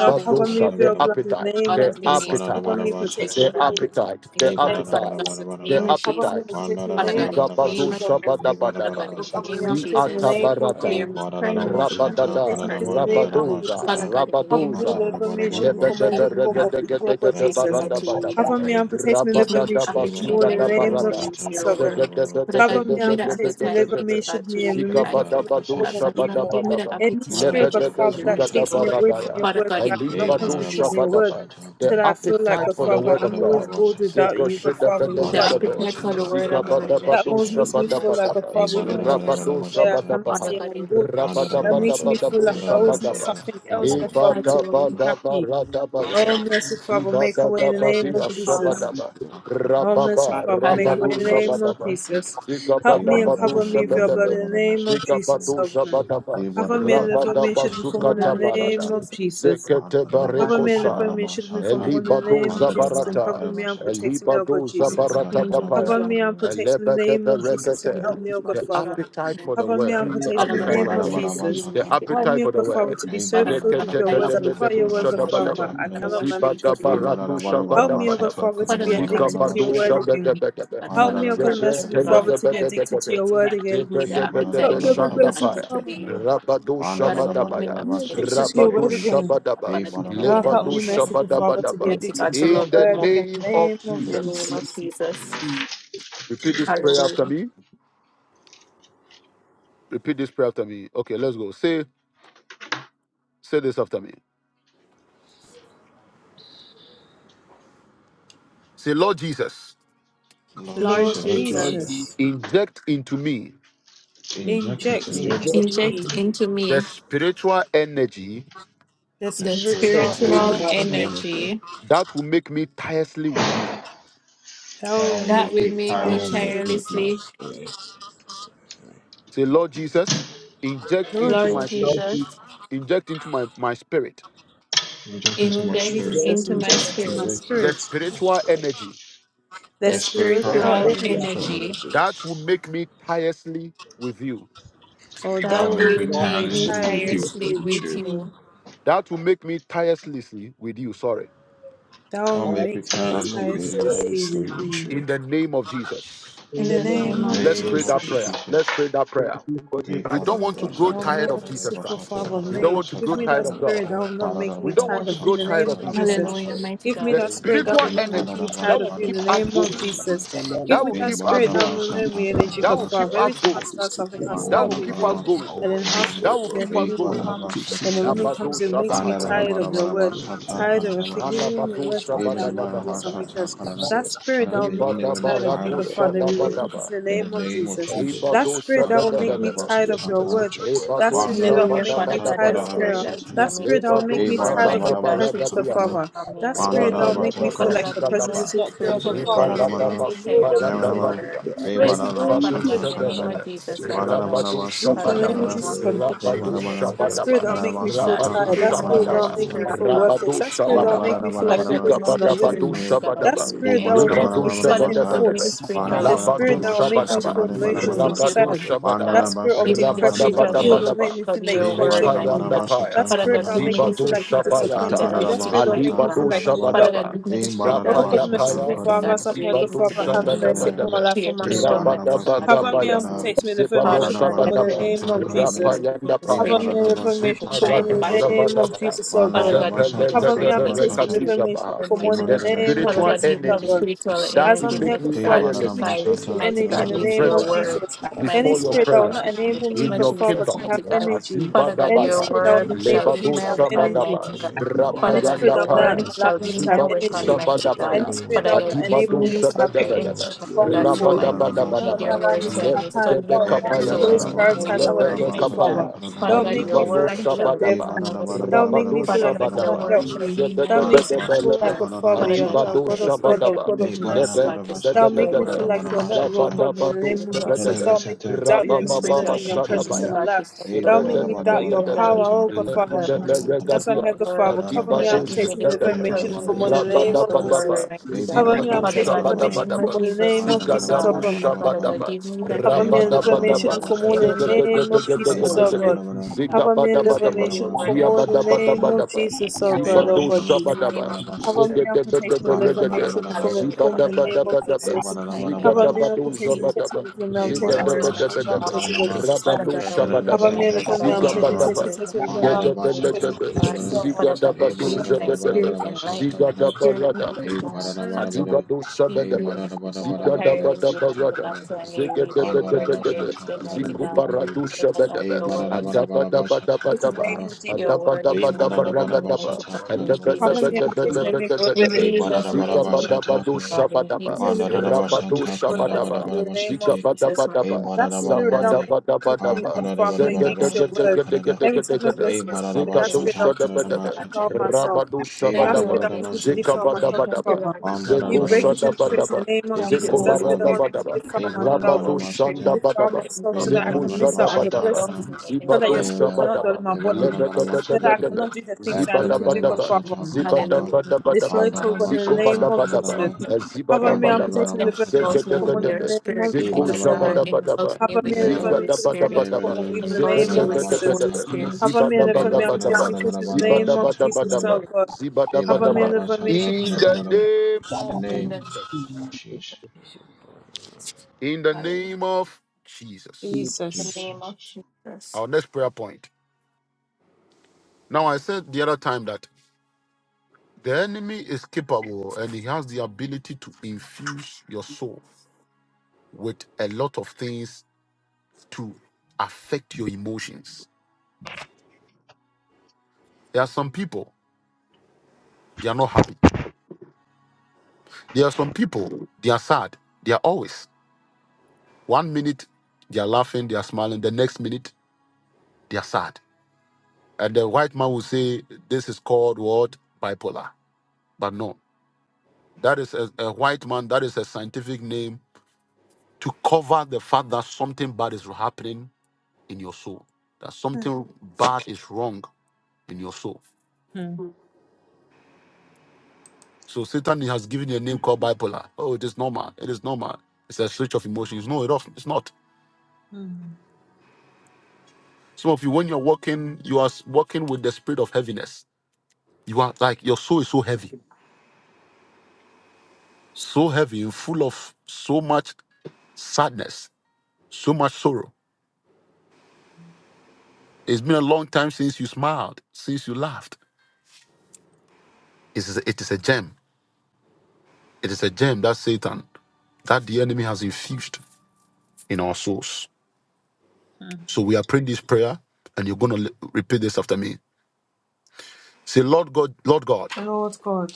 Speaker 5: Oh, cover me
Speaker 1: sha-
Speaker 5: with
Speaker 1: The
Speaker 5: your blood in the
Speaker 1: appetite,
Speaker 5: name
Speaker 4: Father,
Speaker 1: the
Speaker 4: in
Speaker 5: of
Speaker 4: the
Speaker 6: Hey,
Speaker 4: name
Speaker 5: Jesus.
Speaker 4: of
Speaker 5: Cover
Speaker 4: Jesus,
Speaker 5: me,
Speaker 1: appetite,
Speaker 5: protect
Speaker 4: give me
Speaker 5: me,
Speaker 1: the
Speaker 4: the
Speaker 5: deliver
Speaker 6: barabarabarabashatakanara.
Speaker 5: me,
Speaker 4: opportunity
Speaker 5: shield
Speaker 1: appetite,
Speaker 5: me from all
Speaker 1: the
Speaker 4: to
Speaker 6: Hey,
Speaker 5: in the name
Speaker 6: bada
Speaker 4: God,
Speaker 6: da
Speaker 4: Father
Speaker 5: of
Speaker 6: bada
Speaker 4: God,
Speaker 1: appetite,
Speaker 6: bada
Speaker 5: Jesus.
Speaker 4: in
Speaker 6: bada
Speaker 4: the
Speaker 1: the
Speaker 4: name of
Speaker 6: ba.
Speaker 5: Cover
Speaker 4: Jesus,
Speaker 5: me
Speaker 1: appetite.
Speaker 5: and take
Speaker 6: Banda
Speaker 5: me
Speaker 6: da
Speaker 5: in
Speaker 6: da
Speaker 5: the
Speaker 4: Father
Speaker 6: bada
Speaker 4: God,
Speaker 5: name
Speaker 4: in the
Speaker 6: bada
Speaker 5: of
Speaker 6: ba
Speaker 5: Jesus.
Speaker 1: Zigabado
Speaker 4: name of Jesus,
Speaker 5: Cover me.
Speaker 6: kiri bada
Speaker 4: Father
Speaker 6: bada
Speaker 1: shabadabadaba.
Speaker 4: God,
Speaker 6: ba
Speaker 4: in
Speaker 5: Oh,
Speaker 4: the
Speaker 5: cover
Speaker 4: name
Speaker 5: me
Speaker 6: shata
Speaker 4: of
Speaker 5: and
Speaker 6: kara.
Speaker 5: take
Speaker 7: I
Speaker 5: me in the
Speaker 7: want
Speaker 4: Jesus,
Speaker 7: get
Speaker 5: name of
Speaker 7: time
Speaker 6: Hey,
Speaker 1: Ziatabarata.
Speaker 4: hear my
Speaker 5: Jesus.
Speaker 6: bada da
Speaker 4: prayer,
Speaker 6: da
Speaker 7: of
Speaker 6: ba
Speaker 4: mighty God,
Speaker 5: Cover
Speaker 7: giving
Speaker 5: me
Speaker 7: up
Speaker 5: and
Speaker 4: hear
Speaker 6: shata
Speaker 4: my
Speaker 5: take
Speaker 6: kara
Speaker 5: me
Speaker 1: Rabadada,
Speaker 6: da
Speaker 4: prayer,
Speaker 5: in the
Speaker 6: banda
Speaker 4: mighty
Speaker 6: da
Speaker 5: name
Speaker 6: da
Speaker 4: God,
Speaker 5: of
Speaker 6: ba
Speaker 1: rabadoza,
Speaker 5: Jesus.
Speaker 4: Father
Speaker 6: shata.
Speaker 4: God, in the
Speaker 5: Cover
Speaker 4: name of
Speaker 5: me and
Speaker 6: Bada
Speaker 1: rabadoza,
Speaker 6: da da
Speaker 5: deliver me
Speaker 6: bada
Speaker 5: and
Speaker 4: Jesus,
Speaker 6: bada
Speaker 5: shield me
Speaker 6: ba
Speaker 5: from every
Speaker 4: give
Speaker 6: shata
Speaker 4: me the
Speaker 5: form
Speaker 6: kiri.
Speaker 5: of evil
Speaker 4: opportunity,
Speaker 5: for
Speaker 6: Bada
Speaker 4: mighty
Speaker 6: da
Speaker 5: Jesus.
Speaker 6: da
Speaker 4: God,
Speaker 6: ba
Speaker 4: to read
Speaker 1: Lebedebedegedegedegedebadabadaba.
Speaker 4: your
Speaker 6: shata
Speaker 5: Cover me
Speaker 4: word.
Speaker 5: and
Speaker 6: kiri.
Speaker 5: protect me
Speaker 4: Give me
Speaker 5: deliver me
Speaker 4: the
Speaker 5: and shield me
Speaker 6: Hey,
Speaker 4: appetite,
Speaker 5: from
Speaker 6: bada
Speaker 5: all
Speaker 6: da
Speaker 5: in
Speaker 6: bada
Speaker 4: mighty
Speaker 5: the
Speaker 6: bada
Speaker 4: God,
Speaker 5: name
Speaker 6: ba
Speaker 5: of
Speaker 4: to
Speaker 1: Rabadadabasudadabarada.
Speaker 4: read
Speaker 6: shata
Speaker 5: Jesus.
Speaker 4: your
Speaker 6: kara da
Speaker 5: Cover me.
Speaker 6: bada
Speaker 4: word.
Speaker 6: bada
Speaker 4: Father
Speaker 5: Cover
Speaker 4: God, give
Speaker 5: me
Speaker 4: me
Speaker 5: and
Speaker 4: the
Speaker 5: protect me
Speaker 4: appetite,
Speaker 5: deliver me
Speaker 4: mighty
Speaker 5: and
Speaker 1: Zegedebedebedebedebedebedebe.
Speaker 4: God,
Speaker 5: shield
Speaker 4: to
Speaker 5: me and
Speaker 4: read the
Speaker 6: Hey,
Speaker 5: remove me
Speaker 4: Bible,
Speaker 6: bada da
Speaker 5: from
Speaker 4: mighty
Speaker 6: ba
Speaker 5: every form
Speaker 4: God.
Speaker 5: of
Speaker 6: shata
Speaker 4: Father
Speaker 6: kara.
Speaker 4: God,
Speaker 5: evil.
Speaker 4: give me the
Speaker 1: Zigabadabadoshabadabadaba.
Speaker 5: Any
Speaker 4: appetite,
Speaker 6: Bada da
Speaker 5: spirit,
Speaker 4: mighty
Speaker 5: God
Speaker 7: to
Speaker 4: God,
Speaker 6: bada bada
Speaker 5: Father,
Speaker 4: to
Speaker 6: ba
Speaker 5: that
Speaker 7: Jesus.
Speaker 4: read
Speaker 5: takes
Speaker 4: your
Speaker 6: shata
Speaker 5: me
Speaker 4: word.
Speaker 5: away
Speaker 6: kara
Speaker 5: from
Speaker 1: Lebedebezugadabaradaya.
Speaker 5: your
Speaker 4: Father
Speaker 5: word, so
Speaker 4: God,
Speaker 5: that
Speaker 4: in the
Speaker 5: I
Speaker 6: Hey,
Speaker 5: cannot
Speaker 4: name of
Speaker 6: bada da
Speaker 5: concentrate on
Speaker 4: Jesus.
Speaker 6: bada
Speaker 5: your
Speaker 6: ba
Speaker 5: word,
Speaker 1: Elibadoshabadaba.
Speaker 6: shata
Speaker 1: The
Speaker 5: so that
Speaker 6: kara.
Speaker 5: I feel like,
Speaker 1: appetite
Speaker 5: God
Speaker 1: for the
Speaker 6: Bada da
Speaker 5: Father,
Speaker 1: word
Speaker 5: I'm
Speaker 1: of
Speaker 6: bada bada
Speaker 5: always
Speaker 1: God.
Speaker 6: ba
Speaker 5: bored
Speaker 6: shata
Speaker 5: without you,
Speaker 6: kiri.
Speaker 5: God Father,
Speaker 7: you know, to
Speaker 4: that
Speaker 5: without
Speaker 6: Bada
Speaker 4: are
Speaker 6: da da ba
Speaker 1: Zegoshedebedebedebe.
Speaker 5: your
Speaker 7: just
Speaker 5: presence,
Speaker 4: for
Speaker 5: God
Speaker 4: the
Speaker 5: Father.
Speaker 4: word
Speaker 6: kara
Speaker 4: of
Speaker 6: da
Speaker 7: drop
Speaker 4: God
Speaker 7: them
Speaker 4: in
Speaker 6: bada ba
Speaker 4: the
Speaker 5: That
Speaker 4: name
Speaker 5: always
Speaker 6: shata
Speaker 7: and
Speaker 5: makes
Speaker 7: you
Speaker 6: kiri.
Speaker 5: me
Speaker 7: me
Speaker 4: of
Speaker 7: time
Speaker 5: feel
Speaker 4: Jesus.
Speaker 5: like a
Speaker 1: Zigabadabadoshabadabadaba.
Speaker 7: to,
Speaker 5: father,
Speaker 7: to,
Speaker 5: even when the
Speaker 7: to,
Speaker 5: opposite is there, I cannot
Speaker 4: Father
Speaker 5: see
Speaker 6: Ebadadabadabadabashatakara,
Speaker 1: Rabadoshabadabaha.
Speaker 5: it. I'm
Speaker 4: God, in the name
Speaker 5: bored.
Speaker 4: of Jesus.
Speaker 7: to take
Speaker 5: That
Speaker 7: and
Speaker 5: makes
Speaker 7: learn
Speaker 5: me
Speaker 6: Gandadadabashata,
Speaker 5: feel
Speaker 7: and
Speaker 5: like
Speaker 7: learn
Speaker 5: I
Speaker 7: from
Speaker 5: always need
Speaker 7: God.
Speaker 1: Rabadabadabadaboshabadaba.
Speaker 6: Kondadabashata,
Speaker 5: something
Speaker 7: I
Speaker 5: else,
Speaker 7: don't
Speaker 5: God
Speaker 7: want to
Speaker 1: Leba
Speaker 5: Father,
Speaker 7: get
Speaker 5: to
Speaker 1: da
Speaker 5: make
Speaker 7: tired
Speaker 1: ba
Speaker 5: me
Speaker 4: Hallelujah.
Speaker 7: of it.
Speaker 1: da ba
Speaker 5: happy.
Speaker 1: ra da ba
Speaker 7: Like,
Speaker 1: ya.
Speaker 5: Oh,
Speaker 7: I,
Speaker 5: mercy, Father,
Speaker 1: Ziba
Speaker 5: make a
Speaker 1: da
Speaker 5: way
Speaker 1: da
Speaker 5: in the
Speaker 1: ba
Speaker 5: name
Speaker 1: di
Speaker 5: of
Speaker 1: ya
Speaker 4: Mercy, Father.
Speaker 5: Jesus.
Speaker 1: da ba.
Speaker 7: you know,
Speaker 6: Ebadadabashata,
Speaker 5: Oh,
Speaker 6: Kadadabashata,
Speaker 5: mercy,
Speaker 1: Rababa, rabadu
Speaker 5: Father, make a
Speaker 3: Zaba,
Speaker 5: way in the
Speaker 4: Hallelujah.
Speaker 1: shaba
Speaker 5: name
Speaker 4: Yes.
Speaker 1: da
Speaker 6: Kadadabadabashata,
Speaker 5: of
Speaker 1: ba.
Speaker 5: Jesus.
Speaker 1: Ziga ba
Speaker 5: Help
Speaker 1: da
Speaker 5: me and
Speaker 1: ba du
Speaker 5: cover me with
Speaker 1: shaba
Speaker 5: your
Speaker 1: da
Speaker 5: blood
Speaker 1: ba.
Speaker 5: in the name of
Speaker 6: Ebadadabadabadabadabashata,
Speaker 1: Ziga ba
Speaker 5: Jesus,
Speaker 1: du
Speaker 5: oh
Speaker 1: shaba
Speaker 5: God.
Speaker 1: da
Speaker 3: Zaba,
Speaker 1: ba.
Speaker 5: Cover me and
Speaker 1: Raba
Speaker 5: deliver
Speaker 1: da
Speaker 5: me,
Speaker 1: ba
Speaker 6: Ebadadabadabashata,
Speaker 5: should be from
Speaker 1: suka
Speaker 5: one
Speaker 1: ta
Speaker 5: in the
Speaker 1: ba ra
Speaker 4: Hallelujah,
Speaker 6: Kadadabadabashata,
Speaker 1: da.
Speaker 5: name of
Speaker 4: Jesus.
Speaker 5: Jesus.
Speaker 1: Zekete
Speaker 5: Cover
Speaker 1: bareko
Speaker 5: me and
Speaker 6: Mandadabashata,
Speaker 5: deliver
Speaker 1: sha.
Speaker 5: me, should be
Speaker 6: Dadabashata,
Speaker 5: from one in the name of Jesus, and cover
Speaker 1: zabarata.
Speaker 5: me and
Speaker 6: Mandadabandadabashata,
Speaker 5: protect me,
Speaker 6: Kada,
Speaker 5: oh
Speaker 1: Eliba
Speaker 5: God,
Speaker 1: do
Speaker 4: Father,
Speaker 5: Jesus.
Speaker 4: you
Speaker 1: zabarata
Speaker 4: change of
Speaker 5: Cover
Speaker 1: kapaya.
Speaker 5: me and
Speaker 4: Israel.
Speaker 6: Ebadadabadabadabadabada,
Speaker 5: protect me in the
Speaker 1: Elebe de
Speaker 5: name of Jesus and help
Speaker 1: berekete.
Speaker 5: me,
Speaker 4: experience
Speaker 5: O
Speaker 4: what
Speaker 5: God
Speaker 1: The
Speaker 4: is
Speaker 5: Father.
Speaker 4: wrong
Speaker 1: appetite
Speaker 4: in my
Speaker 1: for the
Speaker 5: Cover
Speaker 4: life.
Speaker 5: me and
Speaker 1: word. The
Speaker 5: protect
Speaker 4: Father
Speaker 5: me in
Speaker 4: God,
Speaker 5: the
Speaker 1: appetite for
Speaker 5: name
Speaker 1: the
Speaker 5: of
Speaker 4: wash me
Speaker 1: word.
Speaker 5: Jesus.
Speaker 4: clean,
Speaker 1: The
Speaker 6: Ebadadabadabashata,
Speaker 4: mercy by
Speaker 5: Help
Speaker 4: His
Speaker 6: Kada,
Speaker 5: me,
Speaker 1: appetite
Speaker 5: O
Speaker 1: for the
Speaker 5: God Father,
Speaker 1: word
Speaker 5: to be so
Speaker 4: Father
Speaker 5: filled
Speaker 4: God,
Speaker 5: with your word
Speaker 4: baptize
Speaker 5: that
Speaker 7: I
Speaker 4: me
Speaker 7: don't
Speaker 6: Ebadadabadabashata,
Speaker 7: want
Speaker 5: without
Speaker 7: to.
Speaker 5: your
Speaker 4: with
Speaker 5: word, God
Speaker 4: the blood.
Speaker 1: Zeketebedebezebushabadaba.
Speaker 5: Father,
Speaker 6: Kadadabashata,
Speaker 5: I
Speaker 4: Father
Speaker 6: Kada,
Speaker 4: God,
Speaker 5: cannot
Speaker 4: wash me
Speaker 5: manage, God
Speaker 4: free in
Speaker 6: Ee,
Speaker 4: the
Speaker 5: Father.
Speaker 4: name of
Speaker 6: manada bara
Speaker 4: Jesus.
Speaker 6: bada
Speaker 5: Help me, O
Speaker 6: basha
Speaker 5: God
Speaker 1: Zibadabaratushadabadabadaba.
Speaker 6: taka
Speaker 5: Father, to
Speaker 6: da
Speaker 4: Father
Speaker 5: be
Speaker 4: God,
Speaker 6: bara
Speaker 5: addicted
Speaker 4: current
Speaker 6: bada
Speaker 4: what
Speaker 5: to your
Speaker 6: basha
Speaker 4: is
Speaker 5: word
Speaker 4: wrong with
Speaker 6: taka.
Speaker 4: me.
Speaker 5: again.
Speaker 1: Zikabadushadabadabadaba.
Speaker 4: But
Speaker 5: Help
Speaker 6: Manada
Speaker 4: Father
Speaker 5: me,
Speaker 6: da
Speaker 4: God,
Speaker 5: O God
Speaker 6: basha
Speaker 4: current what
Speaker 5: merciful
Speaker 4: is wrong
Speaker 6: taka.
Speaker 5: Father,
Speaker 4: with
Speaker 5: to be
Speaker 4: my life.
Speaker 5: addicted to
Speaker 1: Zebrentebedebedebedebe.
Speaker 5: your
Speaker 4: mighty
Speaker 5: word
Speaker 4: God.
Speaker 5: again.
Speaker 4: Give me
Speaker 6: Ee,
Speaker 4: the
Speaker 6: manada
Speaker 4: appetite, mighty
Speaker 5: Help me,
Speaker 6: bara
Speaker 5: O God
Speaker 6: bara
Speaker 4: God,
Speaker 5: merciful
Speaker 6: basha
Speaker 4: to
Speaker 1: Zebedebedebeshandapaya.
Speaker 5: Father,
Speaker 6: taka
Speaker 4: study your
Speaker 6: da.
Speaker 4: word. Father
Speaker 6: Manada da
Speaker 4: God, give
Speaker 6: bara
Speaker 4: me the
Speaker 6: bara
Speaker 1: Rabadushabadabaya.
Speaker 5: to be
Speaker 4: appetite
Speaker 6: basha
Speaker 4: to
Speaker 5: addicted to
Speaker 4: study
Speaker 6: taka
Speaker 5: your
Speaker 6: da
Speaker 4: your
Speaker 5: word
Speaker 4: word.
Speaker 6: be.
Speaker 4: mighty
Speaker 5: again.
Speaker 4: God.
Speaker 1: Rabadushabadaba.
Speaker 6: Ee,
Speaker 4: Father God,
Speaker 6: manada
Speaker 4: give me
Speaker 5: Oh,
Speaker 4: the
Speaker 6: bara
Speaker 5: help me,
Speaker 6: basha
Speaker 4: appetite,
Speaker 6: taka
Speaker 5: merciful
Speaker 6: da.
Speaker 5: Father, to be
Speaker 1: Lebadushabadabadaba.
Speaker 4: mighty
Speaker 5: addicted
Speaker 4: God, to
Speaker 5: to your
Speaker 1: In
Speaker 4: love you
Speaker 1: the
Speaker 5: word
Speaker 4: more.
Speaker 5: again in
Speaker 1: name
Speaker 5: the
Speaker 1: of
Speaker 5: name of
Speaker 4: In the name
Speaker 1: Jesus.
Speaker 4: of
Speaker 5: Jesus.
Speaker 4: Jesus.
Speaker 1: Repeat this prayer after
Speaker 4: Hallelujah.
Speaker 1: me. Repeat this prayer after me. Okay, let's go. Say, say this after me. Say, Lord Jesus,
Speaker 6: Lord
Speaker 4: Lord
Speaker 5: Lord
Speaker 7: Oh,
Speaker 6: Jesus,
Speaker 3: Lord,
Speaker 4: Jesus.
Speaker 3: you
Speaker 7: Jesus,
Speaker 5: Jesus.
Speaker 1: inject into me
Speaker 6: inject into
Speaker 5: Inject
Speaker 6: me
Speaker 7: inject
Speaker 3: inject
Speaker 5: into
Speaker 7: into me.
Speaker 4: Inject
Speaker 5: me
Speaker 3: into
Speaker 4: into
Speaker 1: the
Speaker 4: me
Speaker 1: spiritual energy
Speaker 5: the
Speaker 6: the
Speaker 4: the
Speaker 3: the
Speaker 6: spiritual
Speaker 5: spiritual
Speaker 7: Just
Speaker 4: spiritual
Speaker 7: break
Speaker 6: energy
Speaker 3: spiritual
Speaker 7: my
Speaker 5: energy
Speaker 3: food,
Speaker 7: energy.
Speaker 4: energy
Speaker 1: that will make me tirelessly with you.
Speaker 5: that will
Speaker 6: that will
Speaker 5: make
Speaker 4: that
Speaker 6: make
Speaker 4: will
Speaker 6: me
Speaker 5: me
Speaker 7: I
Speaker 4: make me
Speaker 7: don't
Speaker 6: tirelessly
Speaker 5: tirelessly.
Speaker 7: make me
Speaker 6: with you.
Speaker 4: tirelessly,
Speaker 7: pass away.
Speaker 1: Say, Lord Jesus, inject
Speaker 5: Lord,
Speaker 1: into
Speaker 4: Lord
Speaker 1: my
Speaker 6: Lord
Speaker 3: Lord, you
Speaker 6: Jesus,
Speaker 4: Jesus,
Speaker 1: inject into my, my spirit
Speaker 6: inject into
Speaker 5: Lord
Speaker 6: my
Speaker 4: inject
Speaker 6: spirit
Speaker 3: inject
Speaker 5: Jesus,
Speaker 4: into
Speaker 3: into
Speaker 4: my
Speaker 5: inject into my
Speaker 4: spirit
Speaker 7: Inject me.
Speaker 1: the
Speaker 5: spirit
Speaker 7: Yes,
Speaker 1: spiritual
Speaker 7: Christ.
Speaker 1: energy
Speaker 5: the
Speaker 4: the
Speaker 6: the spiritual
Speaker 3: the
Speaker 5: spiritual
Speaker 4: spiritual
Speaker 7: Just
Speaker 6: energy
Speaker 3: spiritual
Speaker 7: break your
Speaker 5: energy,
Speaker 3: food,
Speaker 4: energy
Speaker 7: energy.
Speaker 1: that will make me tirelessly with you.
Speaker 5: or
Speaker 6: that
Speaker 5: that
Speaker 4: that
Speaker 6: will
Speaker 5: will
Speaker 6: make me
Speaker 5: make
Speaker 4: will
Speaker 3: Lord,
Speaker 4: make
Speaker 5: me
Speaker 3: you
Speaker 4: me
Speaker 3: make
Speaker 6: tirelessly with
Speaker 5: tirelessly
Speaker 6: you.
Speaker 7: With
Speaker 4: tirelessly
Speaker 7: the
Speaker 5: with
Speaker 4: with
Speaker 7: truth.
Speaker 5: you.
Speaker 4: you
Speaker 1: That will make me tirelessly with you. Sorry.
Speaker 5: That
Speaker 6: That
Speaker 5: will
Speaker 6: will
Speaker 3: us
Speaker 6: make me
Speaker 5: make me
Speaker 7: I
Speaker 6: tirelessly
Speaker 7: make
Speaker 6: with
Speaker 7: me
Speaker 6: you.
Speaker 7: tired of
Speaker 5: tirelessly with
Speaker 7: sleep with
Speaker 5: you.
Speaker 1: In
Speaker 7: you.
Speaker 1: the name of Jesus.
Speaker 5: In
Speaker 3: in
Speaker 4: in
Speaker 5: the
Speaker 3: the
Speaker 4: the
Speaker 3: name
Speaker 6: In
Speaker 3: of
Speaker 7: In
Speaker 4: name
Speaker 5: name
Speaker 7: the
Speaker 6: the
Speaker 4: of
Speaker 5: of
Speaker 1: Let's
Speaker 7: mighty
Speaker 1: pray
Speaker 7: name
Speaker 6: name of
Speaker 1: that
Speaker 4: Jesus.
Speaker 5: Jesus.
Speaker 1: prayer.
Speaker 6: Jesus.
Speaker 1: Let's pray that prayer.
Speaker 3: Jesus,
Speaker 6: Hey,
Speaker 3: crucify
Speaker 1: We don't want to
Speaker 7: of
Speaker 1: grow
Speaker 5: Oh,
Speaker 6: Pararabashata,
Speaker 1: tired of Jesus
Speaker 5: merciful
Speaker 1: Christ.
Speaker 6: Kararabashata,
Speaker 7: Jesus.
Speaker 5: Father,
Speaker 1: We don't
Speaker 5: make.
Speaker 1: want to
Speaker 5: Give
Speaker 1: grow
Speaker 6: Kararabashata,
Speaker 7: In
Speaker 5: me
Speaker 7: the
Speaker 5: that
Speaker 1: tired of
Speaker 6: Kara,
Speaker 5: spirit
Speaker 1: God.
Speaker 5: that will
Speaker 7: morning,
Speaker 5: not make me
Speaker 1: We don't
Speaker 5: tired
Speaker 1: want
Speaker 5: of
Speaker 1: to
Speaker 5: you in
Speaker 1: grow
Speaker 5: the
Speaker 6: Pararabarabashata,
Speaker 1: tired
Speaker 5: name
Speaker 7: that's
Speaker 1: of
Speaker 5: of
Speaker 1: Him.
Speaker 7: what I
Speaker 5: Jesus.
Speaker 4: Hallelujah,
Speaker 7: pray.
Speaker 6: Kararabarabashata,
Speaker 4: mighty
Speaker 5: Give
Speaker 6: Kara.
Speaker 5: me
Speaker 4: God.
Speaker 1: The
Speaker 5: that
Speaker 7: Late
Speaker 5: spirit
Speaker 7: in
Speaker 5: that
Speaker 1: spiritual
Speaker 7: the
Speaker 5: will
Speaker 6: Hey,
Speaker 5: not make
Speaker 1: energy
Speaker 7: afternoon,
Speaker 5: me
Speaker 7: I
Speaker 5: tired
Speaker 1: that
Speaker 5: of
Speaker 1: will
Speaker 5: you
Speaker 7: pray.
Speaker 5: in the
Speaker 1: keep us
Speaker 5: name of
Speaker 1: going
Speaker 7: You
Speaker 6: Pararabarabarabashata,
Speaker 7: give me
Speaker 6: Kara.
Speaker 5: Jesus.
Speaker 7: the
Speaker 3: the
Speaker 7: energy,
Speaker 3: man
Speaker 5: Give
Speaker 1: That
Speaker 5: me
Speaker 1: will
Speaker 7: you
Speaker 6: Hey,
Speaker 5: that
Speaker 1: keep
Speaker 7: give me
Speaker 1: us
Speaker 5: spirit that
Speaker 1: going.
Speaker 5: will remain
Speaker 6: Pararabashata,
Speaker 5: me
Speaker 7: give me
Speaker 5: energy,
Speaker 7: the
Speaker 1: That
Speaker 5: God
Speaker 1: will
Speaker 5: Father.
Speaker 1: keep
Speaker 7: hunger
Speaker 6: Kararabashata,
Speaker 5: Every
Speaker 1: us
Speaker 5: time I
Speaker 6: Kara.
Speaker 1: going.
Speaker 7: to
Speaker 5: start
Speaker 7: seek
Speaker 5: something,
Speaker 7: you
Speaker 5: I
Speaker 7: more
Speaker 1: That
Speaker 5: start
Speaker 1: will
Speaker 5: with
Speaker 1: keep
Speaker 7: over and
Speaker 5: Him,
Speaker 1: us
Speaker 7: over and
Speaker 1: going.
Speaker 6: Pararabarabarabashata,
Speaker 5: and
Speaker 7: over
Speaker 5: then
Speaker 7: again,
Speaker 6: Kara.
Speaker 5: halfway through,
Speaker 7: Father
Speaker 1: That will
Speaker 5: the
Speaker 7: God.
Speaker 1: keep us
Speaker 6: Hey,
Speaker 5: enemy
Speaker 7: I
Speaker 5: will
Speaker 1: going.
Speaker 7: want to
Speaker 5: come,
Speaker 7: keep
Speaker 5: and
Speaker 6: Pararabashata,
Speaker 5: then when
Speaker 7: seeking
Speaker 5: He
Speaker 7: you,
Speaker 6: Kara.
Speaker 7: Father
Speaker 1: Labado
Speaker 5: comes, it
Speaker 7: God.
Speaker 5: makes me
Speaker 7: I want
Speaker 1: Shabahataya.
Speaker 7: to
Speaker 5: tired of
Speaker 7: keep
Speaker 5: Your Word,
Speaker 7: seeking you,
Speaker 6: Pararabarabarabashata,
Speaker 7: everyone
Speaker 5: tired of
Speaker 7: out
Speaker 5: everything.
Speaker 7: there,
Speaker 6: Kararabaraba.
Speaker 5: Even
Speaker 7: Father
Speaker 5: when
Speaker 7: God.
Speaker 5: Your
Speaker 7: I
Speaker 1: Malabado
Speaker 5: Word
Speaker 7: just
Speaker 5: is
Speaker 6: Hey,
Speaker 7: want
Speaker 5: there,
Speaker 7: to
Speaker 5: I'd
Speaker 7: keep
Speaker 5: rather
Speaker 7: knowing
Speaker 5: do
Speaker 7: you. I
Speaker 1: Shabadadabahataya.
Speaker 5: something
Speaker 7: want
Speaker 6: Pararabarabashata,
Speaker 7: to be
Speaker 5: else.
Speaker 6: Karara.
Speaker 5: That
Speaker 7: obsessed with you,
Speaker 5: spirit
Speaker 6: Father,
Speaker 5: that will
Speaker 6: may we
Speaker 5: make
Speaker 7: Father
Speaker 5: me
Speaker 6: never be
Speaker 5: tired
Speaker 7: God.
Speaker 5: of
Speaker 6: tired
Speaker 5: You,
Speaker 1: Libadabarako
Speaker 6: of
Speaker 7: Father
Speaker 5: God
Speaker 6: your
Speaker 7: God,
Speaker 5: Father, we
Speaker 6: word,
Speaker 7: I
Speaker 6: O
Speaker 7: pray
Speaker 6: Lord.
Speaker 5: rebuke
Speaker 1: Shadabadaba.
Speaker 5: it in the
Speaker 6: In
Speaker 7: that
Speaker 6: the
Speaker 5: name of
Speaker 6: name of
Speaker 5: Jesus.
Speaker 7: I give it up
Speaker 5: That
Speaker 1: Libado
Speaker 6: Jesus,
Speaker 5: spirit that will make me
Speaker 1: Shadadabelebe.
Speaker 7: to
Speaker 5: tired
Speaker 7: be
Speaker 5: of
Speaker 6: Pararabashata,
Speaker 5: Your
Speaker 7: obsessed
Speaker 6: Kara.
Speaker 5: Word.
Speaker 7: with your word,
Speaker 5: That
Speaker 7: Father
Speaker 1: Libado
Speaker 5: spirit
Speaker 7: God.
Speaker 5: that will
Speaker 7: I
Speaker 4: Hallelujah,
Speaker 5: make
Speaker 7: pray.
Speaker 4: Father
Speaker 5: me
Speaker 4: God,
Speaker 5: tired
Speaker 4: that
Speaker 5: of
Speaker 1: Shabadabadabadaba.
Speaker 7: uh,
Speaker 4: spirit
Speaker 5: prayer.
Speaker 4: that's
Speaker 5: That
Speaker 6: Mandarabashatakarabasatakare.
Speaker 4: roaming
Speaker 5: spirit that
Speaker 4: into
Speaker 5: will
Speaker 7: that
Speaker 4: the
Speaker 1: Lebado
Speaker 5: make
Speaker 6: E
Speaker 5: me
Speaker 4: word,
Speaker 5: tired
Speaker 7: you
Speaker 5: of
Speaker 4: mighty
Speaker 1: Shabada
Speaker 5: your
Speaker 4: God, take
Speaker 5: presence,
Speaker 4: it
Speaker 5: God
Speaker 7: give me
Speaker 1: Baragadias,
Speaker 6: bararabarabashatakara.
Speaker 4: away
Speaker 5: Father.
Speaker 4: from me,
Speaker 5: That
Speaker 4: mighty
Speaker 7: Father, in
Speaker 5: spirit that
Speaker 4: God.
Speaker 5: will
Speaker 7: the
Speaker 5: make me
Speaker 7: name
Speaker 1: Rapayada
Speaker 7: of
Speaker 4: Father
Speaker 5: feel
Speaker 7: God
Speaker 5: like
Speaker 6: Mandarabashatakara.
Speaker 4: God,
Speaker 5: your presence
Speaker 4: remove
Speaker 7: tonight,
Speaker 5: is
Speaker 1: Basukadaba,
Speaker 4: this
Speaker 5: not there,
Speaker 4: spirit in
Speaker 5: God
Speaker 7: Father, I
Speaker 4: me that
Speaker 5: Father.
Speaker 4: is
Speaker 5: Have
Speaker 7: pray
Speaker 1: Ibalada
Speaker 7: that
Speaker 4: making
Speaker 5: mercy,
Speaker 6: Bararabara.
Speaker 4: me
Speaker 5: Lord,
Speaker 7: you
Speaker 4: tired of
Speaker 5: what
Speaker 1: Basubarada
Speaker 4: your
Speaker 7: can
Speaker 5: Jesus.
Speaker 7: end
Speaker 6: Yagarabaraba.
Speaker 1: Badia,
Speaker 4: word,
Speaker 7: the
Speaker 5: Have
Speaker 6: E
Speaker 4: mighty
Speaker 5: mercy,
Speaker 7: appetite of
Speaker 4: God.
Speaker 5: Lord,
Speaker 7: the
Speaker 4: Father
Speaker 5: what
Speaker 1: Ejibado
Speaker 4: God,
Speaker 5: Jesus.
Speaker 4: in the name
Speaker 7: obsession
Speaker 4: of
Speaker 6: bararabashatakarabaraba.
Speaker 1: Shabebe,
Speaker 7: to
Speaker 4: Jesus,
Speaker 7: keep
Speaker 4: mighty
Speaker 7: on
Speaker 4: God.
Speaker 1: Rabado
Speaker 7: seeking
Speaker 5: Bless the
Speaker 4: Father God,
Speaker 5: name
Speaker 7: for
Speaker 5: of
Speaker 1: Shabadaba,
Speaker 7: your
Speaker 6: Bararabarabashatakara.
Speaker 4: I
Speaker 5: Jesus,
Speaker 4: want
Speaker 7: word
Speaker 4: you
Speaker 5: God.
Speaker 4: to
Speaker 6: E
Speaker 7: over
Speaker 1: Rabado
Speaker 4: change
Speaker 7: and
Speaker 4: that
Speaker 6: barabara.
Speaker 5: That
Speaker 7: over
Speaker 4: spirit in
Speaker 5: spirit
Speaker 1: Shabadaba,
Speaker 4: me,
Speaker 7: again,
Speaker 5: that'll make me
Speaker 7: looking
Speaker 4: mighty
Speaker 7: for
Speaker 5: feel
Speaker 4: God.
Speaker 7: the
Speaker 1: Rabado
Speaker 5: tired. That
Speaker 4: Remove
Speaker 5: spirit
Speaker 7: looking
Speaker 5: that'll
Speaker 4: that
Speaker 1: Shabadaba,
Speaker 5: make me
Speaker 7: for
Speaker 4: spirit
Speaker 5: feel
Speaker 6: Yarabashatakarabarabashatakara.
Speaker 4: from me,
Speaker 7: for-
Speaker 5: worthless.
Speaker 1: Rabado
Speaker 7: for-
Speaker 5: That
Speaker 4: mighty
Speaker 7: for
Speaker 5: spirit
Speaker 6: E
Speaker 5: that'll
Speaker 4: God.
Speaker 5: make
Speaker 1: Shabadaba,
Speaker 5: me feel
Speaker 7: the
Speaker 5: like
Speaker 4: Father
Speaker 5: her
Speaker 4: God,
Speaker 7: God
Speaker 6: bararabarabaraba.
Speaker 5: presence
Speaker 7: in
Speaker 5: is
Speaker 4: remove
Speaker 7: your
Speaker 5: not
Speaker 4: that
Speaker 6: E
Speaker 5: with
Speaker 7: children,
Speaker 4: spirit,
Speaker 1: Zigabadabado
Speaker 5: me.
Speaker 7: Father
Speaker 4: mighty
Speaker 7: God.
Speaker 6: kukere.
Speaker 4: God,
Speaker 7: I
Speaker 4: and
Speaker 5: That
Speaker 4: give
Speaker 1: Shabadaba.
Speaker 4: me
Speaker 7: pray
Speaker 6: E
Speaker 4: the
Speaker 5: spirit that will
Speaker 4: energy.
Speaker 7: that
Speaker 5: give
Speaker 1: Libado
Speaker 5: me
Speaker 4: Father
Speaker 7: I
Speaker 5: second
Speaker 4: God, give
Speaker 6: bararabarabarabasa.
Speaker 4: me
Speaker 1: Shabadabadaba,
Speaker 4: the
Speaker 5: thoughts.
Speaker 7: may
Speaker 4: spiritual
Speaker 5: The
Speaker 7: ask
Speaker 4: energy,
Speaker 5: spirit
Speaker 1: Labado
Speaker 5: that will
Speaker 4: mighty
Speaker 5: make me
Speaker 6: Bararabarabarabashatakara.
Speaker 1: Shabadaba,
Speaker 5: feel
Speaker 7: seeking
Speaker 4: God,
Speaker 7: for
Speaker 4: to
Speaker 7: your
Speaker 5: emotional,
Speaker 4: seek
Speaker 6: Barabarabarabara.
Speaker 7: word,
Speaker 4: you
Speaker 1: Rabado
Speaker 4: more,
Speaker 5: sad.
Speaker 7: Father. I
Speaker 4: mighty God.
Speaker 5: That
Speaker 1: Shabadaba,
Speaker 5: spirit of
Speaker 4: Give me the
Speaker 5: depression. That
Speaker 4: spiritual
Speaker 6: Mandarabashatakarabaraba.
Speaker 5: spirit will
Speaker 4: energy to
Speaker 5: make
Speaker 1: Rabadabadabadaba,
Speaker 5: me feel
Speaker 4: study
Speaker 5: like you
Speaker 4: your
Speaker 6: Eh,
Speaker 5: cannot do
Speaker 4: word,
Speaker 5: it for
Speaker 4: mighty
Speaker 5: me.
Speaker 1: Repayanda
Speaker 4: God.
Speaker 1: Paya.
Speaker 5: That
Speaker 6: badadabadabashata,
Speaker 4: Father
Speaker 5: spirit
Speaker 4: God,
Speaker 5: that'll
Speaker 4: give
Speaker 5: make
Speaker 4: me
Speaker 5: me
Speaker 4: the
Speaker 5: feel
Speaker 1: Zibado
Speaker 6: kadadabashata.
Speaker 5: like you
Speaker 4: spiritual
Speaker 7: pray that
Speaker 4: energy that
Speaker 5: disappointed
Speaker 1: Shabayata,
Speaker 7: you
Speaker 5: me.
Speaker 4: I
Speaker 7: do
Speaker 5: That
Speaker 7: that.
Speaker 4: seek,
Speaker 5: spirit that'll
Speaker 4: mighty
Speaker 5: make
Speaker 6: Andadadabashata,
Speaker 5: me
Speaker 1: Alibado
Speaker 5: feel
Speaker 4: God.
Speaker 5: like you
Speaker 6: kadadaba.
Speaker 4: Father
Speaker 5: failed
Speaker 4: God,
Speaker 1: Shabadaba,
Speaker 5: me.
Speaker 4: give me the
Speaker 6: Eh,
Speaker 4: spiritual
Speaker 5: Oh, good
Speaker 4: energy,
Speaker 6: badadabashata,
Speaker 5: merciful
Speaker 1: Rapayapaya,
Speaker 4: mighty
Speaker 5: Father,
Speaker 4: God,
Speaker 5: as
Speaker 6: kadada.
Speaker 5: I'm
Speaker 4: that will
Speaker 5: here, good
Speaker 4: lead me
Speaker 1: Zibado
Speaker 4: to
Speaker 5: Father,
Speaker 4: the
Speaker 5: have
Speaker 6: Eh,
Speaker 4: kingdom,
Speaker 5: mercy
Speaker 4: of-
Speaker 5: upon my
Speaker 6: kadada.
Speaker 1: Shabadabadaba,
Speaker 5: life
Speaker 4: to your
Speaker 5: and my
Speaker 6: Eh,
Speaker 4: kingdom,
Speaker 5: soul.
Speaker 4: mighty God, in
Speaker 5: Cover
Speaker 6: badadabashata,
Speaker 5: me
Speaker 4: Jesus'
Speaker 5: and
Speaker 1: Rabadabagabaya,
Speaker 6: kadada.
Speaker 4: name.
Speaker 5: protect me in the
Speaker 1: Zibalo
Speaker 4: Father
Speaker 5: formation
Speaker 4: God, I
Speaker 5: from the
Speaker 4: pray
Speaker 1: Shabadaba,
Speaker 4: to
Speaker 5: name
Speaker 6: Badadabadabashata,
Speaker 4: be
Speaker 5: of
Speaker 4: mighty
Speaker 5: Jesus.
Speaker 6: kadada.
Speaker 4: God, give me the
Speaker 6: Eh,
Speaker 5: Cover
Speaker 1: Rapayandapaya,
Speaker 4: spiritual
Speaker 6: Kanada.
Speaker 5: me in the
Speaker 4: energy to
Speaker 5: formation from
Speaker 4: fight the
Speaker 1: Zibarado
Speaker 5: the
Speaker 4: battles,
Speaker 6: kadadabashata.
Speaker 4: mighty
Speaker 5: name of
Speaker 4: God.
Speaker 1: Shabadabaya,
Speaker 5: Jesus, O
Speaker 4: Father
Speaker 5: God.
Speaker 4: God, give me the
Speaker 6: Badadabashata,
Speaker 5: Cover me and
Speaker 4: spiritual
Speaker 5: protect me
Speaker 4: energy
Speaker 5: in the
Speaker 4: to
Speaker 6: kadadabashata,
Speaker 4: your
Speaker 6: eh.
Speaker 5: formation
Speaker 1: Zebelegadeberekatujabaha.
Speaker 4: word,
Speaker 5: from
Speaker 6: Eh,
Speaker 4: mighty
Speaker 1: The
Speaker 5: the
Speaker 4: God.
Speaker 7: You don't
Speaker 5: name of
Speaker 4: Father
Speaker 6: badadabashata,
Speaker 1: spiritual
Speaker 4: God,
Speaker 5: Jesus,
Speaker 4: give
Speaker 6: kadada.
Speaker 4: me
Speaker 5: O
Speaker 4: the
Speaker 1: energy
Speaker 5: God.
Speaker 4: spiritual
Speaker 7: seek
Speaker 1: that
Speaker 5: As
Speaker 1: will
Speaker 4: energy,
Speaker 5: I'm
Speaker 7: your
Speaker 5: here,
Speaker 7: word,
Speaker 1: make
Speaker 4: mighty
Speaker 5: good
Speaker 1: me
Speaker 7: Father
Speaker 6: Eh,
Speaker 7: God,
Speaker 5: Father,
Speaker 4: God,
Speaker 7: we
Speaker 4: to
Speaker 5: give
Speaker 7: give
Speaker 5: me
Speaker 7: the
Speaker 1: tirelessly
Speaker 4: fight,
Speaker 5: spiritual
Speaker 7: strength
Speaker 6: badadabashata,
Speaker 4: mighty
Speaker 5: energy
Speaker 4: God,
Speaker 5: in
Speaker 1: in
Speaker 6: kadada.
Speaker 7: to
Speaker 5: the
Speaker 1: your
Speaker 7: not
Speaker 4: with
Speaker 5: name
Speaker 7: get
Speaker 4: your
Speaker 5: of
Speaker 7: tired
Speaker 1: presence,
Speaker 4: word
Speaker 5: Jesus.
Speaker 7: of your
Speaker 5: Any
Speaker 4: mighty
Speaker 1: before your
Speaker 7: word,
Speaker 5: spirit that will
Speaker 4: God
Speaker 5: not
Speaker 7: to
Speaker 1: presence,
Speaker 7: be
Speaker 4: the
Speaker 5: enable
Speaker 7: not
Speaker 5: me,
Speaker 4: name
Speaker 1: in
Speaker 4: of
Speaker 5: good
Speaker 7: tired
Speaker 1: your
Speaker 5: Father,
Speaker 4: Jesus,
Speaker 5: to
Speaker 7: of
Speaker 1: kingdom.
Speaker 7: the
Speaker 4: mighty
Speaker 5: have
Speaker 4: God.
Speaker 7: gospel.
Speaker 5: energy.
Speaker 7: Father
Speaker 4: Father
Speaker 7: I
Speaker 4: God,
Speaker 5: Any
Speaker 7: pray
Speaker 4: your
Speaker 7: that
Speaker 1: Azibadabaya,
Speaker 5: spirit that will
Speaker 7: you
Speaker 5: not
Speaker 7: will
Speaker 4: word shall
Speaker 5: enable
Speaker 4: be
Speaker 5: me
Speaker 1: Lebado
Speaker 5: to
Speaker 7: destroy
Speaker 4: my
Speaker 5: have
Speaker 7: it.
Speaker 4: weapon,
Speaker 5: energy.
Speaker 1: Shabadaba,
Speaker 4: mighty
Speaker 7: That will
Speaker 4: God.
Speaker 3: and
Speaker 7: make
Speaker 3: you
Speaker 7: me
Speaker 3: cover
Speaker 4: Father
Speaker 5: Any
Speaker 3: the
Speaker 7: humble.
Speaker 4: God,
Speaker 5: spirit
Speaker 1: Rapayanda
Speaker 4: your
Speaker 5: that
Speaker 7: That
Speaker 5: will
Speaker 7: will
Speaker 5: not
Speaker 1: Paya,
Speaker 4: word
Speaker 7: make
Speaker 5: allow
Speaker 7: me
Speaker 4: shall
Speaker 5: me
Speaker 4: be
Speaker 5: to
Speaker 7: accept
Speaker 4: my
Speaker 5: have
Speaker 1: Zibad
Speaker 7: the
Speaker 4: weapon,
Speaker 5: energy.
Speaker 7: word,
Speaker 3: people
Speaker 7: Father
Speaker 4: mighty
Speaker 3: to
Speaker 7: God,
Speaker 4: God.
Speaker 3: be
Speaker 5: Any
Speaker 1: Shabadabaya,
Speaker 7: even when
Speaker 5: spirit
Speaker 7: I
Speaker 5: that
Speaker 4: Father
Speaker 5: will
Speaker 4: God,
Speaker 5: not
Speaker 7: power.
Speaker 4: give
Speaker 5: enable
Speaker 1: Adibado
Speaker 4: me
Speaker 3: the
Speaker 5: me
Speaker 4: the
Speaker 5: to
Speaker 7: I
Speaker 5: have
Speaker 7: mean,
Speaker 4: spiritual
Speaker 7: what I want
Speaker 5: energy
Speaker 4: energy,
Speaker 1: Shabadabadaba,
Speaker 7: to be,
Speaker 4: mighty
Speaker 7: I
Speaker 5: before
Speaker 4: God,
Speaker 7: want
Speaker 3: only
Speaker 6: Eh,
Speaker 5: before
Speaker 4: so
Speaker 7: to
Speaker 3: thing
Speaker 7: be
Speaker 4: I
Speaker 5: you.
Speaker 3: to
Speaker 4: may
Speaker 7: learning
Speaker 3: be
Speaker 7: more.
Speaker 5: That
Speaker 7: I
Speaker 5: will
Speaker 4: read
Speaker 7: want to
Speaker 4: your
Speaker 5: not
Speaker 1: Rabadabadabadaba,
Speaker 6: badadabashata,
Speaker 5: allow
Speaker 7: get
Speaker 4: word,
Speaker 5: me
Speaker 7: to
Speaker 4: so
Speaker 7: know
Speaker 6: kadada.
Speaker 5: to
Speaker 4: I
Speaker 5: have
Speaker 4: may
Speaker 7: more.
Speaker 5: time.
Speaker 4: study
Speaker 5: That
Speaker 1: Lebedebe
Speaker 4: your
Speaker 5: will
Speaker 6: Hey,
Speaker 7: I
Speaker 4: word,
Speaker 5: allow
Speaker 7: want to
Speaker 4: and
Speaker 3: and
Speaker 7: be
Speaker 5: me
Speaker 3: the
Speaker 6: bara
Speaker 5: to
Speaker 4: so
Speaker 7: obsessed
Speaker 4: I
Speaker 5: always
Speaker 6: bara
Speaker 1: Kapayadaba,
Speaker 4: may
Speaker 3: only
Speaker 6: bara
Speaker 3: thing
Speaker 4: know
Speaker 6: bara
Speaker 5: prioritize
Speaker 4: your
Speaker 5: other
Speaker 6: bara
Speaker 4: word,
Speaker 1: Lebede
Speaker 5: things
Speaker 6: bara
Speaker 5: to
Speaker 4: mighty
Speaker 3: to
Speaker 6: so
Speaker 4: God.
Speaker 6: talk
Speaker 5: Father.
Speaker 3: be.
Speaker 1: Kapaya,
Speaker 6: about the
Speaker 5: That
Speaker 7: with
Speaker 4: Father
Speaker 5: will
Speaker 7: your
Speaker 6: bara
Speaker 4: God,
Speaker 7: word.
Speaker 6: bara
Speaker 5: make
Speaker 4: your
Speaker 5: me feel
Speaker 1: Adibado
Speaker 6: sine.
Speaker 5: like
Speaker 7: But
Speaker 4: word
Speaker 5: you're
Speaker 7: I
Speaker 4: shall
Speaker 5: not there
Speaker 6: Hey,
Speaker 4: be
Speaker 5: for
Speaker 1: Shabadaba,
Speaker 6: bara
Speaker 4: my
Speaker 5: me.
Speaker 6: bara
Speaker 4: weapon.
Speaker 6: bara
Speaker 5: That will
Speaker 6: bara
Speaker 5: make
Speaker 6: bara
Speaker 5: me
Speaker 1: Rabado
Speaker 6: bara
Speaker 5: feel
Speaker 4: Father
Speaker 6: bara
Speaker 5: like you
Speaker 4: God,
Speaker 6: bara
Speaker 7: pray
Speaker 4: your
Speaker 7: that
Speaker 6: bara
Speaker 5: cannot
Speaker 1: Shabadaba,
Speaker 6: bara.
Speaker 4: word
Speaker 7: you
Speaker 5: help
Speaker 7: will
Speaker 4: shall
Speaker 5: me.
Speaker 4: be my
Speaker 5: That
Speaker 4: weapon,
Speaker 6: Bara
Speaker 5: makes me
Speaker 6: bara so
Speaker 4: mighty
Speaker 5: feel
Speaker 6: talk
Speaker 1: Zebedebedebelebe,
Speaker 5: like
Speaker 4: God.
Speaker 5: God
Speaker 6: about the
Speaker 5: Father,
Speaker 6: bara
Speaker 4: Father
Speaker 5: you're
Speaker 6: so
Speaker 4: God,
Speaker 5: not a
Speaker 6: talk
Speaker 1: Adibado
Speaker 4: give
Speaker 5: God
Speaker 4: me the
Speaker 6: about.
Speaker 5: of God or
Speaker 4: spiritual
Speaker 1: Shabadaba,
Speaker 5: God
Speaker 6: Hey,
Speaker 5: of
Speaker 4: energy,
Speaker 6: bara bara
Speaker 4: mighty
Speaker 5: mercy.
Speaker 4: God,
Speaker 6: bara
Speaker 4: to
Speaker 6: bara
Speaker 4: study
Speaker 6: so
Speaker 5: That will
Speaker 4: your
Speaker 6: talk
Speaker 5: make me
Speaker 6: about
Speaker 1: Lebedebedebedebe,
Speaker 4: word.
Speaker 6: the
Speaker 5: feel like
Speaker 6: bara
Speaker 5: you're
Speaker 6: bara
Speaker 4: Father
Speaker 5: not a
Speaker 4: God,
Speaker 5: real
Speaker 4: give me
Speaker 5: God
Speaker 4: the
Speaker 5: in the
Speaker 1: Zabadabado
Speaker 5: name of
Speaker 4: spiritual
Speaker 5: Jesus. That
Speaker 1: Shebedede,
Speaker 5: will make me doubt your
Speaker 4: Give me
Speaker 5: existence
Speaker 4: spiritual
Speaker 1: Rabababa
Speaker 5: and your
Speaker 6: so
Speaker 4: energy,
Speaker 6: talk.
Speaker 5: presence
Speaker 4: mighty
Speaker 5: in
Speaker 6: Bara
Speaker 5: my
Speaker 1: Shadabaya,
Speaker 4: God, to
Speaker 5: life.
Speaker 4: study the
Speaker 5: That will
Speaker 6: bara so talk about the bara
Speaker 5: make
Speaker 6: bara
Speaker 4: word.
Speaker 5: me
Speaker 6: so talk about. Hey, bara bara bara
Speaker 5: doubt your
Speaker 6: bara
Speaker 4: Father
Speaker 6: bara
Speaker 4: God,
Speaker 6: so
Speaker 1: Ebededededede,
Speaker 5: power,
Speaker 4: give me
Speaker 6: talk
Speaker 5: oh
Speaker 4: the
Speaker 5: God
Speaker 6: about the
Speaker 5: Father.
Speaker 4: spiritual
Speaker 1: Lebedebe
Speaker 4: energy to know
Speaker 5: As I'm here
Speaker 1: Regadia,
Speaker 4: the
Speaker 5: Heavenly
Speaker 4: word.
Speaker 5: Father, cover
Speaker 6: bara
Speaker 5: me
Speaker 4: Father
Speaker 6: so
Speaker 5: and
Speaker 1: Adibado
Speaker 4: God, give
Speaker 6: talk
Speaker 4: me
Speaker 5: protect me
Speaker 6: about. Bara bara so talk about
Speaker 4: the
Speaker 5: in the
Speaker 6: the
Speaker 5: very
Speaker 1: Shebedebe,
Speaker 6: bara
Speaker 4: spiritual
Speaker 5: mention
Speaker 6: bara
Speaker 5: for
Speaker 4: energy
Speaker 5: more
Speaker 6: bara
Speaker 5: in
Speaker 4: to
Speaker 6: so
Speaker 5: the name
Speaker 4: use
Speaker 6: talk
Speaker 4: the
Speaker 5: of
Speaker 6: about.
Speaker 5: Jesus.
Speaker 4: word,
Speaker 1: Rabadabadaba,
Speaker 4: mighty
Speaker 6: Hey,
Speaker 4: God.
Speaker 6: bara
Speaker 5: Cover
Speaker 6: bara
Speaker 5: me
Speaker 3: Bagababa,
Speaker 1: Zibado
Speaker 5: and
Speaker 6: bara bara bara bara. Bara bara
Speaker 4: Father
Speaker 6: bara bara bara bara bara bara. Hey,
Speaker 5: protect me in
Speaker 4: God,
Speaker 5: the
Speaker 4: in
Speaker 5: very
Speaker 4: the
Speaker 5: mention
Speaker 4: name
Speaker 5: for
Speaker 4: of
Speaker 1: Shabadabadaba,
Speaker 5: more in the
Speaker 4: Jesus,
Speaker 5: name of
Speaker 4: mighty
Speaker 5: Jesus, oh
Speaker 1: Zigadabu
Speaker 4: God.
Speaker 5: God.
Speaker 4: Father God,
Speaker 1: Shabadaba,
Speaker 4: give me that
Speaker 5: Cover me
Speaker 4: energy,
Speaker 5: and
Speaker 6: bara bara
Speaker 5: deliver me
Speaker 6: bara
Speaker 4: mighty
Speaker 6: bara
Speaker 1: Rabadabadaba,
Speaker 5: and
Speaker 6: bara
Speaker 5: for
Speaker 4: God, the
Speaker 6: so
Speaker 5: more in the
Speaker 6: talk
Speaker 4: energy of
Speaker 6: about.
Speaker 5: name
Speaker 4: you,
Speaker 5: of
Speaker 4: the
Speaker 6: Hey,
Speaker 5: Jesus,
Speaker 4: Holy
Speaker 5: oh
Speaker 6: bara bara
Speaker 1: Zegedegedegedegedegede,
Speaker 4: Spirit,
Speaker 5: God.
Speaker 6: bara bara.
Speaker 4: mighty God,
Speaker 5: Cover me and
Speaker 4: to
Speaker 5: deliver
Speaker 6: Hey,
Speaker 4: study
Speaker 5: me
Speaker 1: Zigabadabadaba,
Speaker 6: bara
Speaker 4: your
Speaker 6: bara
Speaker 5: and for
Speaker 4: word
Speaker 6: bara
Speaker 4: and
Speaker 5: more in
Speaker 4: to
Speaker 6: basha
Speaker 5: the
Speaker 6: ta
Speaker 5: name
Speaker 6: kana.
Speaker 5: of
Speaker 1: Yabadabadabadaba,
Speaker 4: use
Speaker 5: Jesus, oh
Speaker 4: your
Speaker 6: Hey,
Speaker 5: God,
Speaker 4: word.
Speaker 6: bara
Speaker 5: oh
Speaker 1: Zibado
Speaker 6: bada
Speaker 5: God,
Speaker 6: bada
Speaker 4: In the
Speaker 5: Jesus.
Speaker 6: kana
Speaker 4: name
Speaker 6: mene
Speaker 1: Shabadaba,
Speaker 4: of
Speaker 6: bara basha
Speaker 5: Cover me
Speaker 4: Jesus,
Speaker 6: ta.
Speaker 5: and protect me and
Speaker 1: Zegedebedebe
Speaker 6: Bada
Speaker 5: deliver
Speaker 6: da
Speaker 5: me
Speaker 6: bara
Speaker 1: Regede,
Speaker 6: bara
Speaker 5: and for
Speaker 6: basha
Speaker 5: more
Speaker 4: hallelujah.
Speaker 6: ta
Speaker 5: for more in
Speaker 4: Father
Speaker 5: the
Speaker 6: kime.
Speaker 4: God,
Speaker 5: name
Speaker 4: give
Speaker 5: of
Speaker 4: me the
Speaker 1: Zibadabadabadaba,
Speaker 6: Hey,
Speaker 5: Jesus.
Speaker 6: bara bara
Speaker 4: appetite,
Speaker 6: bara
Speaker 4: mighty
Speaker 6: bada
Speaker 5: Cover me
Speaker 4: God,
Speaker 6: basha
Speaker 5: and
Speaker 1: Zigadabado
Speaker 6: ta
Speaker 4: to
Speaker 5: protect me,
Speaker 6: kime.
Speaker 4: seek your,
Speaker 5: protect me,
Speaker 1: Jabadaba,
Speaker 4: to
Speaker 5: deliver me,
Speaker 6: Hey,
Speaker 5: and
Speaker 4: seek
Speaker 7: in
Speaker 5: protect
Speaker 4: your
Speaker 6: bara
Speaker 5: me,
Speaker 7: the
Speaker 6: da
Speaker 5: protect
Speaker 4: word,
Speaker 5: me,
Speaker 4: mighty
Speaker 6: basha
Speaker 5: deliver
Speaker 7: mighty
Speaker 5: me, and
Speaker 6: ta
Speaker 7: name
Speaker 1: Zigadabadabadaba,
Speaker 7: of
Speaker 4: God.
Speaker 6: kana
Speaker 5: protect me,
Speaker 6: da
Speaker 7: Jesus,
Speaker 5: God,
Speaker 6: ba.
Speaker 5: Jesus, oh
Speaker 7: Father
Speaker 4: Father
Speaker 5: God.
Speaker 7: God,
Speaker 1: Rabado
Speaker 4: God,
Speaker 6: Hey, da da
Speaker 4: awake my
Speaker 5: Cover
Speaker 6: basha
Speaker 1: Shabadaba,
Speaker 5: me
Speaker 4: mighty
Speaker 5: and
Speaker 7: I
Speaker 6: ta
Speaker 4: God,
Speaker 5: deliver me
Speaker 7: pray
Speaker 6: kiri
Speaker 7: that
Speaker 5: and
Speaker 4: awake
Speaker 6: bara
Speaker 5: protect
Speaker 6: bara
Speaker 4: my
Speaker 5: me,
Speaker 6: ba.
Speaker 7: you
Speaker 5: protect me,
Speaker 1: Zigabadaba,
Speaker 4: spirit, my
Speaker 5: protect me, deliver me,
Speaker 6: Bada
Speaker 4: God,
Speaker 6: da
Speaker 4: in
Speaker 5: and
Speaker 4: you,
Speaker 6: basha
Speaker 4: my
Speaker 5: protect
Speaker 6: ta
Speaker 5: me,
Speaker 1: Gedabeledebe,
Speaker 7: They
Speaker 6: kana
Speaker 5: God,
Speaker 4: God.
Speaker 6: bara
Speaker 5: Jesus,
Speaker 7: give
Speaker 6: bada.
Speaker 7: me
Speaker 5: oh
Speaker 7: you
Speaker 5: God.
Speaker 4: Father God,
Speaker 7: opportunity
Speaker 6: Hey,
Speaker 7: to
Speaker 1: Zigadabado
Speaker 7: see
Speaker 6: bada
Speaker 5: In
Speaker 4: awake my
Speaker 6: bara bara
Speaker 7: from the
Speaker 6: bara
Speaker 7: word,
Speaker 4: spirit,
Speaker 6: bada
Speaker 7: Father
Speaker 6: basha
Speaker 7: God.
Speaker 6: ta
Speaker 7: You
Speaker 4: enlighten
Speaker 7: give
Speaker 4: my
Speaker 7: me the
Speaker 6: kana.
Speaker 4: spirit,
Speaker 1: Jabadaba,
Speaker 4: mighty
Speaker 6: Hey,
Speaker 7: opportunity to
Speaker 6: bada
Speaker 4: God.
Speaker 7: see
Speaker 6: da bada
Speaker 4: So
Speaker 6: bada
Speaker 4: I
Speaker 6: be.
Speaker 1: Adigado
Speaker 4: may seek
Speaker 6: Hey,
Speaker 4: you,
Speaker 1: Shabadaba,
Speaker 6: bada da
Speaker 4: mighty
Speaker 6: bada
Speaker 4: God,
Speaker 6: bada
Speaker 4: tirelessly,
Speaker 6: basha ta
Speaker 7: from
Speaker 4: mighty
Speaker 7: the
Speaker 1: Zigadabadabarada,
Speaker 4: God,
Speaker 7: next
Speaker 6: kime.
Speaker 4: so
Speaker 7: thing,
Speaker 4: I may
Speaker 7: Father
Speaker 4: read
Speaker 7: God.
Speaker 4: your
Speaker 6: Bada
Speaker 7: I
Speaker 6: da
Speaker 4: word
Speaker 7: don't want to
Speaker 6: basha
Speaker 1: Zigadabadabadaba,
Speaker 7: get
Speaker 6: ta
Speaker 4: tirelessly,
Speaker 7: tired of
Speaker 6: kana da
Speaker 4: mighty
Speaker 7: looking
Speaker 6: bada be
Speaker 4: God.
Speaker 6: be
Speaker 7: for God. I
Speaker 6: be.
Speaker 7: don't
Speaker 1: Zikubaradu
Speaker 7: want to
Speaker 4: Father
Speaker 7: get
Speaker 4: God,
Speaker 7: tired
Speaker 4: as
Speaker 7: of
Speaker 6: Hey,
Speaker 1: Shabadaba,
Speaker 7: looking
Speaker 4: your
Speaker 6: bada
Speaker 4: word
Speaker 6: da
Speaker 4: is
Speaker 6: bada
Speaker 4: my
Speaker 6: basha ta
Speaker 5: the
Speaker 6: kana da
Speaker 4: weapon.
Speaker 1: Adabadabadabadaba,
Speaker 5: name of Jesus.
Speaker 4: Your word is
Speaker 6: Be
Speaker 4: my
Speaker 6: manada bada
Speaker 4: weapon, mighty
Speaker 1: Adabadabadabaragadaba,
Speaker 7: for
Speaker 4: God,
Speaker 6: bashata
Speaker 7: God.
Speaker 4: in
Speaker 6: kanada bada
Speaker 5: Cover
Speaker 4: Jesus'
Speaker 5: me and
Speaker 6: bashata
Speaker 4: mighty
Speaker 5: protect
Speaker 6: kiri.
Speaker 5: me
Speaker 4: name.
Speaker 5: and make all the way
Speaker 4: In
Speaker 5: this
Speaker 1: Adabadabadabadabadabadaba,
Speaker 6: Be
Speaker 5: is in
Speaker 6: manada
Speaker 4: Jesus'
Speaker 5: the
Speaker 6: bada
Speaker 4: mighty name,
Speaker 6: bashata
Speaker 1: Zigabadabadu
Speaker 4: mighty
Speaker 6: kanada.
Speaker 4: God, in
Speaker 1: Shabadaba,
Speaker 4: Jesus'
Speaker 6: Manada bada
Speaker 4: mighty name,
Speaker 1: Rabadu
Speaker 6: bashata kanada
Speaker 4: Father
Speaker 6: bada
Speaker 1: Shabadaba,
Speaker 4: God,
Speaker 5: in
Speaker 6: bada
Speaker 5: the name of
Speaker 6: bashati.
Speaker 4: in
Speaker 5: Jesus.
Speaker 4: Jesus' mighty,
Speaker 6: Be
Speaker 1: Zigabadabadaba,
Speaker 5: That
Speaker 6: manada bada
Speaker 5: spirit that
Speaker 4: Jesus'
Speaker 5: will
Speaker 4: mighty
Speaker 6: mani.
Speaker 5: make you do
Speaker 4: name.
Speaker 6: Ha
Speaker 5: things
Speaker 1: Zabadabadabadaba,
Speaker 5: of
Speaker 6: kanada
Speaker 5: profit
Speaker 6: bada
Speaker 4: Thank you,
Speaker 6: bada
Speaker 5: against
Speaker 4: thank
Speaker 5: your
Speaker 4: you,
Speaker 6: bashata
Speaker 4: Jesus.
Speaker 5: word.
Speaker 6: kanada.
Speaker 5: Every
Speaker 4: thank
Speaker 5: time
Speaker 4: you,
Speaker 5: a
Speaker 4: Holy
Speaker 1: Zegadagadagadagadagadagada,
Speaker 6: Be
Speaker 5: blessing
Speaker 4: Spirit.
Speaker 5: is
Speaker 6: manada
Speaker 5: coming,
Speaker 4: Thank
Speaker 5: that
Speaker 4: you,
Speaker 1: Zigado
Speaker 5: spirit that
Speaker 4: God.
Speaker 6: bashata
Speaker 5: wants
Speaker 4: Thank
Speaker 6: kanada
Speaker 5: me
Speaker 4: you,
Speaker 5: to
Speaker 1: Shabadaba,
Speaker 4: God.
Speaker 5: defile
Speaker 6: bashati.
Speaker 4: Thank you, God.
Speaker 5: myself.
Speaker 1: Rabadu
Speaker 6: Be
Speaker 4: Thank
Speaker 5: That
Speaker 4: you,
Speaker 6: manada
Speaker 4: Lord.
Speaker 5: spirit
Speaker 1: Shabadaba,
Speaker 5: that
Speaker 6: bada
Speaker 4: Thank
Speaker 5: wants me to
Speaker 4: you, thank
Speaker 5: defile
Speaker 6: bashata
Speaker 4: you,
Speaker 5: myself,
Speaker 6: kanada.
Speaker 4: thank you,
Speaker 1: Zikabadabadaba,
Speaker 5: Father.
Speaker 4: Lord. In
Speaker 6: Manada
Speaker 5: We
Speaker 1: Zeko
Speaker 6: bada
Speaker 4: Jesus.
Speaker 5: break it
Speaker 1: shanda
Speaker 5: and
Speaker 6: bashati.
Speaker 5: trace in
Speaker 1: badaba.
Speaker 5: the name of
Speaker 6: Be
Speaker 4: Thank you,
Speaker 6: kibida
Speaker 5: Jesus.
Speaker 1: Zeko
Speaker 5: That
Speaker 6: bada
Speaker 4: Holy
Speaker 6: bada
Speaker 5: spirit that
Speaker 1: barada
Speaker 4: Spirit.
Speaker 6: bada.
Speaker 5: wants
Speaker 4: Thank
Speaker 5: me to
Speaker 1: badaba.
Speaker 4: you,
Speaker 5: defile
Speaker 4: God.
Speaker 6: Be manada
Speaker 4: Thank you,
Speaker 5: myself
Speaker 6: bada
Speaker 1: Rabado
Speaker 4: Holy Spirit.
Speaker 5: and
Speaker 1: shanda
Speaker 4: Thank
Speaker 6: bashata.
Speaker 4: you,
Speaker 5: defile
Speaker 1: badaba.
Speaker 4: God.
Speaker 5: myself
Speaker 6: Be
Speaker 4: Engulf
Speaker 5: so that
Speaker 6: manada
Speaker 5: I
Speaker 4: me.
Speaker 1: Zeko
Speaker 6: bada
Speaker 5: can
Speaker 4: Thank
Speaker 6: bada
Speaker 4: you,
Speaker 5: miss
Speaker 1: shanda
Speaker 5: out on
Speaker 4: God.
Speaker 5: the
Speaker 6: bashata
Speaker 1: badaba.
Speaker 4: Engulf
Speaker 5: blessings,
Speaker 6: kanada.
Speaker 4: me.
Speaker 5: so that your
Speaker 1: Zibado
Speaker 6: Be
Speaker 4: Engulf me,
Speaker 5: spirit
Speaker 6: manada
Speaker 5: cannot dwell
Speaker 4: Lord.
Speaker 5: in
Speaker 1: shabadaba.
Speaker 5: my
Speaker 6: bada
Speaker 5: body,
Speaker 6: bada
Speaker 4: Jesus.
Speaker 5: so that
Speaker 6: bashata
Speaker 5: I
Speaker 6: kibida.
Speaker 1: Lebedebedebedebe.
Speaker 5: cannot do the things that I
Speaker 6: Be
Speaker 5: need to
Speaker 6: manada bada
Speaker 5: do, God,
Speaker 1: Zibadabadaba.
Speaker 6: bashata
Speaker 5: Father.
Speaker 6: kanada.
Speaker 4: Hallelujah. Engulf me,
Speaker 5: Destroy
Speaker 1: Zibadabadabadaba.
Speaker 5: it,
Speaker 4: Lord.
Speaker 5: oh God, in the
Speaker 1: Ziko
Speaker 5: name
Speaker 6: Andarabashata
Speaker 5: of
Speaker 1: badabadaba.
Speaker 5: Jesus.
Speaker 4: Engulf me, Engulf
Speaker 6: Kadaraba,
Speaker 4: me with your
Speaker 5: Cover
Speaker 4: Spirit.
Speaker 5: me and
Speaker 1: Zibadabadaba.
Speaker 5: protect me in the
Speaker 6: Bandaribarabashata
Speaker 4: Engulf
Speaker 5: formation
Speaker 4: me
Speaker 5: from
Speaker 4: with
Speaker 5: one
Speaker 6: Kadarabe,
Speaker 5: in
Speaker 4: your
Speaker 1: Zegedebedebe.
Speaker 5: the name
Speaker 4: Spirit,
Speaker 5: of
Speaker 6: E
Speaker 1: Zeko
Speaker 4: mighty
Speaker 5: Jesus, oh
Speaker 6: Barabara,
Speaker 4: God.
Speaker 5: God.
Speaker 1: shabadabadaba.
Speaker 4: Engulf me
Speaker 5: Cover me
Speaker 4: with the
Speaker 5: and
Speaker 6: yeah,
Speaker 5: deliver me
Speaker 4: Holy
Speaker 5: and from every
Speaker 4: Spirit.
Speaker 5: form
Speaker 1: Zigadabadabadaba.
Speaker 5: of evil in the
Speaker 7: And
Speaker 4: Engulf
Speaker 5: name
Speaker 7: see
Speaker 4: me
Speaker 5: of
Speaker 4: with the
Speaker 5: Jesus.
Speaker 4: Holy
Speaker 6: Barabarabashata
Speaker 1: Zebedebedebedebe.
Speaker 6: Kadar,
Speaker 4: Spirit.
Speaker 5: Cover me and
Speaker 6: E
Speaker 5: deliver me
Speaker 4: Engulf
Speaker 5: and protect me,
Speaker 1: Zibadabadabadaba.
Speaker 5: protect me in the name of
Speaker 6: Barabarabarabashata
Speaker 5: Jesus, oh
Speaker 6: Kadaraba,
Speaker 1: Zibadabadabadaba.
Speaker 5: God.
Speaker 6: E
Speaker 5: Cover me and
Speaker 1: Zibadabadaba.
Speaker 5: deliver me and
Speaker 6: Barabarabashata
Speaker 1: In
Speaker 5: from
Speaker 1: the
Speaker 5: every
Speaker 6: Kadarabaraba,
Speaker 5: form of evil
Speaker 1: name
Speaker 6: the
Speaker 1: of
Speaker 5: in the name
Speaker 4: me.
Speaker 6: name
Speaker 5: of Jesus.
Speaker 6: of
Speaker 1: Jesus.
Speaker 6: Jesus,
Speaker 1: In the
Speaker 4: Hallelujah.
Speaker 1: name of Jesus.
Speaker 4: In the
Speaker 5: Jesus.
Speaker 4: name of
Speaker 6: Jesus,
Speaker 4: Jesus.
Speaker 1: Our next prayer point. Now, I said the other time that the enemy is capable and he has the ability to infuse your soul with a lot of things to affect your emotions. There are some people, they are not happy. There are some people, they are sad. They are always. One minute, they are laughing, they are smiling. The next minute, they are sad. And the white man will say, This is called what? Bipolar But no, that is a, a white man, that is a scientific name to cover the fact that something bad is happening in your soul, that something bad is wrong in your soul.
Speaker 5: Hmm.
Speaker 1: So Satan has given you a name called bipolar. Oh, it is normal. It is normal. It's a switch of emotions. No, it off. It's not.
Speaker 5: Hmm.
Speaker 1: Some of you, when you're walking, you are s- walking with the spirit of heaviness. You are like your soul is so heavy, so heavy, and full of so much sadness, so much sorrow. It's been a long time since you smiled, since you laughed It is, it is a gem. It is a gem that Satan, that the enemy has infused in our souls. So we are praying this prayer, and you're going to repeat this after me. Say, Lord God, Lord God,
Speaker 5: Lord God,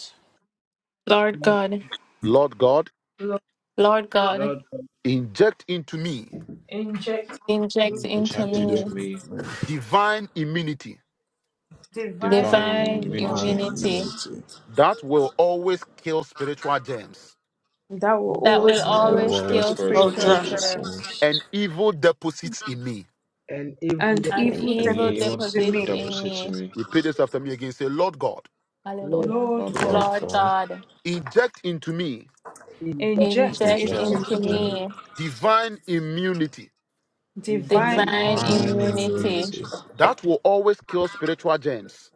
Speaker 4: Lord
Speaker 3: Lord,
Speaker 4: God,
Speaker 1: Lord God,
Speaker 5: Lord,
Speaker 4: Lord God,
Speaker 3: Lord, God,
Speaker 1: inject into me
Speaker 5: inject
Speaker 4: inject
Speaker 5: into
Speaker 3: we
Speaker 5: me
Speaker 3: give
Speaker 4: into
Speaker 6: inject
Speaker 7: in your
Speaker 6: into
Speaker 4: me
Speaker 6: me
Speaker 7: command,
Speaker 1: divine immunity
Speaker 5: divine
Speaker 6: divine
Speaker 4: divine
Speaker 7: divine
Speaker 6: immunity
Speaker 4: immunity
Speaker 7: immunity,
Speaker 1: that will always kill spiritual germs
Speaker 5: that will
Speaker 4: that
Speaker 6: that
Speaker 4: will
Speaker 5: always
Speaker 6: will
Speaker 5: through
Speaker 7: that
Speaker 6: always
Speaker 4: always
Speaker 6: kill
Speaker 7: was
Speaker 4: kill
Speaker 5: all
Speaker 6: spiritual
Speaker 7: both
Speaker 4: spiritual
Speaker 6: germs
Speaker 5: germs
Speaker 4: germs
Speaker 7: attractions
Speaker 1: and evil deposits in me.
Speaker 5: and
Speaker 4: and
Speaker 7: and
Speaker 5: evil
Speaker 6: and
Speaker 7: evil
Speaker 4: evil
Speaker 5: deposits
Speaker 7: that
Speaker 6: evil
Speaker 7: was
Speaker 5: in
Speaker 4: deposits
Speaker 5: me.
Speaker 7: evil.
Speaker 4: in
Speaker 6: deposits in
Speaker 4: me.
Speaker 6: me,
Speaker 1: Repeat this after me again. Say, Lord God,
Speaker 3: Lord,
Speaker 4: Hallelujah.
Speaker 5: Lord
Speaker 6: Lord
Speaker 5: God,
Speaker 6: God,
Speaker 7: Lord
Speaker 4: Lord
Speaker 7: God,
Speaker 4: God,
Speaker 1: inject into me
Speaker 3: in
Speaker 5: inject
Speaker 4: inject
Speaker 7: inject
Speaker 5: into
Speaker 6: inject
Speaker 4: into
Speaker 7: us
Speaker 6: into
Speaker 5: me
Speaker 7: with
Speaker 6: me
Speaker 4: me
Speaker 1: divine immunity
Speaker 3: divine
Speaker 5: divine
Speaker 4: divine
Speaker 3: will
Speaker 5: immunity
Speaker 7: divine
Speaker 6: divine
Speaker 4: immunity
Speaker 7: immunity
Speaker 6: immunity
Speaker 1: that will always kill spiritual germs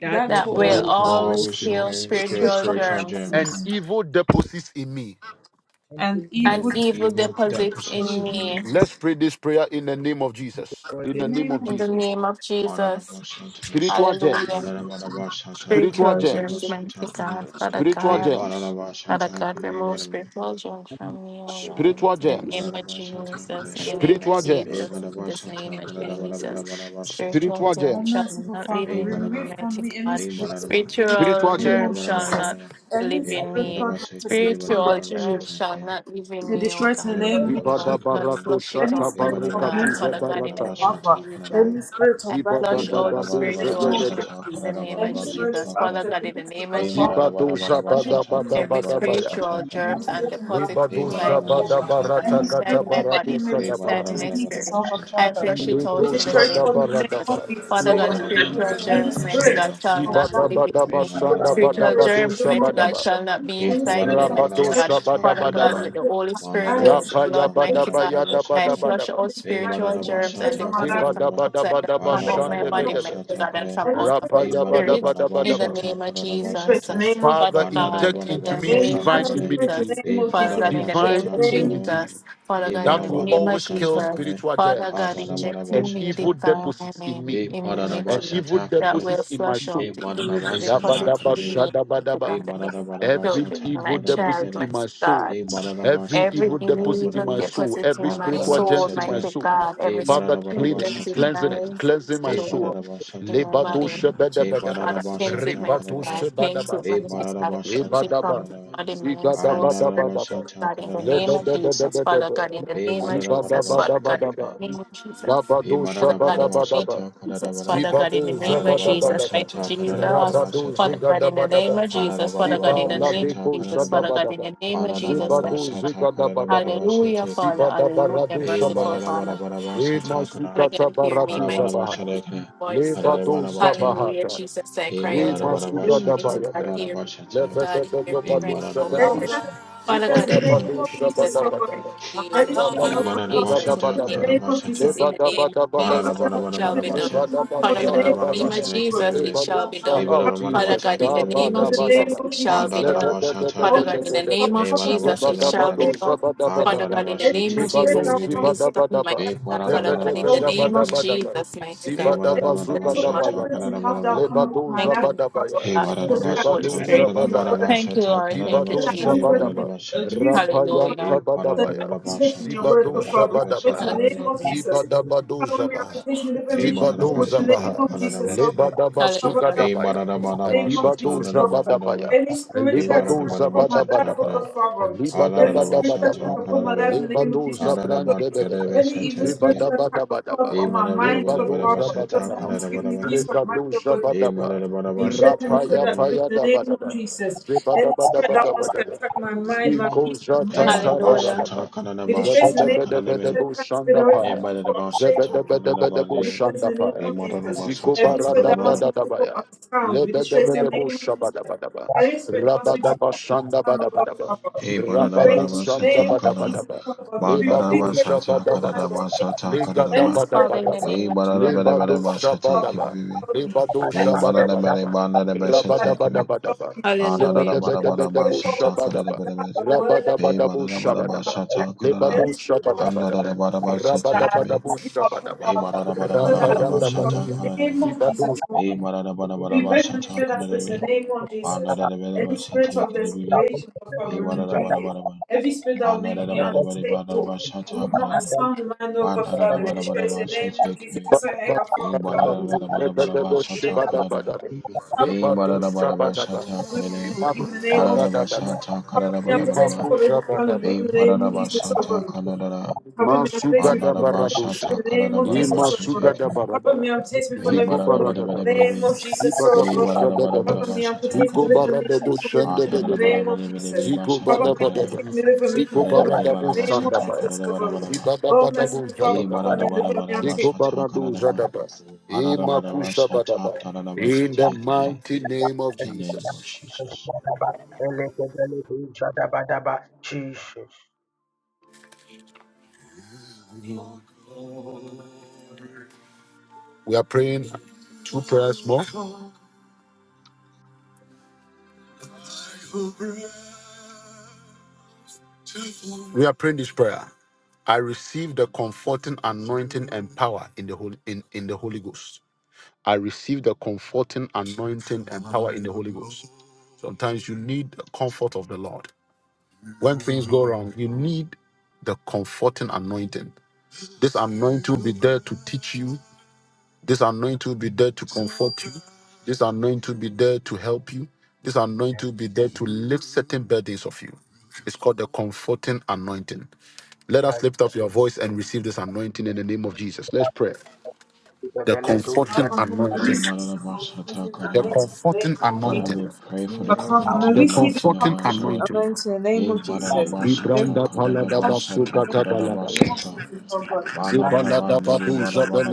Speaker 3: that will
Speaker 5: that
Speaker 4: that
Speaker 7: that
Speaker 5: will
Speaker 4: will
Speaker 5: all
Speaker 7: will
Speaker 3: only
Speaker 6: That will
Speaker 7: always
Speaker 4: always
Speaker 6: always
Speaker 7: kill
Speaker 4: kill
Speaker 6: sca- scale
Speaker 7: spiritual
Speaker 4: spiritual
Speaker 5: spiritual
Speaker 6: spiritual
Speaker 4: germs
Speaker 6: gems,
Speaker 1: and
Speaker 5: germs
Speaker 1: evil deposits in me.
Speaker 3: and
Speaker 5: and
Speaker 3: evil
Speaker 4: and
Speaker 5: evil
Speaker 6: and
Speaker 5: things
Speaker 4: evil
Speaker 6: evil
Speaker 4: deposits
Speaker 6: deposits
Speaker 4: in
Speaker 5: me. In
Speaker 6: in
Speaker 4: me.
Speaker 6: me.
Speaker 5: the
Speaker 1: Let's pray this prayer in the name of Jesus.
Speaker 3: for
Speaker 1: In the
Speaker 3: the
Speaker 1: name
Speaker 5: name
Speaker 1: of
Speaker 5: of
Speaker 4: In the
Speaker 5: Jesus,
Speaker 1: Jesus.
Speaker 4: name of Jesus.
Speaker 6: Anadabashata,
Speaker 1: Spiritual
Speaker 4: Hallelujah.
Speaker 1: gems,
Speaker 6: anadabadabashata,
Speaker 1: spiritual
Speaker 4: Spiritual gems,
Speaker 1: gems,
Speaker 4: mighty
Speaker 6: kanadabadabashata,
Speaker 4: God,
Speaker 6: kana-
Speaker 4: Father
Speaker 1: spiritual
Speaker 4: God.
Speaker 1: gems,
Speaker 4: Father
Speaker 6: ebadabashata,
Speaker 4: God,
Speaker 7: joy.
Speaker 4: remove
Speaker 6: kanadibadaba-
Speaker 4: spiritual junk from me, O
Speaker 7: Turn around,
Speaker 4: Lord.
Speaker 1: spiritual
Speaker 4: In the
Speaker 7: Father
Speaker 4: name
Speaker 1: gems,
Speaker 7: God.
Speaker 4: of
Speaker 7: Do
Speaker 6: ebadabashata,
Speaker 7: me
Speaker 4: Jesus, in
Speaker 6: kana-
Speaker 4: the name
Speaker 7: right,
Speaker 4: of
Speaker 1: spiritual
Speaker 7: Father God.
Speaker 1: gems,
Speaker 4: Jesus, in this name
Speaker 6: ebadabashata,
Speaker 4: of
Speaker 7: Pray for the
Speaker 4: Jesus,
Speaker 6: kanadabadabadabadabashata,
Speaker 4: spiritual
Speaker 1: spiritual
Speaker 6: kana-
Speaker 4: germ
Speaker 5: oh
Speaker 1: gems,
Speaker 4: shall
Speaker 5: merciful
Speaker 4: not live
Speaker 5: Father,
Speaker 4: in me,
Speaker 5: remove
Speaker 6: ebadabada-
Speaker 5: from
Speaker 4: mighty
Speaker 5: me any
Speaker 4: God.
Speaker 5: spiritual
Speaker 6: ebadabada-
Speaker 5: germs
Speaker 7: God.
Speaker 5: in
Speaker 4: Spiritual
Speaker 1: spiritual
Speaker 5: the name
Speaker 4: germ
Speaker 5: of
Speaker 1: gems.
Speaker 4: shall
Speaker 5: Jesus,
Speaker 4: not
Speaker 6: ebadabadabadabada-
Speaker 5: any
Speaker 4: live in me.
Speaker 5: spiritual
Speaker 6: ekabadabasa,
Speaker 5: deficit from
Speaker 4: Spiritual
Speaker 5: the enemy.
Speaker 4: germ
Speaker 6: kanadibadabadabashata,
Speaker 4: shall
Speaker 6: kana-
Speaker 4: not live in
Speaker 5: They
Speaker 4: me, O
Speaker 5: destroys in
Speaker 4: God.
Speaker 5: the name of
Speaker 4: Lord
Speaker 1: Zibada
Speaker 6: ebadabadabasa,
Speaker 5: Jesus.
Speaker 4: God,
Speaker 1: barako
Speaker 4: flush it
Speaker 5: Any
Speaker 1: shata
Speaker 4: out,
Speaker 5: spirit
Speaker 4: mighty
Speaker 5: of
Speaker 1: barika tu
Speaker 4: God.
Speaker 5: mental
Speaker 4: Father God, in
Speaker 5: health,
Speaker 4: the
Speaker 1: barata.
Speaker 4: name
Speaker 6: kanadibadabadabadabadabashata,
Speaker 5: Father,
Speaker 4: of
Speaker 6: kanadaba-
Speaker 5: any
Speaker 4: Jesus,
Speaker 5: spirit
Speaker 4: I
Speaker 5: of bad
Speaker 6: Hey,
Speaker 5: mental
Speaker 1: Zibada
Speaker 4: flush
Speaker 1: da
Speaker 6: bara
Speaker 1: da
Speaker 4: out
Speaker 6: bara
Speaker 1: do
Speaker 6: bara
Speaker 5: health,
Speaker 6: bara
Speaker 5: in the
Speaker 4: spiritual
Speaker 5: name
Speaker 6: basha
Speaker 4: germs
Speaker 5: of
Speaker 1: zegedede.
Speaker 6: ta
Speaker 4: in
Speaker 5: Jesus.
Speaker 6: kara
Speaker 4: the
Speaker 6: bara
Speaker 4: name
Speaker 6: bara
Speaker 4: of
Speaker 5: Any
Speaker 6: basha
Speaker 5: spirit
Speaker 4: Jesus.
Speaker 6: ta
Speaker 5: of
Speaker 4: Father
Speaker 6: kara.
Speaker 4: God, in the
Speaker 5: instability,
Speaker 4: name of
Speaker 5: by
Speaker 6: Hey,
Speaker 5: Father,
Speaker 4: Jesus.
Speaker 6: bara bara
Speaker 1: Zibado
Speaker 6: bara bara
Speaker 4: Not
Speaker 5: Any
Speaker 6: basha
Speaker 1: shabada
Speaker 4: all
Speaker 6: ta
Speaker 7: Thank
Speaker 1: bada
Speaker 6: kara
Speaker 7: you,
Speaker 6: bara
Speaker 4: every
Speaker 1: bada
Speaker 6: bara
Speaker 1: baya.
Speaker 6: basha ta
Speaker 4: spiritual
Speaker 6: kara.
Speaker 4: germs and
Speaker 5: spirit of
Speaker 4: deposit
Speaker 5: bacteria,
Speaker 6: Hey,
Speaker 1: Libado
Speaker 6: bara
Speaker 4: inside
Speaker 5: oh
Speaker 6: bara
Speaker 1: shabada
Speaker 6: basha
Speaker 5: God,
Speaker 6: ta
Speaker 4: my-
Speaker 6: kara
Speaker 1: barata
Speaker 5: any
Speaker 6: bara.
Speaker 1: kata
Speaker 5: spirit
Speaker 4: inside my
Speaker 5: of any
Speaker 1: baradu.
Speaker 4: body and
Speaker 6: Hey,
Speaker 5: measure of
Speaker 6: bara
Speaker 4: inside
Speaker 6: bara
Speaker 4: my
Speaker 6: bara bara
Speaker 5: diseases,
Speaker 4: spirit.
Speaker 5: oh
Speaker 6: basha
Speaker 5: God,
Speaker 6: ta
Speaker 4: I
Speaker 5: Father,
Speaker 6: kara
Speaker 4: flush
Speaker 6: bara
Speaker 4: it
Speaker 6: bara
Speaker 5: we
Speaker 4: out
Speaker 1: Ligo
Speaker 4: in the
Speaker 6: basha
Speaker 5: destroy it
Speaker 6: ta
Speaker 1: shada
Speaker 4: name
Speaker 5: all
Speaker 4: of
Speaker 6: kara.
Speaker 5: the name
Speaker 1: barada
Speaker 4: Jesus.
Speaker 5: of
Speaker 1: ba.
Speaker 5: Jesus,
Speaker 4: Father
Speaker 5: our
Speaker 6: Hey,
Speaker 4: God,
Speaker 5: God.
Speaker 6: bara bara
Speaker 4: spiritual
Speaker 6: bara
Speaker 5: Any
Speaker 6: bara
Speaker 4: germs,
Speaker 6: basha
Speaker 4: mighty
Speaker 5: spirit
Speaker 4: God,
Speaker 6: ta
Speaker 4: shall
Speaker 6: kara.
Speaker 5: of
Speaker 4: not live in
Speaker 5: government
Speaker 6: Hey,
Speaker 1: Zibadabadaba
Speaker 4: me.
Speaker 6: bara bara
Speaker 5: before us,
Speaker 6: bara
Speaker 5: we
Speaker 6: bara
Speaker 4: Spiritual
Speaker 5: destroy it
Speaker 1: shandabadabado
Speaker 6: basha
Speaker 5: in
Speaker 4: germs,
Speaker 5: the
Speaker 6: ta
Speaker 5: name
Speaker 4: mighty
Speaker 5: of
Speaker 6: kara.
Speaker 4: God,
Speaker 5: Jesus.
Speaker 1: shabadaba.
Speaker 4: shall not be
Speaker 5: Any
Speaker 4: inside
Speaker 5: spirit
Speaker 4: me,
Speaker 5: of
Speaker 4: mighty
Speaker 1: Rabado
Speaker 4: God.
Speaker 5: depression,
Speaker 6: Ekabarabarabashata
Speaker 4: Father
Speaker 5: any
Speaker 4: God,
Speaker 1: shabadabadaba.
Speaker 4: with
Speaker 6: kadadaba.
Speaker 4: the
Speaker 5: spirit
Speaker 4: Holy
Speaker 5: of
Speaker 4: Spirit and
Speaker 5: anxiety,
Speaker 4: with the
Speaker 6: Wandarabashata
Speaker 4: Lord,
Speaker 5: any
Speaker 4: mighty God,
Speaker 5: spirit that
Speaker 4: I
Speaker 5: comes
Speaker 6: kadadabarabashata.
Speaker 5: from
Speaker 4: flush
Speaker 5: the
Speaker 1: Rapayabadabayadabadabadaba.
Speaker 4: out
Speaker 5: enemy that has
Speaker 4: spiritual
Speaker 5: been
Speaker 4: germs and
Speaker 5: reversed on
Speaker 6: Ebarabashata
Speaker 5: my life,
Speaker 4: deposit
Speaker 5: we
Speaker 4: from
Speaker 6: kadadabara.
Speaker 4: outside and
Speaker 1: Zibadabadabadaba
Speaker 4: from
Speaker 5: destroy
Speaker 4: out
Speaker 5: it
Speaker 4: my
Speaker 5: in the name of
Speaker 4: body,
Speaker 1: shandabadaba.
Speaker 4: mighty
Speaker 5: Jesus.
Speaker 6: Wandarabarabashata
Speaker 4: God, and
Speaker 6: kada.
Speaker 4: from
Speaker 5: Any
Speaker 4: out of
Speaker 5: spirit
Speaker 4: my
Speaker 5: of our
Speaker 4: spirit, in the
Speaker 5: freedom,
Speaker 1: Rapayabadabadabadaba.
Speaker 6: Ebarabarabashata
Speaker 4: name of
Speaker 5: we destroy it
Speaker 4: Jesus.
Speaker 5: in the
Speaker 6: kadadabashata.
Speaker 5: name of Jesus.
Speaker 4: Father
Speaker 1: Father,
Speaker 4: God,
Speaker 1: inject
Speaker 4: in
Speaker 1: into
Speaker 4: the
Speaker 1: me
Speaker 5: Any
Speaker 6: Wandarabarabashata
Speaker 4: name of
Speaker 5: kind
Speaker 1: divine
Speaker 5: of
Speaker 6: kadada.
Speaker 5: spirit in
Speaker 1: immunity.
Speaker 4: Jesus.
Speaker 5: the name of
Speaker 4: Father
Speaker 5: Jesus,
Speaker 4: God, in the
Speaker 5: distress
Speaker 4: name
Speaker 1: Divine
Speaker 5: in
Speaker 6: Ebarabashata
Speaker 4: of
Speaker 5: the name,
Speaker 6: kadada.
Speaker 1: immunity.
Speaker 4: Jesus. Father God, in
Speaker 3: the
Speaker 1: that
Speaker 4: the
Speaker 1: will
Speaker 3: community,
Speaker 4: name of
Speaker 1: always kill
Speaker 6: Ebarabarabashata
Speaker 4: Jesus.
Speaker 6: kada.
Speaker 1: spiritual
Speaker 4: Father God,
Speaker 1: germs
Speaker 4: inject in
Speaker 1: and
Speaker 4: me
Speaker 1: evil
Speaker 6: Wandarabarabashata kada.
Speaker 4: divine
Speaker 1: deposits in me and
Speaker 4: immunity
Speaker 1: evil
Speaker 6: Ebarabashata
Speaker 4: that
Speaker 6: kada.
Speaker 4: will
Speaker 1: deposits in my
Speaker 4: flush out
Speaker 1: soul.
Speaker 4: the evil
Speaker 6: Ebarabashata
Speaker 4: deposits
Speaker 6: kada.
Speaker 1: Rabadaba,
Speaker 4: in
Speaker 6: Ebarabashata
Speaker 4: me, Father
Speaker 1: shadabadaba.
Speaker 4: God, and my
Speaker 1: Every
Speaker 4: children, my
Speaker 1: evil
Speaker 4: child,
Speaker 1: deposit
Speaker 6: kadadabandere.
Speaker 4: my
Speaker 1: in my soul,
Speaker 4: God.
Speaker 6: Hey, Badadaba
Speaker 1: every
Speaker 4: Every
Speaker 1: evil
Speaker 6: Shata, Kanada
Speaker 1: deposit in
Speaker 4: evil
Speaker 1: my
Speaker 6: Badaba,
Speaker 1: soul,
Speaker 4: deposit
Speaker 1: every
Speaker 4: in my
Speaker 1: spiritual
Speaker 6: Wadadaba
Speaker 4: soul,
Speaker 1: gems in
Speaker 4: my
Speaker 1: my
Speaker 6: Shata,
Speaker 1: soul,
Speaker 4: God,
Speaker 6: Hey,
Speaker 4: every
Speaker 1: Father,
Speaker 4: spirit
Speaker 1: clean
Speaker 6: Badadaba
Speaker 1: it,
Speaker 4: in
Speaker 6: Shata,
Speaker 1: cleansing
Speaker 6: Kanada,
Speaker 1: it,
Speaker 4: my
Speaker 1: cleansing my
Speaker 6: Hey,
Speaker 4: soul,
Speaker 1: soul.
Speaker 6: Badadaba
Speaker 4: in
Speaker 6: Shata,
Speaker 4: my
Speaker 6: Kanada,
Speaker 1: Lebado
Speaker 4: body.
Speaker 6: Hey,
Speaker 1: shebedebedebe,
Speaker 4: Father,
Speaker 6: Badadaba
Speaker 4: cleanse it,
Speaker 6: Shata,
Speaker 4: mighty
Speaker 1: ribado
Speaker 6: Kanada,
Speaker 4: God. Cleanse
Speaker 1: shebadaba,
Speaker 4: it,
Speaker 6: Hey,
Speaker 4: mighty God.
Speaker 6: Badadaba
Speaker 4: Cleanse
Speaker 6: Shata,
Speaker 4: it from
Speaker 1: Ebadaba,
Speaker 4: the
Speaker 6: Kanada,
Speaker 4: body, mind, soul, spirit,
Speaker 6: Andadaba
Speaker 1: zigadabadabadaba,
Speaker 6: Shata,
Speaker 4: God, in the
Speaker 6: Kanada,
Speaker 4: name of
Speaker 6: Shitake,
Speaker 4: Jesus. Father
Speaker 1: lebedebedebedebe,
Speaker 4: God, in the
Speaker 6: Hey,
Speaker 4: name of
Speaker 6: Badadaba
Speaker 4: Jesus. Father God,
Speaker 6: Shata,
Speaker 4: in the
Speaker 1: zibadabadabadaba,
Speaker 4: name of Jesus.
Speaker 6: Hey,
Speaker 4: Father God, in
Speaker 6: Badadaba
Speaker 4: the name
Speaker 1: labadooshabadabadaba,
Speaker 6: Shata,
Speaker 4: of Jesus.
Speaker 6: Kanada,
Speaker 4: Father
Speaker 3: Father,
Speaker 4: God, in the name of
Speaker 6: Badadaba
Speaker 4: Jesus.
Speaker 1: zibadooshabadabadaba,
Speaker 4: Mighty
Speaker 6: Shata, Kanada, Badaba
Speaker 4: Jesus. Father
Speaker 6: Shata,
Speaker 4: God, in the
Speaker 1: rabadoozigadabadaba,
Speaker 4: name of Jesus. Father God, in the
Speaker 6: Badadaba
Speaker 4: name of
Speaker 6: Shata,
Speaker 4: Jesus.
Speaker 6: Kanada,
Speaker 4: Father God, in
Speaker 1: zibaladekoshadabadaba,
Speaker 4: the name of Jesus.
Speaker 6: Badadaba
Speaker 4: Mighty God.
Speaker 6: Shata, Kanada,
Speaker 1: zibadoozigadabadaba,
Speaker 6: Badaba
Speaker 4: Hallelujah,
Speaker 6: Shitake,
Speaker 4: Father.
Speaker 6: me.
Speaker 4: Hallelujah,
Speaker 6: Hey,
Speaker 4: merciful
Speaker 6: bara
Speaker 1: zibadabaradoshabadaba,
Speaker 6: bara bara
Speaker 4: Father.
Speaker 6: bara bara shatakara,
Speaker 4: I can hear me,
Speaker 6: bara bara
Speaker 4: mighty
Speaker 6: bara
Speaker 4: God,
Speaker 1: emasukatabaratuzabaha,
Speaker 4: hear
Speaker 6: shatakara,
Speaker 4: my voice. So,
Speaker 6: bara bara bara bara shak.
Speaker 4: hallelujah,
Speaker 1: lebadoosabahata,
Speaker 4: Jesus, I
Speaker 6: Hey,
Speaker 4: cry
Speaker 6: bara
Speaker 4: out
Speaker 6: bara
Speaker 4: unto
Speaker 6: bara bara
Speaker 4: you, mighty
Speaker 6: shatakara,
Speaker 4: God,
Speaker 1: emasugadabaya.
Speaker 6: bara
Speaker 4: hear
Speaker 6: bara
Speaker 4: me.
Speaker 6: shatak.
Speaker 4: God, hear me
Speaker 6: Hey,
Speaker 4: right
Speaker 6: bara bara
Speaker 4: now.
Speaker 6: bara
Speaker 5: any
Speaker 6: bara
Speaker 5: kind of spirit of
Speaker 4: Father
Speaker 5: distress
Speaker 4: God,
Speaker 5: in the
Speaker 4: in the name
Speaker 5: name
Speaker 6: shak.
Speaker 5: of
Speaker 4: of
Speaker 5: Jesus,
Speaker 4: Jesus, I
Speaker 5: oh
Speaker 4: pray
Speaker 5: God.
Speaker 4: to you
Speaker 5: Any
Speaker 4: in the
Speaker 5: spirit
Speaker 4: name
Speaker 6: Hey,
Speaker 4: of
Speaker 5: of God,
Speaker 6: bara bara
Speaker 5: Father,
Speaker 6: bara
Speaker 5: we
Speaker 4: Jesus, in the
Speaker 5: distress
Speaker 4: name
Speaker 5: in the
Speaker 6: bara
Speaker 5: name
Speaker 6: bara
Speaker 4: of
Speaker 5: of
Speaker 4: Jesus,
Speaker 6: shatak.
Speaker 5: Jesus, oh
Speaker 4: in the
Speaker 5: God.
Speaker 4: name of
Speaker 6: Bara
Speaker 5: Cover
Speaker 4: Jesus,
Speaker 6: bara
Speaker 5: us
Speaker 6: bara
Speaker 5: now,
Speaker 4: it
Speaker 6: bara
Speaker 4: shall
Speaker 6: bara
Speaker 4: be
Speaker 5: distress
Speaker 6: bara
Speaker 5: and deliver
Speaker 4: done.
Speaker 6: shak.
Speaker 5: us from the evil
Speaker 4: Father
Speaker 6: Hey,
Speaker 5: in the
Speaker 4: God,
Speaker 6: bara
Speaker 4: in
Speaker 5: name
Speaker 4: the
Speaker 6: bara
Speaker 5: of
Speaker 6: bara
Speaker 4: name of
Speaker 5: Jesus, oh
Speaker 6: shak, baby
Speaker 4: Jesus,
Speaker 5: God.
Speaker 4: it
Speaker 6: baby.
Speaker 4: shall be
Speaker 6: Hey,
Speaker 4: done.
Speaker 6: bara
Speaker 1: Oh,
Speaker 6: bara bara
Speaker 4: Father
Speaker 6: bara
Speaker 1: Jesus.
Speaker 4: God,
Speaker 6: shak,
Speaker 4: in the
Speaker 6: baby
Speaker 4: name
Speaker 6: baby
Speaker 5: In
Speaker 4: of
Speaker 5: the
Speaker 6: baby.
Speaker 5: name
Speaker 4: Jesus, it
Speaker 5: of
Speaker 6: Bara
Speaker 4: shall
Speaker 5: Jesus,
Speaker 4: be
Speaker 5: oh God.
Speaker 6: bara
Speaker 4: done.
Speaker 6: bara
Speaker 4: Father
Speaker 5: Hold
Speaker 6: shatakara.
Speaker 4: God,
Speaker 5: us
Speaker 4: in the
Speaker 5: to the
Speaker 4: name of
Speaker 6: Hey, bara bara shatakara, bara bara bara
Speaker 4: Jesus,
Speaker 6: shak, baby baby
Speaker 4: it
Speaker 5: in
Speaker 4: shall
Speaker 5: the
Speaker 4: be
Speaker 1: Zibadabadu,
Speaker 5: name
Speaker 4: done.
Speaker 5: of Jesus.
Speaker 4: Father
Speaker 1: zabadabadaba.
Speaker 4: God, in the name
Speaker 5: Every
Speaker 4: of
Speaker 5: spirit
Speaker 1: Zibadu,
Speaker 4: Jesus,
Speaker 5: now
Speaker 4: it
Speaker 5: come
Speaker 6: baby.
Speaker 4: is done,
Speaker 5: against
Speaker 4: mighty
Speaker 5: my
Speaker 1: zibadabadaba.
Speaker 6: Hey,
Speaker 5: life, my
Speaker 4: God.
Speaker 6: bara
Speaker 5: body,
Speaker 6: bara
Speaker 4: Father
Speaker 5: my
Speaker 6: bara
Speaker 4: God, in
Speaker 6: bara
Speaker 4: the
Speaker 5: soul, in
Speaker 4: name
Speaker 5: the
Speaker 4: of
Speaker 6: shatakara.
Speaker 5: name
Speaker 1: Lebedebedabadabadaba.
Speaker 4: Jesus,
Speaker 5: of
Speaker 4: mighty
Speaker 5: Jesus.
Speaker 6: Hey,
Speaker 4: God,
Speaker 6: ba da da
Speaker 5: Every
Speaker 1: Zibadaba,
Speaker 6: ba da
Speaker 4: in the
Speaker 6: ba
Speaker 5: spiritual
Speaker 4: name
Speaker 6: sha
Speaker 4: of
Speaker 5: of
Speaker 6: ta
Speaker 4: Jesus.
Speaker 6: ka
Speaker 5: violence
Speaker 6: da
Speaker 1: zugadabayada.
Speaker 5: and
Speaker 6: da ba da
Speaker 5: health that
Speaker 6: ba.
Speaker 5: will come upon
Speaker 1: Lebadu,
Speaker 5: my
Speaker 4: Thank
Speaker 5: life,
Speaker 4: you, mighty
Speaker 5: my
Speaker 1: zabadabaya.
Speaker 6: Hey,
Speaker 5: Father,
Speaker 6: ba
Speaker 4: God.
Speaker 6: da da
Speaker 5: so
Speaker 4: Thank
Speaker 5: that
Speaker 6: ba
Speaker 4: you,
Speaker 5: I
Speaker 6: sha
Speaker 4: Holy
Speaker 3: we pray
Speaker 1: Zibadu,
Speaker 5: live
Speaker 6: ta
Speaker 3: that you
Speaker 6: ka da
Speaker 4: Spirit.
Speaker 5: faith
Speaker 6: da
Speaker 5: in your
Speaker 6: ba da
Speaker 1: zabadaya.
Speaker 6: ba
Speaker 5: word
Speaker 4: Thank
Speaker 6: sha
Speaker 4: you,
Speaker 6: ta ka
Speaker 4: Lord.
Speaker 6: da da
Speaker 4: Thank
Speaker 6: ba
Speaker 4: you,
Speaker 5: so
Speaker 1: Adibadu,
Speaker 5: that
Speaker 6: sha
Speaker 5: I
Speaker 6: ta
Speaker 5: live
Speaker 4: Jesus.
Speaker 6: ba
Speaker 5: ready
Speaker 6: da da
Speaker 1: zabadaba.
Speaker 6: ba sha
Speaker 5: uh, live
Speaker 6: ta.
Speaker 5: ready your word,
Speaker 1: Rafayan,
Speaker 4: Hallelujah.
Speaker 6: Hey, ba da
Speaker 5: so
Speaker 6: da
Speaker 5: that
Speaker 1: Tabadabaya,
Speaker 5: I
Speaker 6: ba da ba
Speaker 5: live
Speaker 6: sha
Speaker 5: ready your
Speaker 6: ta
Speaker 5: word,
Speaker 6: ka
Speaker 1: Zibado
Speaker 6: da
Speaker 5: O
Speaker 6: da ba
Speaker 5: Father.
Speaker 6: da
Speaker 5: We
Speaker 6: ba sha
Speaker 5: in
Speaker 6: ta
Speaker 1: Shabadabaha,
Speaker 5: the
Speaker 6: ka ne.
Speaker 5: name
Speaker 4: Hallelujah.
Speaker 5: of Jesus.
Speaker 1: Zibadabado
Speaker 5: Cover me, I
Speaker 1: Zabaha,
Speaker 5: protect me, deliver
Speaker 6: Hey,
Speaker 5: me,
Speaker 6: ba
Speaker 5: shield
Speaker 6: da da
Speaker 1: Zibado
Speaker 6: ba
Speaker 5: me in
Speaker 6: sha
Speaker 5: the
Speaker 6: ta
Speaker 5: name
Speaker 1: Zabaha,
Speaker 6: ka
Speaker 5: of
Speaker 6: da da ba
Speaker 5: Jesus, O
Speaker 6: sha ta.
Speaker 5: God.
Speaker 1: Lebadaba
Speaker 5: Cover me,
Speaker 4: Hallelujah.
Speaker 5: I
Speaker 6: Hey, ba
Speaker 1: Sugadabaya,
Speaker 5: protect
Speaker 6: da da
Speaker 5: me, in
Speaker 6: ba da
Speaker 5: the
Speaker 6: ba
Speaker 5: name
Speaker 6: sha
Speaker 5: of
Speaker 6: ta
Speaker 1: Abibado
Speaker 5: Jesus,
Speaker 6: da da
Speaker 5: O
Speaker 6: ba da
Speaker 5: God.
Speaker 6: da ba.
Speaker 1: Zabadabaya,
Speaker 5: Any
Speaker 6: Hey,
Speaker 5: spiritual
Speaker 6: ba da da
Speaker 1: Libado
Speaker 6: ba
Speaker 5: attack
Speaker 6: da
Speaker 5: upon
Speaker 6: ba
Speaker 5: my
Speaker 6: sha ta
Speaker 5: life,
Speaker 6: ka
Speaker 5: O
Speaker 6: ne.
Speaker 1: Zabadabadaba,
Speaker 5: God, Father.
Speaker 6: Ba da da
Speaker 5: Any
Speaker 6: da ba sha
Speaker 5: spiritual attack
Speaker 1: Libadabadabadaba,
Speaker 6: ta ka da
Speaker 5: upon
Speaker 6: da
Speaker 5: my life
Speaker 6: ba.
Speaker 5: in the name of
Speaker 1: Libado
Speaker 6: Ba
Speaker 5: Jesus,
Speaker 6: da da
Speaker 5: we
Speaker 6: ba
Speaker 5: pray.
Speaker 6: da da
Speaker 1: Zabrandebedebe,
Speaker 6: ba
Speaker 5: Any
Speaker 6: sha
Speaker 5: evil
Speaker 6: ta ka ne.
Speaker 5: spiritual attack, O Father,
Speaker 1: Zibadabadabadaba,
Speaker 6: Hey,
Speaker 5: on
Speaker 6: ba
Speaker 5: my
Speaker 6: da ba da
Speaker 5: mind,
Speaker 6: ba
Speaker 5: O
Speaker 6: da
Speaker 5: God,
Speaker 6: ba da
Speaker 1: Libado
Speaker 6: ba sha
Speaker 5: Father. God,
Speaker 6: ta ka
Speaker 1: Zabadabaha,
Speaker 5: Father,
Speaker 6: da da
Speaker 5: to
Speaker 6: ba
Speaker 5: give
Speaker 6: da
Speaker 5: me
Speaker 6: ba.
Speaker 5: peace of mind,
Speaker 1: Zibado
Speaker 5: O God,
Speaker 6: Hey,
Speaker 5: Jesus.
Speaker 6: ba da
Speaker 1: Zabadaba,
Speaker 6: da ba da
Speaker 5: We
Speaker 6: ba sha
Speaker 5: break
Speaker 6: ta
Speaker 5: any
Speaker 6: ka da
Speaker 5: spirit
Speaker 1: Rapaya
Speaker 6: da
Speaker 5: that
Speaker 6: ba.
Speaker 5: spirit in the name of
Speaker 1: Payadabadaba,
Speaker 5: Jesus. Any spirit that wants to
Speaker 1: Zibadabadabadabadaba,
Speaker 5: attack my mind, my
Speaker 3: will
Speaker 1: Ziko
Speaker 5: peace of
Speaker 6: Amen. Hey,
Speaker 5: mind,
Speaker 6: bada da
Speaker 1: Jatata
Speaker 6: ba
Speaker 5: stability.
Speaker 6: sha
Speaker 4: Hallelujah.
Speaker 6: ta
Speaker 1: Baradaba.
Speaker 6: ka da da
Speaker 5: We
Speaker 6: ba
Speaker 5: destroy it in the name of Jesus.
Speaker 6: de.
Speaker 5: Any
Speaker 1: Zebedebedebedebu
Speaker 5: kind of spirit that wants
Speaker 6: Hey,
Speaker 5: me
Speaker 1: Shandapaya.
Speaker 5: to
Speaker 6: bada da
Speaker 5: feel
Speaker 6: ba sha ta
Speaker 5: unstable.
Speaker 6: ka
Speaker 1: Zebedebedebedebu
Speaker 5: We destroy it in the name
Speaker 1: Shandapaya.
Speaker 5: of Jesus.
Speaker 1: Ziko
Speaker 5: Every
Speaker 6: da
Speaker 5: spirit
Speaker 6: da
Speaker 5: that
Speaker 6: ba
Speaker 5: wants
Speaker 6: da.
Speaker 5: me to feel
Speaker 1: Baradadadabaya.
Speaker 5: unsound. We destroy it in the
Speaker 3: let us
Speaker 1: Lebedebedebu
Speaker 5: name of Jesus.
Speaker 1: Shabadabadaba.
Speaker 5: Every spirit that wants me to
Speaker 3: have
Speaker 1: Rabadaba
Speaker 5: feel unsound, over
Speaker 1: Shandabadabadaba.
Speaker 5: Father.
Speaker 6: Hey, bada
Speaker 5: We
Speaker 6: da
Speaker 3: better
Speaker 6: ba
Speaker 5: break
Speaker 6: da
Speaker 1: Rabadu
Speaker 5: it
Speaker 3: to
Speaker 5: in
Speaker 6: ba sha
Speaker 5: the
Speaker 6: ta
Speaker 5: name
Speaker 6: ka
Speaker 5: of
Speaker 6: da da.
Speaker 5: Jesus,
Speaker 1: Shandabadabadaba.
Speaker 5: Father God. We
Speaker 6: Ba da da
Speaker 5: rebuke
Speaker 1: Lebado
Speaker 6: ba
Speaker 5: every
Speaker 6: sha ta ka
Speaker 5: the
Speaker 6: da
Speaker 5: past
Speaker 6: da
Speaker 5: of
Speaker 1: Shabadabadaba,
Speaker 6: ba sha
Speaker 5: Satan.
Speaker 6: ta ka da da
Speaker 5: Any
Speaker 6: ba.
Speaker 5: spirit
Speaker 4: Father,
Speaker 5: that
Speaker 4: in the
Speaker 5: wants to
Speaker 1: Legadabadabadaba,
Speaker 5: challenge
Speaker 6: Hey,
Speaker 4: name of
Speaker 6: bada
Speaker 5: my
Speaker 4: Jesus.
Speaker 6: da
Speaker 5: mind
Speaker 6: ba da ba
Speaker 1: Lebado
Speaker 6: da ba sha ta
Speaker 5: from
Speaker 6: ki
Speaker 5: me,
Speaker 6: bi
Speaker 1: Shabadaba,
Speaker 6: bi bi.
Speaker 1: Lebado
Speaker 5: And
Speaker 6: Hey,
Speaker 5: this
Speaker 6: bada
Speaker 5: spirit
Speaker 6: da
Speaker 5: that
Speaker 6: ba da
Speaker 1: Shabadabadaba,
Speaker 6: ba da
Speaker 5: wants
Speaker 6: da
Speaker 5: me
Speaker 6: ba
Speaker 5: to look
Speaker 6: sha ta
Speaker 5: like you
Speaker 6: ki bi.
Speaker 5: have from
Speaker 1: Rabadabadabadaba,
Speaker 5: me, O
Speaker 6: Ba da da da
Speaker 4: Hallelujah.
Speaker 6: ba da
Speaker 5: And
Speaker 6: ba
Speaker 5: this
Speaker 6: da ba
Speaker 1: Zebedebedebedebo
Speaker 5: spirit
Speaker 6: sha
Speaker 5: that
Speaker 6: ta
Speaker 5: wants
Speaker 6: ka
Speaker 5: me
Speaker 6: da
Speaker 5: to
Speaker 6: da
Speaker 1: Shabadaba,
Speaker 6: ba da
Speaker 5: doubt
Speaker 6: ba.
Speaker 5: your word and your
Speaker 6: Hey,
Speaker 5: promises
Speaker 6: bada
Speaker 1: Rabadabadabo
Speaker 6: da ba da ba
Speaker 5: upon my
Speaker 1: Shabadaba,
Speaker 6: sha
Speaker 5: life.
Speaker 6: ta ka da da.
Speaker 5: And
Speaker 1: Lebado
Speaker 5: this spirit that
Speaker 6: Ba
Speaker 5: wants me to
Speaker 6: da da da
Speaker 1: Shabadabadaba,
Speaker 6: ba da ba sha
Speaker 5: so
Speaker 6: ta
Speaker 5: that
Speaker 6: ki
Speaker 5: I
Speaker 6: bi.
Speaker 5: always
Speaker 1: Rabadabadabo
Speaker 5: give up the
Speaker 1: Shabadaba,
Speaker 6: Hey, bada
Speaker 5: Father,
Speaker 6: da ba da ba
Speaker 5: so
Speaker 6: da
Speaker 5: that
Speaker 6: ba
Speaker 5: I
Speaker 6: da ba
Speaker 5: always
Speaker 6: sha
Speaker 5: give up
Speaker 6: ta ka
Speaker 5: the
Speaker 1: Rapayandabadaba,
Speaker 6: da da.
Speaker 5: name of
Speaker 1: Zibado
Speaker 5: Jesus, O
Speaker 6: Be marada bara bara
Speaker 5: we
Speaker 6: bara
Speaker 5: break and
Speaker 6: shata
Speaker 5: destroy that
Speaker 6: kana
Speaker 5: spirit in the
Speaker 6: debe.
Speaker 5: name of
Speaker 6: Banda
Speaker 5: Jesus.
Speaker 6: da debe da
Speaker 5: Any
Speaker 6: bara
Speaker 5: spirit
Speaker 6: siti
Speaker 5: of
Speaker 6: akini bebe.
Speaker 5: desperation, Lord
Speaker 6: Be
Speaker 5: Father, we
Speaker 3: each
Speaker 6: marada
Speaker 5: rebuke
Speaker 3: other,
Speaker 6: bara
Speaker 5: it.
Speaker 6: bara bara.
Speaker 5: Every spirit that will
Speaker 6: Banda da
Speaker 5: make
Speaker 6: da
Speaker 5: me
Speaker 3: for
Speaker 6: bara
Speaker 3: us,
Speaker 6: bara bara da
Speaker 5: unstable,
Speaker 6: bara shata
Speaker 5: with
Speaker 6: kana
Speaker 5: not a
Speaker 6: de.
Speaker 3: and
Speaker 5: sound mind, oh God,
Speaker 6: Banda da da
Speaker 5: Father, we
Speaker 6: bara
Speaker 5: destroy
Speaker 6: bara
Speaker 5: it in
Speaker 6: bara
Speaker 5: the name
Speaker 6: siti
Speaker 5: of Jesus.
Speaker 6: akini bebe.
Speaker 5: That's why,
Speaker 6: Be
Speaker 5: Father, Father,
Speaker 6: marada
Speaker 5: we take
Speaker 1: Shabadabadaba,
Speaker 6: bara
Speaker 5: the
Speaker 6: bara
Speaker 5: nation
Speaker 6: bara
Speaker 5: in
Speaker 6: bara
Speaker 1: Lebedebo
Speaker 5: the name
Speaker 6: shata
Speaker 5: of
Speaker 6: kana
Speaker 5: Jesus.
Speaker 6: debe.
Speaker 1: Shabadabadaba,
Speaker 5: Help
Speaker 6: Be
Speaker 1: Lebado
Speaker 6: marada bara bara
Speaker 5: us
Speaker 1: Shabadaba,
Speaker 6: shata kana de.
Speaker 1: Imaku
Speaker 5: even in the name of
Speaker 6: Marada
Speaker 5: Jesus.
Speaker 6: bara
Speaker 1: Shabadabadaba,
Speaker 6: shata
Speaker 5: Help
Speaker 6: kana
Speaker 5: us
Speaker 6: da
Speaker 5: may
Speaker 6: bara bara
Speaker 5: protect
Speaker 6: bara.
Speaker 5: me from every
Speaker 1: Imakuja
Speaker 5: kind of
Speaker 6: Be
Speaker 1: badaba.
Speaker 5: the name
Speaker 6: marada
Speaker 5: of
Speaker 6: bara
Speaker 5: Jesus, oh
Speaker 6: shata
Speaker 5: God.
Speaker 6: kana da da.
Speaker 5: Help us may me
Speaker 6: Banda
Speaker 1: Masugada
Speaker 5: from
Speaker 6: da
Speaker 5: every
Speaker 6: bara
Speaker 5: form of
Speaker 1: baradoshe.
Speaker 6: shata
Speaker 5: the
Speaker 6: kana
Speaker 5: name
Speaker 6: da
Speaker 5: of
Speaker 6: bara bara
Speaker 5: Jesus, oh
Speaker 6: siti
Speaker 5: God.
Speaker 1: Imasugada
Speaker 6: akini.
Speaker 5: Help us
Speaker 1: baradara.
Speaker 5: may me from
Speaker 6: Be
Speaker 5: every
Speaker 1: Vigo
Speaker 6: marada
Speaker 5: form of evil
Speaker 6: bara bara
Speaker 5: the
Speaker 1: baradadaba.
Speaker 6: bara
Speaker 5: name
Speaker 6: bara.
Speaker 5: of Jesus, oh
Speaker 6: Be
Speaker 1: Zibadabo
Speaker 5: God.
Speaker 6: marada bara
Speaker 5: Help
Speaker 1: shradadaba.
Speaker 6: bara
Speaker 5: us
Speaker 6: bara
Speaker 5: may
Speaker 6: shata
Speaker 5: me
Speaker 1: Vigo
Speaker 6: kana
Speaker 5: from
Speaker 6: de.
Speaker 1: baradabo
Speaker 5: from every
Speaker 6: Take
Speaker 5: form
Speaker 6: me the
Speaker 5: the
Speaker 1: shandadadada.
Speaker 5: name of Jesus.
Speaker 6: name of
Speaker 1: Zigo
Speaker 5: Help us may
Speaker 1: badabadaba.
Speaker 5: protect me defende from
Speaker 1: Zigo
Speaker 5: every form of evil
Speaker 1: baradabo
Speaker 5: the name of
Speaker 1: shandabaya.
Speaker 5: Jesus, oh God. Oh,
Speaker 1: Zibadabadabo
Speaker 5: merciful Father, help
Speaker 1: jadabadaba.
Speaker 5: me deliver me and take
Speaker 1: Zigo
Speaker 5: me
Speaker 1: barado jadaba.
Speaker 3: and-
Speaker 1: Imakusha badaba. In the mighty name of
Speaker 3: and-
Speaker 1: Jesus.
Speaker 6: Jesus.
Speaker 3: Father, but, let us belly to each other, but, uh, Jesus,
Speaker 1: We are praying two prayers more. We are praying this prayer. I receive the comforting anointing and power in the Holy in, in the Holy Ghost. I receive the comforting anointing and power in the Holy Ghost. Sometimes you need the comfort of the Lord. When things go wrong, you need the comforting anointing. This anointing will be there to teach you this anointing will be there to comfort you. This anointing will be there to help you. This anointing
Speaker 3: and
Speaker 1: will
Speaker 3: we
Speaker 1: be there to lift certain burdens of you. It's called the comforting anointing. Let us lift up your voice and receive this anointing in the name of Jesus. Let's pray.
Speaker 3: The
Speaker 1: The
Speaker 3: belly to each
Speaker 1: comforting
Speaker 5: Father, may
Speaker 6: Hey,
Speaker 5: we
Speaker 1: anointing.
Speaker 5: see
Speaker 6: Madana
Speaker 5: the
Speaker 6: Masata
Speaker 5: comforted
Speaker 1: The
Speaker 5: anointing
Speaker 6: Kananama.
Speaker 5: in the name
Speaker 1: comforting
Speaker 5: of
Speaker 6: Father,
Speaker 5: Jesus.
Speaker 1: anointing.
Speaker 6: we pray for the
Speaker 5: But Father,
Speaker 3: our
Speaker 5: may
Speaker 6: comforting
Speaker 1: The
Speaker 5: we see the
Speaker 6: anointing on
Speaker 3: and
Speaker 1: comforting
Speaker 6: us,
Speaker 5: comforted
Speaker 6: Lord.
Speaker 1: anointing.
Speaker 5: anointing in the name
Speaker 6: Hey,
Speaker 5: of
Speaker 6: Madana
Speaker 5: Jesus. May we
Speaker 6: Masata
Speaker 5: receive
Speaker 6: Kadada
Speaker 5: the comforted
Speaker 6: Basata Kadada
Speaker 5: anointing
Speaker 6: Basata.
Speaker 5: in the name of Jesus, oh God.
Speaker 6: Manadana Banini
Speaker 1: Bado
Speaker 6: Bada Bada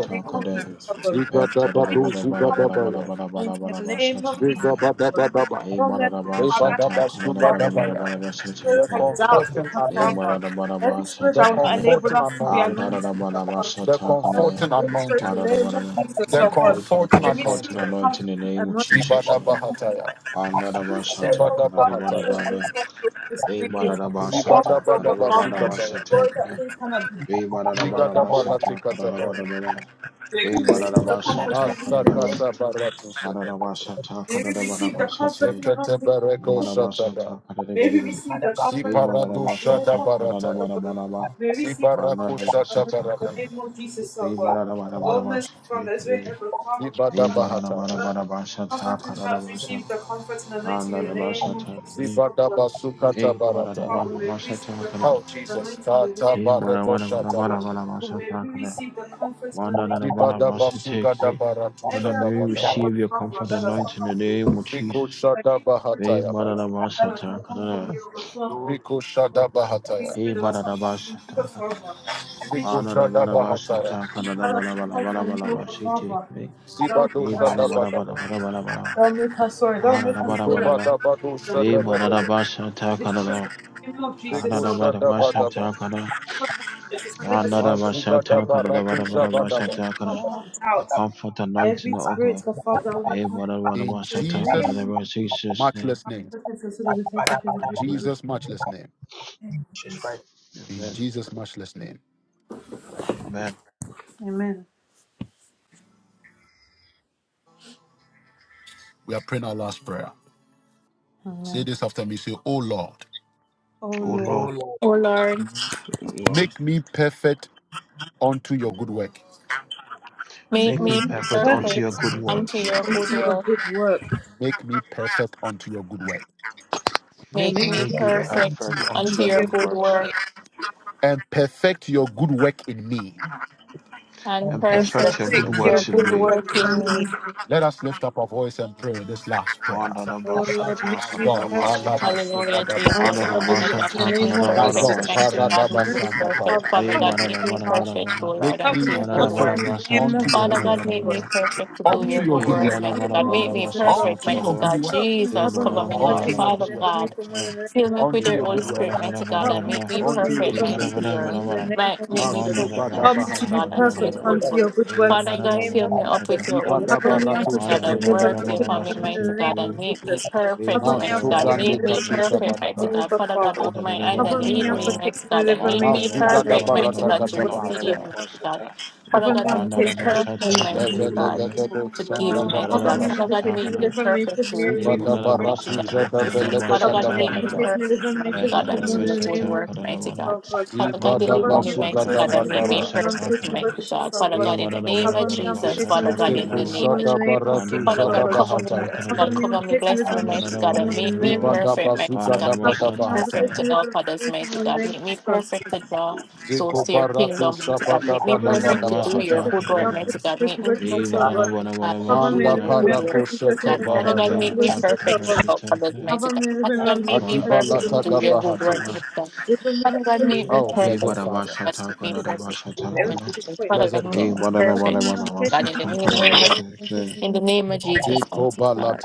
Speaker 5: In the name of Jesus,
Speaker 6: Kade.
Speaker 5: oh God. May
Speaker 6: Better
Speaker 5: we
Speaker 7: to
Speaker 6: the
Speaker 5: receive
Speaker 1: Zigadabado
Speaker 6: Bada
Speaker 5: the
Speaker 6: Bada
Speaker 5: comforted
Speaker 6: Bada Bada
Speaker 1: zigadabaya.
Speaker 6: Bada Bada
Speaker 5: in
Speaker 6: Bada
Speaker 5: the name of Jesus,
Speaker 6: Basata
Speaker 5: oh God.
Speaker 1: Zigabadabadaba.
Speaker 6: Hey,
Speaker 5: No
Speaker 7: do
Speaker 6: bararaba shata
Speaker 5: mercy,
Speaker 6: kanada
Speaker 5: Father,
Speaker 6: barabara
Speaker 1: Ebadabasugadabaya.
Speaker 6: baraba shata
Speaker 5: spirit
Speaker 1: The
Speaker 6: kre.
Speaker 5: of doubt,
Speaker 1: comforting
Speaker 5: our
Speaker 6: Hey,
Speaker 5: Father.
Speaker 1: anointing.
Speaker 6: barara baraba
Speaker 5: Every spirit
Speaker 1: the
Speaker 5: that
Speaker 6: shata
Speaker 5: will not
Speaker 6: kane.
Speaker 5: enable
Speaker 1: comforting
Speaker 5: us to be
Speaker 1: anointing,
Speaker 6: Antarara
Speaker 5: anointed, our
Speaker 6: baraba
Speaker 5: Father.
Speaker 1: the
Speaker 6: shata kana
Speaker 5: Oh,
Speaker 6: ne.
Speaker 1: comforting
Speaker 5: Father, we destroy it
Speaker 1: anointing,
Speaker 5: in
Speaker 6: Bara
Speaker 5: the
Speaker 6: da
Speaker 5: name
Speaker 6: bara
Speaker 5: of
Speaker 6: baraba.
Speaker 5: Jesus,
Speaker 1: the
Speaker 5: oh
Speaker 6: We
Speaker 5: God.
Speaker 6: pray for the
Speaker 1: comforting
Speaker 5: I
Speaker 6: comforting
Speaker 5: receive the
Speaker 1: anointing.
Speaker 6: anointing in the
Speaker 5: comforting
Speaker 6: name of
Speaker 5: anointing. in the
Speaker 6: Jesus.
Speaker 1: Zibada
Speaker 6: Anta
Speaker 5: name of
Speaker 1: bahataya,
Speaker 6: da Antarara
Speaker 5: Jesus.
Speaker 3: them
Speaker 5: Spirit
Speaker 3: the
Speaker 6: shata
Speaker 5: of
Speaker 1: zibada
Speaker 6: kanada
Speaker 5: doubt that
Speaker 6: bara
Speaker 5: always
Speaker 1: bahataya,
Speaker 5: makes
Speaker 6: bara.
Speaker 5: us feel
Speaker 6: Hey, barara
Speaker 5: dismayed. War
Speaker 1: zibada
Speaker 6: shata
Speaker 5: is
Speaker 1: bada
Speaker 5: over,
Speaker 6: kanada
Speaker 5: Father.
Speaker 6: baraba
Speaker 1: basikataya,
Speaker 6: shata
Speaker 5: War that
Speaker 6: kre.
Speaker 5: things cannot be done.
Speaker 6: Hey, bara
Speaker 5: Oh,
Speaker 1: bigada
Speaker 6: baraba
Speaker 5: Father,
Speaker 1: barati
Speaker 6: shata kanada
Speaker 1: katabaya,
Speaker 6: barabara.
Speaker 5: May
Speaker 6: Hey,
Speaker 5: we
Speaker 6: barara
Speaker 5: receive the comforting
Speaker 6: shata
Speaker 5: anointing. in the
Speaker 6: kanada
Speaker 5: name
Speaker 1: asakata
Speaker 5: of Jesus.
Speaker 1: baratu
Speaker 6: barabara
Speaker 1: sedebete,
Speaker 6: shata
Speaker 5: May we
Speaker 6: kanada
Speaker 5: receive the
Speaker 6: barabara shata.
Speaker 5: comforting anointing.
Speaker 1: sekete
Speaker 5: in the name
Speaker 1: bereko
Speaker 5: of Jesus.
Speaker 6: Barabara
Speaker 1: shatada,
Speaker 6: shata kanada
Speaker 5: May we
Speaker 6: barabara.
Speaker 5: receive the comfort of
Speaker 1: ziparadu
Speaker 5: your
Speaker 1: shada
Speaker 6: Re-ba-da-da-ba-cha-ta,
Speaker 5: comfort,
Speaker 1: barata,
Speaker 5: O God.
Speaker 6: ka-da-da-ba-da-ba-da-ba,
Speaker 5: May we receive the
Speaker 1: zibaraku
Speaker 5: comfort of
Speaker 1: shata
Speaker 5: you
Speaker 6: ba-da-da-ba-cha-ta,
Speaker 5: in
Speaker 1: barata,
Speaker 5: the
Speaker 6: ka-da.
Speaker 5: name of Jesus, O God. O
Speaker 6: Re-ba-da-da-ba-da-ba-da-ba, ba shi
Speaker 5: merciful Father,
Speaker 6: ki
Speaker 5: as
Speaker 6: bi
Speaker 5: we
Speaker 6: bi
Speaker 5: have the Father, comfort
Speaker 1: zibada
Speaker 5: us in
Speaker 1: bahataya,
Speaker 5: blood.
Speaker 6: Re-ba-da-da-ba-da-ba-da-ba-cha-ta,
Speaker 5: Comfort and help
Speaker 6: ka-da-da-ba-cha,
Speaker 5: receive the comfort and anointing in the name of
Speaker 6: ba-da-da-ba-cha-ta, ka-da.
Speaker 5: Jesus, O
Speaker 1: zibada
Speaker 5: God.
Speaker 1: basukata,
Speaker 5: Father, may we
Speaker 6: Re-ba-da-da-ba-da-ba-cha-ta,
Speaker 5: receive the
Speaker 6: ka-da.
Speaker 5: comfort and anointing in the name of Jesus, O God. May
Speaker 6: Re-ba-da-ba-da-ba-da-ba-da-ba-cha-ta,
Speaker 5: we
Speaker 6: ka-da.
Speaker 5: receive the comfort and anointing in the
Speaker 6: Ba-da-da-da-ba-da-ba,
Speaker 5: name of Jesus.
Speaker 6: shi-te-ki-bi. Father,
Speaker 5: Every
Speaker 6: may we
Speaker 5: anointing
Speaker 3: desire of
Speaker 5: was
Speaker 6: receive your
Speaker 5: problem
Speaker 6: comfort
Speaker 5: that
Speaker 6: and
Speaker 5: does
Speaker 6: light
Speaker 5: not
Speaker 6: in the
Speaker 5: come from
Speaker 6: name
Speaker 5: me.
Speaker 6: of Jesus.
Speaker 5: I give you every spirit that does
Speaker 6: Re-ba-da-da-ba-cha-ta,
Speaker 5: not come from me,
Speaker 6: ka-da.
Speaker 5: O God, Father. Every the spirit that does not come from me, O
Speaker 6: Re-ba-da-da-ba-cha-ta,
Speaker 5: God, Father. Every
Speaker 6: Mana da
Speaker 5: spirit
Speaker 6: bara ba shata kana da
Speaker 5: that does
Speaker 6: bara
Speaker 5: not
Speaker 6: bara
Speaker 5: come
Speaker 6: bara
Speaker 5: from me,
Speaker 6: bara
Speaker 5: O
Speaker 6: ba
Speaker 5: God,
Speaker 6: shi te
Speaker 5: Father.
Speaker 6: kai.
Speaker 5: Don't
Speaker 6: Be
Speaker 5: make
Speaker 3: our
Speaker 5: us,
Speaker 3: heart,
Speaker 6: mana bara bara bara bara bara.
Speaker 5: don't make us sorry, don't
Speaker 6: Hara da
Speaker 5: make us
Speaker 6: bara
Speaker 5: full
Speaker 6: bara
Speaker 5: of
Speaker 6: ba.
Speaker 5: faith
Speaker 1: zibada badu
Speaker 5: in the Lord, O
Speaker 6: Be
Speaker 1: shada
Speaker 5: God,
Speaker 6: mana da
Speaker 1: bedebe.
Speaker 6: ba shata
Speaker 5: We
Speaker 6: kana
Speaker 5: destroy
Speaker 6: da.
Speaker 5: the name of
Speaker 6: Hara
Speaker 5: Jesus,
Speaker 6: da
Speaker 5: O God.
Speaker 6: bara ba shata kana.
Speaker 5: What Jesus, and
Speaker 6: Mana
Speaker 5: in
Speaker 6: da ba
Speaker 5: the name
Speaker 6: shata kana da bara bara ba shata kana.
Speaker 5: of
Speaker 6: The comfort
Speaker 5: Every
Speaker 6: anointing of
Speaker 5: spirit,
Speaker 6: God.
Speaker 5: God, Father, that will
Speaker 6: Be
Speaker 5: not come
Speaker 6: mana
Speaker 5: from
Speaker 6: bara
Speaker 5: me.
Speaker 1: In
Speaker 6: ba
Speaker 5: Praise the
Speaker 6: shata kana da
Speaker 1: Jesus'
Speaker 5: name. of
Speaker 6: ba
Speaker 5: Jesus.
Speaker 6: Jesus name.
Speaker 1: matchless name.
Speaker 3: but, uh,
Speaker 1: In
Speaker 6: Amen.
Speaker 1: Jesus' matchless name.
Speaker 3: Jesus Christ.
Speaker 1: In
Speaker 6: Amen.
Speaker 1: Jesus' matchless name.
Speaker 6: Amen.
Speaker 5: Amen.
Speaker 1: We are praying our last prayer. Say
Speaker 5: Amen.
Speaker 1: this after me. Say, Oh Lord,
Speaker 5: Oh
Speaker 6: Oh
Speaker 3: Oh
Speaker 5: Lord,
Speaker 6: Lord,
Speaker 3: Lord,
Speaker 4: O Lord,
Speaker 1: make me perfect unto your good work.
Speaker 4: make
Speaker 5: make
Speaker 6: make me
Speaker 3: make
Speaker 4: me
Speaker 5: me
Speaker 3: me
Speaker 6: perfect unto
Speaker 5: perfect
Speaker 6: your
Speaker 4: perfect
Speaker 6: good
Speaker 4: unto
Speaker 6: works.
Speaker 4: your good
Speaker 5: unto your
Speaker 4: work.
Speaker 5: good work.
Speaker 1: Make me perfect unto your good work.
Speaker 3: make
Speaker 4: Make
Speaker 3: me
Speaker 4: me
Speaker 5: Make
Speaker 6: Make
Speaker 5: me
Speaker 6: me
Speaker 3: perfect
Speaker 5: perfect
Speaker 4: perfect
Speaker 3: unto
Speaker 6: perfect unto
Speaker 4: unto
Speaker 5: unto
Speaker 6: your
Speaker 4: your
Speaker 5: your
Speaker 6: good
Speaker 4: good
Speaker 5: good
Speaker 6: works.
Speaker 5: work.
Speaker 4: work
Speaker 1: And perfect your good work in me.
Speaker 4: and
Speaker 3: and
Speaker 6: and
Speaker 5: And
Speaker 6: perfect your
Speaker 3: perfect
Speaker 4: perfect
Speaker 6: good
Speaker 5: perfect
Speaker 3: you
Speaker 5: your
Speaker 4: your
Speaker 6: works in
Speaker 4: good
Speaker 5: good
Speaker 6: me.
Speaker 5: work
Speaker 4: work in
Speaker 5: in
Speaker 4: me.
Speaker 5: me.
Speaker 1: Let us lift up our voice and pray this last prayer.
Speaker 5: Oh Lord,
Speaker 6: Madanabasata,
Speaker 5: make
Speaker 1: My
Speaker 5: me
Speaker 1: God,
Speaker 5: perfect
Speaker 6: kadadabasata,
Speaker 4: Hallelujah, Jesus.
Speaker 5: unto your
Speaker 1: Palabasubadabahata.
Speaker 5: good
Speaker 4: Father
Speaker 5: work.
Speaker 4: God,
Speaker 5: In
Speaker 6: madanabasata,
Speaker 5: the
Speaker 4: make me
Speaker 5: name of
Speaker 1: my
Speaker 5: Jesus.
Speaker 4: perfect.
Speaker 1: God,
Speaker 4: Mighty
Speaker 6: kadadabadabasata,
Speaker 4: God, make
Speaker 5: Merciful
Speaker 6: kini,
Speaker 4: me
Speaker 1: Paradabasandapaya.
Speaker 4: perfect.
Speaker 5: Father,
Speaker 4: Father
Speaker 6: me
Speaker 5: help
Speaker 4: God,
Speaker 5: me,
Speaker 4: make
Speaker 5: God,
Speaker 4: me
Speaker 5: Father.
Speaker 4: perfect, O
Speaker 6: badadabadabadabada,
Speaker 4: Lord,
Speaker 1: Make
Speaker 5: Help
Speaker 4: unto
Speaker 5: me
Speaker 1: me
Speaker 5: and
Speaker 4: your good
Speaker 5: help
Speaker 4: work.
Speaker 1: perfect
Speaker 5: me in
Speaker 1: in
Speaker 5: the name
Speaker 1: unto
Speaker 6: badadabadabasata,
Speaker 5: of
Speaker 1: your
Speaker 4: Father
Speaker 1: good
Speaker 5: Jesus,
Speaker 4: God,
Speaker 1: work.
Speaker 5: oh
Speaker 4: make me
Speaker 5: God.
Speaker 6: kadadabadabada,
Speaker 4: perfect to
Speaker 5: Help
Speaker 4: do
Speaker 5: me
Speaker 1: Unto
Speaker 4: your
Speaker 5: and
Speaker 1: your
Speaker 4: good
Speaker 6: me
Speaker 1: good
Speaker 5: help me
Speaker 4: works,
Speaker 1: work.
Speaker 5: in the
Speaker 4: mighty God.
Speaker 5: name
Speaker 4: Make
Speaker 5: of
Speaker 4: me
Speaker 5: Jesus, oh
Speaker 6: badadabadabadabasata,
Speaker 4: perfect,
Speaker 5: God.
Speaker 1: Unto
Speaker 4: mighty
Speaker 1: your
Speaker 6: kadadaba,
Speaker 1: good
Speaker 4: God.
Speaker 1: work.
Speaker 5: Help me and
Speaker 6: me
Speaker 4: Jesus,
Speaker 5: cover me
Speaker 4: cover me,
Speaker 5: and
Speaker 4: Lord.
Speaker 1: Unto
Speaker 5: protect
Speaker 1: your
Speaker 5: me,
Speaker 4: Father
Speaker 1: good work.
Speaker 5: deliver me
Speaker 4: God,
Speaker 6: badadabadabadabasata,
Speaker 5: from
Speaker 6: kadada,
Speaker 5: in the
Speaker 4: fill
Speaker 5: name
Speaker 4: me
Speaker 5: of
Speaker 4: up with
Speaker 6: me
Speaker 1: Unto
Speaker 4: your
Speaker 1: your
Speaker 4: Holy
Speaker 1: good
Speaker 5: Jesus,
Speaker 1: work.
Speaker 5: Lord.
Speaker 4: Spirit, mighty God, and
Speaker 5: Help me and
Speaker 4: make
Speaker 6: badadabadabadabadabada,
Speaker 4: me
Speaker 5: cover me
Speaker 1: Unto
Speaker 5: and
Speaker 1: your
Speaker 4: perfect,
Speaker 6: me
Speaker 5: deliver
Speaker 1: good
Speaker 4: mighty
Speaker 1: work.
Speaker 5: me
Speaker 6: badadabadabadabada,
Speaker 5: from
Speaker 4: your
Speaker 5: in the name
Speaker 4: Right,
Speaker 5: of
Speaker 4: make
Speaker 6: badadabasata,
Speaker 4: me
Speaker 5: Jesus.
Speaker 6: kadadabada,
Speaker 4: perfect,
Speaker 1: Masobada
Speaker 4: mighty
Speaker 5: Help me to
Speaker 1: bahata
Speaker 5: be
Speaker 4: God, unto your
Speaker 5: perfect
Speaker 1: bahata.
Speaker 4: good
Speaker 5: unto your
Speaker 4: work.
Speaker 5: good
Speaker 6: me
Speaker 5: works
Speaker 4: Father
Speaker 5: in the
Speaker 4: God,
Speaker 5: name
Speaker 4: fill
Speaker 5: of
Speaker 4: me up
Speaker 5: Jesus.
Speaker 4: with
Speaker 6: badadabadabasata,
Speaker 4: your Holy
Speaker 1: Ibada
Speaker 5: Cover
Speaker 4: Spirit,
Speaker 5: me and
Speaker 4: mighty
Speaker 1: barato
Speaker 4: God,
Speaker 5: protect me,
Speaker 4: and
Speaker 6: kadada,
Speaker 1: shebebe
Speaker 5: deliver
Speaker 4: work
Speaker 5: me
Speaker 4: thee
Speaker 1: rekete
Speaker 5: should be
Speaker 4: upon me,
Speaker 5: from
Speaker 1: kete.
Speaker 5: in
Speaker 4: mighty
Speaker 6: badadabadabadabasata,
Speaker 5: the
Speaker 4: God,
Speaker 5: name
Speaker 4: and
Speaker 5: of
Speaker 6: kini,
Speaker 4: make me
Speaker 5: Jesus.
Speaker 6: We
Speaker 4: perfect,
Speaker 5: Cover
Speaker 6: bara
Speaker 5: me
Speaker 4: mighty
Speaker 5: and
Speaker 6: bara bara
Speaker 4: God.
Speaker 5: protect
Speaker 6: bara
Speaker 5: me,
Speaker 1: Masobrande
Speaker 4: Make
Speaker 6: bada bada
Speaker 5: deliver
Speaker 4: me
Speaker 1: katu
Speaker 5: me should be
Speaker 4: perfect,
Speaker 5: from
Speaker 4: mighty
Speaker 1: shabadaba.
Speaker 6: bada.
Speaker 5: all
Speaker 4: God.
Speaker 5: the
Speaker 4: Father God,
Speaker 5: Father.
Speaker 6: Ada
Speaker 4: hold my
Speaker 6: ada
Speaker 4: hand
Speaker 6: bada
Speaker 5: Cover
Speaker 4: and
Speaker 6: bara
Speaker 5: me
Speaker 4: lead
Speaker 5: and
Speaker 6: bara
Speaker 4: me,
Speaker 6: bada.
Speaker 4: mighty
Speaker 5: protect me,
Speaker 4: God, and
Speaker 5: deliver
Speaker 6: bara,
Speaker 4: make
Speaker 5: me
Speaker 6: ada
Speaker 4: me
Speaker 5: should be
Speaker 6: bara
Speaker 5: from
Speaker 6: bara
Speaker 1: Masugada
Speaker 5: every
Speaker 4: perfect,
Speaker 6: bara
Speaker 5: form
Speaker 4: mighty
Speaker 5: of
Speaker 1: barata
Speaker 5: evil,
Speaker 6: bara
Speaker 4: God,
Speaker 6: bara
Speaker 4: to
Speaker 1: kata
Speaker 5: Lord
Speaker 6: bara bara
Speaker 5: Jesus.
Speaker 4: receive,
Speaker 6: bada
Speaker 1: bahata.
Speaker 4: mighty God.
Speaker 6: bada.
Speaker 4: Father
Speaker 5: Cover me
Speaker 4: God,
Speaker 5: and
Speaker 6: One
Speaker 4: make me
Speaker 6: ada
Speaker 5: protect
Speaker 6: bada
Speaker 5: me,
Speaker 4: perfect,
Speaker 6: bada
Speaker 4: mighty
Speaker 5: remove
Speaker 6: kana
Speaker 5: me
Speaker 6: di
Speaker 1: Lebe
Speaker 6: bi
Speaker 5: from
Speaker 6: di
Speaker 5: every
Speaker 4: God,
Speaker 1: lebe
Speaker 5: form of
Speaker 1: debo
Speaker 4: to
Speaker 5: evil.
Speaker 1: shanda
Speaker 4: give,
Speaker 6: We bara
Speaker 1: bada
Speaker 4: mighty
Speaker 6: bada
Speaker 5: Cover
Speaker 1: bada
Speaker 4: God.
Speaker 5: me
Speaker 1: bada.
Speaker 4: Father
Speaker 5: and
Speaker 4: God,
Speaker 6: bada
Speaker 5: protect me,
Speaker 4: make
Speaker 6: kana.
Speaker 4: me
Speaker 5: deliver me,
Speaker 4: perfect
Speaker 5: forgive me,
Speaker 4: to
Speaker 6: We
Speaker 5: remove
Speaker 6: bara
Speaker 1: Zibada
Speaker 5: me
Speaker 4: receive,
Speaker 6: bada
Speaker 5: from every
Speaker 4: mighty
Speaker 5: form
Speaker 1: baratu
Speaker 5: of
Speaker 4: God, your
Speaker 6: bada
Speaker 1: jada
Speaker 5: evil.
Speaker 6: kana da
Speaker 4: blessings.
Speaker 1: belede
Speaker 4: Father
Speaker 5: Cover
Speaker 4: God,
Speaker 1: gada
Speaker 5: me
Speaker 6: bada
Speaker 5: and
Speaker 4: make me
Speaker 6: kana.
Speaker 5: protect
Speaker 1: bahata.
Speaker 5: me,
Speaker 4: perfect,
Speaker 5: deliver me,
Speaker 4: mighty
Speaker 5: forgive me
Speaker 6: Hente
Speaker 4: God,
Speaker 6: da
Speaker 5: from all
Speaker 4: unto your
Speaker 5: in the
Speaker 4: good
Speaker 5: name
Speaker 6: bada
Speaker 5: of
Speaker 4: work,
Speaker 6: kana da
Speaker 4: mighty
Speaker 5: Jesus,
Speaker 6: bara,
Speaker 4: God.
Speaker 5: oh God.
Speaker 4: Father God,
Speaker 6: Man da
Speaker 1: Zibada
Speaker 5: Cover
Speaker 4: deliver
Speaker 5: me
Speaker 4: me,
Speaker 5: and
Speaker 1: basu
Speaker 6: bada
Speaker 4: mighty
Speaker 1: gada
Speaker 5: protect
Speaker 4: God,
Speaker 5: me,
Speaker 6: kana
Speaker 4: and
Speaker 5: protect
Speaker 6: da
Speaker 1: bada
Speaker 4: make
Speaker 5: me,
Speaker 4: me
Speaker 5: deliver me, and
Speaker 6: bada
Speaker 4: perfect,
Speaker 5: protect me,
Speaker 6: kana.
Speaker 5: Lord
Speaker 4: mighty
Speaker 5: Jesus,
Speaker 4: God.
Speaker 5: oh
Speaker 4: Father
Speaker 5: God.
Speaker 6: He
Speaker 4: God, in the
Speaker 6: bara bara
Speaker 4: name of
Speaker 5: Cover me
Speaker 6: bada
Speaker 5: and
Speaker 4: Jesus,
Speaker 5: protect me,
Speaker 4: Father
Speaker 6: bada
Speaker 5: deliver
Speaker 4: God,
Speaker 5: me,
Speaker 6: kana
Speaker 4: in
Speaker 6: da
Speaker 5: forgive
Speaker 4: the
Speaker 5: me
Speaker 6: bara,
Speaker 5: from
Speaker 4: name
Speaker 5: all
Speaker 4: of
Speaker 5: in the
Speaker 4: Jesus.
Speaker 5: name of
Speaker 6: One da
Speaker 5: Jesus,
Speaker 4: Father
Speaker 5: oh
Speaker 6: bada
Speaker 4: God,
Speaker 5: God.
Speaker 4: cover me,
Speaker 6: bada
Speaker 1: Sekwataya.
Speaker 4: mighty
Speaker 6: kana di
Speaker 5: Cover
Speaker 4: God,
Speaker 5: me
Speaker 6: bi.
Speaker 5: and
Speaker 4: cover me,
Speaker 5: protect me,
Speaker 4: bless me,
Speaker 5: deliver
Speaker 6: One
Speaker 5: me,
Speaker 6: da
Speaker 4: mighty
Speaker 5: forgive me
Speaker 4: God,
Speaker 5: from
Speaker 6: bada
Speaker 5: all
Speaker 4: and
Speaker 5: in
Speaker 4: make
Speaker 5: the
Speaker 4: me
Speaker 5: name of
Speaker 4: perfect,
Speaker 5: Jesus.
Speaker 6: bada
Speaker 4: mighty God, make
Speaker 5: Cover
Speaker 4: me
Speaker 5: me and
Speaker 6: bada
Speaker 4: perfect
Speaker 5: protect
Speaker 6: bada.
Speaker 5: me,
Speaker 4: to help
Speaker 5: deliver me, forgive
Speaker 4: others,
Speaker 5: me
Speaker 4: mighty
Speaker 5: from all in the
Speaker 4: God,
Speaker 5: name of
Speaker 4: make me
Speaker 5: Jesus.
Speaker 4: perfect to draw souls to your kingdom, mighty God. Make me
Speaker 6: He
Speaker 5: Cover me
Speaker 6: would
Speaker 5: on
Speaker 6: have
Speaker 4: perfect to
Speaker 5: face
Speaker 6: was
Speaker 4: do
Speaker 5: and
Speaker 4: your
Speaker 5: chest and
Speaker 6: attacking
Speaker 4: good
Speaker 6: the
Speaker 5: every
Speaker 4: work,
Speaker 5: arm, face
Speaker 4: mighty
Speaker 6: devil.
Speaker 4: God.
Speaker 5: and chest
Speaker 4: Make
Speaker 5: and
Speaker 4: me
Speaker 5: break and
Speaker 6: He
Speaker 4: perfect,
Speaker 6: would
Speaker 4: mighty
Speaker 6: have would have would
Speaker 4: God,
Speaker 6: have was
Speaker 5: Cover
Speaker 4: to do
Speaker 5: me on
Speaker 4: your
Speaker 5: every
Speaker 6: attacking
Speaker 5: man,
Speaker 4: good
Speaker 6: it.
Speaker 4: work,
Speaker 5: face and
Speaker 4: mighty
Speaker 5: chest and
Speaker 4: God.
Speaker 5: every
Speaker 4: Father
Speaker 5: arm,
Speaker 4: God,
Speaker 5: face
Speaker 6: Monday
Speaker 5: and
Speaker 4: make me
Speaker 5: break and
Speaker 6: part of the
Speaker 5: sister
Speaker 4: perfect to
Speaker 6: best
Speaker 5: Lord.
Speaker 4: help others,
Speaker 6: attacking it.
Speaker 4: mighty
Speaker 5: Cover
Speaker 4: God.
Speaker 5: me on every
Speaker 4: Father God,
Speaker 5: man,
Speaker 4: make
Speaker 5: face
Speaker 4: me
Speaker 5: and chest
Speaker 6: Mother
Speaker 5: and
Speaker 6: would
Speaker 5: every
Speaker 6: have
Speaker 4: perfect to
Speaker 5: arm,
Speaker 4: do
Speaker 6: was
Speaker 5: face
Speaker 4: your good
Speaker 5: and help
Speaker 6: attacking
Speaker 4: work,
Speaker 5: me.
Speaker 6: it.
Speaker 1: Adibalatagabahatish.
Speaker 4: mighty God.
Speaker 5: Deliver me from
Speaker 4: Father God,
Speaker 5: every man,
Speaker 4: make me
Speaker 1: Oh,
Speaker 6: He would
Speaker 1: blessed
Speaker 4: perfect,
Speaker 6: have
Speaker 4: mighty
Speaker 6: was
Speaker 1: Father,
Speaker 4: God, to
Speaker 6: attacking
Speaker 4: be
Speaker 5: face and chest
Speaker 6: it.
Speaker 4: perfect
Speaker 6: Was
Speaker 4: in the
Speaker 5: and every arm,
Speaker 6: attacking it.
Speaker 4: moment. Father
Speaker 1: blessed
Speaker 4: God, make
Speaker 6: He
Speaker 4: me
Speaker 1: God.
Speaker 6: would have would
Speaker 5: Cover
Speaker 6: have
Speaker 4: perfect,
Speaker 5: me
Speaker 6: would
Speaker 5: on
Speaker 6: have
Speaker 4: mighty
Speaker 5: face
Speaker 6: was
Speaker 4: God,
Speaker 5: and chest
Speaker 4: in
Speaker 6: attacking
Speaker 5: and
Speaker 4: the
Speaker 6: it.
Speaker 4: name of,
Speaker 6: Was
Speaker 5: face and break and
Speaker 6: attacking it.
Speaker 4: in the name of Jesus, mighty God.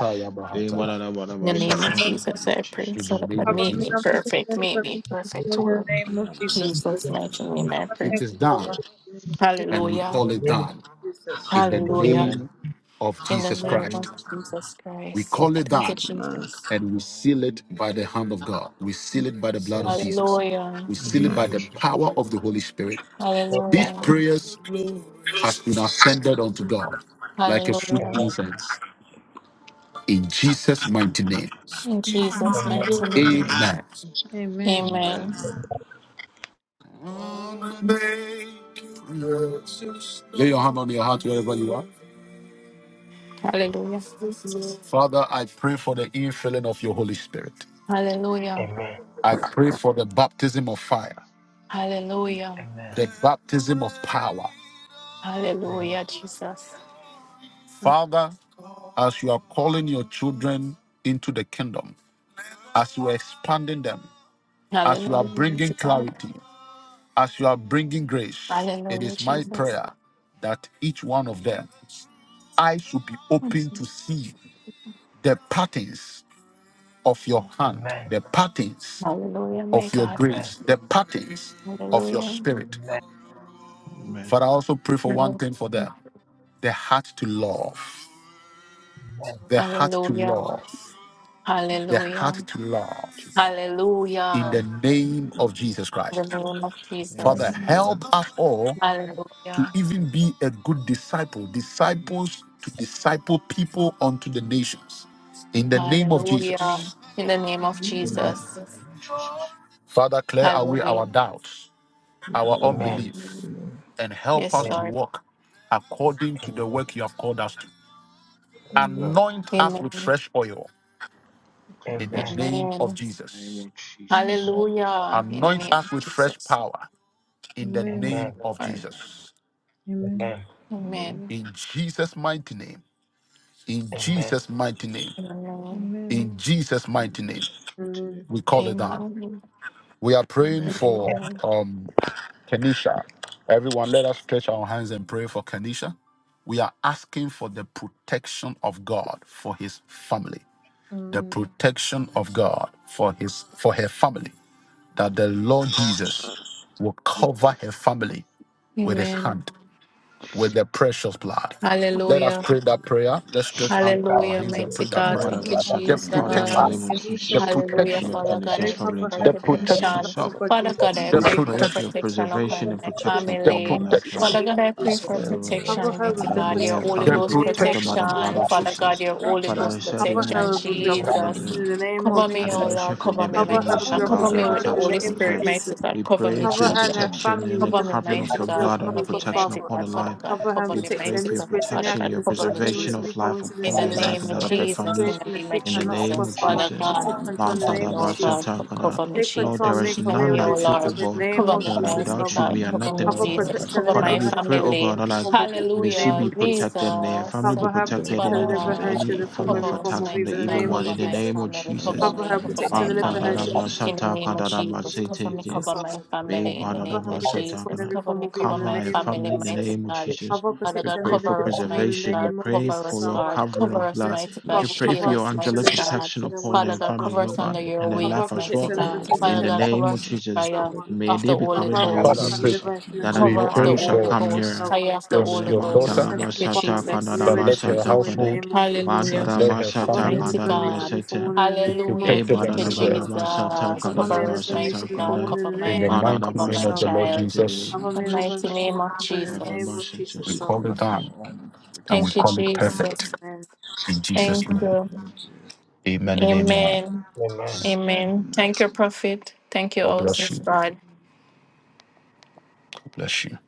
Speaker 6: He would have would have
Speaker 4: In the
Speaker 6: was
Speaker 4: name of
Speaker 6: attacking it.
Speaker 4: Jesus,
Speaker 6: Lord
Speaker 4: I pray.
Speaker 1: In the
Speaker 6: Jesus.
Speaker 4: Father
Speaker 1: name
Speaker 4: God,
Speaker 1: of
Speaker 4: make
Speaker 5: face and
Speaker 4: me
Speaker 1: Jesus.
Speaker 4: perfect,
Speaker 5: face and break and sister Cover me on face and every arm, face and break
Speaker 4: make me perfect, oh
Speaker 5: In
Speaker 4: Lord.
Speaker 5: the
Speaker 7: I
Speaker 5: name
Speaker 7: swear,
Speaker 5: of
Speaker 7: whatever that
Speaker 5: Jesus.
Speaker 4: Jesus, mighty name, I
Speaker 5: Cover
Speaker 4: pray.
Speaker 5: me,
Speaker 1: It is
Speaker 5: Lord,
Speaker 1: done,
Speaker 5: help me. In
Speaker 1: and we
Speaker 3: In
Speaker 4: Hallelujah.
Speaker 1: call
Speaker 3: the
Speaker 1: it
Speaker 5: the name of
Speaker 3: name of,
Speaker 1: done.
Speaker 6: Hallelujah.
Speaker 5: Jesus.
Speaker 1: In the
Speaker 3: in the name
Speaker 4: Hallelujah.
Speaker 3: of
Speaker 6: Amen.
Speaker 1: name of
Speaker 4: In the
Speaker 1: Jesus
Speaker 3: life,
Speaker 4: name of
Speaker 1: Christ,
Speaker 4: Jesus
Speaker 1: we
Speaker 4: Christ.
Speaker 3: health,
Speaker 1: call it
Speaker 4: Thank you,
Speaker 1: done,
Speaker 4: Jesus.
Speaker 1: and we seal it by the hand of God. We seal it by the blood of
Speaker 3: and
Speaker 1: Jesus.
Speaker 4: Hallelujah.
Speaker 1: We
Speaker 6: In the
Speaker 1: seal it
Speaker 6: name
Speaker 1: by
Speaker 6: of
Speaker 1: the
Speaker 6: Jesus.
Speaker 1: power of the Holy Spirit.
Speaker 3: death.
Speaker 1: These
Speaker 4: Hallelujah.
Speaker 1: prayers has been ascended unto God like a sweet
Speaker 4: Hallelujah.
Speaker 1: incense. In Jesus' mighty name.
Speaker 4: In Jesus'
Speaker 3: Amen.
Speaker 4: mighty name.
Speaker 6: Amen.
Speaker 1: Amen.
Speaker 5: Amen.
Speaker 6: Amen.
Speaker 4: Amen.
Speaker 1: Lay your hand on your heart wherever you are.
Speaker 4: Hallelujah.
Speaker 1: Father, I pray for the infilling of your Holy Spirit.
Speaker 4: Hallelujah.
Speaker 3: Amen.
Speaker 1: I pray for the baptism of fire,
Speaker 6: Amen.
Speaker 4: Hallelujah.
Speaker 3: Amen.
Speaker 1: the baptism of power.
Speaker 4: Hallelujah, Jesus.
Speaker 1: Father, as you are calling your children into the kingdom, as you are expanding them, as you are
Speaker 4: Hallelujah be
Speaker 1: bringing
Speaker 4: God.
Speaker 1: clarity, as you are bringing grace, it
Speaker 4: Hallelujah,
Speaker 1: is my
Speaker 4: Jesus.
Speaker 1: prayer that each one of them I should be
Speaker 4: Thank
Speaker 1: open
Speaker 4: you.
Speaker 1: to see the patterns of your hand,
Speaker 3: Amen.
Speaker 1: the patterns
Speaker 4: Hallelujah, my
Speaker 1: of your
Speaker 3: Amen.
Speaker 4: God.
Speaker 3: Amen.
Speaker 1: grace, the patterns of your
Speaker 4: Hallelujah.
Speaker 1: spirit.
Speaker 6: Amen. Amen.
Speaker 1: Father, I also pray for one thing for them the heart to love,
Speaker 3: Amen.
Speaker 1: the heart to
Speaker 4: Hallelujah.
Speaker 1: love, the heart
Speaker 4: Hallelujah.
Speaker 1: to love in the
Speaker 4: Hallelujah.
Speaker 1: name of Jesus
Speaker 4: In the
Speaker 1: Christ.
Speaker 4: name of
Speaker 1: Father,
Speaker 4: Jesus.
Speaker 6: Amen.
Speaker 1: help us all to
Speaker 4: Hallelujah.
Speaker 1: even be a good disciple, disciples to disciple people unto the nations. In the name of
Speaker 3: Amen.
Speaker 4: Hallelujah.
Speaker 1: Jesus,
Speaker 4: In the name of
Speaker 6: In the name
Speaker 3: Amen.
Speaker 4: Jesus.
Speaker 6: of Jesus.
Speaker 1: Father, clear away
Speaker 4: Hallelujah.
Speaker 1: our doubts, our
Speaker 3: Amen. Amen.
Speaker 6: Mm.
Speaker 3: Amen.
Speaker 4: Hallelujah.
Speaker 1: unbelief, and help
Speaker 4: Yes,
Speaker 1: us
Speaker 6: mm.
Speaker 1: to
Speaker 4: Lord.
Speaker 1: walk according to
Speaker 3: Amen.
Speaker 1: the work you have called us to.
Speaker 3: Yes, Lord.
Speaker 1: Anoint us with
Speaker 4: Amen.
Speaker 6: clarity,
Speaker 1: fresh oil in the
Speaker 6: clarity
Speaker 3: Amen.
Speaker 1: name of
Speaker 4: Amen.
Speaker 6: in the name
Speaker 1: Jesus.
Speaker 6: of Jesus.
Speaker 4: Hallelujah. In the
Speaker 1: Anoint
Speaker 4: name of
Speaker 1: us with fresh
Speaker 4: Jesus.
Speaker 1: power in the
Speaker 5: Amen.
Speaker 4: Yes,
Speaker 1: name
Speaker 3: Amen.
Speaker 1: of
Speaker 4: Lord.
Speaker 6: Amen.
Speaker 1: Jesus.
Speaker 5: Amen.
Speaker 3: Amen.
Speaker 4: Amen.
Speaker 1: In Jesus' mighty name.
Speaker 3: Amen.
Speaker 1: In Jesus'
Speaker 3: Amen.
Speaker 1: mighty name.
Speaker 4: Amen.
Speaker 5: Amen.
Speaker 1: In Jesus' mighty
Speaker 6: Amen.
Speaker 1: name.
Speaker 6: Just mention it.
Speaker 5: Amen.
Speaker 1: We call it
Speaker 6: Amen.
Speaker 1: down.
Speaker 4: Amen.
Speaker 1: We are praying
Speaker 6: Amen.
Speaker 1: for
Speaker 4: Amen.
Speaker 1: um Kenisha. Everyone, let us stretch our hands and pray for Kenisha. We are asking for the protection of God for his family. The
Speaker 5: Amen.
Speaker 1: protection of God for his for her family that the Lord Jesus will cover her family with his
Speaker 4: Amen.
Speaker 1: hand, with the precious blood. Let us
Speaker 4: Hallelujah.
Speaker 1: pray that prayer. Let's stretch out our
Speaker 4: Hallelujah,
Speaker 1: hands and
Speaker 4: mighty
Speaker 1: pray that
Speaker 6: Amen.
Speaker 5: Thank
Speaker 4: God.
Speaker 1: prayer.
Speaker 6: Mother
Speaker 4: Thank
Speaker 5: you,
Speaker 4: you,
Speaker 5: Father.
Speaker 1: The
Speaker 6: Bashata,
Speaker 5: We
Speaker 6: Father, in the
Speaker 1: protection,
Speaker 6: name
Speaker 4: Jesus.
Speaker 6: of
Speaker 5: need to
Speaker 1: the
Speaker 6: Jesus, we pray,
Speaker 5: love
Speaker 4: Hallelujah,
Speaker 1: protection,
Speaker 6: commit
Speaker 4: Father God.
Speaker 6: Candace's
Speaker 5: very
Speaker 4: I pray
Speaker 6: family
Speaker 5: Papa
Speaker 6: into
Speaker 4: for
Speaker 6: your
Speaker 1: the
Speaker 5: Have
Speaker 6: care
Speaker 5: me in the
Speaker 6: and
Speaker 1: protection,
Speaker 4: protection.
Speaker 5: blood
Speaker 6: herself.
Speaker 5: of God
Speaker 4: Father
Speaker 5: Jesus.
Speaker 4: God, I
Speaker 1: the
Speaker 6: We
Speaker 4: pray
Speaker 6: pray
Speaker 4: for
Speaker 5: Protect
Speaker 6: for your
Speaker 1: protection,
Speaker 5: and
Speaker 4: protection
Speaker 5: deliver
Speaker 6: preservation
Speaker 4: upon
Speaker 6: and
Speaker 4: my
Speaker 5: her to the
Speaker 6: protection
Speaker 1: the
Speaker 5: final
Speaker 6: upon her
Speaker 4: family.
Speaker 5: form of
Speaker 6: life, and
Speaker 5: evil
Speaker 1: protection,
Speaker 5: in the
Speaker 6: Lord,
Speaker 4: Father
Speaker 5: name
Speaker 4: God, I
Speaker 5: of
Speaker 4: pray
Speaker 5: Jesus.
Speaker 4: for
Speaker 6: of your
Speaker 5: Cover
Speaker 4: protection,
Speaker 5: her
Speaker 6: and
Speaker 4: mighty
Speaker 5: with
Speaker 6: that
Speaker 5: the
Speaker 4: God.
Speaker 6: may
Speaker 7: means,
Speaker 4: Your
Speaker 6: her
Speaker 5: protection
Speaker 4: Holy
Speaker 1: the
Speaker 5: in
Speaker 6: family
Speaker 7: coming
Speaker 5: the
Speaker 6: be
Speaker 4: Ghost
Speaker 5: name of
Speaker 6: protected by
Speaker 1: protection.
Speaker 6: the
Speaker 5: Jesus,
Speaker 6: blood
Speaker 4: protection.
Speaker 6: of
Speaker 4: Father
Speaker 5: Father.
Speaker 4: God,
Speaker 6: Jesus.
Speaker 4: your Holy
Speaker 6: Father, I
Speaker 4: Ghost
Speaker 6: said
Speaker 5: Cover
Speaker 6: in
Speaker 4: protection,
Speaker 5: her
Speaker 7: from the
Speaker 5: with your
Speaker 7: creature from
Speaker 6: there.
Speaker 5: protection
Speaker 4: Jesus.
Speaker 7: me.
Speaker 5: in the name
Speaker 7: But
Speaker 4: Cover
Speaker 5: of
Speaker 4: me,
Speaker 6: At the
Speaker 4: O
Speaker 7: the
Speaker 5: Jesus.
Speaker 6: mention
Speaker 4: Lord.
Speaker 6: of
Speaker 7: comes
Speaker 6: your
Speaker 4: Cover
Speaker 6: name,
Speaker 4: me,
Speaker 6: every
Speaker 5: Cover her
Speaker 4: mighty
Speaker 6: knee
Speaker 5: with
Speaker 6: shall
Speaker 4: God.
Speaker 5: your
Speaker 7: from
Speaker 6: bow
Speaker 4: Cover
Speaker 6: and
Speaker 4: me
Speaker 7: you.
Speaker 6: every
Speaker 4: with
Speaker 5: protection
Speaker 4: the
Speaker 6: tongue
Speaker 5: in
Speaker 6: shall
Speaker 5: the
Speaker 4: Holy
Speaker 5: name of
Speaker 4: Spirit,
Speaker 6: confess.
Speaker 4: mighty
Speaker 5: Jesus.
Speaker 4: God.
Speaker 6: We
Speaker 4: Cover
Speaker 6: pray
Speaker 4: me,
Speaker 6: for
Speaker 5: Cover
Speaker 6: your
Speaker 5: her
Speaker 4: Jesus.
Speaker 5: and her
Speaker 6: protection
Speaker 5: family
Speaker 6: and the
Speaker 5: with
Speaker 4: Cover
Speaker 5: the
Speaker 4: me,
Speaker 6: covering of
Speaker 4: mighty
Speaker 7: You're
Speaker 5: protection
Speaker 6: your
Speaker 5: of your
Speaker 4: God.
Speaker 6: blood and
Speaker 5: blood,
Speaker 6: the
Speaker 5: O
Speaker 4: Cover
Speaker 5: God
Speaker 4: me,
Speaker 6: protection
Speaker 4: mighty
Speaker 5: Father.
Speaker 6: upon the
Speaker 4: God. Father
Speaker 6: life.
Speaker 4: God,
Speaker 5: Cover her and
Speaker 4: cover
Speaker 6: We
Speaker 4: me,
Speaker 5: protect her
Speaker 6: pray
Speaker 4: mighty
Speaker 6: for
Speaker 5: any
Speaker 6: your
Speaker 4: God.
Speaker 5: spirits, any
Speaker 4: Father
Speaker 6: protection,
Speaker 4: God,
Speaker 6: your
Speaker 5: accidents,
Speaker 4: cover me,
Speaker 5: any
Speaker 6: preservation
Speaker 4: Jesus.
Speaker 6: of life
Speaker 4: In
Speaker 6: upon
Speaker 4: the
Speaker 6: her
Speaker 5: coincidences,
Speaker 6: life
Speaker 4: name
Speaker 6: and
Speaker 4: of
Speaker 6: that of her
Speaker 5: any
Speaker 4: Jesus, in
Speaker 6: families.
Speaker 4: the
Speaker 5: situation that
Speaker 4: name of
Speaker 5: she
Speaker 6: In the
Speaker 5: cannot, O
Speaker 6: name
Speaker 5: God
Speaker 6: of
Speaker 4: Jesus,
Speaker 5: Father,
Speaker 4: Father
Speaker 5: have to
Speaker 6: Jesus.
Speaker 4: God,
Speaker 5: take
Speaker 6: ma
Speaker 5: control in the
Speaker 4: cover
Speaker 5: name
Speaker 4: me, oh
Speaker 5: of
Speaker 4: God,
Speaker 5: Jesus.
Speaker 4: cover me,
Speaker 5: Take
Speaker 6: Lord,
Speaker 5: control
Speaker 6: there
Speaker 5: and
Speaker 4: Jesus,
Speaker 6: is
Speaker 5: make her
Speaker 4: cover
Speaker 5: way
Speaker 6: none
Speaker 4: me,
Speaker 5: with
Speaker 4: oh
Speaker 6: like
Speaker 5: this
Speaker 6: you,
Speaker 5: in
Speaker 6: O
Speaker 4: Lord,
Speaker 5: the
Speaker 6: God.
Speaker 5: name
Speaker 4: cover
Speaker 5: of
Speaker 4: me,
Speaker 6: Tell that
Speaker 5: Jesus,
Speaker 4: mighty
Speaker 5: O
Speaker 6: without you,
Speaker 4: God,
Speaker 5: God.
Speaker 6: we are
Speaker 4: cover me,
Speaker 6: nothing, O
Speaker 5: Cover,
Speaker 6: God.
Speaker 4: Jesus,
Speaker 5: protect, and
Speaker 4: cover
Speaker 6: Father,
Speaker 5: deliver
Speaker 4: my
Speaker 6: we
Speaker 7: Backfire,
Speaker 5: her
Speaker 6: pray,
Speaker 5: to
Speaker 6: O
Speaker 5: the
Speaker 4: family,
Speaker 6: God, that like
Speaker 5: form of evil in
Speaker 6: may
Speaker 5: the
Speaker 6: she
Speaker 5: name
Speaker 4: hallelujah,
Speaker 6: be
Speaker 5: of Jesus.
Speaker 6: protected, may her family
Speaker 4: Jesus,
Speaker 6: be
Speaker 5: Cover her,
Speaker 7: but
Speaker 6: protected
Speaker 5: protect
Speaker 6: in
Speaker 4: Father
Speaker 5: her,
Speaker 6: any
Speaker 5: deliver
Speaker 6: from
Speaker 5: her,
Speaker 7: angels
Speaker 4: God,
Speaker 5: shield
Speaker 6: any
Speaker 5: her
Speaker 6: form
Speaker 5: from
Speaker 7: come
Speaker 6: of
Speaker 5: every
Speaker 4: cover us,
Speaker 5: form
Speaker 6: attacks
Speaker 5: of
Speaker 6: from the
Speaker 4: mighty
Speaker 5: evil in the
Speaker 4: God,
Speaker 6: evil
Speaker 5: name
Speaker 6: one.
Speaker 7: cover
Speaker 4: cover
Speaker 6: In
Speaker 5: of
Speaker 6: the
Speaker 4: my
Speaker 6: name
Speaker 5: Jesus.
Speaker 6: of
Speaker 4: family,
Speaker 6: Jesus.
Speaker 7: Hallelujah.
Speaker 4: cover
Speaker 5: Cover
Speaker 4: me,
Speaker 5: her,
Speaker 4: cover
Speaker 5: protect her,
Speaker 4: my
Speaker 7: Family with
Speaker 5: deliver her,
Speaker 7: their
Speaker 5: shield
Speaker 4: family,
Speaker 5: her from
Speaker 7: hands.
Speaker 4: in
Speaker 5: every form of
Speaker 4: the
Speaker 5: evil
Speaker 4: name of
Speaker 5: in the
Speaker 4: Jesus,
Speaker 5: name of
Speaker 4: cover me, cover
Speaker 5: Jesus.
Speaker 4: my family, in the name
Speaker 5: Abraham
Speaker 4: of
Speaker 5: protect him from
Speaker 4: Jesus,
Speaker 5: every
Speaker 4: cover
Speaker 5: form
Speaker 4: me,
Speaker 5: of
Speaker 4: cover
Speaker 5: evil
Speaker 6: Cover
Speaker 5: in
Speaker 4: my
Speaker 5: the
Speaker 6: our
Speaker 5: name of
Speaker 6: family
Speaker 4: family,
Speaker 6: in the
Speaker 4: mighty
Speaker 5: Jesus.
Speaker 6: name of
Speaker 4: God,
Speaker 6: Jesus.
Speaker 5: Cover,
Speaker 4: Father
Speaker 6: We
Speaker 5: protect
Speaker 4: God,
Speaker 5: him and
Speaker 6: pray
Speaker 5: every
Speaker 6: for
Speaker 4: cover
Speaker 5: good
Speaker 4: us,
Speaker 5: form
Speaker 4: mighty
Speaker 5: in the
Speaker 6: preservation. We
Speaker 4: God,
Speaker 5: name of
Speaker 6: pray
Speaker 4: cover
Speaker 5: Jesus,
Speaker 6: for
Speaker 4: us,
Speaker 5: our
Speaker 6: your
Speaker 5: God.
Speaker 4: God,
Speaker 6: covering
Speaker 4: cover
Speaker 6: of
Speaker 4: us,
Speaker 6: blood.
Speaker 4: mighty
Speaker 5: Merciful
Speaker 7: We
Speaker 4: God,
Speaker 6: We
Speaker 5: Father,
Speaker 7: pray
Speaker 6: pray
Speaker 4: shield
Speaker 6: for
Speaker 5: cover and
Speaker 7: that
Speaker 6: your
Speaker 4: us,
Speaker 5: protect
Speaker 7: this
Speaker 5: him
Speaker 4: mighty
Speaker 5: and
Speaker 6: angelic
Speaker 5: every
Speaker 4: God.
Speaker 6: protection
Speaker 5: protection and
Speaker 6: upon
Speaker 5: what
Speaker 4: Father
Speaker 6: their
Speaker 5: is
Speaker 4: God,
Speaker 5: our
Speaker 6: family,
Speaker 4: cover
Speaker 6: Lord
Speaker 4: us
Speaker 5: God.
Speaker 4: under
Speaker 6: God,
Speaker 4: your
Speaker 6: and
Speaker 7: prayer.
Speaker 6: their
Speaker 5: Cover
Speaker 6: life
Speaker 5: and
Speaker 4: wings,
Speaker 6: as
Speaker 5: protect
Speaker 4: mighty
Speaker 6: well.
Speaker 5: him
Speaker 7: Pray
Speaker 5: every
Speaker 7: with
Speaker 4: God.
Speaker 7: their
Speaker 5: protection
Speaker 6: In
Speaker 4: Father
Speaker 6: the
Speaker 5: and
Speaker 4: God,
Speaker 7: hands.
Speaker 4: cover
Speaker 6: name of
Speaker 4: us with
Speaker 5: Jesus,
Speaker 6: Jesus,
Speaker 5: our
Speaker 4: fire
Speaker 5: God.
Speaker 6: may
Speaker 4: of
Speaker 6: they
Speaker 4: the
Speaker 6: be
Speaker 4: Holy
Speaker 5: Cover
Speaker 6: covered
Speaker 5: and
Speaker 6: by
Speaker 3: Abba.
Speaker 6: your
Speaker 1: Father,
Speaker 5: protect
Speaker 1: I
Speaker 5: him
Speaker 7: Make
Speaker 4: Ghost.
Speaker 5: and
Speaker 1: pray.
Speaker 7: it
Speaker 6: wings,
Speaker 7: up
Speaker 5: every
Speaker 7: to
Speaker 5: single
Speaker 6: that at
Speaker 5: form
Speaker 7: them.
Speaker 1: We
Speaker 5: in
Speaker 4: Cover
Speaker 6: no
Speaker 4: of
Speaker 5: the
Speaker 7: Lord.
Speaker 4: the
Speaker 6: arrow
Speaker 1: pray
Speaker 5: name
Speaker 6: shall
Speaker 5: of
Speaker 4: Holy
Speaker 1: for
Speaker 6: come
Speaker 5: Jesus,
Speaker 4: Ghost,
Speaker 5: our
Speaker 6: near.
Speaker 4: fire
Speaker 5: God.
Speaker 4: of the
Speaker 1: your,
Speaker 4: Holy
Speaker 1: your
Speaker 7: Pray
Speaker 4: Ghost.
Speaker 1: daughter,
Speaker 7: that
Speaker 4: Thank
Speaker 5: Merciful
Speaker 4: you,
Speaker 5: Father, make me
Speaker 4: Jesus.
Speaker 1: that
Speaker 7: we be
Speaker 1: let
Speaker 7: free
Speaker 1: her
Speaker 5: relatives know in
Speaker 7: from
Speaker 5: the
Speaker 1: household,
Speaker 5: name of Jesus.
Speaker 7: the trap
Speaker 4: Hallelujah,
Speaker 7: of
Speaker 1: let her
Speaker 7: the enemy.
Speaker 5: Cover me
Speaker 1: family
Speaker 5: and
Speaker 4: mighty
Speaker 5: never me to
Speaker 4: God.
Speaker 5: be from one in the
Speaker 1: be
Speaker 5: name of
Speaker 4: Hallelujah,
Speaker 6: Hey,
Speaker 1: protected
Speaker 4: thank
Speaker 1: and
Speaker 7: Let
Speaker 4: you,
Speaker 6: badada
Speaker 5: Jesus,
Speaker 7: them
Speaker 5: our
Speaker 6: bala
Speaker 1: preserved.
Speaker 5: God.
Speaker 7: be
Speaker 4: Jesus.
Speaker 7: protected
Speaker 6: basata
Speaker 7: from
Speaker 5: Cover me
Speaker 6: kadada
Speaker 4: Cover
Speaker 5: and
Speaker 4: us,
Speaker 7: every evil
Speaker 5: never
Speaker 7: they
Speaker 5: me
Speaker 4: mighty
Speaker 5: to
Speaker 6: basata
Speaker 5: be
Speaker 7: stand
Speaker 5: from
Speaker 4: God.
Speaker 6: kanda
Speaker 5: one
Speaker 4: Cover
Speaker 5: in the
Speaker 7: for. Father,
Speaker 4: my
Speaker 1: In the
Speaker 5: name of
Speaker 4: mother,
Speaker 1: mighty
Speaker 6: badada
Speaker 4: cover
Speaker 7: To
Speaker 4: my
Speaker 1: name
Speaker 5: Jesus,
Speaker 1: of
Speaker 5: our
Speaker 1: the
Speaker 6: basata
Speaker 5: God.
Speaker 1: Lord
Speaker 6: kada
Speaker 4: child.
Speaker 6: in the
Speaker 7: the
Speaker 1: Jesus,
Speaker 5: Have
Speaker 6: name
Speaker 7: evil
Speaker 6: of
Speaker 5: me
Speaker 4: In the
Speaker 5: the
Speaker 4: mighty
Speaker 6: Jesus.
Speaker 4: name
Speaker 5: permission
Speaker 7: for
Speaker 4: of
Speaker 7: the
Speaker 5: in the
Speaker 7: head.
Speaker 6: Badada
Speaker 5: name
Speaker 4: Jesus.
Speaker 5: of
Speaker 6: basata
Speaker 5: Jesus,
Speaker 1: we
Speaker 7: We
Speaker 6: say,
Speaker 5: so
Speaker 1: call
Speaker 7: pray
Speaker 1: it
Speaker 5: far.
Speaker 7: for
Speaker 1: down.
Speaker 7: all
Speaker 1: and
Speaker 5: Yes,
Speaker 1: we
Speaker 4: Thank you,
Speaker 1: call it
Speaker 7: protection
Speaker 5: that's
Speaker 4: Jesus.
Speaker 7: and
Speaker 6: Amen.
Speaker 5: it.
Speaker 1: perfect
Speaker 7: protection
Speaker 5: Amen.
Speaker 1: in
Speaker 7: in
Speaker 1: Jesus'
Speaker 7: the
Speaker 4: Thank
Speaker 1: name.
Speaker 7: mighty
Speaker 6: Amen.
Speaker 4: you.
Speaker 7: name
Speaker 1: Amen and
Speaker 7: of Jesus.
Speaker 1: amen.
Speaker 4: Amen.
Speaker 3: Amen.
Speaker 5: Amen.
Speaker 6: Amen.
Speaker 4: Amen. Thank you, Prophet. Thank you
Speaker 1: God
Speaker 4: also,
Speaker 1: bless you. God
Speaker 4: God.
Speaker 1: bless you.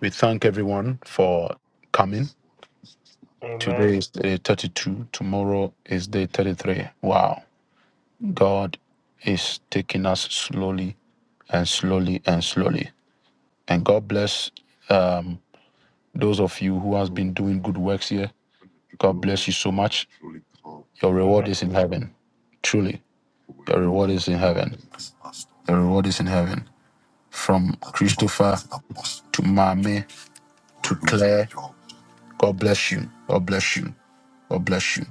Speaker 1: We thank everyone for coming. Today
Speaker 3: Amen.
Speaker 1: is day 32. Tomorrow is day 33. Wow. God is taking us slowly and slowly and slowly. And God bless um, those of you who has been doing good works here. God bless you so much. Your reward
Speaker 3: Amen.
Speaker 1: is in heaven. Truly, your reward is in heaven. Your reward is in heaven. From Christopher to Mame God bless you. God bless you. God bless you.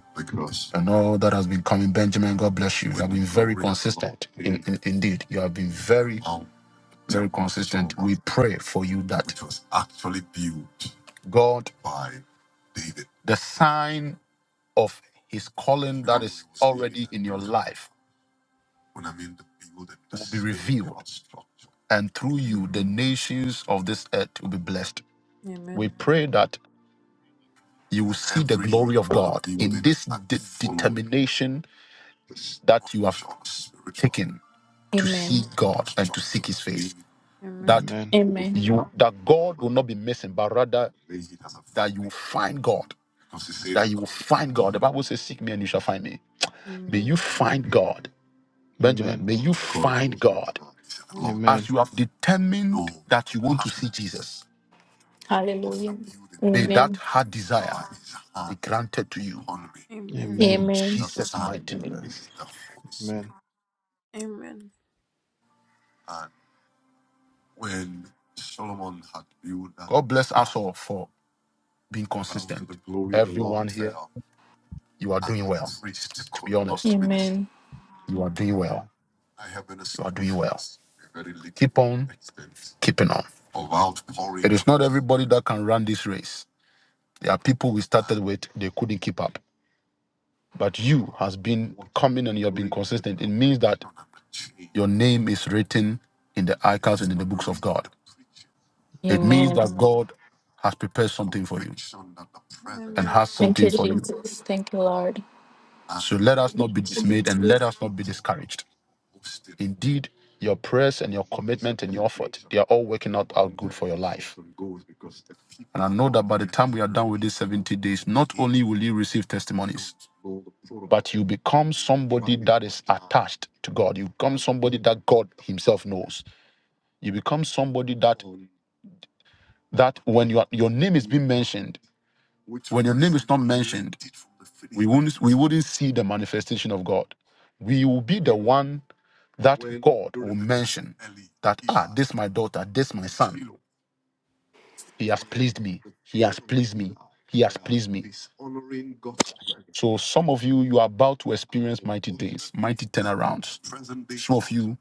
Speaker 1: And all that has been coming, Benjamin, God bless you. You have been very consistent. In, in- indeed, you have been very, very consistent. We pray for you that God, the sign of his calling in your life, and through you, the nations of this earth will be blessed.
Speaker 5: Amen.
Speaker 1: We pray that you will see nation in to see
Speaker 4: Amen.
Speaker 1: God,
Speaker 5: Amen.
Speaker 1: that
Speaker 6: Amen.
Speaker 4: Amen.
Speaker 1: you that God will not be missing, but rather that you will find God. You will find God. The Bible says, Seek me and you shall find me. May you
Speaker 5: Amen.
Speaker 1: find God. Benjamin,
Speaker 6: Amen.
Speaker 1: may you find God. As
Speaker 6: Amen.
Speaker 1: you have determined that you want to see Jesus,
Speaker 4: Hallelujah.
Speaker 1: may that
Speaker 4: Amen.
Speaker 1: heart desire be granted to you
Speaker 5: Amen.
Speaker 6: Amen.
Speaker 1: in
Speaker 4: Amen.
Speaker 1: Jesus' mighty name.
Speaker 7: Amen.
Speaker 6: Amen.
Speaker 5: Amen.
Speaker 1: God bless us all for being consistent. You are doing well.
Speaker 4: Amen.
Speaker 1: You are doing well.
Speaker 6: Amen. Amen.
Speaker 1: Keep on keeping on. Not everybody that can run this race. There are people we started with, they couldn't keep up. But you has been coming and you have been consistent. It means that your name is written in the icons and in the books of God. It means
Speaker 4: Amen.
Speaker 1: that God has prepared something for you and
Speaker 5: Amen.
Speaker 6: Amen.
Speaker 1: has
Speaker 4: Thank
Speaker 1: something
Speaker 4: you,
Speaker 1: for you.
Speaker 4: Jesus. Thank you, Lord.
Speaker 1: So
Speaker 6: Thank
Speaker 1: let us not be dismayed and let us not be discouraged. Indeed, your prayers and your commitment and your effort, they are all working out, out good for your life. And I know that by the time we are done with these 70 days, not only will you receive testimonies, but you become somebody that is attached to God. You become somebody that God Himself knows. You become somebody that that when your your name is being mentioned, we wouldn't, we wouldn't see the manifestation of God we will be the one that question. This my daughter, this my son. He has pleased me. He has me. So some of you, you are about to experience mighty things, mighty turnarounds. You,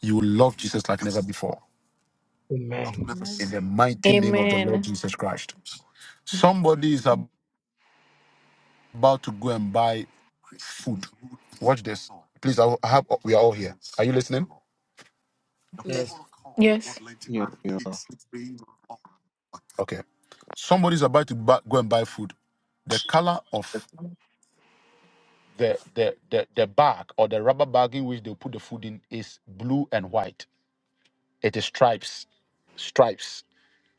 Speaker 1: you will love Jesus like never before.
Speaker 3: Amen.
Speaker 5: Amen.
Speaker 1: The mighty name of the Lord
Speaker 4: Amen.
Speaker 1: Jesus Christ. Somebody is ab- about to go and buy food. Please, I will- I have. oh,
Speaker 3: Yes.
Speaker 5: Yes.
Speaker 4: Yes.
Speaker 6: you. Yes, we are.
Speaker 1: Okay. Somebody is about to buy, go and buy food. The color of the, the the the bag or the rubber bag in which they put the food in is blue and white. It is stripes, stripes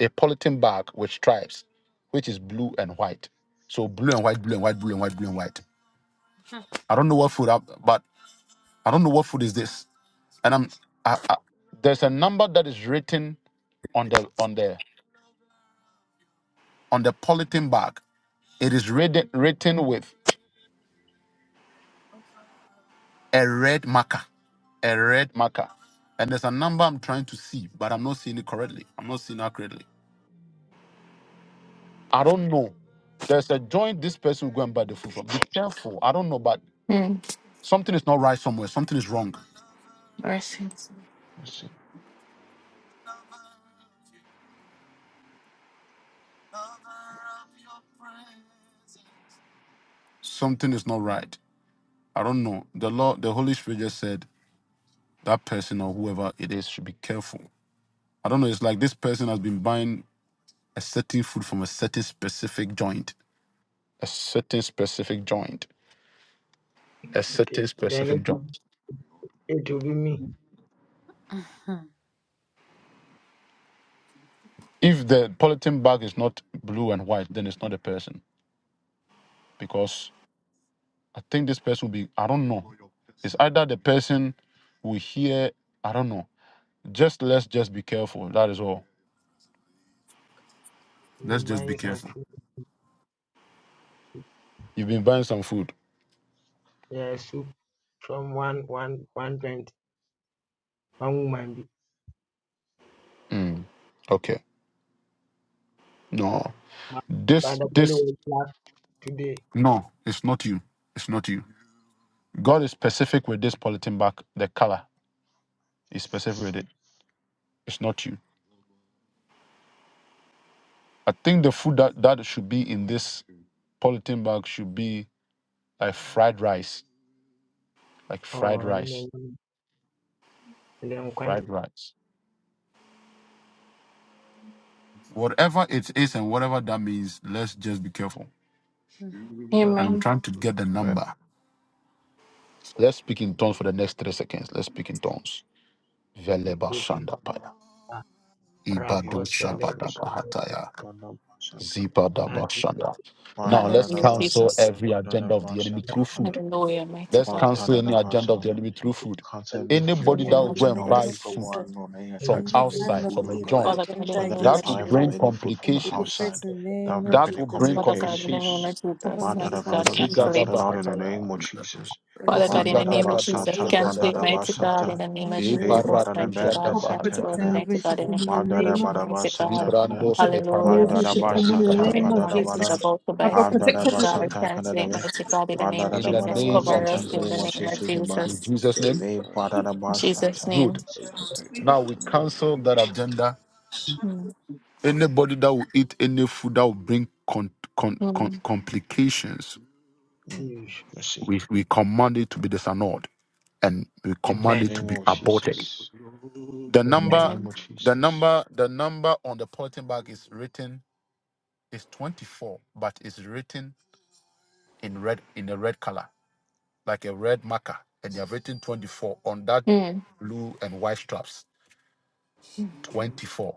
Speaker 1: a polythene bag with stripes, which is blue and white. So blue and white, blue and white, blue and white, blue and white. I don't know what food, I, but I don't know what food is this. And I'm I, I, there's a number that is written on the on the on the polythene bag. It is written written with a red marker, a red marker. And there's a number I'm trying to see, but I'm not seeing it correctly. I'm not seeing it accurately. I don't know. There's a joint this person will go and buy the food from. Be careful. I don't know, but
Speaker 4: Mm.
Speaker 1: something is not right somewhere. Something is wrong.
Speaker 4: Mercy.
Speaker 6: Yes. Amen.
Speaker 1: something is not right. I don't know. The Lord, the Holy Spirit just said that person or whoever it is should be careful. I don't know. It's like this person has been buying a certain food from a certain specific joint, a certain specific joint, a
Speaker 3: Okay.
Speaker 1: certain
Speaker 3: Then it
Speaker 1: specific
Speaker 3: will,
Speaker 1: joint.
Speaker 3: it will be me.
Speaker 1: If the polythene bag is not blue and white, then it's not a person because I think this person will be. I don't know. It's either the person we hear. I don't know. Just let's just be careful. That is all.
Speaker 3: Me
Speaker 1: Let's just be
Speaker 3: buying some
Speaker 1: careful.
Speaker 3: food.
Speaker 1: You've been buying some food.
Speaker 3: Yeah, soup from one one one twenty. One woman. be.
Speaker 1: Mm. Okay. No.
Speaker 3: But but
Speaker 1: This
Speaker 3: the belly
Speaker 1: this
Speaker 3: was black today.
Speaker 1: no, it's not you. It's not you. God is specific with this polythene bag, the color is specific with it. It's not you. I think the food that, that should be in this polythene bag should be like fried rice. Like
Speaker 3: Oh,
Speaker 1: fried rice.
Speaker 3: le- language
Speaker 1: Fried rice. Whatever it is and whatever that means, let's just be careful. And I'm
Speaker 3: okay.
Speaker 4: Amen.
Speaker 1: trying to get the
Speaker 6: Badada
Speaker 1: number. Let's speak in tongues for the next three seconds. Let's speak in tongues.
Speaker 3: The
Speaker 1: Veleba
Speaker 3: good
Speaker 1: Shandapaya.
Speaker 3: uh,
Speaker 1: Ibadu
Speaker 3: rakosele
Speaker 1: Shabadaba
Speaker 6: basata
Speaker 1: Zipa
Speaker 6: kada
Speaker 1: daba
Speaker 3: adi
Speaker 1: shanda. Now let's
Speaker 6: badada
Speaker 4: Hallelujah,
Speaker 3: doshele
Speaker 1: cancel
Speaker 4: Jesus.
Speaker 6: basata
Speaker 1: every
Speaker 6: kada
Speaker 1: agenda of the enemy through
Speaker 6: basata
Speaker 1: food.
Speaker 6: kada
Speaker 4: Hallelujah, mighty
Speaker 1: Let's
Speaker 4: God.
Speaker 1: cancel any
Speaker 6: badada
Speaker 1: agenda of the
Speaker 6: basata
Speaker 1: enemy through food.
Speaker 6: conservative
Speaker 4: In
Speaker 1: Anybody
Speaker 6: form
Speaker 4: the
Speaker 6: of
Speaker 1: that
Speaker 3: bele
Speaker 4: name
Speaker 5: In
Speaker 1: will
Speaker 4: of
Speaker 1: go
Speaker 5: the
Speaker 6: agenda
Speaker 1: and
Speaker 6: of
Speaker 5: name
Speaker 6: the
Speaker 1: buy
Speaker 5: of
Speaker 4: Jesus.
Speaker 6: evil
Speaker 1: food
Speaker 5: Jesus,
Speaker 6: one on any
Speaker 1: from
Speaker 6: attacks
Speaker 5: any
Speaker 6: from any
Speaker 3: bele
Speaker 5: kind
Speaker 1: outside,
Speaker 5: of
Speaker 6: food,
Speaker 1: from a
Speaker 6: oh God,
Speaker 5: evil
Speaker 4: Father
Speaker 1: joint,
Speaker 4: God, in the
Speaker 5: agenda
Speaker 6: whether
Speaker 4: name
Speaker 6: we
Speaker 4: of
Speaker 1: that
Speaker 5: against
Speaker 1: will
Speaker 5: my
Speaker 6: empire
Speaker 4: Jesus.
Speaker 6: from
Speaker 1: bring
Speaker 5: life,
Speaker 6: any food from
Speaker 5: we destroy
Speaker 1: complications.
Speaker 5: it
Speaker 6: outside
Speaker 5: in the
Speaker 6: that will
Speaker 5: name
Speaker 6: bring
Speaker 5: of
Speaker 1: That
Speaker 6: any
Speaker 1: will
Speaker 5: Jesus.
Speaker 1: bring
Speaker 5: Christ.
Speaker 4: Father God, in the name
Speaker 6: communications.
Speaker 4: of
Speaker 1: complications.
Speaker 5: Cover
Speaker 4: Jesus.
Speaker 6: My
Speaker 5: me in the
Speaker 6: dada
Speaker 4: Mighty
Speaker 5: family.
Speaker 4: God,
Speaker 6: Father, we
Speaker 1: Maziga
Speaker 4: cancel
Speaker 6: cancel
Speaker 4: it.
Speaker 6: it
Speaker 1: daba
Speaker 6: out in the
Speaker 1: hataya.
Speaker 6: name of Jesus.
Speaker 5: Any
Speaker 4: Father
Speaker 3: bele
Speaker 4: God,
Speaker 6: One
Speaker 4: in
Speaker 5: spirit
Speaker 1: Ziga
Speaker 4: the
Speaker 6: that dada
Speaker 4: name of
Speaker 1: daba do
Speaker 4: Jesus,
Speaker 6: basata,
Speaker 1: shebe be
Speaker 4: cancel
Speaker 1: be
Speaker 4: it,
Speaker 6: kandada
Speaker 5: of
Speaker 4: mighty God,
Speaker 6: basata,
Speaker 4: in the name of
Speaker 1: be.
Speaker 5: temptation,
Speaker 6: hey
Speaker 1: Ebara
Speaker 4: Jesus,
Speaker 6: bada the
Speaker 4: mighty
Speaker 1: tuja
Speaker 6: bed
Speaker 4: God,
Speaker 6: that's
Speaker 5: Papa
Speaker 1: daba
Speaker 6: a
Speaker 1: hataya.
Speaker 5: protect
Speaker 4: cancel,
Speaker 6: tekana,
Speaker 5: and deliver
Speaker 4: mighty
Speaker 5: your
Speaker 4: God,
Speaker 5: from
Speaker 4: any
Speaker 5: in the
Speaker 6: one dada
Speaker 5: name of
Speaker 4: confusion,
Speaker 6: bada
Speaker 5: Jesus.
Speaker 4: mighty God,
Speaker 6: basata kana,
Speaker 5: Papa
Speaker 1: Zibrandos
Speaker 5: protect and
Speaker 6: one
Speaker 4: hallelujah,
Speaker 1: eparada
Speaker 5: deliver
Speaker 4: mighty
Speaker 6: dada
Speaker 5: your from in
Speaker 4: God,
Speaker 1: subrade
Speaker 5: the
Speaker 4: from
Speaker 6: basata
Speaker 5: name
Speaker 1: kataya.
Speaker 5: of
Speaker 4: anyone
Speaker 6: kandada
Speaker 4: that is
Speaker 6: bada,
Speaker 5: Jesus.
Speaker 4: about to buy
Speaker 5: Papa
Speaker 6: one
Speaker 4: food,
Speaker 6: that
Speaker 5: protect and
Speaker 4: mighty
Speaker 5: deliver your
Speaker 4: God,
Speaker 6: basata
Speaker 4: cancel it,
Speaker 6: kandada be,
Speaker 4: mighty God, in the
Speaker 6: one
Speaker 4: name of
Speaker 6: dada
Speaker 1: In the
Speaker 6: bada
Speaker 4: Jesus,
Speaker 1: name of
Speaker 4: cover
Speaker 6: basata
Speaker 4: us in
Speaker 6: kani
Speaker 4: the name
Speaker 1: Jesus.
Speaker 6: mochi
Speaker 4: of
Speaker 6: si
Speaker 1: In
Speaker 4: Jesus,
Speaker 1: Jesus'
Speaker 7: Pray,
Speaker 1: name.
Speaker 6: Hey,
Speaker 7: pray,
Speaker 4: in Jesus'
Speaker 6: Badadabashataka,
Speaker 1: Good.
Speaker 4: name.
Speaker 6: this
Speaker 7: pray,
Speaker 6: is-
Speaker 5: from.
Speaker 7: protect
Speaker 5: We just-
Speaker 1: Now
Speaker 7: us
Speaker 1: we
Speaker 7: from
Speaker 1: cancel
Speaker 7: evil.
Speaker 1: that agenda.
Speaker 4: Mm,
Speaker 1: Anybody that will eat any food that will bring con- con- con-
Speaker 4: mm,
Speaker 1: complications,
Speaker 6: Mm.
Speaker 3: batabash.
Speaker 6: Let's see.
Speaker 1: we, we command it to be disannulled and we
Speaker 6: In the
Speaker 1: command
Speaker 3: Amen.
Speaker 1: it to
Speaker 6: name
Speaker 1: be
Speaker 6: of
Speaker 1: aborted.
Speaker 6: Jesus.
Speaker 1: The
Speaker 6: In
Speaker 3: Amen.
Speaker 6: the
Speaker 1: number,
Speaker 6: name of
Speaker 1: the
Speaker 6: Jesus.
Speaker 1: number, the number on the polythene bag is written is 24, but it's written in red in a red color, like a red marker, and they have written 24 on that
Speaker 4: Amen.
Speaker 1: blue and white straps.
Speaker 4: Mm,
Speaker 1: 24.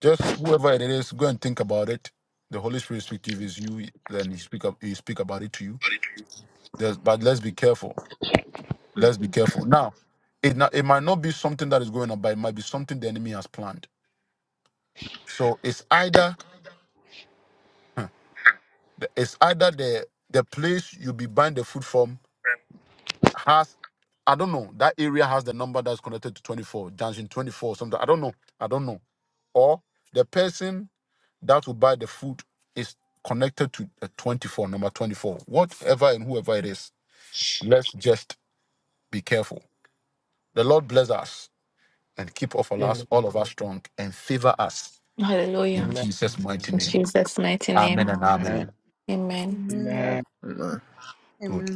Speaker 1: Just whoever it is, go and think about it. The Holy Spirit speak if it's you, then he speak up he speak about it to you. There's, but let's be careful. Let's be careful. Now, it not, it might not be something that is going on, but it might be something the enemy has planned. So it's either the- it's either the the place you be buying the food from has I don't know. That area has the number that's connected to 24, dungeon 24, something. I don't know. I don't know. Or the person that will buy the food is connected to the 24, number 24. Whatever and whoever it is, let's just be careful. The Lord bless us and keep all of us,
Speaker 3: Amen.
Speaker 1: all of us strong and favor us
Speaker 4: Hallelujah.
Speaker 1: in
Speaker 3: Amen.
Speaker 1: Jesus' mighty
Speaker 4: In
Speaker 1: name.
Speaker 6: Amen.
Speaker 4: Jesus' mighty
Speaker 1: Amen
Speaker 4: name.
Speaker 1: and amen.
Speaker 6: Amen.
Speaker 4: Amen.
Speaker 5: Amen.
Speaker 3: Amen.
Speaker 6: Amen.
Speaker 7: No,
Speaker 5: Amen.
Speaker 1: Good.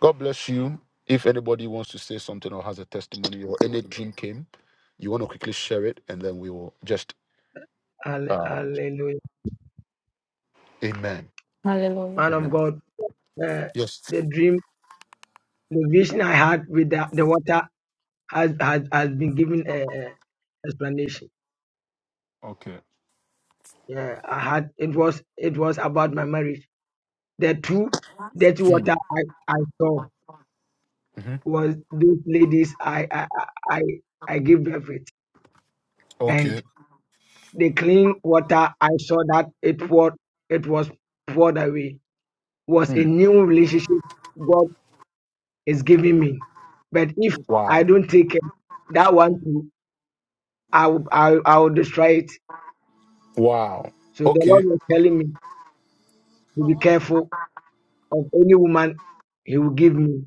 Speaker 1: God bless you. If anybody wants to say something or has a testimony or any dream came, you want to quickly share it and then we will just
Speaker 3: Halle-
Speaker 1: um,
Speaker 3: Hallelujah.
Speaker 1: amen.
Speaker 4: Hallelujah.
Speaker 3: Man of
Speaker 1: Amen.
Speaker 3: God, uh,
Speaker 1: Yes.
Speaker 3: the dream, the vision I had with the, the water has, has has been given a, a explanation.
Speaker 1: Okay.
Speaker 3: Yeah, I had it was it was about my marriage. The two dirty water
Speaker 1: Mm.
Speaker 3: I, I saw.
Speaker 1: hmm
Speaker 3: was those ladies I I I I I give everything and
Speaker 1: Okay.
Speaker 3: the clean water I saw that it was it was poured away was a
Speaker 1: Mm.
Speaker 3: new relationship God is giving me. But if I
Speaker 1: Wow.
Speaker 3: don't take it, that one too, I will I, will- I will destroy it.
Speaker 1: Wow.
Speaker 3: So the
Speaker 1: Okay.
Speaker 3: Lord was telling me to be careful of any woman He will give me.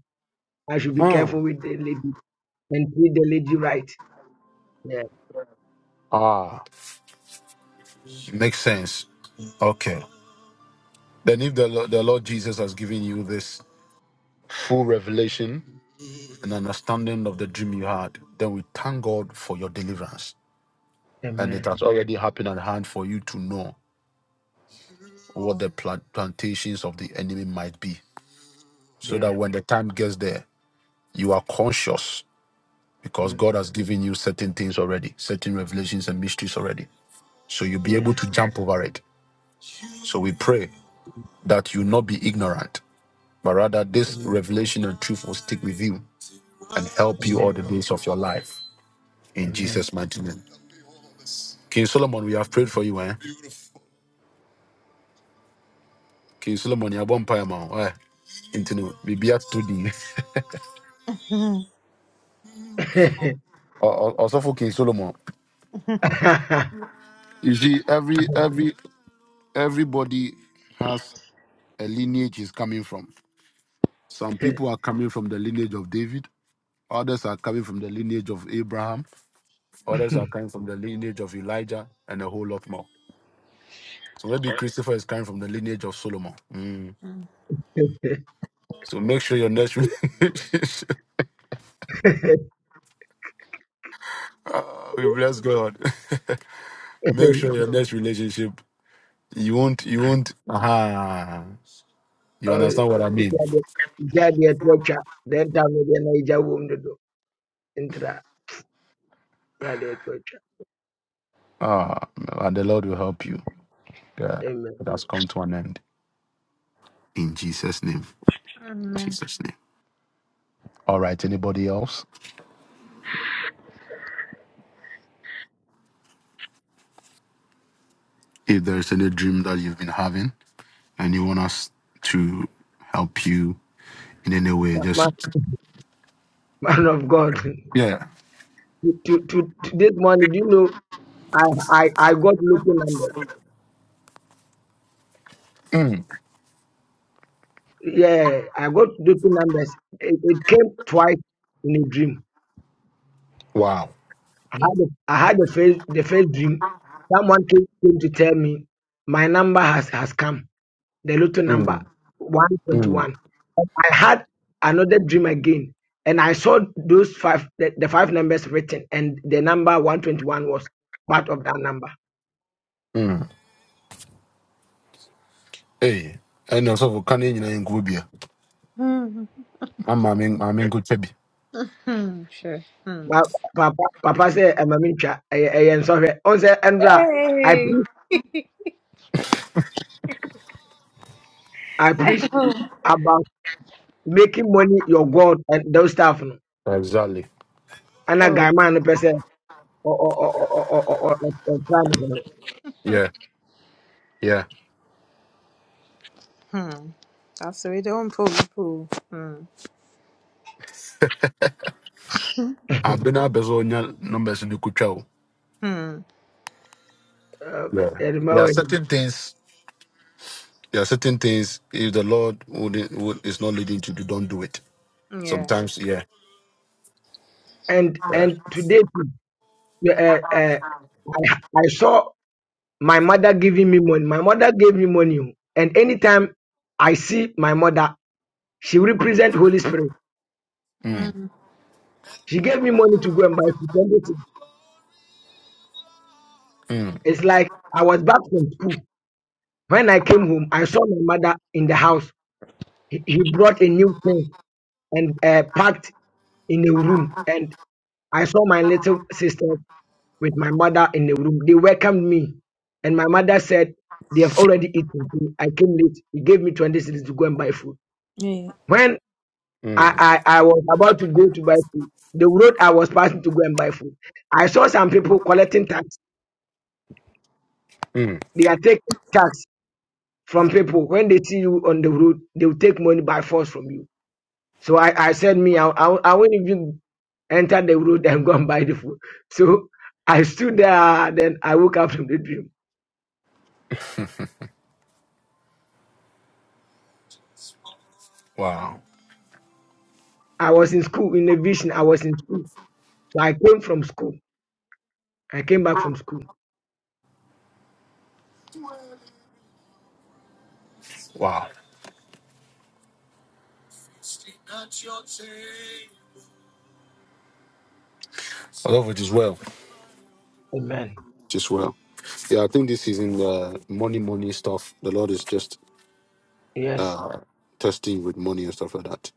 Speaker 3: I should be
Speaker 1: Mm.
Speaker 3: careful with the lady and treat the lady right. Yeah.
Speaker 1: Ah, Makes sense. Okay. Then, if the, Lo- the Lord Jesus has given you this full revelation and understanding of the dream you had, then we thank God for your deliverance. And it
Speaker 3: Amen.
Speaker 1: has already happened at hand for you to know what the pla- plantations of the enemy might be, so
Speaker 3: Yeah.
Speaker 1: that when the time gets there, you are conscious because
Speaker 3: Mm,
Speaker 1: God has given you certain things already, certain revelations and mysteries already. So you'll be
Speaker 3: Yeah.
Speaker 1: able to jump over it. So we pray that you not be ignorant but rather this
Speaker 3: Amen.
Speaker 1: revelation and truth will stick with you and help you all
Speaker 3: Amen.
Speaker 1: the days of your life in
Speaker 3: Amen.
Speaker 1: Jesus' mighty name. King Solomon, we have prayed for you, eh? King Solomon, you're born pie, man. eh? Into no, we be at 2D. Also for King Solomon. You see, every every everybody has a lineage is coming from. Some people are coming from the lineage of David, others are coming from the lineage of Abraham, others are coming from the lineage of Elijah, and a whole lot more. So maybe Christopher is coming from the lineage of Solomon. Mm. So make sure your next relationship. Ah, we bless God. make sure your next relationship you won't you won't. Ah, you
Speaker 3: Oh,
Speaker 1: understand what I mean?
Speaker 3: Zadi Zadi atuacha leta pamoja na hijabu mtoto intra Zadi atuacha.
Speaker 1: Ah, and the Lord will help you. Yeah,
Speaker 3: Amen.
Speaker 1: it has come to an end in Jesus' name.
Speaker 5: Amen.
Speaker 1: Jesus' name. All right. Anybody else? If there is any dream that you've been having and you want us to help you in any way, just
Speaker 3: Ma- Man of God,
Speaker 1: yeah.
Speaker 3: to, to, to to this morning, do you know I, I, I got lucky numbers. Yeah, I got lucky numbers. It, it came twice in a dream.
Speaker 1: Wow.
Speaker 3: I had a, I had the first, the first dream. Someone came, came to tell me my number has, has come. The little number
Speaker 1: Mm,
Speaker 3: one twenty
Speaker 1: mm,
Speaker 3: one. I had another dream again, and I saw those five, the, the five numbers written, and the number 121 was part of that number.
Speaker 1: mm. Hey, and also for Kanye, you know, in Gubia.
Speaker 5: Hmm.
Speaker 1: I'm I'm in I'm in good baby.
Speaker 5: Hmm. Sure. Hmm.
Speaker 3: But Papa, Papa said, I'm a mincha, and sorry. On the Andra, I
Speaker 5: Hey.
Speaker 3: preach, I preach about making money your God and those stuff. No?
Speaker 1: Exactly.
Speaker 3: And a
Speaker 5: Oh.
Speaker 3: guy man, the person, or, or, or, or, or, or, or, or,
Speaker 1: Yeah, yeah.
Speaker 5: Hmm. That's already on pull. Pull. Hmm.
Speaker 1: I've been a bezonia numbers in the kuchao.
Speaker 5: Hmm.
Speaker 3: or, or,
Speaker 1: Yeah. There are
Speaker 3: or, or,
Speaker 1: certain things. There are certain things. If the Lord would, would is not leading to do, don't do it.
Speaker 5: Yeah.
Speaker 1: Sometimes, yeah,
Speaker 3: and
Speaker 1: yeah.
Speaker 3: and today uh, uh, I, I saw my mother giving me money. My mother gave me money. oh. And anytime I see my mother, she represent Holy Spirit.
Speaker 5: Hmm.
Speaker 3: She gave me money to go and buy food. everything. It's like I was back from school. When I came home, I saw my mother in the house. He, he brought a new thing and uh, packed in a room. And I saw my little sister with my mother in the room. They welcomed me. And my mother said, They have already eaten. I came late. He gave me 20 cities to go and buy food.
Speaker 5: Yeah.
Speaker 3: When I, I, I was about to go to buy food. The road I was passing to go and buy food. I saw some people collecting tax. They are taking tax from people. When they see you on the road, they will take money by force from you. So I, I said, me, I, I, I won't even enter the road and go and buy the food. So I stood there. Then I woke up from the dream.
Speaker 1: Wow,
Speaker 3: I was in school, in a vision. I was in school. So I came from school. I came back from school.
Speaker 1: wow. I love it as well.
Speaker 3: Amen.
Speaker 1: Just well. Yeah, I think this is in the money, money stuff. The Lord is just
Speaker 3: Yes.
Speaker 1: testing with money and stuff like that.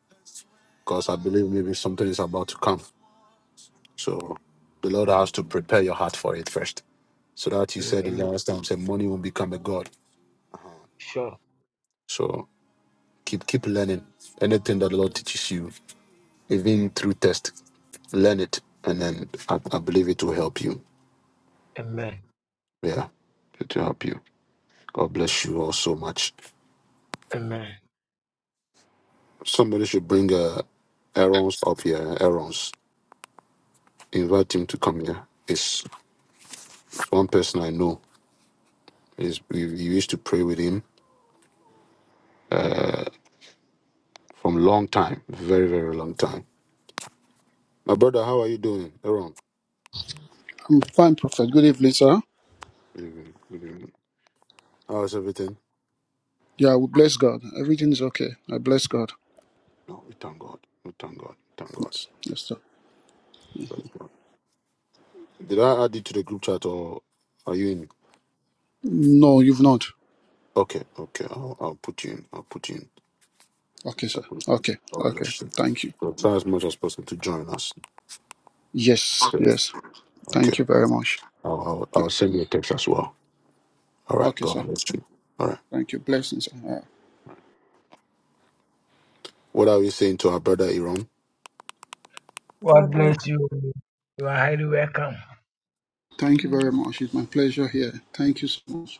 Speaker 1: Because I believe maybe something is about to come. So the Lord has to prepare your heart for it first. so that you
Speaker 3: Mm,
Speaker 1: said in the
Speaker 3: amen.
Speaker 1: last time, said money will become a god.
Speaker 3: Sure.
Speaker 1: So keep keep learning anything that the Lord teaches you, even through test, learn it, and then I, I believe it will help you.
Speaker 3: Amen.
Speaker 1: Yeah, it will help you. God bless you all so much.
Speaker 3: Amen.
Speaker 1: Somebody should bring uh, Aaron's up here. Aaron's invite him to come here. It's one person I know. Is we, we used to pray with him from long time, very very long time. My brother, how are you doing, Aaron?
Speaker 8: I'm fine, Prophet. Good evening, sir.
Speaker 1: Good evening. Good evening. How's everything?
Speaker 8: Yeah, we bless God. Everything is okay. I bless God.
Speaker 1: No, we thank God. We thank God. We thank God.
Speaker 8: Yes, yes, sir.
Speaker 1: Praise God. Did I add it to the group chat or are you in?
Speaker 8: No, you've not.
Speaker 1: Okay, okay. I'll, I'll put you in. I'll put you in.
Speaker 8: Okay, sir.
Speaker 1: I'll put you in.
Speaker 8: Okay,
Speaker 1: God
Speaker 8: okay.
Speaker 1: bless you.
Speaker 8: Thank you.
Speaker 1: So try as much as possible to join us.
Speaker 8: Yes,
Speaker 1: Okay.
Speaker 8: yes.
Speaker 1: Okay.
Speaker 8: Thank you very much.
Speaker 1: I'll, I'll,
Speaker 8: Yeah.
Speaker 1: I'll send you a text as well. All right.
Speaker 8: Okay,
Speaker 1: God
Speaker 8: sir.
Speaker 1: bless you. All right.
Speaker 8: Thank you. Blessings. sir. Uh,
Speaker 1: What are we saying to our brother Iran?
Speaker 3: God
Speaker 5: God bless.
Speaker 3: bless you. You are highly welcome.
Speaker 8: thank you very much. It's my pleasure here. Thank you so much.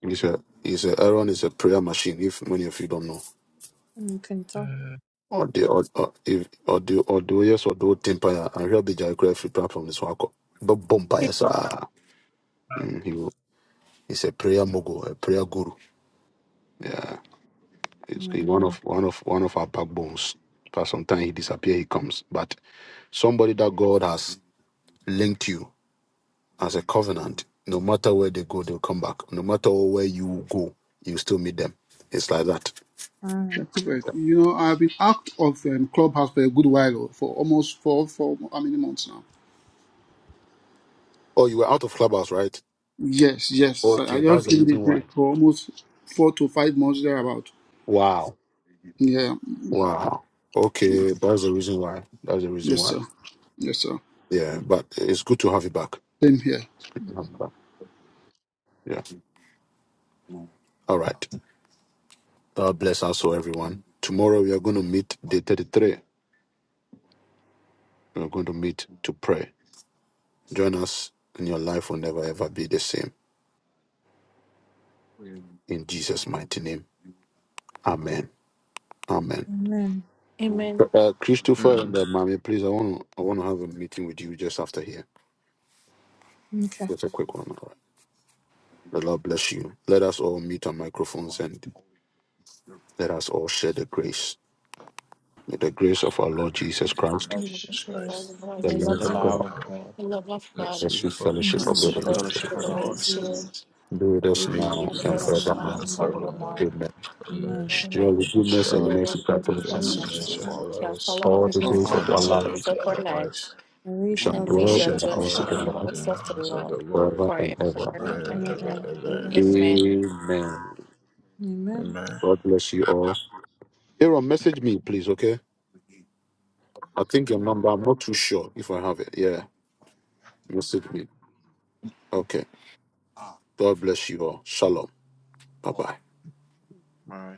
Speaker 1: He's a, he's a, Aaron is a prayer machine, if many of you don't know.
Speaker 5: You can talk.
Speaker 3: Mm.
Speaker 1: Or the, or, or, if, or the, or the, yes, or the old temper, I hear the Free platform is Wako. But bomb by us, ah. Mhm. He's a prayer mogul, a prayer guru. Yeah, he's he's
Speaker 5: Mm.
Speaker 1: one of one of one of our backbones. For some time he disappears, he comes. But somebody that God has linked you as a covenant, no matter where they go, they'll come back. No matter where you go, you still meet them. It's like that.
Speaker 5: Mm.
Speaker 8: Yeah, Prophet, you know, I've been out of um, Clubhouse for a good while, oh, for almost four, for how many months now?
Speaker 1: Oh, you were out of clubhouse, right?
Speaker 8: Yes, yes. Sir. I
Speaker 1: Okay,
Speaker 8: just
Speaker 1: that's the
Speaker 8: gave it a
Speaker 1: reason why.
Speaker 8: break for almost four to five months thereabout.
Speaker 1: Wow.
Speaker 8: Yeah.
Speaker 1: Wow. Okay, that's the reason why. That's the reason
Speaker 8: Yes,
Speaker 1: why.
Speaker 8: sir. Yes, sir.
Speaker 1: Yeah, but it's good to have you back.
Speaker 8: Same here.
Speaker 1: It's good to have you back. Yeah. All right. God bless also everyone. Tomorrow we are going to meet day 33. We are going to meet to pray. Join us, and your life will never ever be the same. In Jesus' mighty name, Amen. Amen.
Speaker 5: Amen.
Speaker 4: Amen.
Speaker 1: Uh,
Speaker 7: no.
Speaker 1: Christopher and uh, Mami, please, I want to I want to have a meeting with you just after here. Just a quick one. All right. The Lord bless you. Let us all meet on microphones and let us all share the grace. May the grace of our Lord Jesus Christ,
Speaker 4: In
Speaker 6: Lord
Speaker 4: the name of
Speaker 6: Jesus
Speaker 4: the
Speaker 6: Christ.
Speaker 7: Christ.
Speaker 4: Father,
Speaker 5: First,
Speaker 4: Lord
Speaker 5: the
Speaker 1: the
Speaker 7: The
Speaker 5: love
Speaker 6: The
Speaker 4: Jesus
Speaker 5: of
Speaker 7: love
Speaker 4: Christ,
Speaker 6: love
Speaker 7: of
Speaker 6: of
Speaker 7: God,
Speaker 6: God
Speaker 4: the love of
Speaker 7: the
Speaker 4: God.
Speaker 7: sweet
Speaker 1: sweet
Speaker 5: Jesus and the
Speaker 4: and
Speaker 1: fellowship
Speaker 7: fellowship
Speaker 4: the
Speaker 8: And
Speaker 6: and
Speaker 1: of
Speaker 6: the
Speaker 1: the
Speaker 7: of
Speaker 4: two
Speaker 7: the
Speaker 8: sweet
Speaker 6: sweet
Speaker 1: Holy
Speaker 5: Son
Speaker 7: Holy
Speaker 4: fellowship
Speaker 8: fellowship
Speaker 5: of
Speaker 4: of
Speaker 6: fellowship
Speaker 5: the
Speaker 8: of
Speaker 6: of
Speaker 4: the
Speaker 8: the
Speaker 6: the
Speaker 7: Spirit,
Speaker 5: Holy
Speaker 4: Holy
Speaker 8: Holy
Speaker 6: Holy
Speaker 5: Spirit
Speaker 6: Spirit
Speaker 8: Spirit,
Speaker 4: Spirit
Speaker 1: Spirit, us
Speaker 5: be
Speaker 7: be
Speaker 6: be
Speaker 7: with
Speaker 4: be
Speaker 1: now
Speaker 5: with
Speaker 8: be
Speaker 6: with
Speaker 7: us
Speaker 5: us
Speaker 4: with
Speaker 8: with
Speaker 1: and
Speaker 5: now.
Speaker 4: us
Speaker 7: now
Speaker 6: us
Speaker 8: us
Speaker 4: now
Speaker 6: now
Speaker 8: now and
Speaker 6: and
Speaker 1: forevermore.
Speaker 7: and
Speaker 4: and
Speaker 8: for
Speaker 7: forevermore.
Speaker 4: forevermore.
Speaker 6: forevermore.
Speaker 1: Amen.
Speaker 5: Amen.
Speaker 7: Amen.
Speaker 6: Amen.
Speaker 4: Amen.
Speaker 7: Surely,
Speaker 6: Surely,
Speaker 4: Surely goodness
Speaker 6: this
Speaker 4: and
Speaker 8: the
Speaker 7: goodness and
Speaker 6: message
Speaker 7: mercy
Speaker 8: message
Speaker 6: shall
Speaker 4: mercy
Speaker 7: shall
Speaker 8: of all
Speaker 6: follow
Speaker 8: of
Speaker 6: us
Speaker 7: follow
Speaker 4: shall
Speaker 8: us.
Speaker 7: us
Speaker 4: follow
Speaker 1: All the
Speaker 8: All
Speaker 4: us
Speaker 1: days
Speaker 8: the
Speaker 7: all
Speaker 6: all
Speaker 1: of
Speaker 6: the
Speaker 7: the
Speaker 1: our
Speaker 4: all
Speaker 8: grace of
Speaker 4: the
Speaker 1: life
Speaker 6: day
Speaker 4: days
Speaker 6: and
Speaker 7: days of
Speaker 4: of
Speaker 6: age.
Speaker 4: our
Speaker 7: our
Speaker 4: lives,
Speaker 7: lives,
Speaker 1: We shall
Speaker 8: I
Speaker 4: and
Speaker 8: will
Speaker 4: we
Speaker 7: and we
Speaker 8: dwell
Speaker 1: dwell
Speaker 8: in
Speaker 4: shall
Speaker 1: in
Speaker 7: shall
Speaker 8: the
Speaker 1: the
Speaker 4: dwell
Speaker 6: We
Speaker 1: house
Speaker 4: in
Speaker 8: house
Speaker 6: shall
Speaker 1: of
Speaker 4: the
Speaker 1: the
Speaker 7: dwell
Speaker 6: dwell
Speaker 1: Lord
Speaker 6: in the
Speaker 4: house
Speaker 7: in the
Speaker 4: of the
Speaker 6: house of the
Speaker 7: house of
Speaker 6: Lord
Speaker 7: the
Speaker 4: Lord
Speaker 7: Lord
Speaker 1: forever and
Speaker 4: forever
Speaker 1: ever.
Speaker 8: of
Speaker 7: forever
Speaker 6: forever
Speaker 4: and
Speaker 7: and
Speaker 6: and
Speaker 4: ever.
Speaker 7: ever.
Speaker 6: ever.
Speaker 8: God
Speaker 7: Amen.
Speaker 4: Amen.
Speaker 6: Amen.
Speaker 1: Amen.
Speaker 7: Amen.
Speaker 1: God bless you all. Aaron, message me, please, okay? I think your number, I'm not too sure if I have it. Yeah, message me. Okay. God bless you all. Shalom. Bye bye.
Speaker 6: All right.